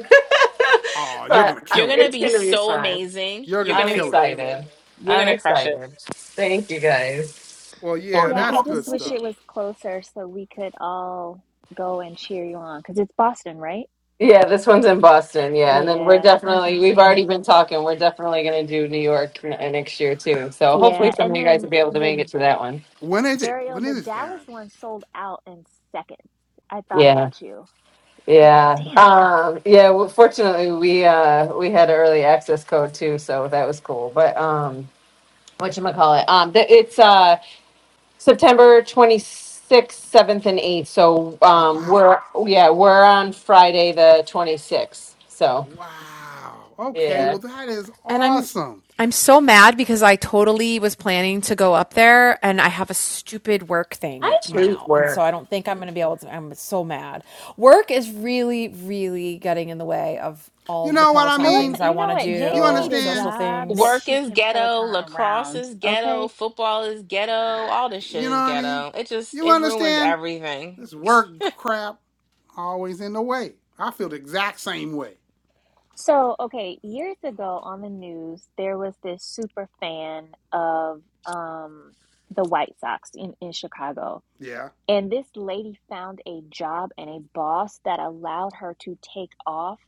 Speaker 1: Oh, you're
Speaker 3: but
Speaker 1: gonna
Speaker 3: uh,
Speaker 2: You're
Speaker 1: kill
Speaker 2: going
Speaker 1: it.
Speaker 2: to
Speaker 3: it's
Speaker 2: be
Speaker 3: going to be
Speaker 2: so
Speaker 3: fun.
Speaker 2: amazing.
Speaker 1: You're
Speaker 2: You're
Speaker 1: gonna
Speaker 2: going
Speaker 3: I'm
Speaker 2: to be
Speaker 1: kill it.
Speaker 2: amazing.
Speaker 3: excited.
Speaker 2: You're going
Speaker 3: I'm
Speaker 2: to crush it.
Speaker 3: excited. Thank you guys.
Speaker 1: Well, yeah,
Speaker 4: Yeah,
Speaker 1: that's
Speaker 4: I
Speaker 1: good
Speaker 4: just wish
Speaker 1: stuff.
Speaker 4: it was closer so we could all go and cheer you on because it's Boston, right?
Speaker 3: Yeah, this one's in Boston. Yeah, and then we're
Speaker 4: Yeah. I was
Speaker 3: definitely
Speaker 4: like,
Speaker 3: we've
Speaker 4: dang
Speaker 3: already
Speaker 4: it.
Speaker 3: been talking. We're definitely going to do New York n- next year too. So hopefully
Speaker 4: Yeah.
Speaker 3: some of
Speaker 4: And
Speaker 3: you guys
Speaker 4: then
Speaker 3: will be able to make
Speaker 4: the
Speaker 3: it to that one.
Speaker 1: When is it?
Speaker 4: Ariel,
Speaker 1: When
Speaker 4: the
Speaker 1: is this,
Speaker 4: Dallas
Speaker 1: Aaron?
Speaker 4: one sold out in seconds. I thought
Speaker 3: Yeah,
Speaker 4: about you. I was like,
Speaker 3: yeah,
Speaker 4: damn.
Speaker 3: um, yeah. Well, fortunately, we uh, we had an early access code too, so that was cool. But um, what you call it? Um, th- it's uh, September twenty sixth, seventh, and eighth. So
Speaker 1: Oh
Speaker 3: um,
Speaker 1: wow,
Speaker 3: we're yeah, we're on Friday the twenty sixth. So
Speaker 1: wow. Okay,
Speaker 3: yeah,
Speaker 1: well that is
Speaker 7: and I'm
Speaker 1: awesome.
Speaker 7: I'm so mad because I totally was planning to go up there and I have a stupid work thing
Speaker 3: I hate
Speaker 7: now. And so I
Speaker 3: work.
Speaker 7: don't think I'm going to be able to. I'm so mad. Work is really, really getting in the way of all
Speaker 1: You
Speaker 7: of the
Speaker 1: know what I
Speaker 7: Peloton
Speaker 4: Peloton,
Speaker 1: mean?
Speaker 7: things I
Speaker 4: you
Speaker 7: want
Speaker 4: know
Speaker 7: to
Speaker 4: what?
Speaker 1: You
Speaker 4: Jamie need
Speaker 7: do,
Speaker 4: a
Speaker 1: understand?
Speaker 7: social
Speaker 4: job that
Speaker 7: things.
Speaker 2: Work
Speaker 4: she
Speaker 2: is
Speaker 4: can
Speaker 2: ghetto,
Speaker 4: Peloton
Speaker 2: lacrosse
Speaker 4: around,
Speaker 2: is ghetto,
Speaker 4: okay?
Speaker 2: football is ghetto, all this
Speaker 1: You
Speaker 2: shit
Speaker 1: know what
Speaker 2: is
Speaker 1: I mean?
Speaker 2: ghetto. It just
Speaker 1: You
Speaker 2: it ruins
Speaker 1: understand?
Speaker 2: everything.
Speaker 1: This work crap always in the way. I feel the exact same way.
Speaker 4: So, okay, years ago on the news, there was this super fan of um, the White Sox in, in Chicago.
Speaker 1: Yeah.
Speaker 4: And this lady found a job and a boss that allowed her to take off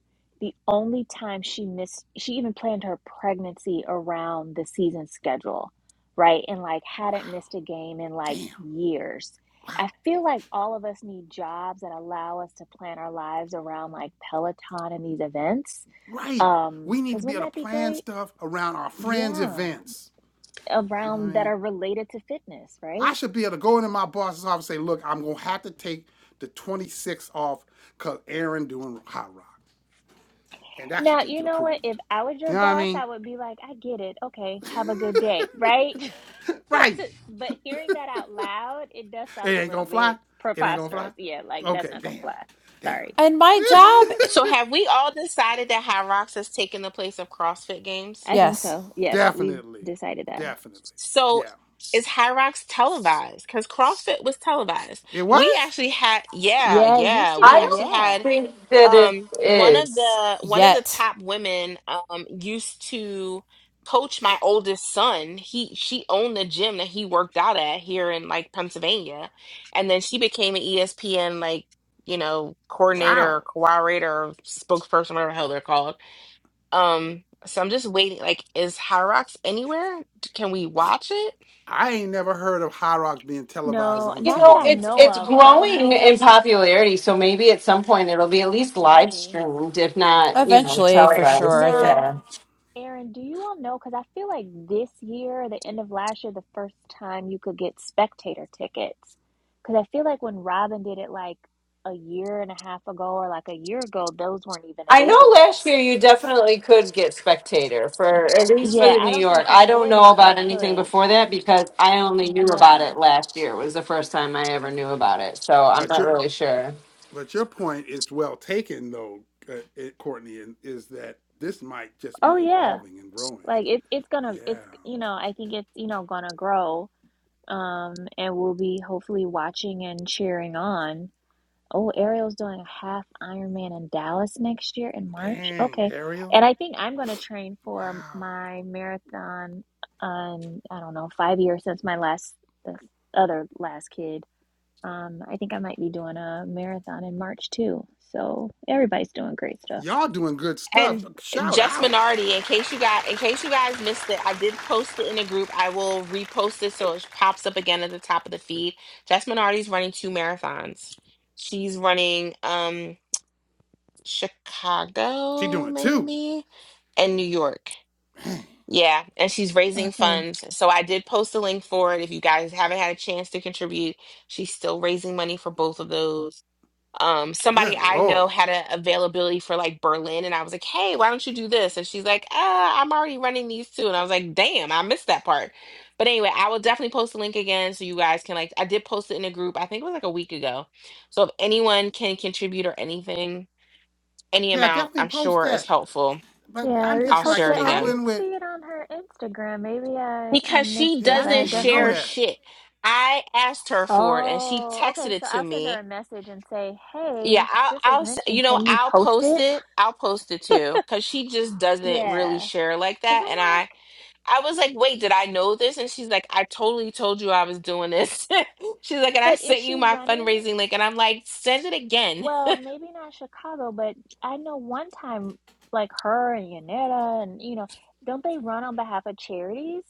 Speaker 4: the only time she missed, she even planned her pregnancy around the season schedule, right? And like hadn't missed a game in like
Speaker 1: Damn.
Speaker 4: years.
Speaker 1: Wow.
Speaker 4: I feel like all of us need jobs that allow us to plan our lives around like Peloton and these events
Speaker 1: Right.
Speaker 4: um,
Speaker 1: We need to
Speaker 4: because
Speaker 1: be able
Speaker 4: wouldn't
Speaker 1: to
Speaker 4: that be
Speaker 1: plan
Speaker 4: great?
Speaker 1: stuff around our friends'
Speaker 4: Yeah,
Speaker 1: events. You know what I
Speaker 4: around that
Speaker 1: mean?
Speaker 4: are related to fitness,
Speaker 1: I
Speaker 4: right?
Speaker 1: should be able to go into my boss's office and say, look, I'm gonna have to take the 26th off cause Aaron doing hot rock. And that should
Speaker 4: Now,
Speaker 1: just
Speaker 4: you
Speaker 1: get
Speaker 4: know what? If
Speaker 1: approved.
Speaker 4: I was
Speaker 1: You
Speaker 4: your
Speaker 1: know what I
Speaker 4: boss,
Speaker 1: mean?
Speaker 4: I would be like, I get it. Okay, have a good day, right? (laughs) But
Speaker 1: Right.
Speaker 4: to, but hearing that out loud, it does
Speaker 1: It
Speaker 4: sound a
Speaker 1: ain't
Speaker 4: little
Speaker 1: gonna fly.
Speaker 4: bit
Speaker 1: It ain't gonna fly.
Speaker 4: preposterous. Yeah, like that's
Speaker 1: Okay,
Speaker 4: not gonna
Speaker 1: damn.
Speaker 4: fly.
Speaker 1: Damn.
Speaker 4: Sorry.
Speaker 7: And my job,
Speaker 2: So have we all decided that High Rocks has taken the place of CrossFit games?
Speaker 4: I think
Speaker 7: yes,
Speaker 4: so. Yes, we've
Speaker 1: Definitely.
Speaker 4: decided that.
Speaker 1: Definitely.
Speaker 2: So
Speaker 1: Yeah.
Speaker 2: is High Rocks televised? Because CrossFit was televised.
Speaker 1: It
Speaker 2: We
Speaker 1: was?
Speaker 2: actually had yeah,
Speaker 4: Yeah, it used
Speaker 2: yeah.
Speaker 4: to
Speaker 2: We
Speaker 3: I
Speaker 4: be.
Speaker 2: actually
Speaker 3: don't
Speaker 4: Yeah.
Speaker 2: had
Speaker 3: think that it
Speaker 2: um one of
Speaker 3: is.
Speaker 2: the one of the
Speaker 7: yet.
Speaker 2: top women um used to coach my oldest son he she owned the gym that he worked out at here in like Pennsylvania and then she became an ESPN like you know coordinator
Speaker 1: Wow.
Speaker 2: or cooperator or spokesperson whatever the hell they're called um so I'm just waiting like is High Rocks anywhere D- can we watch it
Speaker 1: I ain't never heard of High Rocks being televised
Speaker 4: No,
Speaker 1: on
Speaker 3: You
Speaker 4: not that
Speaker 3: know,
Speaker 4: I
Speaker 1: TV.
Speaker 3: it's
Speaker 4: know
Speaker 3: it's
Speaker 4: of, but I
Speaker 3: growing
Speaker 4: know
Speaker 3: in popularity, so maybe at some point it'll be at least live
Speaker 4: maybe.
Speaker 3: streamed, if not, you know,
Speaker 7: Eventually, for
Speaker 1: You,
Speaker 7: sure.
Speaker 3: televised.
Speaker 7: I
Speaker 1: you,
Speaker 7: think.
Speaker 4: Now,
Speaker 3: Yeah.
Speaker 4: Aaron, do you all know? Because I feel like this year, the end of last year, the first time you could get spectator tickets. Because I feel like when Robin did it like a year and a half ago or like a year ago, those weren't even
Speaker 3: I know
Speaker 4: available.
Speaker 3: last year you definitely could get spectator for at least for
Speaker 4: Yeah,
Speaker 3: the
Speaker 4: I
Speaker 3: New
Speaker 4: don't
Speaker 3: York.
Speaker 4: think
Speaker 3: I don't
Speaker 4: before
Speaker 3: know
Speaker 4: then you
Speaker 3: about anything
Speaker 4: could.
Speaker 3: before that because I only knew about
Speaker 4: Yeah.
Speaker 3: it last year. It was the first time I ever knew about it. So I'm
Speaker 1: but
Speaker 3: not
Speaker 1: your
Speaker 3: really sure.
Speaker 1: but your point is well taken though, uh, it- Courtney, and is that this might just be
Speaker 4: Oh yeah.
Speaker 1: evolving and growing.
Speaker 4: Like it's it's gonna
Speaker 1: Yeah.
Speaker 4: it's you know I think it's you know gonna grow um and we'll be hopefully watching and cheering on Oh, Ariel's doing a half Ironman in Dallas next year in March.
Speaker 1: Dang,
Speaker 4: Okay.
Speaker 1: Ariel.
Speaker 4: And I think I'm going to train
Speaker 1: Wow.
Speaker 4: for my marathon on, I don't know, five years since my last, the other last kid. Um, I think I might be doing a marathon in March too. So everybody's doing great stuff.
Speaker 1: Y'all doing good stuff.
Speaker 2: And
Speaker 1: Shout
Speaker 2: Jess
Speaker 1: out.
Speaker 2: Minardi, in case you got in case you guys missed it, I did post it in a group. I will repost it so it pops up again at the top of the feed. Jess Minardi's running two marathons. She's running um
Speaker 1: She doing
Speaker 2: Chicago,
Speaker 1: it too.
Speaker 2: maybe, and New York.
Speaker 1: Man,
Speaker 2: Yeah, and she's raising
Speaker 4: Awesome.
Speaker 2: funds. So I did post a link for it. If you guys haven't had a chance to contribute, she's still raising money for both of those um somebody
Speaker 1: good
Speaker 2: i know
Speaker 1: lord.
Speaker 2: had an availability for like berlin and i was like hey why don't you do this and she's like uh i'm already running these two and i was like damn i missed that part but anyway i will definitely post the link again so you guys can like i did post it in a group i think it was like a week ago so if anyone can contribute or anything any
Speaker 1: Yeah,
Speaker 2: amount
Speaker 1: definitely
Speaker 2: i'm
Speaker 1: post
Speaker 2: sure is
Speaker 1: that.
Speaker 2: helpful
Speaker 1: But
Speaker 4: Yeah, I
Speaker 1: I'm
Speaker 2: i'll
Speaker 1: just like
Speaker 2: share it
Speaker 4: reposted. I
Speaker 2: again
Speaker 1: struggling
Speaker 4: didn't
Speaker 1: with
Speaker 4: see it on her Instagram. Maybe I, I
Speaker 2: because
Speaker 4: missed
Speaker 2: she
Speaker 1: Yeah,
Speaker 4: it,
Speaker 1: I
Speaker 4: but
Speaker 1: didn't
Speaker 4: I
Speaker 2: doesn't
Speaker 1: even know
Speaker 4: definitely
Speaker 2: share
Speaker 1: that.
Speaker 2: shit i asked her for it and she
Speaker 4: Oh,
Speaker 2: texted
Speaker 4: okay.
Speaker 2: it
Speaker 4: So
Speaker 2: to
Speaker 4: I'll send her
Speaker 2: me
Speaker 4: a message and say,
Speaker 2: Yeah,
Speaker 4: "Hey, sh-
Speaker 2: I'll,
Speaker 4: this
Speaker 2: I'll,
Speaker 4: was
Speaker 2: s- you
Speaker 4: mentioned.
Speaker 2: know,
Speaker 4: Can you
Speaker 2: I'll
Speaker 4: post
Speaker 2: post
Speaker 4: it?"
Speaker 2: it. I'll post it too, because she just doesn't really
Speaker 4: Yeah,
Speaker 2: share like
Speaker 4: because
Speaker 2: that.
Speaker 4: I'm
Speaker 2: And
Speaker 4: like,
Speaker 2: I, I was like, wait, did I know this? And she's like, I totally told you I was doing this. (laughs) She's like, and I
Speaker 4: but is
Speaker 2: sent you
Speaker 4: she
Speaker 2: my
Speaker 4: running?
Speaker 2: fundraising link, and I'm like, send it again.
Speaker 4: Well, maybe not Chicago, but I know one time, like her and Yanetta, and you know, don't they run on behalf of charities?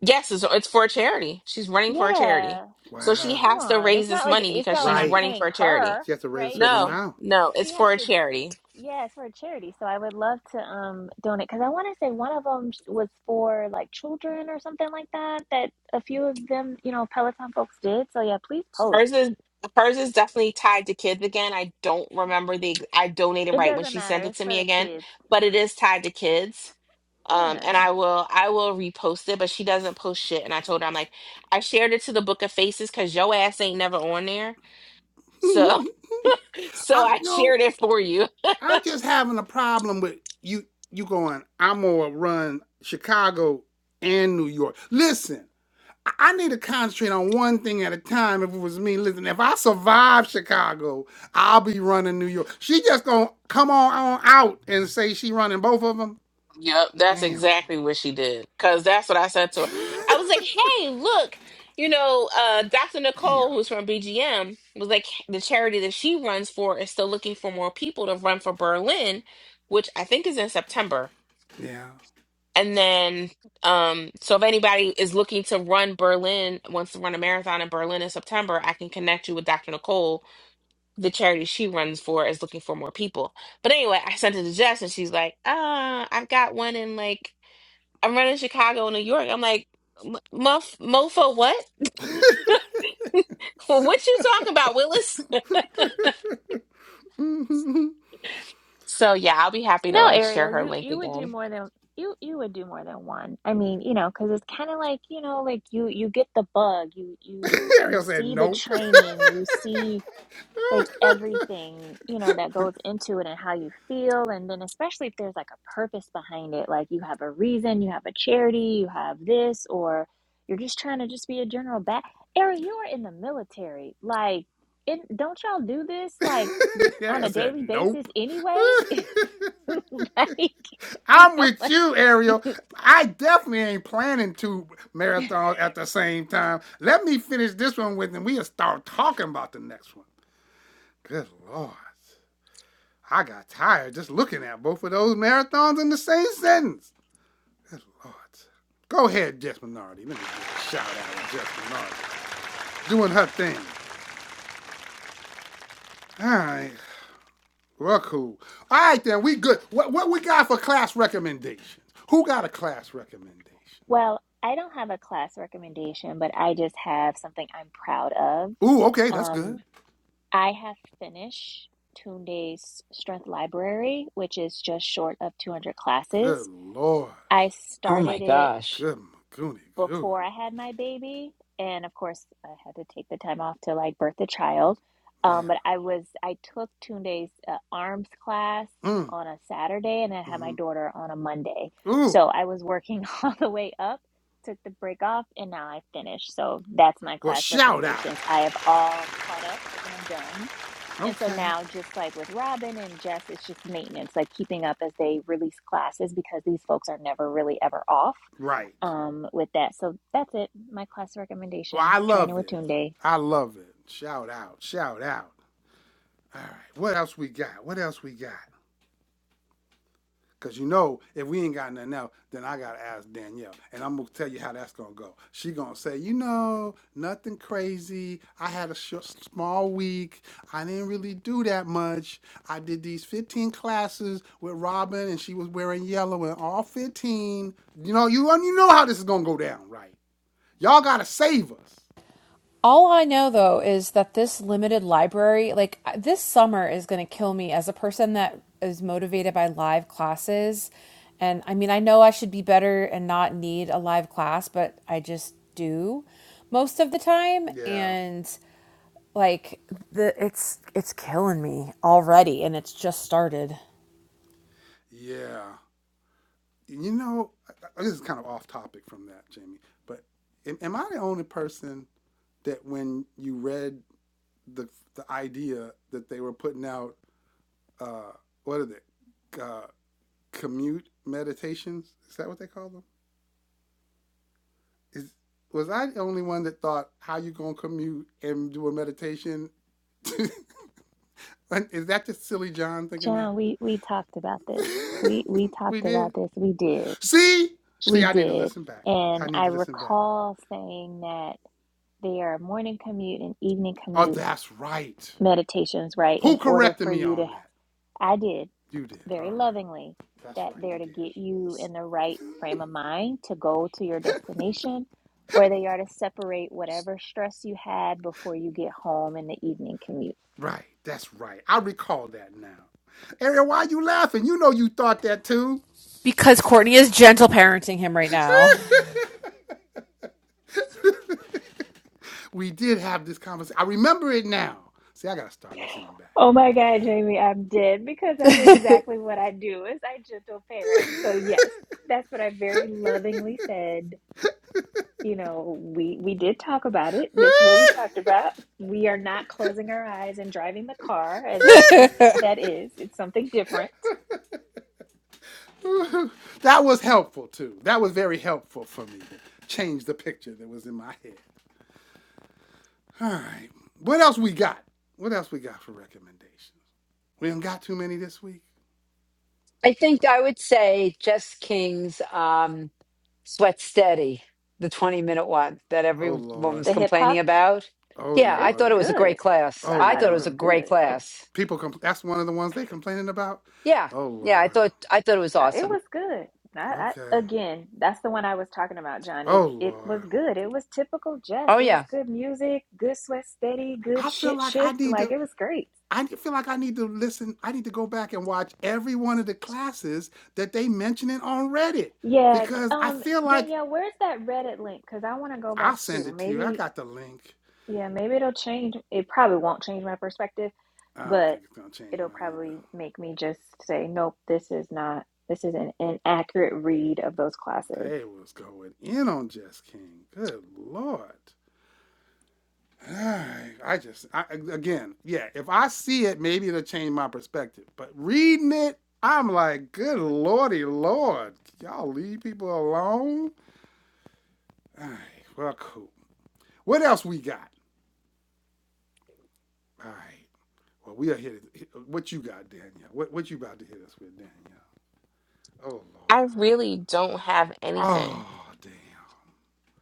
Speaker 2: Yes, it's, it's for a charity. She's running for a charity,
Speaker 4: Yeah. So
Speaker 2: so
Speaker 4: I'm
Speaker 2: she
Speaker 4: like,
Speaker 1: Wow.
Speaker 4: come
Speaker 2: has to
Speaker 4: on.
Speaker 2: raise
Speaker 4: It's
Speaker 2: this
Speaker 4: not like
Speaker 2: money
Speaker 4: it's
Speaker 2: because
Speaker 4: not like
Speaker 2: she's
Speaker 4: I'm
Speaker 1: Right.
Speaker 2: running for
Speaker 4: paying
Speaker 2: a charity.
Speaker 4: her,
Speaker 1: she has to raise a
Speaker 4: right?
Speaker 1: certain
Speaker 4: It's
Speaker 2: No,
Speaker 4: like
Speaker 1: amount.
Speaker 2: no, it's
Speaker 4: she has
Speaker 2: for a
Speaker 4: to
Speaker 2: charity.
Speaker 4: Yes, for a charity. So I would love to um donate because I want to say one of them was for like children or something like that. That a few of them, you know, Peloton folks did. So yeah, please
Speaker 2: Hers
Speaker 4: post.
Speaker 2: is hers is definitely tied to kids again. I don't remember the I donated
Speaker 4: It
Speaker 2: right when
Speaker 4: doesn't
Speaker 2: she
Speaker 4: matter.
Speaker 2: sent it
Speaker 4: It's
Speaker 2: to
Speaker 4: for
Speaker 2: me
Speaker 4: the
Speaker 2: again,
Speaker 4: kids.
Speaker 2: but it is tied to kids. Um, and
Speaker 4: Yeah.
Speaker 2: I will I will repost it, but she doesn't post shit. And I told her I'm like I shared it to the Book of Faces because your ass ain't never on there.
Speaker 1: (laughs)
Speaker 2: So (laughs) so
Speaker 1: I'm
Speaker 2: I
Speaker 1: no,
Speaker 2: shared it for you.
Speaker 1: I'm just having a problem with you you going, I'm gonna run Chicago and New York. Listen, I I need to concentrate on one thing at a time. If it was me, listen, if I survive Chicago, I'll be running New York. She just gonna come on, on out and say she running both of them.
Speaker 2: Yep, that's
Speaker 1: Damn.
Speaker 2: exactly what she did. Cause that's what I said to her.
Speaker 1: (laughs)
Speaker 2: I was like, "Hey, look, you know, uh, Dr.
Speaker 1: Damn.
Speaker 2: Nicole, who's from BGM, was like the charity that she runs for is still looking for more people to run for Berlin, which I think is in September.
Speaker 1: Yeah.
Speaker 2: And then, um, so if anybody is looking to run Berlin, wants to run a marathon in Berlin in September, I can connect you with Dr. Nicole. The charity she runs for is looking for more people. But anyway, I sent it to Jess, and she's like, "Uh, I've got one in like." I'm running Chicago, New York. I'm like, "M- muff, mofo, what? (laughs) what you talking about, Willis? So yeah, I'll be happy to
Speaker 4: No,
Speaker 2: like share
Speaker 4: Ariel,
Speaker 2: her
Speaker 4: you
Speaker 2: link
Speaker 4: you would do
Speaker 2: again.
Speaker 4: more than you you would do more than one. I mean, you know, because it's kind of like you know, like you you get the bug. You
Speaker 1: (laughs)
Speaker 4: you you
Speaker 1: Ariel said,
Speaker 4: see the
Speaker 1: nope.
Speaker 4: training. You see. like everything you know that goes into it and how you feel and then especially if there's like a purpose behind it like you have a reason you have a charity you have this or you're just trying to just be a general bat Ariel, you are in the military like it, don't y'all do this like on
Speaker 1: Ariel
Speaker 4: a
Speaker 1: said,
Speaker 4: daily basis
Speaker 1: Nope. (laughs)
Speaker 4: anyway (laughs) like you
Speaker 1: I'm
Speaker 4: know
Speaker 1: with
Speaker 4: like
Speaker 1: you,
Speaker 4: (laughs)
Speaker 1: Ariel. I definitely ain't planning two marathons at the same time. Let me finish this one with, and we'll start talking about the next one. Good Lord. I got tired just looking at both of those marathons in the same sentence. Good Lord. Go ahead, Jess Minardi. Let me give a shout out to Jess Minardi. Doing her thing. All right. Well, cool. All right, then. We good. What, what we got for class recommendations? Who got a class recommendation?
Speaker 4: well i don't have a class recommendation but i just have something i'm proud of
Speaker 1: Ooh, okay, that's
Speaker 4: um
Speaker 1: good.
Speaker 4: I have finished Tunde's Strength Library, which is just short of 200
Speaker 1: Good
Speaker 4: classes.
Speaker 1: lord.
Speaker 4: I
Speaker 5: Oh my
Speaker 4: started it
Speaker 5: gosh.
Speaker 1: Good Magoonie Goo
Speaker 4: before
Speaker 1: Goo.
Speaker 4: I had my baby. And of course, I had to take the time off to like birth a child. Um, but
Speaker 1: Yeah.
Speaker 4: I was, I took Tunde's uh, arms class
Speaker 1: Mm.
Speaker 4: on a Saturday and I had my
Speaker 1: hmm
Speaker 4: daughter on a Monday.
Speaker 1: Ooh.
Speaker 4: So I was working (laughs) all the way up, took the break off, and now I finished. So that's my
Speaker 1: Well,
Speaker 4: class
Speaker 1: shout out.
Speaker 4: recommendations. I have all caught up and I'm done. And so
Speaker 1: Okay.
Speaker 4: now, just like with Robin and Jess, it's just maintenance, like keeping up as they release classes because these folks are never really ever off
Speaker 1: Right.
Speaker 4: um with that. So that's it. My class
Speaker 1: Well,
Speaker 4: recommendation,
Speaker 1: I
Speaker 4: Trainer
Speaker 1: love
Speaker 4: with
Speaker 1: it.
Speaker 4: Tunde.
Speaker 1: I love it. Shout out. Shout out. All right. What else we got? What else we got? Cause you know, if we ain't got nothing else, then I gotta ask Danielle, and I'm gonna tell you how that's gonna go. She gonna say, you know, nothing crazy. I had a short, small week. I didn't really do that much. I did these 15 classes with Robin, and she was wearing yellow in all 15. You know, you you know how this is gonna go down, right? Y'all gotta save us.
Speaker 7: All I know though is that this limited library, like this summer, is going to kill me as a person that is motivated by live classes. And I mean, I know I should be better and not need a live class, but I just do most of the time.
Speaker 1: Yeah,
Speaker 7: And like the it's it's killing me already and it's just started
Speaker 1: yeah. You know, this is kind of off topic from that, Jamie. But am, am I the only person that when you read the the idea that they were putting out, uh, what are they, uh, commute meditations? Is that what they call them? Is was I the only one that thought how you gonna commute and do a meditation? (laughs) Is that just silly John thinking that?
Speaker 4: John, we we talked about this. We we
Speaker 1: (laughs) we
Speaker 4: talked about
Speaker 1: did.
Speaker 4: this. We did.
Speaker 1: See, see,
Speaker 4: We
Speaker 1: I need to
Speaker 4: did.
Speaker 1: listen back. I
Speaker 4: And
Speaker 1: need
Speaker 4: I
Speaker 1: to listen back.
Speaker 4: recall saying that they are morning commute and evening
Speaker 1: Oh,
Speaker 4: commute
Speaker 1: that's right.
Speaker 4: meditations, right?
Speaker 1: Who
Speaker 4: In order
Speaker 1: corrected
Speaker 4: for
Speaker 1: me
Speaker 4: you to
Speaker 1: on that?
Speaker 4: I did
Speaker 1: You did. All
Speaker 4: very lovingly
Speaker 1: right. That's
Speaker 4: that
Speaker 1: right.
Speaker 4: they're
Speaker 1: You
Speaker 4: to
Speaker 1: did.
Speaker 4: get you in the right frame of mind to go to your destination or they are to separate whatever stress you had before you get home in the evening commute
Speaker 1: Right, that's right. I recall that now. Ariel, why are you laughing? You know you thought that too.
Speaker 7: because courtney is gentle parenting him right now (laughs)
Speaker 1: (laughs) we did have this conversation. I remember it now. See, I gotta start listening back.
Speaker 4: Oh my God, Jamie, I'm dead because
Speaker 7: (laughs)
Speaker 4: that's exactly what I do is I gentle parent. So yes, that's what I very lovingly said. You know, we we did talk about it. This is what we talked about. We are not closing our eyes and driving the car as you think that is. It's something different.
Speaker 1: (laughs) that was helpful too. That was very helpful for me to change the picture that was in my head. All right. What else we got? What else we got for recommendations? We ain't got too many this week.
Speaker 5: I think I would say Jess King's um, Sweat Steady, the 20 minute one that
Speaker 1: Oh
Speaker 5: every
Speaker 1: Lord.
Speaker 5: woman's
Speaker 4: The hip
Speaker 5: complaining
Speaker 4: hop,
Speaker 5: about.
Speaker 1: Oh
Speaker 5: Yeah,
Speaker 4: it
Speaker 5: I
Speaker 4: was
Speaker 5: thought
Speaker 1: Lord.
Speaker 5: it was a
Speaker 4: good.
Speaker 5: great class.
Speaker 1: Oh
Speaker 4: I
Speaker 5: I
Speaker 4: thought
Speaker 5: thought it
Speaker 4: it
Speaker 1: Lord.
Speaker 5: was a
Speaker 4: was
Speaker 5: great
Speaker 4: good.
Speaker 5: class.
Speaker 1: People com- that's one of the ones they complaining about.
Speaker 5: Yeah.
Speaker 1: Oh
Speaker 5: Yeah, I
Speaker 1: Lord.
Speaker 5: thought I thought it was
Speaker 4: I- It
Speaker 5: awesome.
Speaker 4: was good. I, I
Speaker 1: Okay.
Speaker 4: again, that's the one I was talking about, John. It
Speaker 1: Oh
Speaker 4: it was
Speaker 1: Lord.
Speaker 4: good. It was typical Jess.
Speaker 5: Oh
Speaker 4: It was
Speaker 5: yeah,
Speaker 4: good music, good sweat steady, good
Speaker 1: I feel
Speaker 4: shit
Speaker 1: like I
Speaker 4: shift.
Speaker 1: need
Speaker 4: Like
Speaker 1: to
Speaker 4: it was great.
Speaker 1: I feel like I need to listen. I need to go back and watch every one of the classes that they mentioning on Reddit
Speaker 4: Yeah. c-
Speaker 1: because I
Speaker 4: Um,
Speaker 1: feel like
Speaker 4: Danielle, where's that Reddit link? Because I want to go
Speaker 1: I'll
Speaker 4: back
Speaker 1: send
Speaker 4: too.
Speaker 1: it to you. I
Speaker 4: Maybe
Speaker 1: got the link.
Speaker 4: yeah, maybe it'll change. It probably won't change my perspective,
Speaker 1: I don't
Speaker 4: but
Speaker 1: think it's gonna change
Speaker 4: it'll
Speaker 1: mine either.
Speaker 4: probably make me just say, nope, this is not. This is an inaccurate read of those classes.
Speaker 1: They was going in on Jess King. Good Lord. (sighs) I just I, again, yeah. If I see it, maybe it'll change my perspective. But reading it, I'm like, good lordy, lord, y'all leave people alone. (sighs) All right, well, cool. What else we got? All right, well, we are here. To, what you got, Daniel? What what you about to hit us with, Daniel? Oh
Speaker 2: I
Speaker 1: lord.
Speaker 2: really don't have anything.
Speaker 1: Oh damn.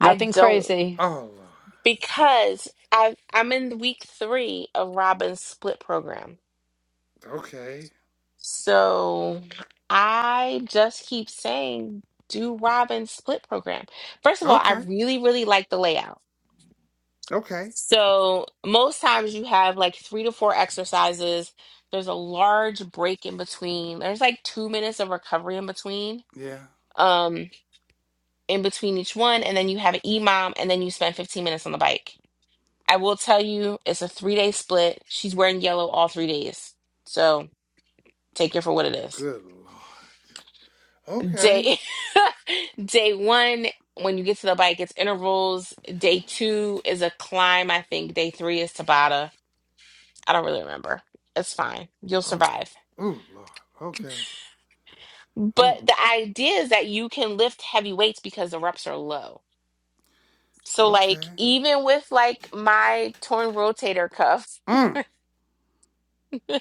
Speaker 2: I
Speaker 5: nothing
Speaker 2: don't
Speaker 5: crazy.
Speaker 1: Oh lord.
Speaker 2: because I I'm in week three of Robin's split program.
Speaker 1: Okay.
Speaker 2: So I just keep saying, do Robin's split program. First of all, I
Speaker 1: Okay.
Speaker 2: really, really like the layout.
Speaker 1: Okay.
Speaker 2: So most times you have like three to four exercises. There's a large break in between. There's like two minutes of recovery in between,
Speaker 1: Yeah.
Speaker 2: um, in between each one, and then you have an EMOM, and then you spend 15 minutes on the bike. I will tell you, it's a three day split. She's wearing yellow all three days. So take it for what it is.
Speaker 1: Good lord. Okay.
Speaker 2: Day (laughs) day one, when you get to the bike, it's intervals. Day two is a climb, I think. Day three is Tabata. I don't really remember. It's fine. You'll
Speaker 1: Okay.
Speaker 2: survive.
Speaker 1: Oh lord. Okay. Oh.
Speaker 2: But the idea is that you can lift heavy weights because the reps are low. So like
Speaker 1: Okay.
Speaker 2: even with like my torn rotator cuff,
Speaker 1: Mm.
Speaker 2: (laughs)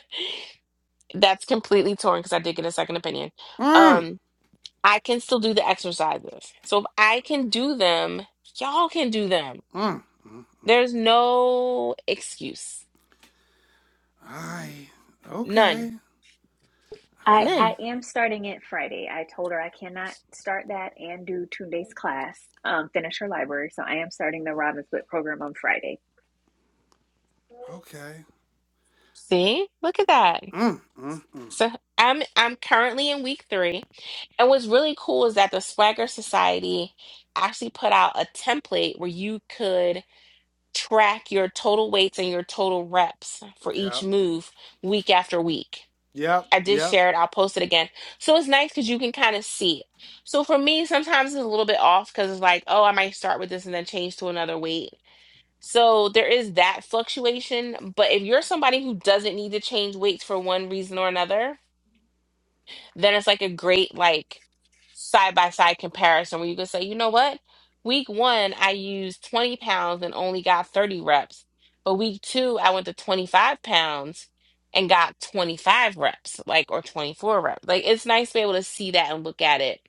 Speaker 2: that's completely torn because I did get a second opinion.
Speaker 1: Mm.
Speaker 2: Um, I can still do the exercises. So if I can do them, y'all can do them.
Speaker 1: Mm. Mm. mm.
Speaker 2: There's no excuse.
Speaker 1: I.
Speaker 2: None.
Speaker 1: Okay.
Speaker 4: I
Speaker 1: I.
Speaker 4: I
Speaker 2: None.
Speaker 4: am starting it Friday. I told her I cannot start that and do Tunde's class, um, finish her library. So I am starting the Robin Hood program on Friday.
Speaker 1: Okay.
Speaker 2: See? Look at that.
Speaker 1: Mm. Mm. Mm.
Speaker 2: So I'm I'm currently in week three. And what's really cool is that the Swagger Society actually put out a template where you could track your total weights and your total reps for each
Speaker 1: Yep.
Speaker 2: move week after week.
Speaker 1: Yep.
Speaker 2: I did
Speaker 1: Yep.
Speaker 2: share it. I'll post it again. So it's nice because you can kind of see it. So for me, sometimes it's a little bit off because it's like, oh, I might start with this and then change to another weight So there is that fluctuation. But if you're somebody who doesn't need to change weights for one reason or another, then it's like a great like side by side comparison where you can say, you know what? Week one, I used 20 pounds and only got 30 reps. But week two, I went to 25 pounds and got 25 reps, like, or 24 reps. Like, it's nice to be able to see that and look at it,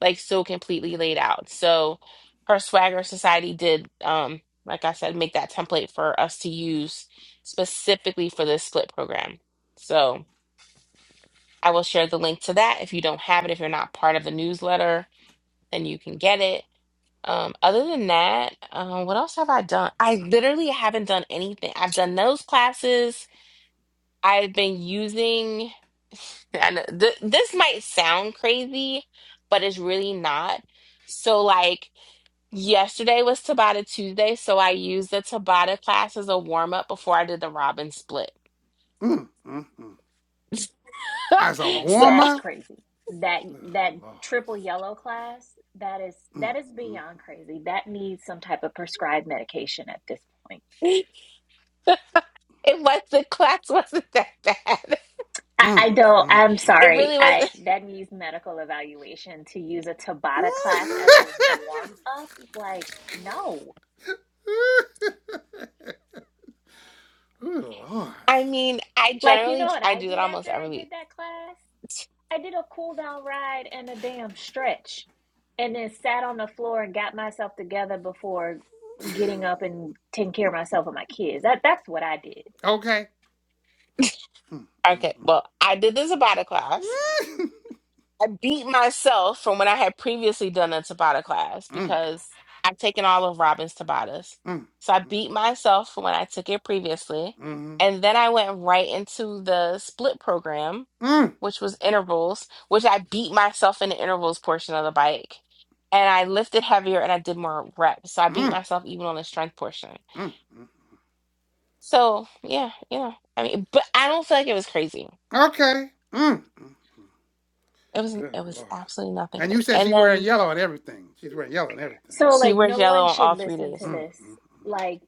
Speaker 2: like, so completely laid out. So, her Swagger Society did, um, like I said, make that template for us to use specifically for this split program. So, I will share the link to that. If you don't have it, if you're not part of the newsletter, then you can get it. Um, other than that, um, what else have I done? I literally haven't done anything. I've done those classes. I've been using, (laughs) I know, th this might sound crazy, but it's really not. So, like, yesterday was Tabata Tuesday, so I used the Tabata class as a warm up before I did the Robin split.
Speaker 1: Mm. Mm. Mm.
Speaker 2: (laughs)
Speaker 1: As a
Speaker 4: Oh,
Speaker 2: So,
Speaker 1: warm
Speaker 4: that's
Speaker 1: up.
Speaker 4: crazy. That
Speaker 1: Oh,
Speaker 4: that
Speaker 1: Lord.
Speaker 4: triple yellow class, that is
Speaker 1: Mm.
Speaker 4: that is
Speaker 1: Mm.
Speaker 4: beyond crazy. That needs some type of prescribed medication at this point.
Speaker 2: (laughs) it was the class (laughs) wasn't that bad. (laughs)
Speaker 4: I,
Speaker 1: Mm.
Speaker 4: I don't,
Speaker 1: Mm.
Speaker 4: I'm
Speaker 1: Mm.
Speaker 2: It
Speaker 4: sorry.
Speaker 2: really was. (laughs)
Speaker 4: I that needs medical evaluation to use a
Speaker 1: (laughs)
Speaker 4: Tabata class as a
Speaker 1: oh,
Speaker 4: warm up. Like, no.
Speaker 1: Lord.
Speaker 2: I mean, I
Speaker 4: Like, you know
Speaker 2: generally
Speaker 4: what
Speaker 2: I
Speaker 4: I
Speaker 2: do that
Speaker 4: did
Speaker 2: almost
Speaker 4: after
Speaker 2: every
Speaker 4: I
Speaker 2: week.
Speaker 4: did that class? I did a cool down ride and a damn stretch, and then sat on the floor and got myself together before getting up and taking care of myself and my kids. That that's what I did.
Speaker 1: Okay. Mm.
Speaker 2: Okay, well, I did the Tabata class.
Speaker 1: Mm. (laughs)
Speaker 2: I beat myself from when I had previously done a Tabata class
Speaker 1: Mm.
Speaker 2: because I've taken all of Robin's Tabatas.
Speaker 1: Mm.
Speaker 2: So I
Speaker 1: Mm.
Speaker 2: beat myself from when I took it previously.
Speaker 1: Mm.
Speaker 2: And then I went right into the split program, which was intervals, which I beat myself in the intervals portion of the bike. And I lifted heavier and I did more reps. So I beat
Speaker 1: Mm.
Speaker 2: myself even on the strength portion.
Speaker 1: Mm.
Speaker 2: So yeah, yeah. I mean, but I don't feel like it was crazy.
Speaker 1: Mm. Okay. Mm. mm.
Speaker 2: It was
Speaker 1: Good
Speaker 2: it was
Speaker 1: lord.
Speaker 2: absolutely nothing
Speaker 1: And you
Speaker 2: crazy.
Speaker 1: said
Speaker 2: And
Speaker 1: she's wearing
Speaker 2: then
Speaker 1: yellow and everything. She's wearing yellow and everything, huh?
Speaker 4: So,
Speaker 2: she
Speaker 4: like,
Speaker 2: wears
Speaker 4: no
Speaker 2: yellow
Speaker 4: one
Speaker 2: on
Speaker 4: should
Speaker 2: all three
Speaker 4: listen to
Speaker 2: days.
Speaker 1: Mm,
Speaker 4: this.
Speaker 1: mm,
Speaker 4: Like,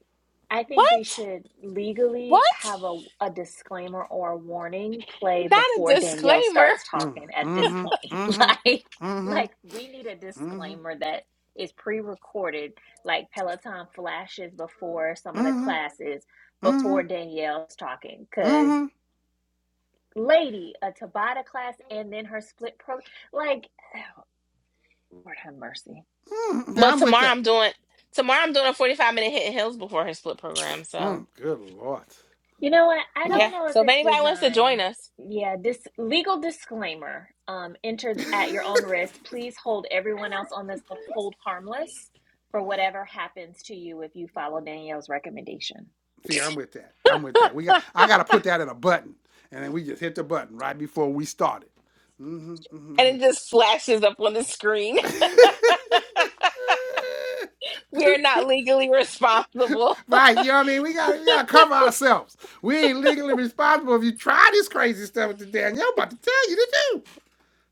Speaker 4: I think we
Speaker 2: What?
Speaker 4: should legally
Speaker 2: What?
Speaker 4: have a, a disclaimer or a warning play
Speaker 2: Not a
Speaker 4: before Danielle
Speaker 2: disclaimer.
Speaker 4: starts
Speaker 1: mm,
Speaker 4: talking at this
Speaker 1: mm-hmm,
Speaker 4: point. (laughs)
Speaker 1: mm-hmm,
Speaker 4: Like,
Speaker 1: mm-hmm,
Speaker 4: like we need a
Speaker 1: mm-hmm,
Speaker 4: disclaimer that is pre-recorded, like Peloton flashes before some of the
Speaker 1: mm-hmm,
Speaker 4: classes
Speaker 1: mm-hmm,
Speaker 4: before Danielle's talking. Cause
Speaker 1: mm-hmm, mm-hmm.
Speaker 4: lady, a Tabata class and then her split pro like (sighs) Lord have mercy.
Speaker 1: Yeah,
Speaker 2: Well,
Speaker 1: I'm with
Speaker 2: tomorrow
Speaker 1: that.
Speaker 2: I'm doing tomorrow I'm doing a 45 minute hit in hills before her split program. So
Speaker 1: Mm, good lord.
Speaker 4: You know what?
Speaker 1: (laughs)
Speaker 4: I don't
Speaker 2: yeah.
Speaker 4: know if
Speaker 2: So if
Speaker 4: it's
Speaker 2: anybody wants to
Speaker 4: designed.
Speaker 2: join us,
Speaker 4: Yeah, this legal disclaimer. Um, enter at your own risk. Please hold everyone else on this hold harmless for whatever happens to you if you follow Danielle's recommendation.
Speaker 1: See, I'm with that. I'm with that. We got. I got to put that in a button, and then we just hit the button right before we started. Mm-hmm, mm-hmm,
Speaker 2: and
Speaker 1: I'm
Speaker 2: it
Speaker 1: with
Speaker 2: just flashes up on the screen,
Speaker 1: that. (laughs)
Speaker 2: (laughs) we are not legally responsible.
Speaker 1: Right, you know what I mean? We got we gotta cover ourselves. We ain't legally responsible if you try this crazy stuff with the Danielle about to tell you to do.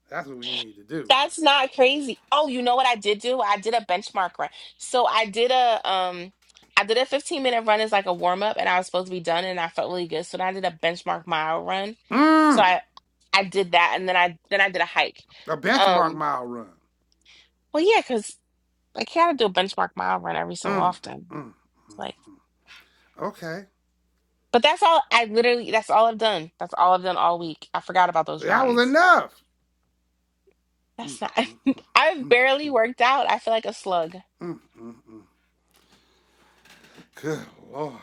Speaker 1: That's what we need to do.
Speaker 2: That's not crazy. Oh, you know what I did do? I did a benchmark run. So I did a um I did a 15 minute run as like a warm up and I was supposed to be done and I felt really good. So then I did a benchmark mile run. So
Speaker 1: Mmm,
Speaker 2: I I did that and then I then I did a hike.
Speaker 1: a benchmark
Speaker 2: Um
Speaker 1: mile run.
Speaker 2: well yeah, because I gotta do a benchmark mile run every so
Speaker 1: Mmm,
Speaker 2: often.
Speaker 1: mmm.
Speaker 2: It's like
Speaker 1: okay.
Speaker 2: but that's all I literally that's all I've done. That's all I've done all week. I forgot about those
Speaker 1: That was
Speaker 2: runs.
Speaker 1: enough.
Speaker 2: That's not (laughs) I've barely worked out. I feel like a slug.
Speaker 1: Mmm, mmm, mmm. Good Lord.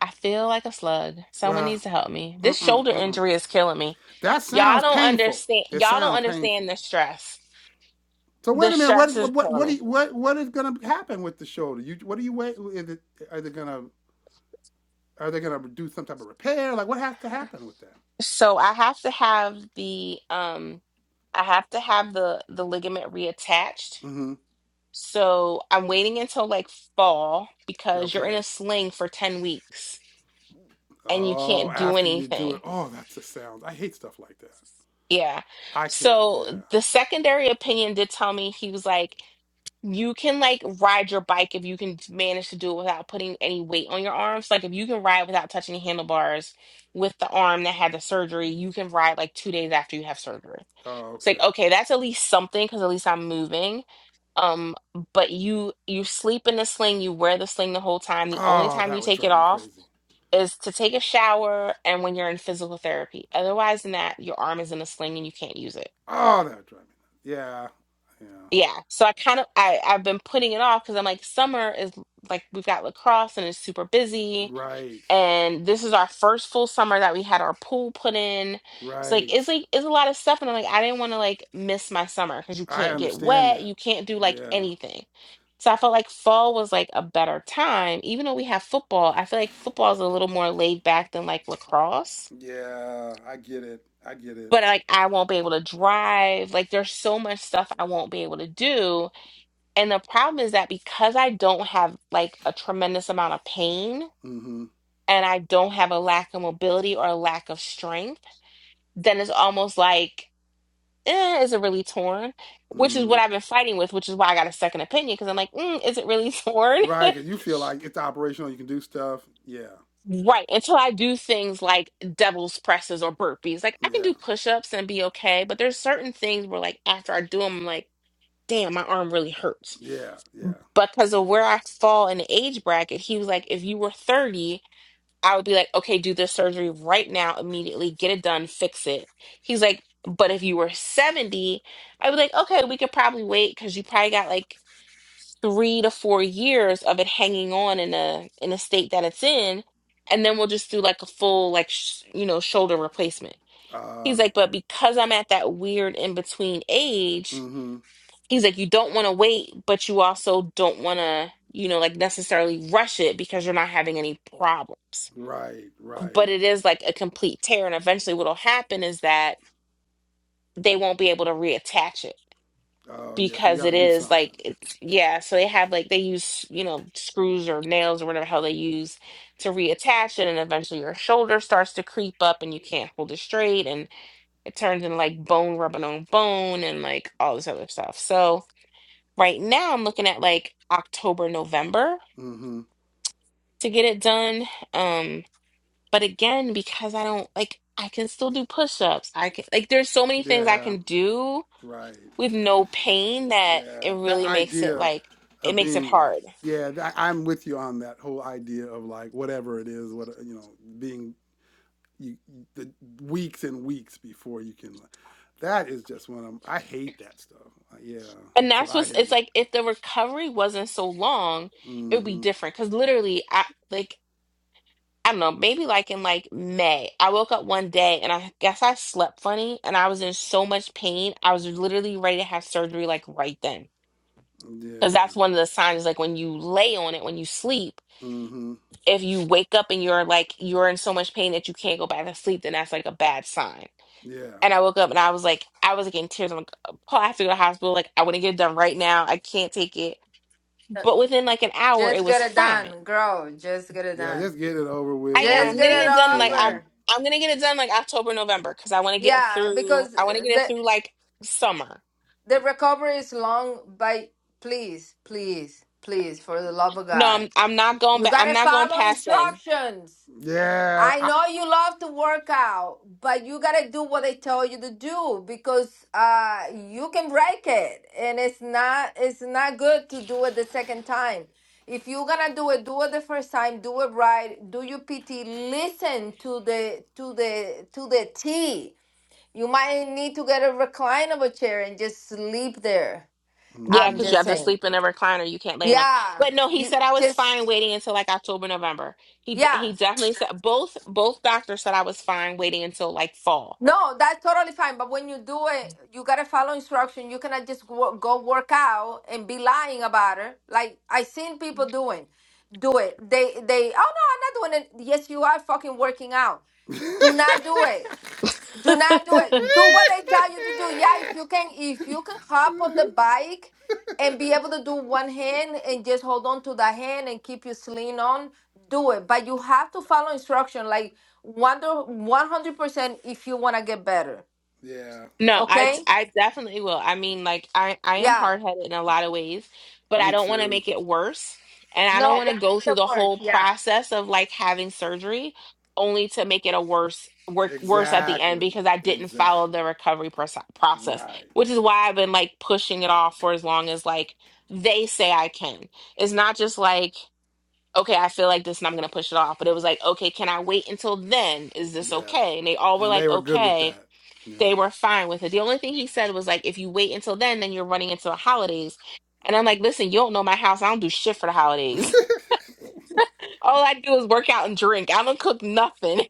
Speaker 2: I feel like a slug. Someone
Speaker 1: Well,
Speaker 2: needs to help me. This
Speaker 1: mm-mm,
Speaker 2: shoulder
Speaker 1: mm-mm.
Speaker 2: injury is killing me.
Speaker 1: that
Speaker 2: Y'all
Speaker 1: sounds
Speaker 2: don't
Speaker 1: painful.
Speaker 2: understand.
Speaker 1: It
Speaker 2: Y'all don't
Speaker 1: sounds painful.
Speaker 2: understand the stress.
Speaker 1: So
Speaker 2: The
Speaker 1: wait a minute. What
Speaker 2: stress
Speaker 1: is
Speaker 2: is
Speaker 1: what
Speaker 2: killing
Speaker 1: what
Speaker 2: me.
Speaker 1: you, what what is going to happen with the shoulder? You what are you wait? Is it, are they gonna are they gonna do some type of repair? Like what has to happen with that?
Speaker 2: So I have to have the um I have to have the the ligament reattached.
Speaker 1: Mm-hmm.
Speaker 2: So I'm waiting until like fall because you're in
Speaker 1: Okay.
Speaker 2: a sling for 10 weeks and you
Speaker 1: Oh,
Speaker 2: can't do
Speaker 1: after you do
Speaker 2: anything.
Speaker 1: it. Oh, that's the sound. I hate stuff like that.
Speaker 2: Yeah.
Speaker 1: I can't.
Speaker 2: So
Speaker 1: Yeah.
Speaker 2: the secondary opinion did tell me he was like you can like ride your bike if you can t- manage to do it without putting any weight on your arms. Like if you can ride without touching the handlebars with the arm that had the surgery, you can ride like two days after you have surgery.
Speaker 1: Oh,
Speaker 2: It's like,
Speaker 1: okay.
Speaker 2: okay, that's at least something because at least I'm moving. Um, but you you sleep in the sling, you wear the sling the whole time. The only
Speaker 1: Oh,
Speaker 2: time you
Speaker 1: that would
Speaker 2: take it
Speaker 1: drive me
Speaker 2: off
Speaker 1: crazy.
Speaker 2: is to take a shower and when you're in physical therapy. Otherwise than that, your arm is in a sling and you can't use it.
Speaker 1: Oh, that would drive me. nuts. Yeah. Yeah.
Speaker 2: Yeah. So I kind of I I've been putting it off because I'm like summer is like we've got lacrosse and it's super busy
Speaker 1: Right.
Speaker 2: and this is our first full summer that we had our pool put in. So like
Speaker 1: Right.
Speaker 2: it's like it's a lot of stuff and I'm like I didn't want to like miss my summer because you
Speaker 1: I
Speaker 2: can't get
Speaker 1: understand
Speaker 2: wet,
Speaker 1: that.
Speaker 2: you can't do like
Speaker 1: Yeah.
Speaker 2: anything. So I felt like fall was like a better time even though we have football. I feel like football is a little more laid back than like lacrosse.
Speaker 1: Yeah. I get it. I get it.
Speaker 2: But like I won't be able to drive. Like there's so much stuff I won't be able to do and the problem is that because I don't have like a tremendous amount of pain
Speaker 1: Mm-hmm.
Speaker 2: and I don't have a lack of mobility or a lack of strength, then it's almost like, eh, is it really torn? Which is what
Speaker 1: Mm.
Speaker 2: I've been fighting with, which is why I got a second opinion because I'm like, mm, is it really (laughs) torn?
Speaker 1: Right. 'cause you feel like it's operational. You can do stuff. Yeah.
Speaker 2: Right.
Speaker 1: Yeah.
Speaker 2: Until I do things like devil's presses or burpees. Like I can do
Speaker 1: Yeah.
Speaker 2: push ups and be okay, but there's certain things where, like, after I do them, I'm like, damn, my arm really hurts.
Speaker 1: Yeah. Yeah.
Speaker 2: Because of where I fall in the age bracket, he was like, if you were 30, I would be like, okay, do this surgery right now, immediately, get it done, fix it. He's like, but if you were 70, I'd be like, okay, we could probably wait because you probably got like three to four years of it hanging on in a in a state that it's in, and then we'll just do like a full like sh you know shoulder replacement. He's
Speaker 1: Uh.
Speaker 2: like, but because I'm at that weird in between age,
Speaker 1: Mm-hmm.
Speaker 2: he's like, you don't want to wait, but you also don't want to you know like necessarily rush it because you're not having any problems
Speaker 1: Right. Right.
Speaker 2: but it is like a complete tear. And eventually, what'll happen is that they won't be able to reattach it
Speaker 1: Oh yes, yeah, so you
Speaker 2: because
Speaker 1: got
Speaker 2: it
Speaker 1: to do
Speaker 2: is
Speaker 1: something.
Speaker 2: like, it- yeah. So they have like, they use, you know, screws or nails or whatever hell they use to reattach it. And eventually, your shoulder starts to creep up and you can't hold it straight. And it turns into like bone rubbing on bone and like all this other stuff. So right now, I'm looking at like October, November
Speaker 1: Mm-hmm.
Speaker 2: to get it done. Um, But again, because I don't like, I can still do push-ups. I can like, there's so many things I
Speaker 1: Yeah,
Speaker 2: can do
Speaker 1: right.
Speaker 2: with no pain that it
Speaker 1: Yeah, that
Speaker 2: really makes it
Speaker 1: idea
Speaker 2: like it
Speaker 1: of
Speaker 2: makes it
Speaker 1: being like,
Speaker 2: hard.
Speaker 1: yeah, th- I'm with you on that whole idea of like whatever it is, what you know, being you the weeks and weeks before you can. That is just one of I hate that stuff. Uh, Yeah,
Speaker 2: And
Speaker 1: so
Speaker 2: that's
Speaker 1: I
Speaker 2: what's
Speaker 1: hear
Speaker 2: it's
Speaker 1: you.
Speaker 2: like if the recovery wasn't so long, it would be
Speaker 1: Mm-hmm.
Speaker 2: different. Because literally, I like I don't know, maybe like in like May, I woke up one day and I guess I slept funny and I was in so much pain. I was literally ready to have surgery like right then. Because that's
Speaker 1: Yeah.
Speaker 2: one of the signs, like when you lay on it, when you sleep.
Speaker 1: Mm-hmm.
Speaker 2: if you wake up and you're like you're in so much pain that you can't go back to sleep, then that's like a bad sign.
Speaker 1: Yeah.
Speaker 2: And I woke up and I was like, I was like in tears. I'm like, Paul, I have to go to the hospital. Like, I want to get it done right now. I can't take it. But within like an hour, it
Speaker 9: Just
Speaker 2: was
Speaker 9: get it
Speaker 2: fine.
Speaker 9: done, girl. Just get it
Speaker 1: Yeah. Just
Speaker 9: done.
Speaker 1: get it over
Speaker 2: I
Speaker 1: with.
Speaker 2: am.
Speaker 1: Yeah,
Speaker 9: Just
Speaker 2: I'm getting
Speaker 9: get it
Speaker 2: it
Speaker 1: that's
Speaker 2: done. and, Like I'm.
Speaker 1: true.
Speaker 9: over.
Speaker 2: I'm gonna get it done like October, November, because I want to get
Speaker 9: Yeah,
Speaker 2: through.
Speaker 9: because
Speaker 2: I want to
Speaker 9: uh,
Speaker 2: get it
Speaker 9: the
Speaker 2: through like summer.
Speaker 9: the recovery is long, but please, please, please, for the love of
Speaker 2: No, I'm.
Speaker 9: God,
Speaker 2: I'm not going
Speaker 9: you
Speaker 2: back. I'm
Speaker 9: gotta
Speaker 2: not going
Speaker 9: follow
Speaker 2: past then.
Speaker 9: instructions.
Speaker 1: Yeah.
Speaker 9: I
Speaker 1: I,
Speaker 9: know you love to work out, but you gotta do what they tell you to do because uh you can break it and it's not it's not good to do it the second time. If you're gonna do it, do it the first time, do it right, do your PT, listen to the to the to the T. You might need to get a reclinable chair and just sleep there.
Speaker 2: Yeah,
Speaker 9: I'm
Speaker 1: mm-hmm.
Speaker 2: because you
Speaker 9: just
Speaker 2: have to
Speaker 9: saying.
Speaker 2: sleep in a recliner. You can't lay in a.
Speaker 9: Yeah.
Speaker 2: But no, he
Speaker 9: you
Speaker 2: said I was fine
Speaker 9: Just
Speaker 2: waiting until like October, November. He d-
Speaker 9: yeah.
Speaker 2: he definitely said both both doctors said I was fine waiting until like fall.
Speaker 9: No, that's totally fine. But when you do it, you gotta follow instruction. You cannot just go, go work out and be lying about it. Like I seen people doing, do it. They they oh no, I'm not doing it. Yes, you are fucking working out. Do not do it.
Speaker 1: (laughs)
Speaker 9: Do not do it. Do what I tell you to do. Yeah, if you can, if you can hop
Speaker 1: (laughs)
Speaker 9: on the bike and be able to do one hand and just hold on to the hand and keep your sling on, do it. But you have to follow instruction, like wonder one hundred percent if you want to get better.
Speaker 1: yeah,
Speaker 2: No, I
Speaker 9: Okay?
Speaker 2: I definitely will. I mean, like I I am
Speaker 9: Yeah.
Speaker 2: hard-headed in a lot of ways, but I
Speaker 1: me
Speaker 2: don't want to
Speaker 1: too.
Speaker 2: make it worse, and I don't
Speaker 9: No, don't
Speaker 2: want to go
Speaker 9: make
Speaker 2: through
Speaker 9: it
Speaker 2: the
Speaker 9: work.
Speaker 2: whole
Speaker 9: Yeah.
Speaker 2: process of like having surgery only to make it a worse work worse at the end
Speaker 1: Exactly.
Speaker 2: because I didn't follow
Speaker 1: Exactly.
Speaker 2: the recovery proce- process,
Speaker 1: Right.
Speaker 2: which is why I've been like pushing it off for as long as like they say I can. It's not just like Okay, I feel like this and I'm gonna push it off. But it was like, okay, can I wait until then? Is this
Speaker 1: Yeah.
Speaker 2: okay? And they all were
Speaker 1: And
Speaker 2: like,
Speaker 1: they were good with
Speaker 2: okay
Speaker 1: that. Yeah.
Speaker 2: they were fine with it. The only thing he said was like, if you wait until then, then you're running into the holidays. And I'm like, listen, you don't know my house. I don't do shit for the holidays. (laughs) All I do is work out and drink. I don't cook nothing. (laughs)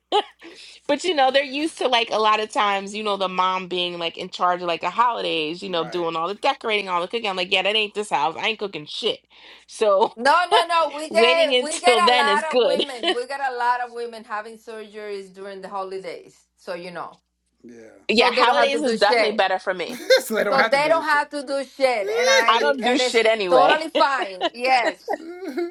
Speaker 2: But you know, they're used to like a lot of times, you know, the mom being like in charge of like the holidays, you know,
Speaker 1: Right.
Speaker 2: doing all the decorating, all the cooking. I'm like, yeah, that ain't this house. I ain't cooking shit. So
Speaker 9: No, no, no.
Speaker 2: (laughs)
Speaker 9: We
Speaker 2: waiting
Speaker 9: get we get
Speaker 2: until
Speaker 9: a
Speaker 2: then is
Speaker 9: lot of
Speaker 2: good. (laughs)
Speaker 9: women. We get a lot of women having surgeries during the holidays. So you know,
Speaker 1: Yeah.
Speaker 2: Yeah,
Speaker 9: so they don't have
Speaker 2: holidays
Speaker 9: to
Speaker 2: is
Speaker 9: do
Speaker 2: definitely
Speaker 9: shit.
Speaker 2: better for
Speaker 1: (laughs)
Speaker 2: me.
Speaker 1: so they don't
Speaker 9: So
Speaker 1: have to
Speaker 9: they
Speaker 1: do
Speaker 9: don't
Speaker 1: this shit.
Speaker 9: have to do shit, and
Speaker 2: I
Speaker 9: I
Speaker 2: don't do
Speaker 9: and it's
Speaker 2: shit anyway.
Speaker 9: totally fine. Yes,
Speaker 1: (laughs)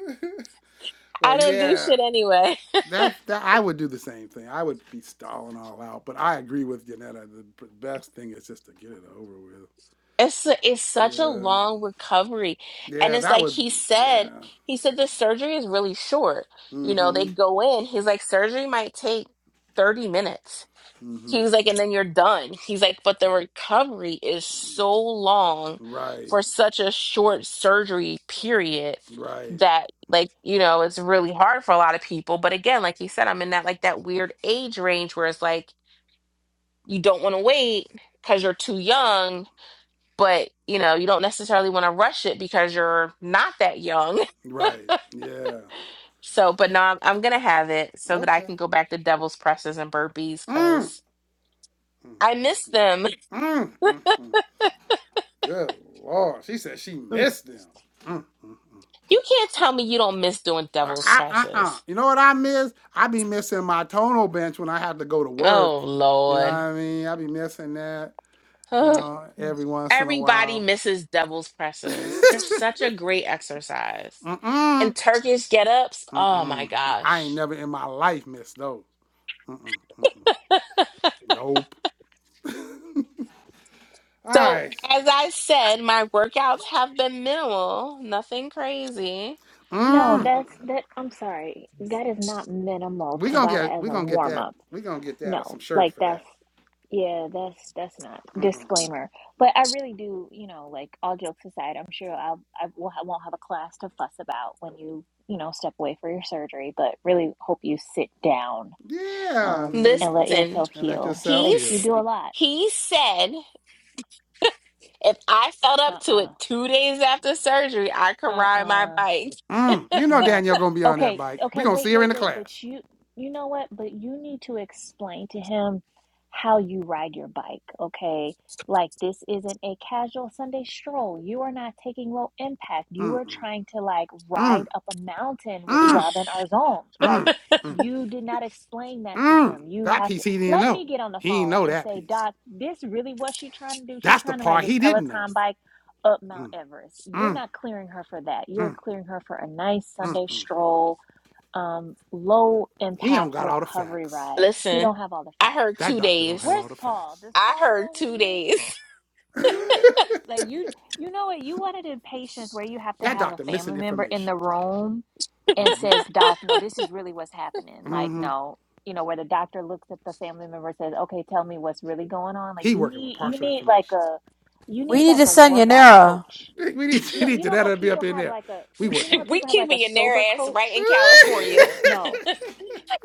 Speaker 2: (laughs)
Speaker 1: well,
Speaker 2: I don't do
Speaker 1: yeah.
Speaker 2: shit anyway.
Speaker 1: That. that. I would do the same thing. I would be stalling all out. But I agree with Janetta. The best thing is just to get it over with.
Speaker 2: It's it's such a
Speaker 1: Yeah.
Speaker 2: long recovery. And
Speaker 1: Yeah.
Speaker 2: it's
Speaker 1: That
Speaker 2: like
Speaker 1: would.
Speaker 2: he
Speaker 1: Yeah.
Speaker 2: said, he said the surgery is really short. You know,
Speaker 1: Mm-hmm.
Speaker 2: they go in, he's like, surgery might take 30 minutes.
Speaker 1: Mm-hmm.
Speaker 2: He was like, and then you're done. He's like, but the recovery is so long
Speaker 1: Right.
Speaker 2: for such a short surgery period
Speaker 1: Right.
Speaker 2: that like, you know, it's really hard for a lot of people. But again, like he said, I'm in that like that weird age range where it's like you don't want to wait because you're too young but you know you don't necessarily want to rush it because you're not that young
Speaker 1: Right. Yeah.
Speaker 2: (laughs) so but no I'm, I'm gonna have it so that i
Speaker 1: Okay.
Speaker 2: can go back to devil's presses and burpees
Speaker 1: Mm,
Speaker 2: because
Speaker 1: mm,
Speaker 2: i miss them
Speaker 1: mm, mm, mm. Good Lord. She said she
Speaker 2: (laughs) you
Speaker 1: missed them. Mm.
Speaker 2: can't tell me you don't miss doing
Speaker 1: Uh,
Speaker 2: devil's
Speaker 1: uh, uh, uh.
Speaker 2: presses
Speaker 1: You know what I miss? I be missing my tonal bench when I have to go to work.
Speaker 2: oh
Speaker 1: You know what
Speaker 2: lord
Speaker 1: I mean? I be missing that,
Speaker 2: (sighs)
Speaker 1: you
Speaker 2: Ugh.
Speaker 1: know, every once in a
Speaker 2: everybody
Speaker 1: while.
Speaker 2: misses devil's
Speaker 1: (laughs)
Speaker 2: presses they're
Speaker 1: Mm-mm.
Speaker 2: such a great exercise and turkish get-ups oh my
Speaker 1: Mm-mm. I ain't
Speaker 2: gosh
Speaker 1: never in my life missed those. Mm-mm. Mm-mm. Nope. (laughs) All
Speaker 2: so
Speaker 1: right.
Speaker 2: as i said my workouts have been minimal nothing crazy
Speaker 4: No,
Speaker 1: Mm. mm,
Speaker 4: that's that. I'm sorry. That is not minimal
Speaker 1: We gonna get
Speaker 4: Tabata as
Speaker 1: we
Speaker 4: a
Speaker 1: gonna get
Speaker 4: warm
Speaker 1: that
Speaker 4: up.
Speaker 1: we gonna get that uh, some
Speaker 4: no
Speaker 1: shirts
Speaker 4: like
Speaker 1: for
Speaker 4: that's
Speaker 1: that.
Speaker 4: yeah that's that's not
Speaker 1: Mm-mm, mm-mm.
Speaker 4: disclaimer but i really do you know like all jokes aside i'm sure i'll i will- I won't have a class to fuss about when you you know step away for your surgery but really hope you sit down
Speaker 1: Yeah,
Speaker 4: um
Speaker 1: and
Speaker 4: and let
Speaker 2: Listen,
Speaker 4: yourself
Speaker 1: and let
Speaker 4: heal
Speaker 1: yourself
Speaker 4: like you
Speaker 1: heal.
Speaker 2: he's
Speaker 4: do a lot
Speaker 2: he said if I felt up to
Speaker 4: uh-uh
Speaker 2: it two days after surgery, I could
Speaker 4: uh-uh
Speaker 2: ride my
Speaker 4: uh.
Speaker 2: bike.
Speaker 1: Mm. You know
Speaker 4: No.
Speaker 1: Danielle gonna be on that
Speaker 4: Okay,
Speaker 1: bike. We
Speaker 4: okay,
Speaker 1: gonna see
Speaker 4: wait,
Speaker 1: her in
Speaker 4: wait,
Speaker 1: the
Speaker 4: wait.
Speaker 1: class.
Speaker 4: But you you know what? But you need to explain to him how you ride your bike, okay? Like this isn't a casual Sunday stroll. You are not taking low impact. You
Speaker 1: Mm-mm.
Speaker 4: are trying to like ride
Speaker 1: Mm,
Speaker 4: up a mountain with
Speaker 1: mm,
Speaker 4: Robin Arzón. Like
Speaker 1: mm, mm,
Speaker 4: you did not explain that to
Speaker 1: mm.
Speaker 4: him. You
Speaker 1: That
Speaker 4: have to
Speaker 1: piece he didn't
Speaker 4: let
Speaker 1: know.
Speaker 4: me get on the
Speaker 1: He ain't
Speaker 4: phone
Speaker 1: know
Speaker 4: and
Speaker 1: that
Speaker 4: say,
Speaker 1: piece.
Speaker 4: "Doc, this really what she trying to do? She
Speaker 1: That's the
Speaker 4: trying to ride
Speaker 1: part
Speaker 4: this
Speaker 1: he didn't know.
Speaker 4: Peloton bike up Mount Everest. You're
Speaker 1: Mm,
Speaker 4: not clearing her for that. You're
Speaker 1: mm,
Speaker 4: clearing her for a nice
Speaker 1: mm,
Speaker 4: Sunday
Speaker 1: mm.
Speaker 4: stroll, um, low
Speaker 1: He don't
Speaker 4: impact
Speaker 1: got all the
Speaker 4: recovery
Speaker 1: facts.
Speaker 4: ride. He don't
Speaker 2: Listen,
Speaker 4: have all the
Speaker 2: I
Speaker 4: facts.
Speaker 2: heard
Speaker 1: That
Speaker 2: two
Speaker 1: doctor don't have
Speaker 2: days.
Speaker 4: Where's
Speaker 1: all the
Speaker 4: Paul?
Speaker 1: facts.
Speaker 4: Does
Speaker 2: I
Speaker 4: Paul
Speaker 2: heard
Speaker 4: go with
Speaker 2: two
Speaker 4: you?
Speaker 2: days.
Speaker 1: (laughs) that
Speaker 4: Like you, you know what? You wanted in patients where you have to have a
Speaker 1: doctor
Speaker 4: family
Speaker 1: missing
Speaker 4: member in the
Speaker 1: information.
Speaker 4: room and
Speaker 1: hmm
Speaker 4: says, "Doc, no, this is really what's happening." Like, no, you know, where the doctor looks at the family member and says, "Okay, tell me what's really going on." Like,
Speaker 1: He
Speaker 4: you
Speaker 1: working with
Speaker 4: need, you
Speaker 1: partial
Speaker 4: need like
Speaker 1: information.
Speaker 4: a, you
Speaker 7: we
Speaker 4: need
Speaker 7: need
Speaker 4: like
Speaker 7: to
Speaker 4: a
Speaker 7: send
Speaker 4: workout
Speaker 7: Yanira.
Speaker 4: coach
Speaker 1: we need we
Speaker 4: no,
Speaker 1: need
Speaker 4: you know
Speaker 1: Janetta
Speaker 4: how
Speaker 1: to be up
Speaker 4: people
Speaker 1: in
Speaker 4: have
Speaker 1: there.
Speaker 4: like a
Speaker 1: We
Speaker 4: you, you
Speaker 1: working
Speaker 4: know how
Speaker 2: (laughs)
Speaker 1: with.
Speaker 2: we
Speaker 4: people have like a
Speaker 2: keeping your their
Speaker 4: sober
Speaker 2: ass right
Speaker 1: her.
Speaker 2: in
Speaker 4: coach?
Speaker 2: California.
Speaker 4: No.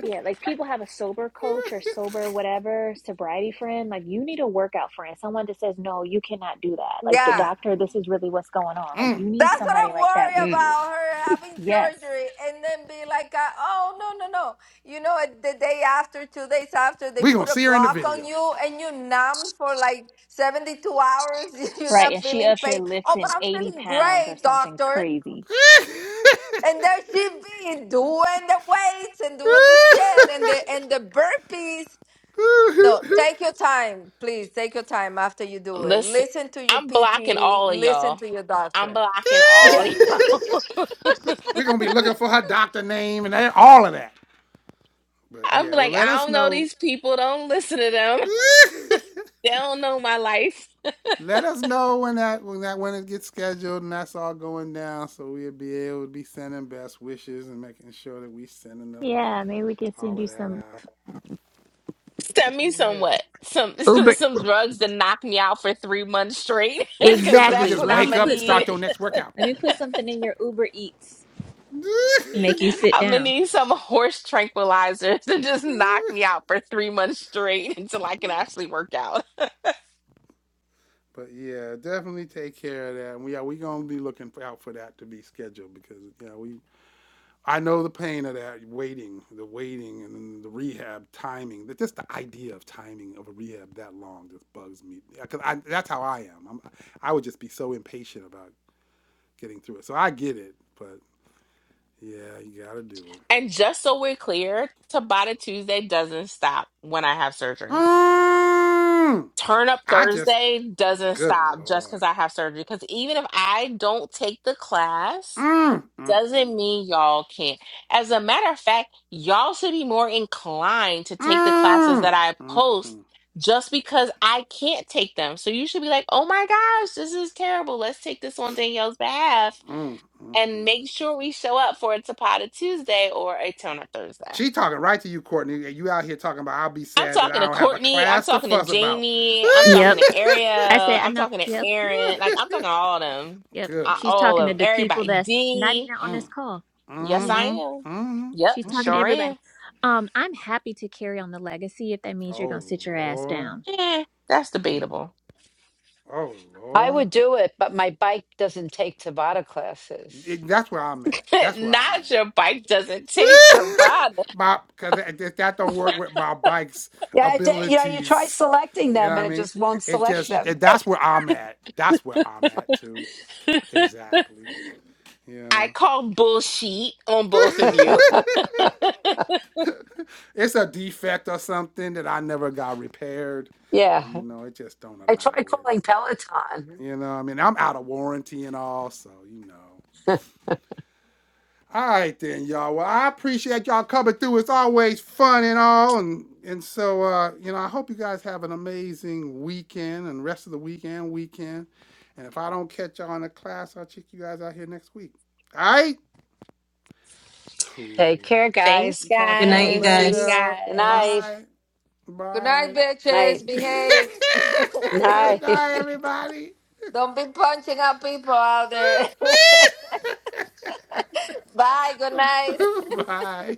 Speaker 4: Yeah, like people have a sober coach or sober whatever, sobriety friend. Like you need a workout friend, someone that says, "No, you cannot do that." Like the
Speaker 9: yeah,
Speaker 4: doctor, this is really what's going on. Like you need
Speaker 9: that's what
Speaker 4: somebody
Speaker 9: I'm
Speaker 4: like that
Speaker 9: worried
Speaker 4: with
Speaker 2: N-
Speaker 4: you.
Speaker 9: about. Her having
Speaker 4: Yes.
Speaker 9: surgery and then be like, uh, oh no no no, you know, it- the day after, two days after,
Speaker 1: (laughs)
Speaker 9: they
Speaker 1: we gonna
Speaker 9: put a
Speaker 1: see her in the
Speaker 9: block on
Speaker 1: video. (laughs)
Speaker 9: you and you numb for like 72 hours. (laughs) You're
Speaker 4: Right,
Speaker 9: not
Speaker 4: and she
Speaker 9: feeling
Speaker 4: up here
Speaker 9: pain. Oh, but
Speaker 4: lifting
Speaker 9: I'm
Speaker 4: 80
Speaker 9: feeling
Speaker 4: pounds or
Speaker 9: great,
Speaker 4: something
Speaker 9: doctor.
Speaker 4: crazy.
Speaker 9: And there she be doing the weights and doing the shit and the and the burpees So take your time, please. Take your time after you do it.
Speaker 2: Listen,
Speaker 9: Listen to your
Speaker 2: I'm blocking
Speaker 9: PT.
Speaker 2: all of
Speaker 9: Listen
Speaker 2: y'all.
Speaker 9: to your
Speaker 2: I'm
Speaker 9: doctor.
Speaker 2: blocking all of y'all.
Speaker 1: we gonna be looking for her doctor name and all of that.
Speaker 2: (laughs)
Speaker 1: But
Speaker 2: I'm
Speaker 1: yeah, well,
Speaker 2: like,
Speaker 1: let
Speaker 2: I
Speaker 1: us
Speaker 2: don't know
Speaker 1: know.
Speaker 2: these people. Don't listen to them.
Speaker 1: (laughs)
Speaker 2: They don't know my life.
Speaker 1: let us know when that when that when it gets scheduled and that's all going down, so we'll be able to be sending best wishes and making sure that we sending the,
Speaker 4: Yeah, maybe we can
Speaker 1: all
Speaker 4: send
Speaker 1: of
Speaker 4: you
Speaker 1: that
Speaker 4: some
Speaker 1: out.
Speaker 2: Send me some
Speaker 1: Yeah.
Speaker 2: what? Some (laughs)
Speaker 4: Uber.
Speaker 2: some drugs to knock me out for three months straight, (laughs)
Speaker 1: (laughs)
Speaker 2: because
Speaker 1: so you
Speaker 2: that's
Speaker 4: Exactly.
Speaker 1: just
Speaker 2: what
Speaker 4: Let
Speaker 2: I'm
Speaker 4: me
Speaker 1: wake
Speaker 2: gonna
Speaker 1: up and
Speaker 4: put
Speaker 1: start
Speaker 2: need.
Speaker 1: your
Speaker 4: something.
Speaker 1: next workout.
Speaker 4: Let
Speaker 1: (laughs)
Speaker 4: me put something in your Uber Eats. Make you sit
Speaker 2: I'm gonna
Speaker 4: down.
Speaker 2: need some horse tranquilizers to just knock me out for three months straight (laughs) until I can actually work out.
Speaker 1: but yeah, definitely take care of that. And we are we gonna be looking out for that to be scheduled because yeah, we I know the pain of that waiting, the waiting and then the rehab timing. That just the idea of timing of a rehab that long just bugs me. Because I that's how I am. I'm, I would just be so impatient about getting through it. So I get it, but yeah, you gotta do it.
Speaker 2: And just so we're clear, Tabata Tuesday doesn't stop when I have surgery.
Speaker 1: Mm,
Speaker 2: Turn up
Speaker 1: I just
Speaker 2: Thursday doesn't
Speaker 1: good
Speaker 2: stop just
Speaker 1: lord.
Speaker 2: because I have surgery. Because even if I don't take the class,
Speaker 1: Mm, mm,
Speaker 2: doesn't mean y'all can't. As a matter of fact, y'all should be more inclined to
Speaker 1: mm,
Speaker 2: take the classes
Speaker 1: mm,
Speaker 2: that
Speaker 1: mm,
Speaker 2: I
Speaker 1: mm,
Speaker 2: post
Speaker 1: mm,
Speaker 2: just because I can't take them. So you should be like, oh my gosh, this is terrible. Let's take this on Danielle's behalf
Speaker 1: mm, mm, mm.
Speaker 2: and make sure we show up for a Tapata Tuesday or a Toner Thursday.
Speaker 1: She talking right to you, Courtney, and you out here talking about I'll be
Speaker 2: I'm
Speaker 1: sad that
Speaker 2: talking
Speaker 1: I
Speaker 2: to
Speaker 1: don't have a
Speaker 2: Courtney. I'm
Speaker 1: class to
Speaker 2: talking to
Speaker 1: fuss about. (laughs)
Speaker 2: Jamie. I'm
Speaker 4: Yep.
Speaker 2: talking to Ariel.
Speaker 4: I said, I
Speaker 2: I'm
Speaker 4: know.
Speaker 2: talking to
Speaker 4: Yep,
Speaker 2: Aaron. Like, I'm talking to all of them.
Speaker 4: yep.
Speaker 1: Good
Speaker 2: Uh,
Speaker 4: She's
Speaker 2: All
Speaker 4: talking
Speaker 2: of
Speaker 4: to
Speaker 2: them.
Speaker 1: Lord.
Speaker 4: the people
Speaker 2: Everybody.
Speaker 4: that's not
Speaker 2: D.
Speaker 4: even on this
Speaker 1: Mm,
Speaker 4: call.
Speaker 2: Yes,
Speaker 4: Yeah,
Speaker 2: I
Speaker 1: mm-hmm,
Speaker 2: am. Yep,
Speaker 4: she's
Speaker 1: mm-hmm,
Speaker 4: talking
Speaker 1: mm-hmm.
Speaker 4: to
Speaker 2: sure am.
Speaker 4: everybody. Um, I'm happy to carry on the legacy if that means you're gonna
Speaker 1: Oh
Speaker 4: sit your ass
Speaker 1: Lord.
Speaker 4: down.
Speaker 2: Eh, that's
Speaker 1: Mm,
Speaker 2: debatable.
Speaker 1: oh
Speaker 5: I
Speaker 1: Lord.
Speaker 5: would do it, but my bike doesn't take Tabata classes.
Speaker 1: It- that's where I'm at.
Speaker 2: (laughs)
Speaker 1: That's where I'm
Speaker 2: Not
Speaker 1: at.
Speaker 2: your bike doesn't take the violence.
Speaker 1: (laughs) my, cause that that don't work with my bike's
Speaker 5: Yeah, it, you know, you try
Speaker 1: abilities.
Speaker 5: selecting
Speaker 1: You know what
Speaker 5: them
Speaker 1: I
Speaker 5: and it
Speaker 1: mean?
Speaker 5: just won't
Speaker 1: It
Speaker 5: select
Speaker 1: just
Speaker 5: them.
Speaker 1: it, that's where I'm at. That's where I'm at too. Exactly. You
Speaker 2: I
Speaker 1: know.
Speaker 2: call bullshit on
Speaker 1: (laughs)
Speaker 2: both
Speaker 5: (laughs)
Speaker 2: of you.
Speaker 1: it's a defect or something that I never got repaired, but you
Speaker 5: yeah.
Speaker 1: know, it just don't
Speaker 5: I tried
Speaker 1: allow it.
Speaker 5: calling Peloton.
Speaker 1: You know, what I mean, I'm out of warranty and all, so you know. All right then, y'all. Well, I appreciate y'all coming through. It's always fun and all, and and so uh, you know, I hope you guys have an amazing weekend and rest of the weekend, weekend. And if I don't catch y'all in the class, I'll check you guys out here next week. All right,
Speaker 5: Take
Speaker 1: cool.
Speaker 5: care,
Speaker 2: (laughs) Thanks,
Speaker 5: guys.
Speaker 1: Talk to
Speaker 3: Good
Speaker 1: you guys
Speaker 3: night, you
Speaker 2: guys. See you
Speaker 3: guys.
Speaker 1: later.
Speaker 5: Good
Speaker 2: guys.
Speaker 5: night.
Speaker 1: Bye,
Speaker 9: Good night,
Speaker 1: bye.
Speaker 5: Night.
Speaker 9: bitches.
Speaker 1: (laughs)
Speaker 9: Behave.
Speaker 1: Good
Speaker 5: Night. (laughs)
Speaker 1: night, everybody.
Speaker 9: Don't be punching out people out there. (laughs) Bye. Good night.
Speaker 1: (laughs) bye.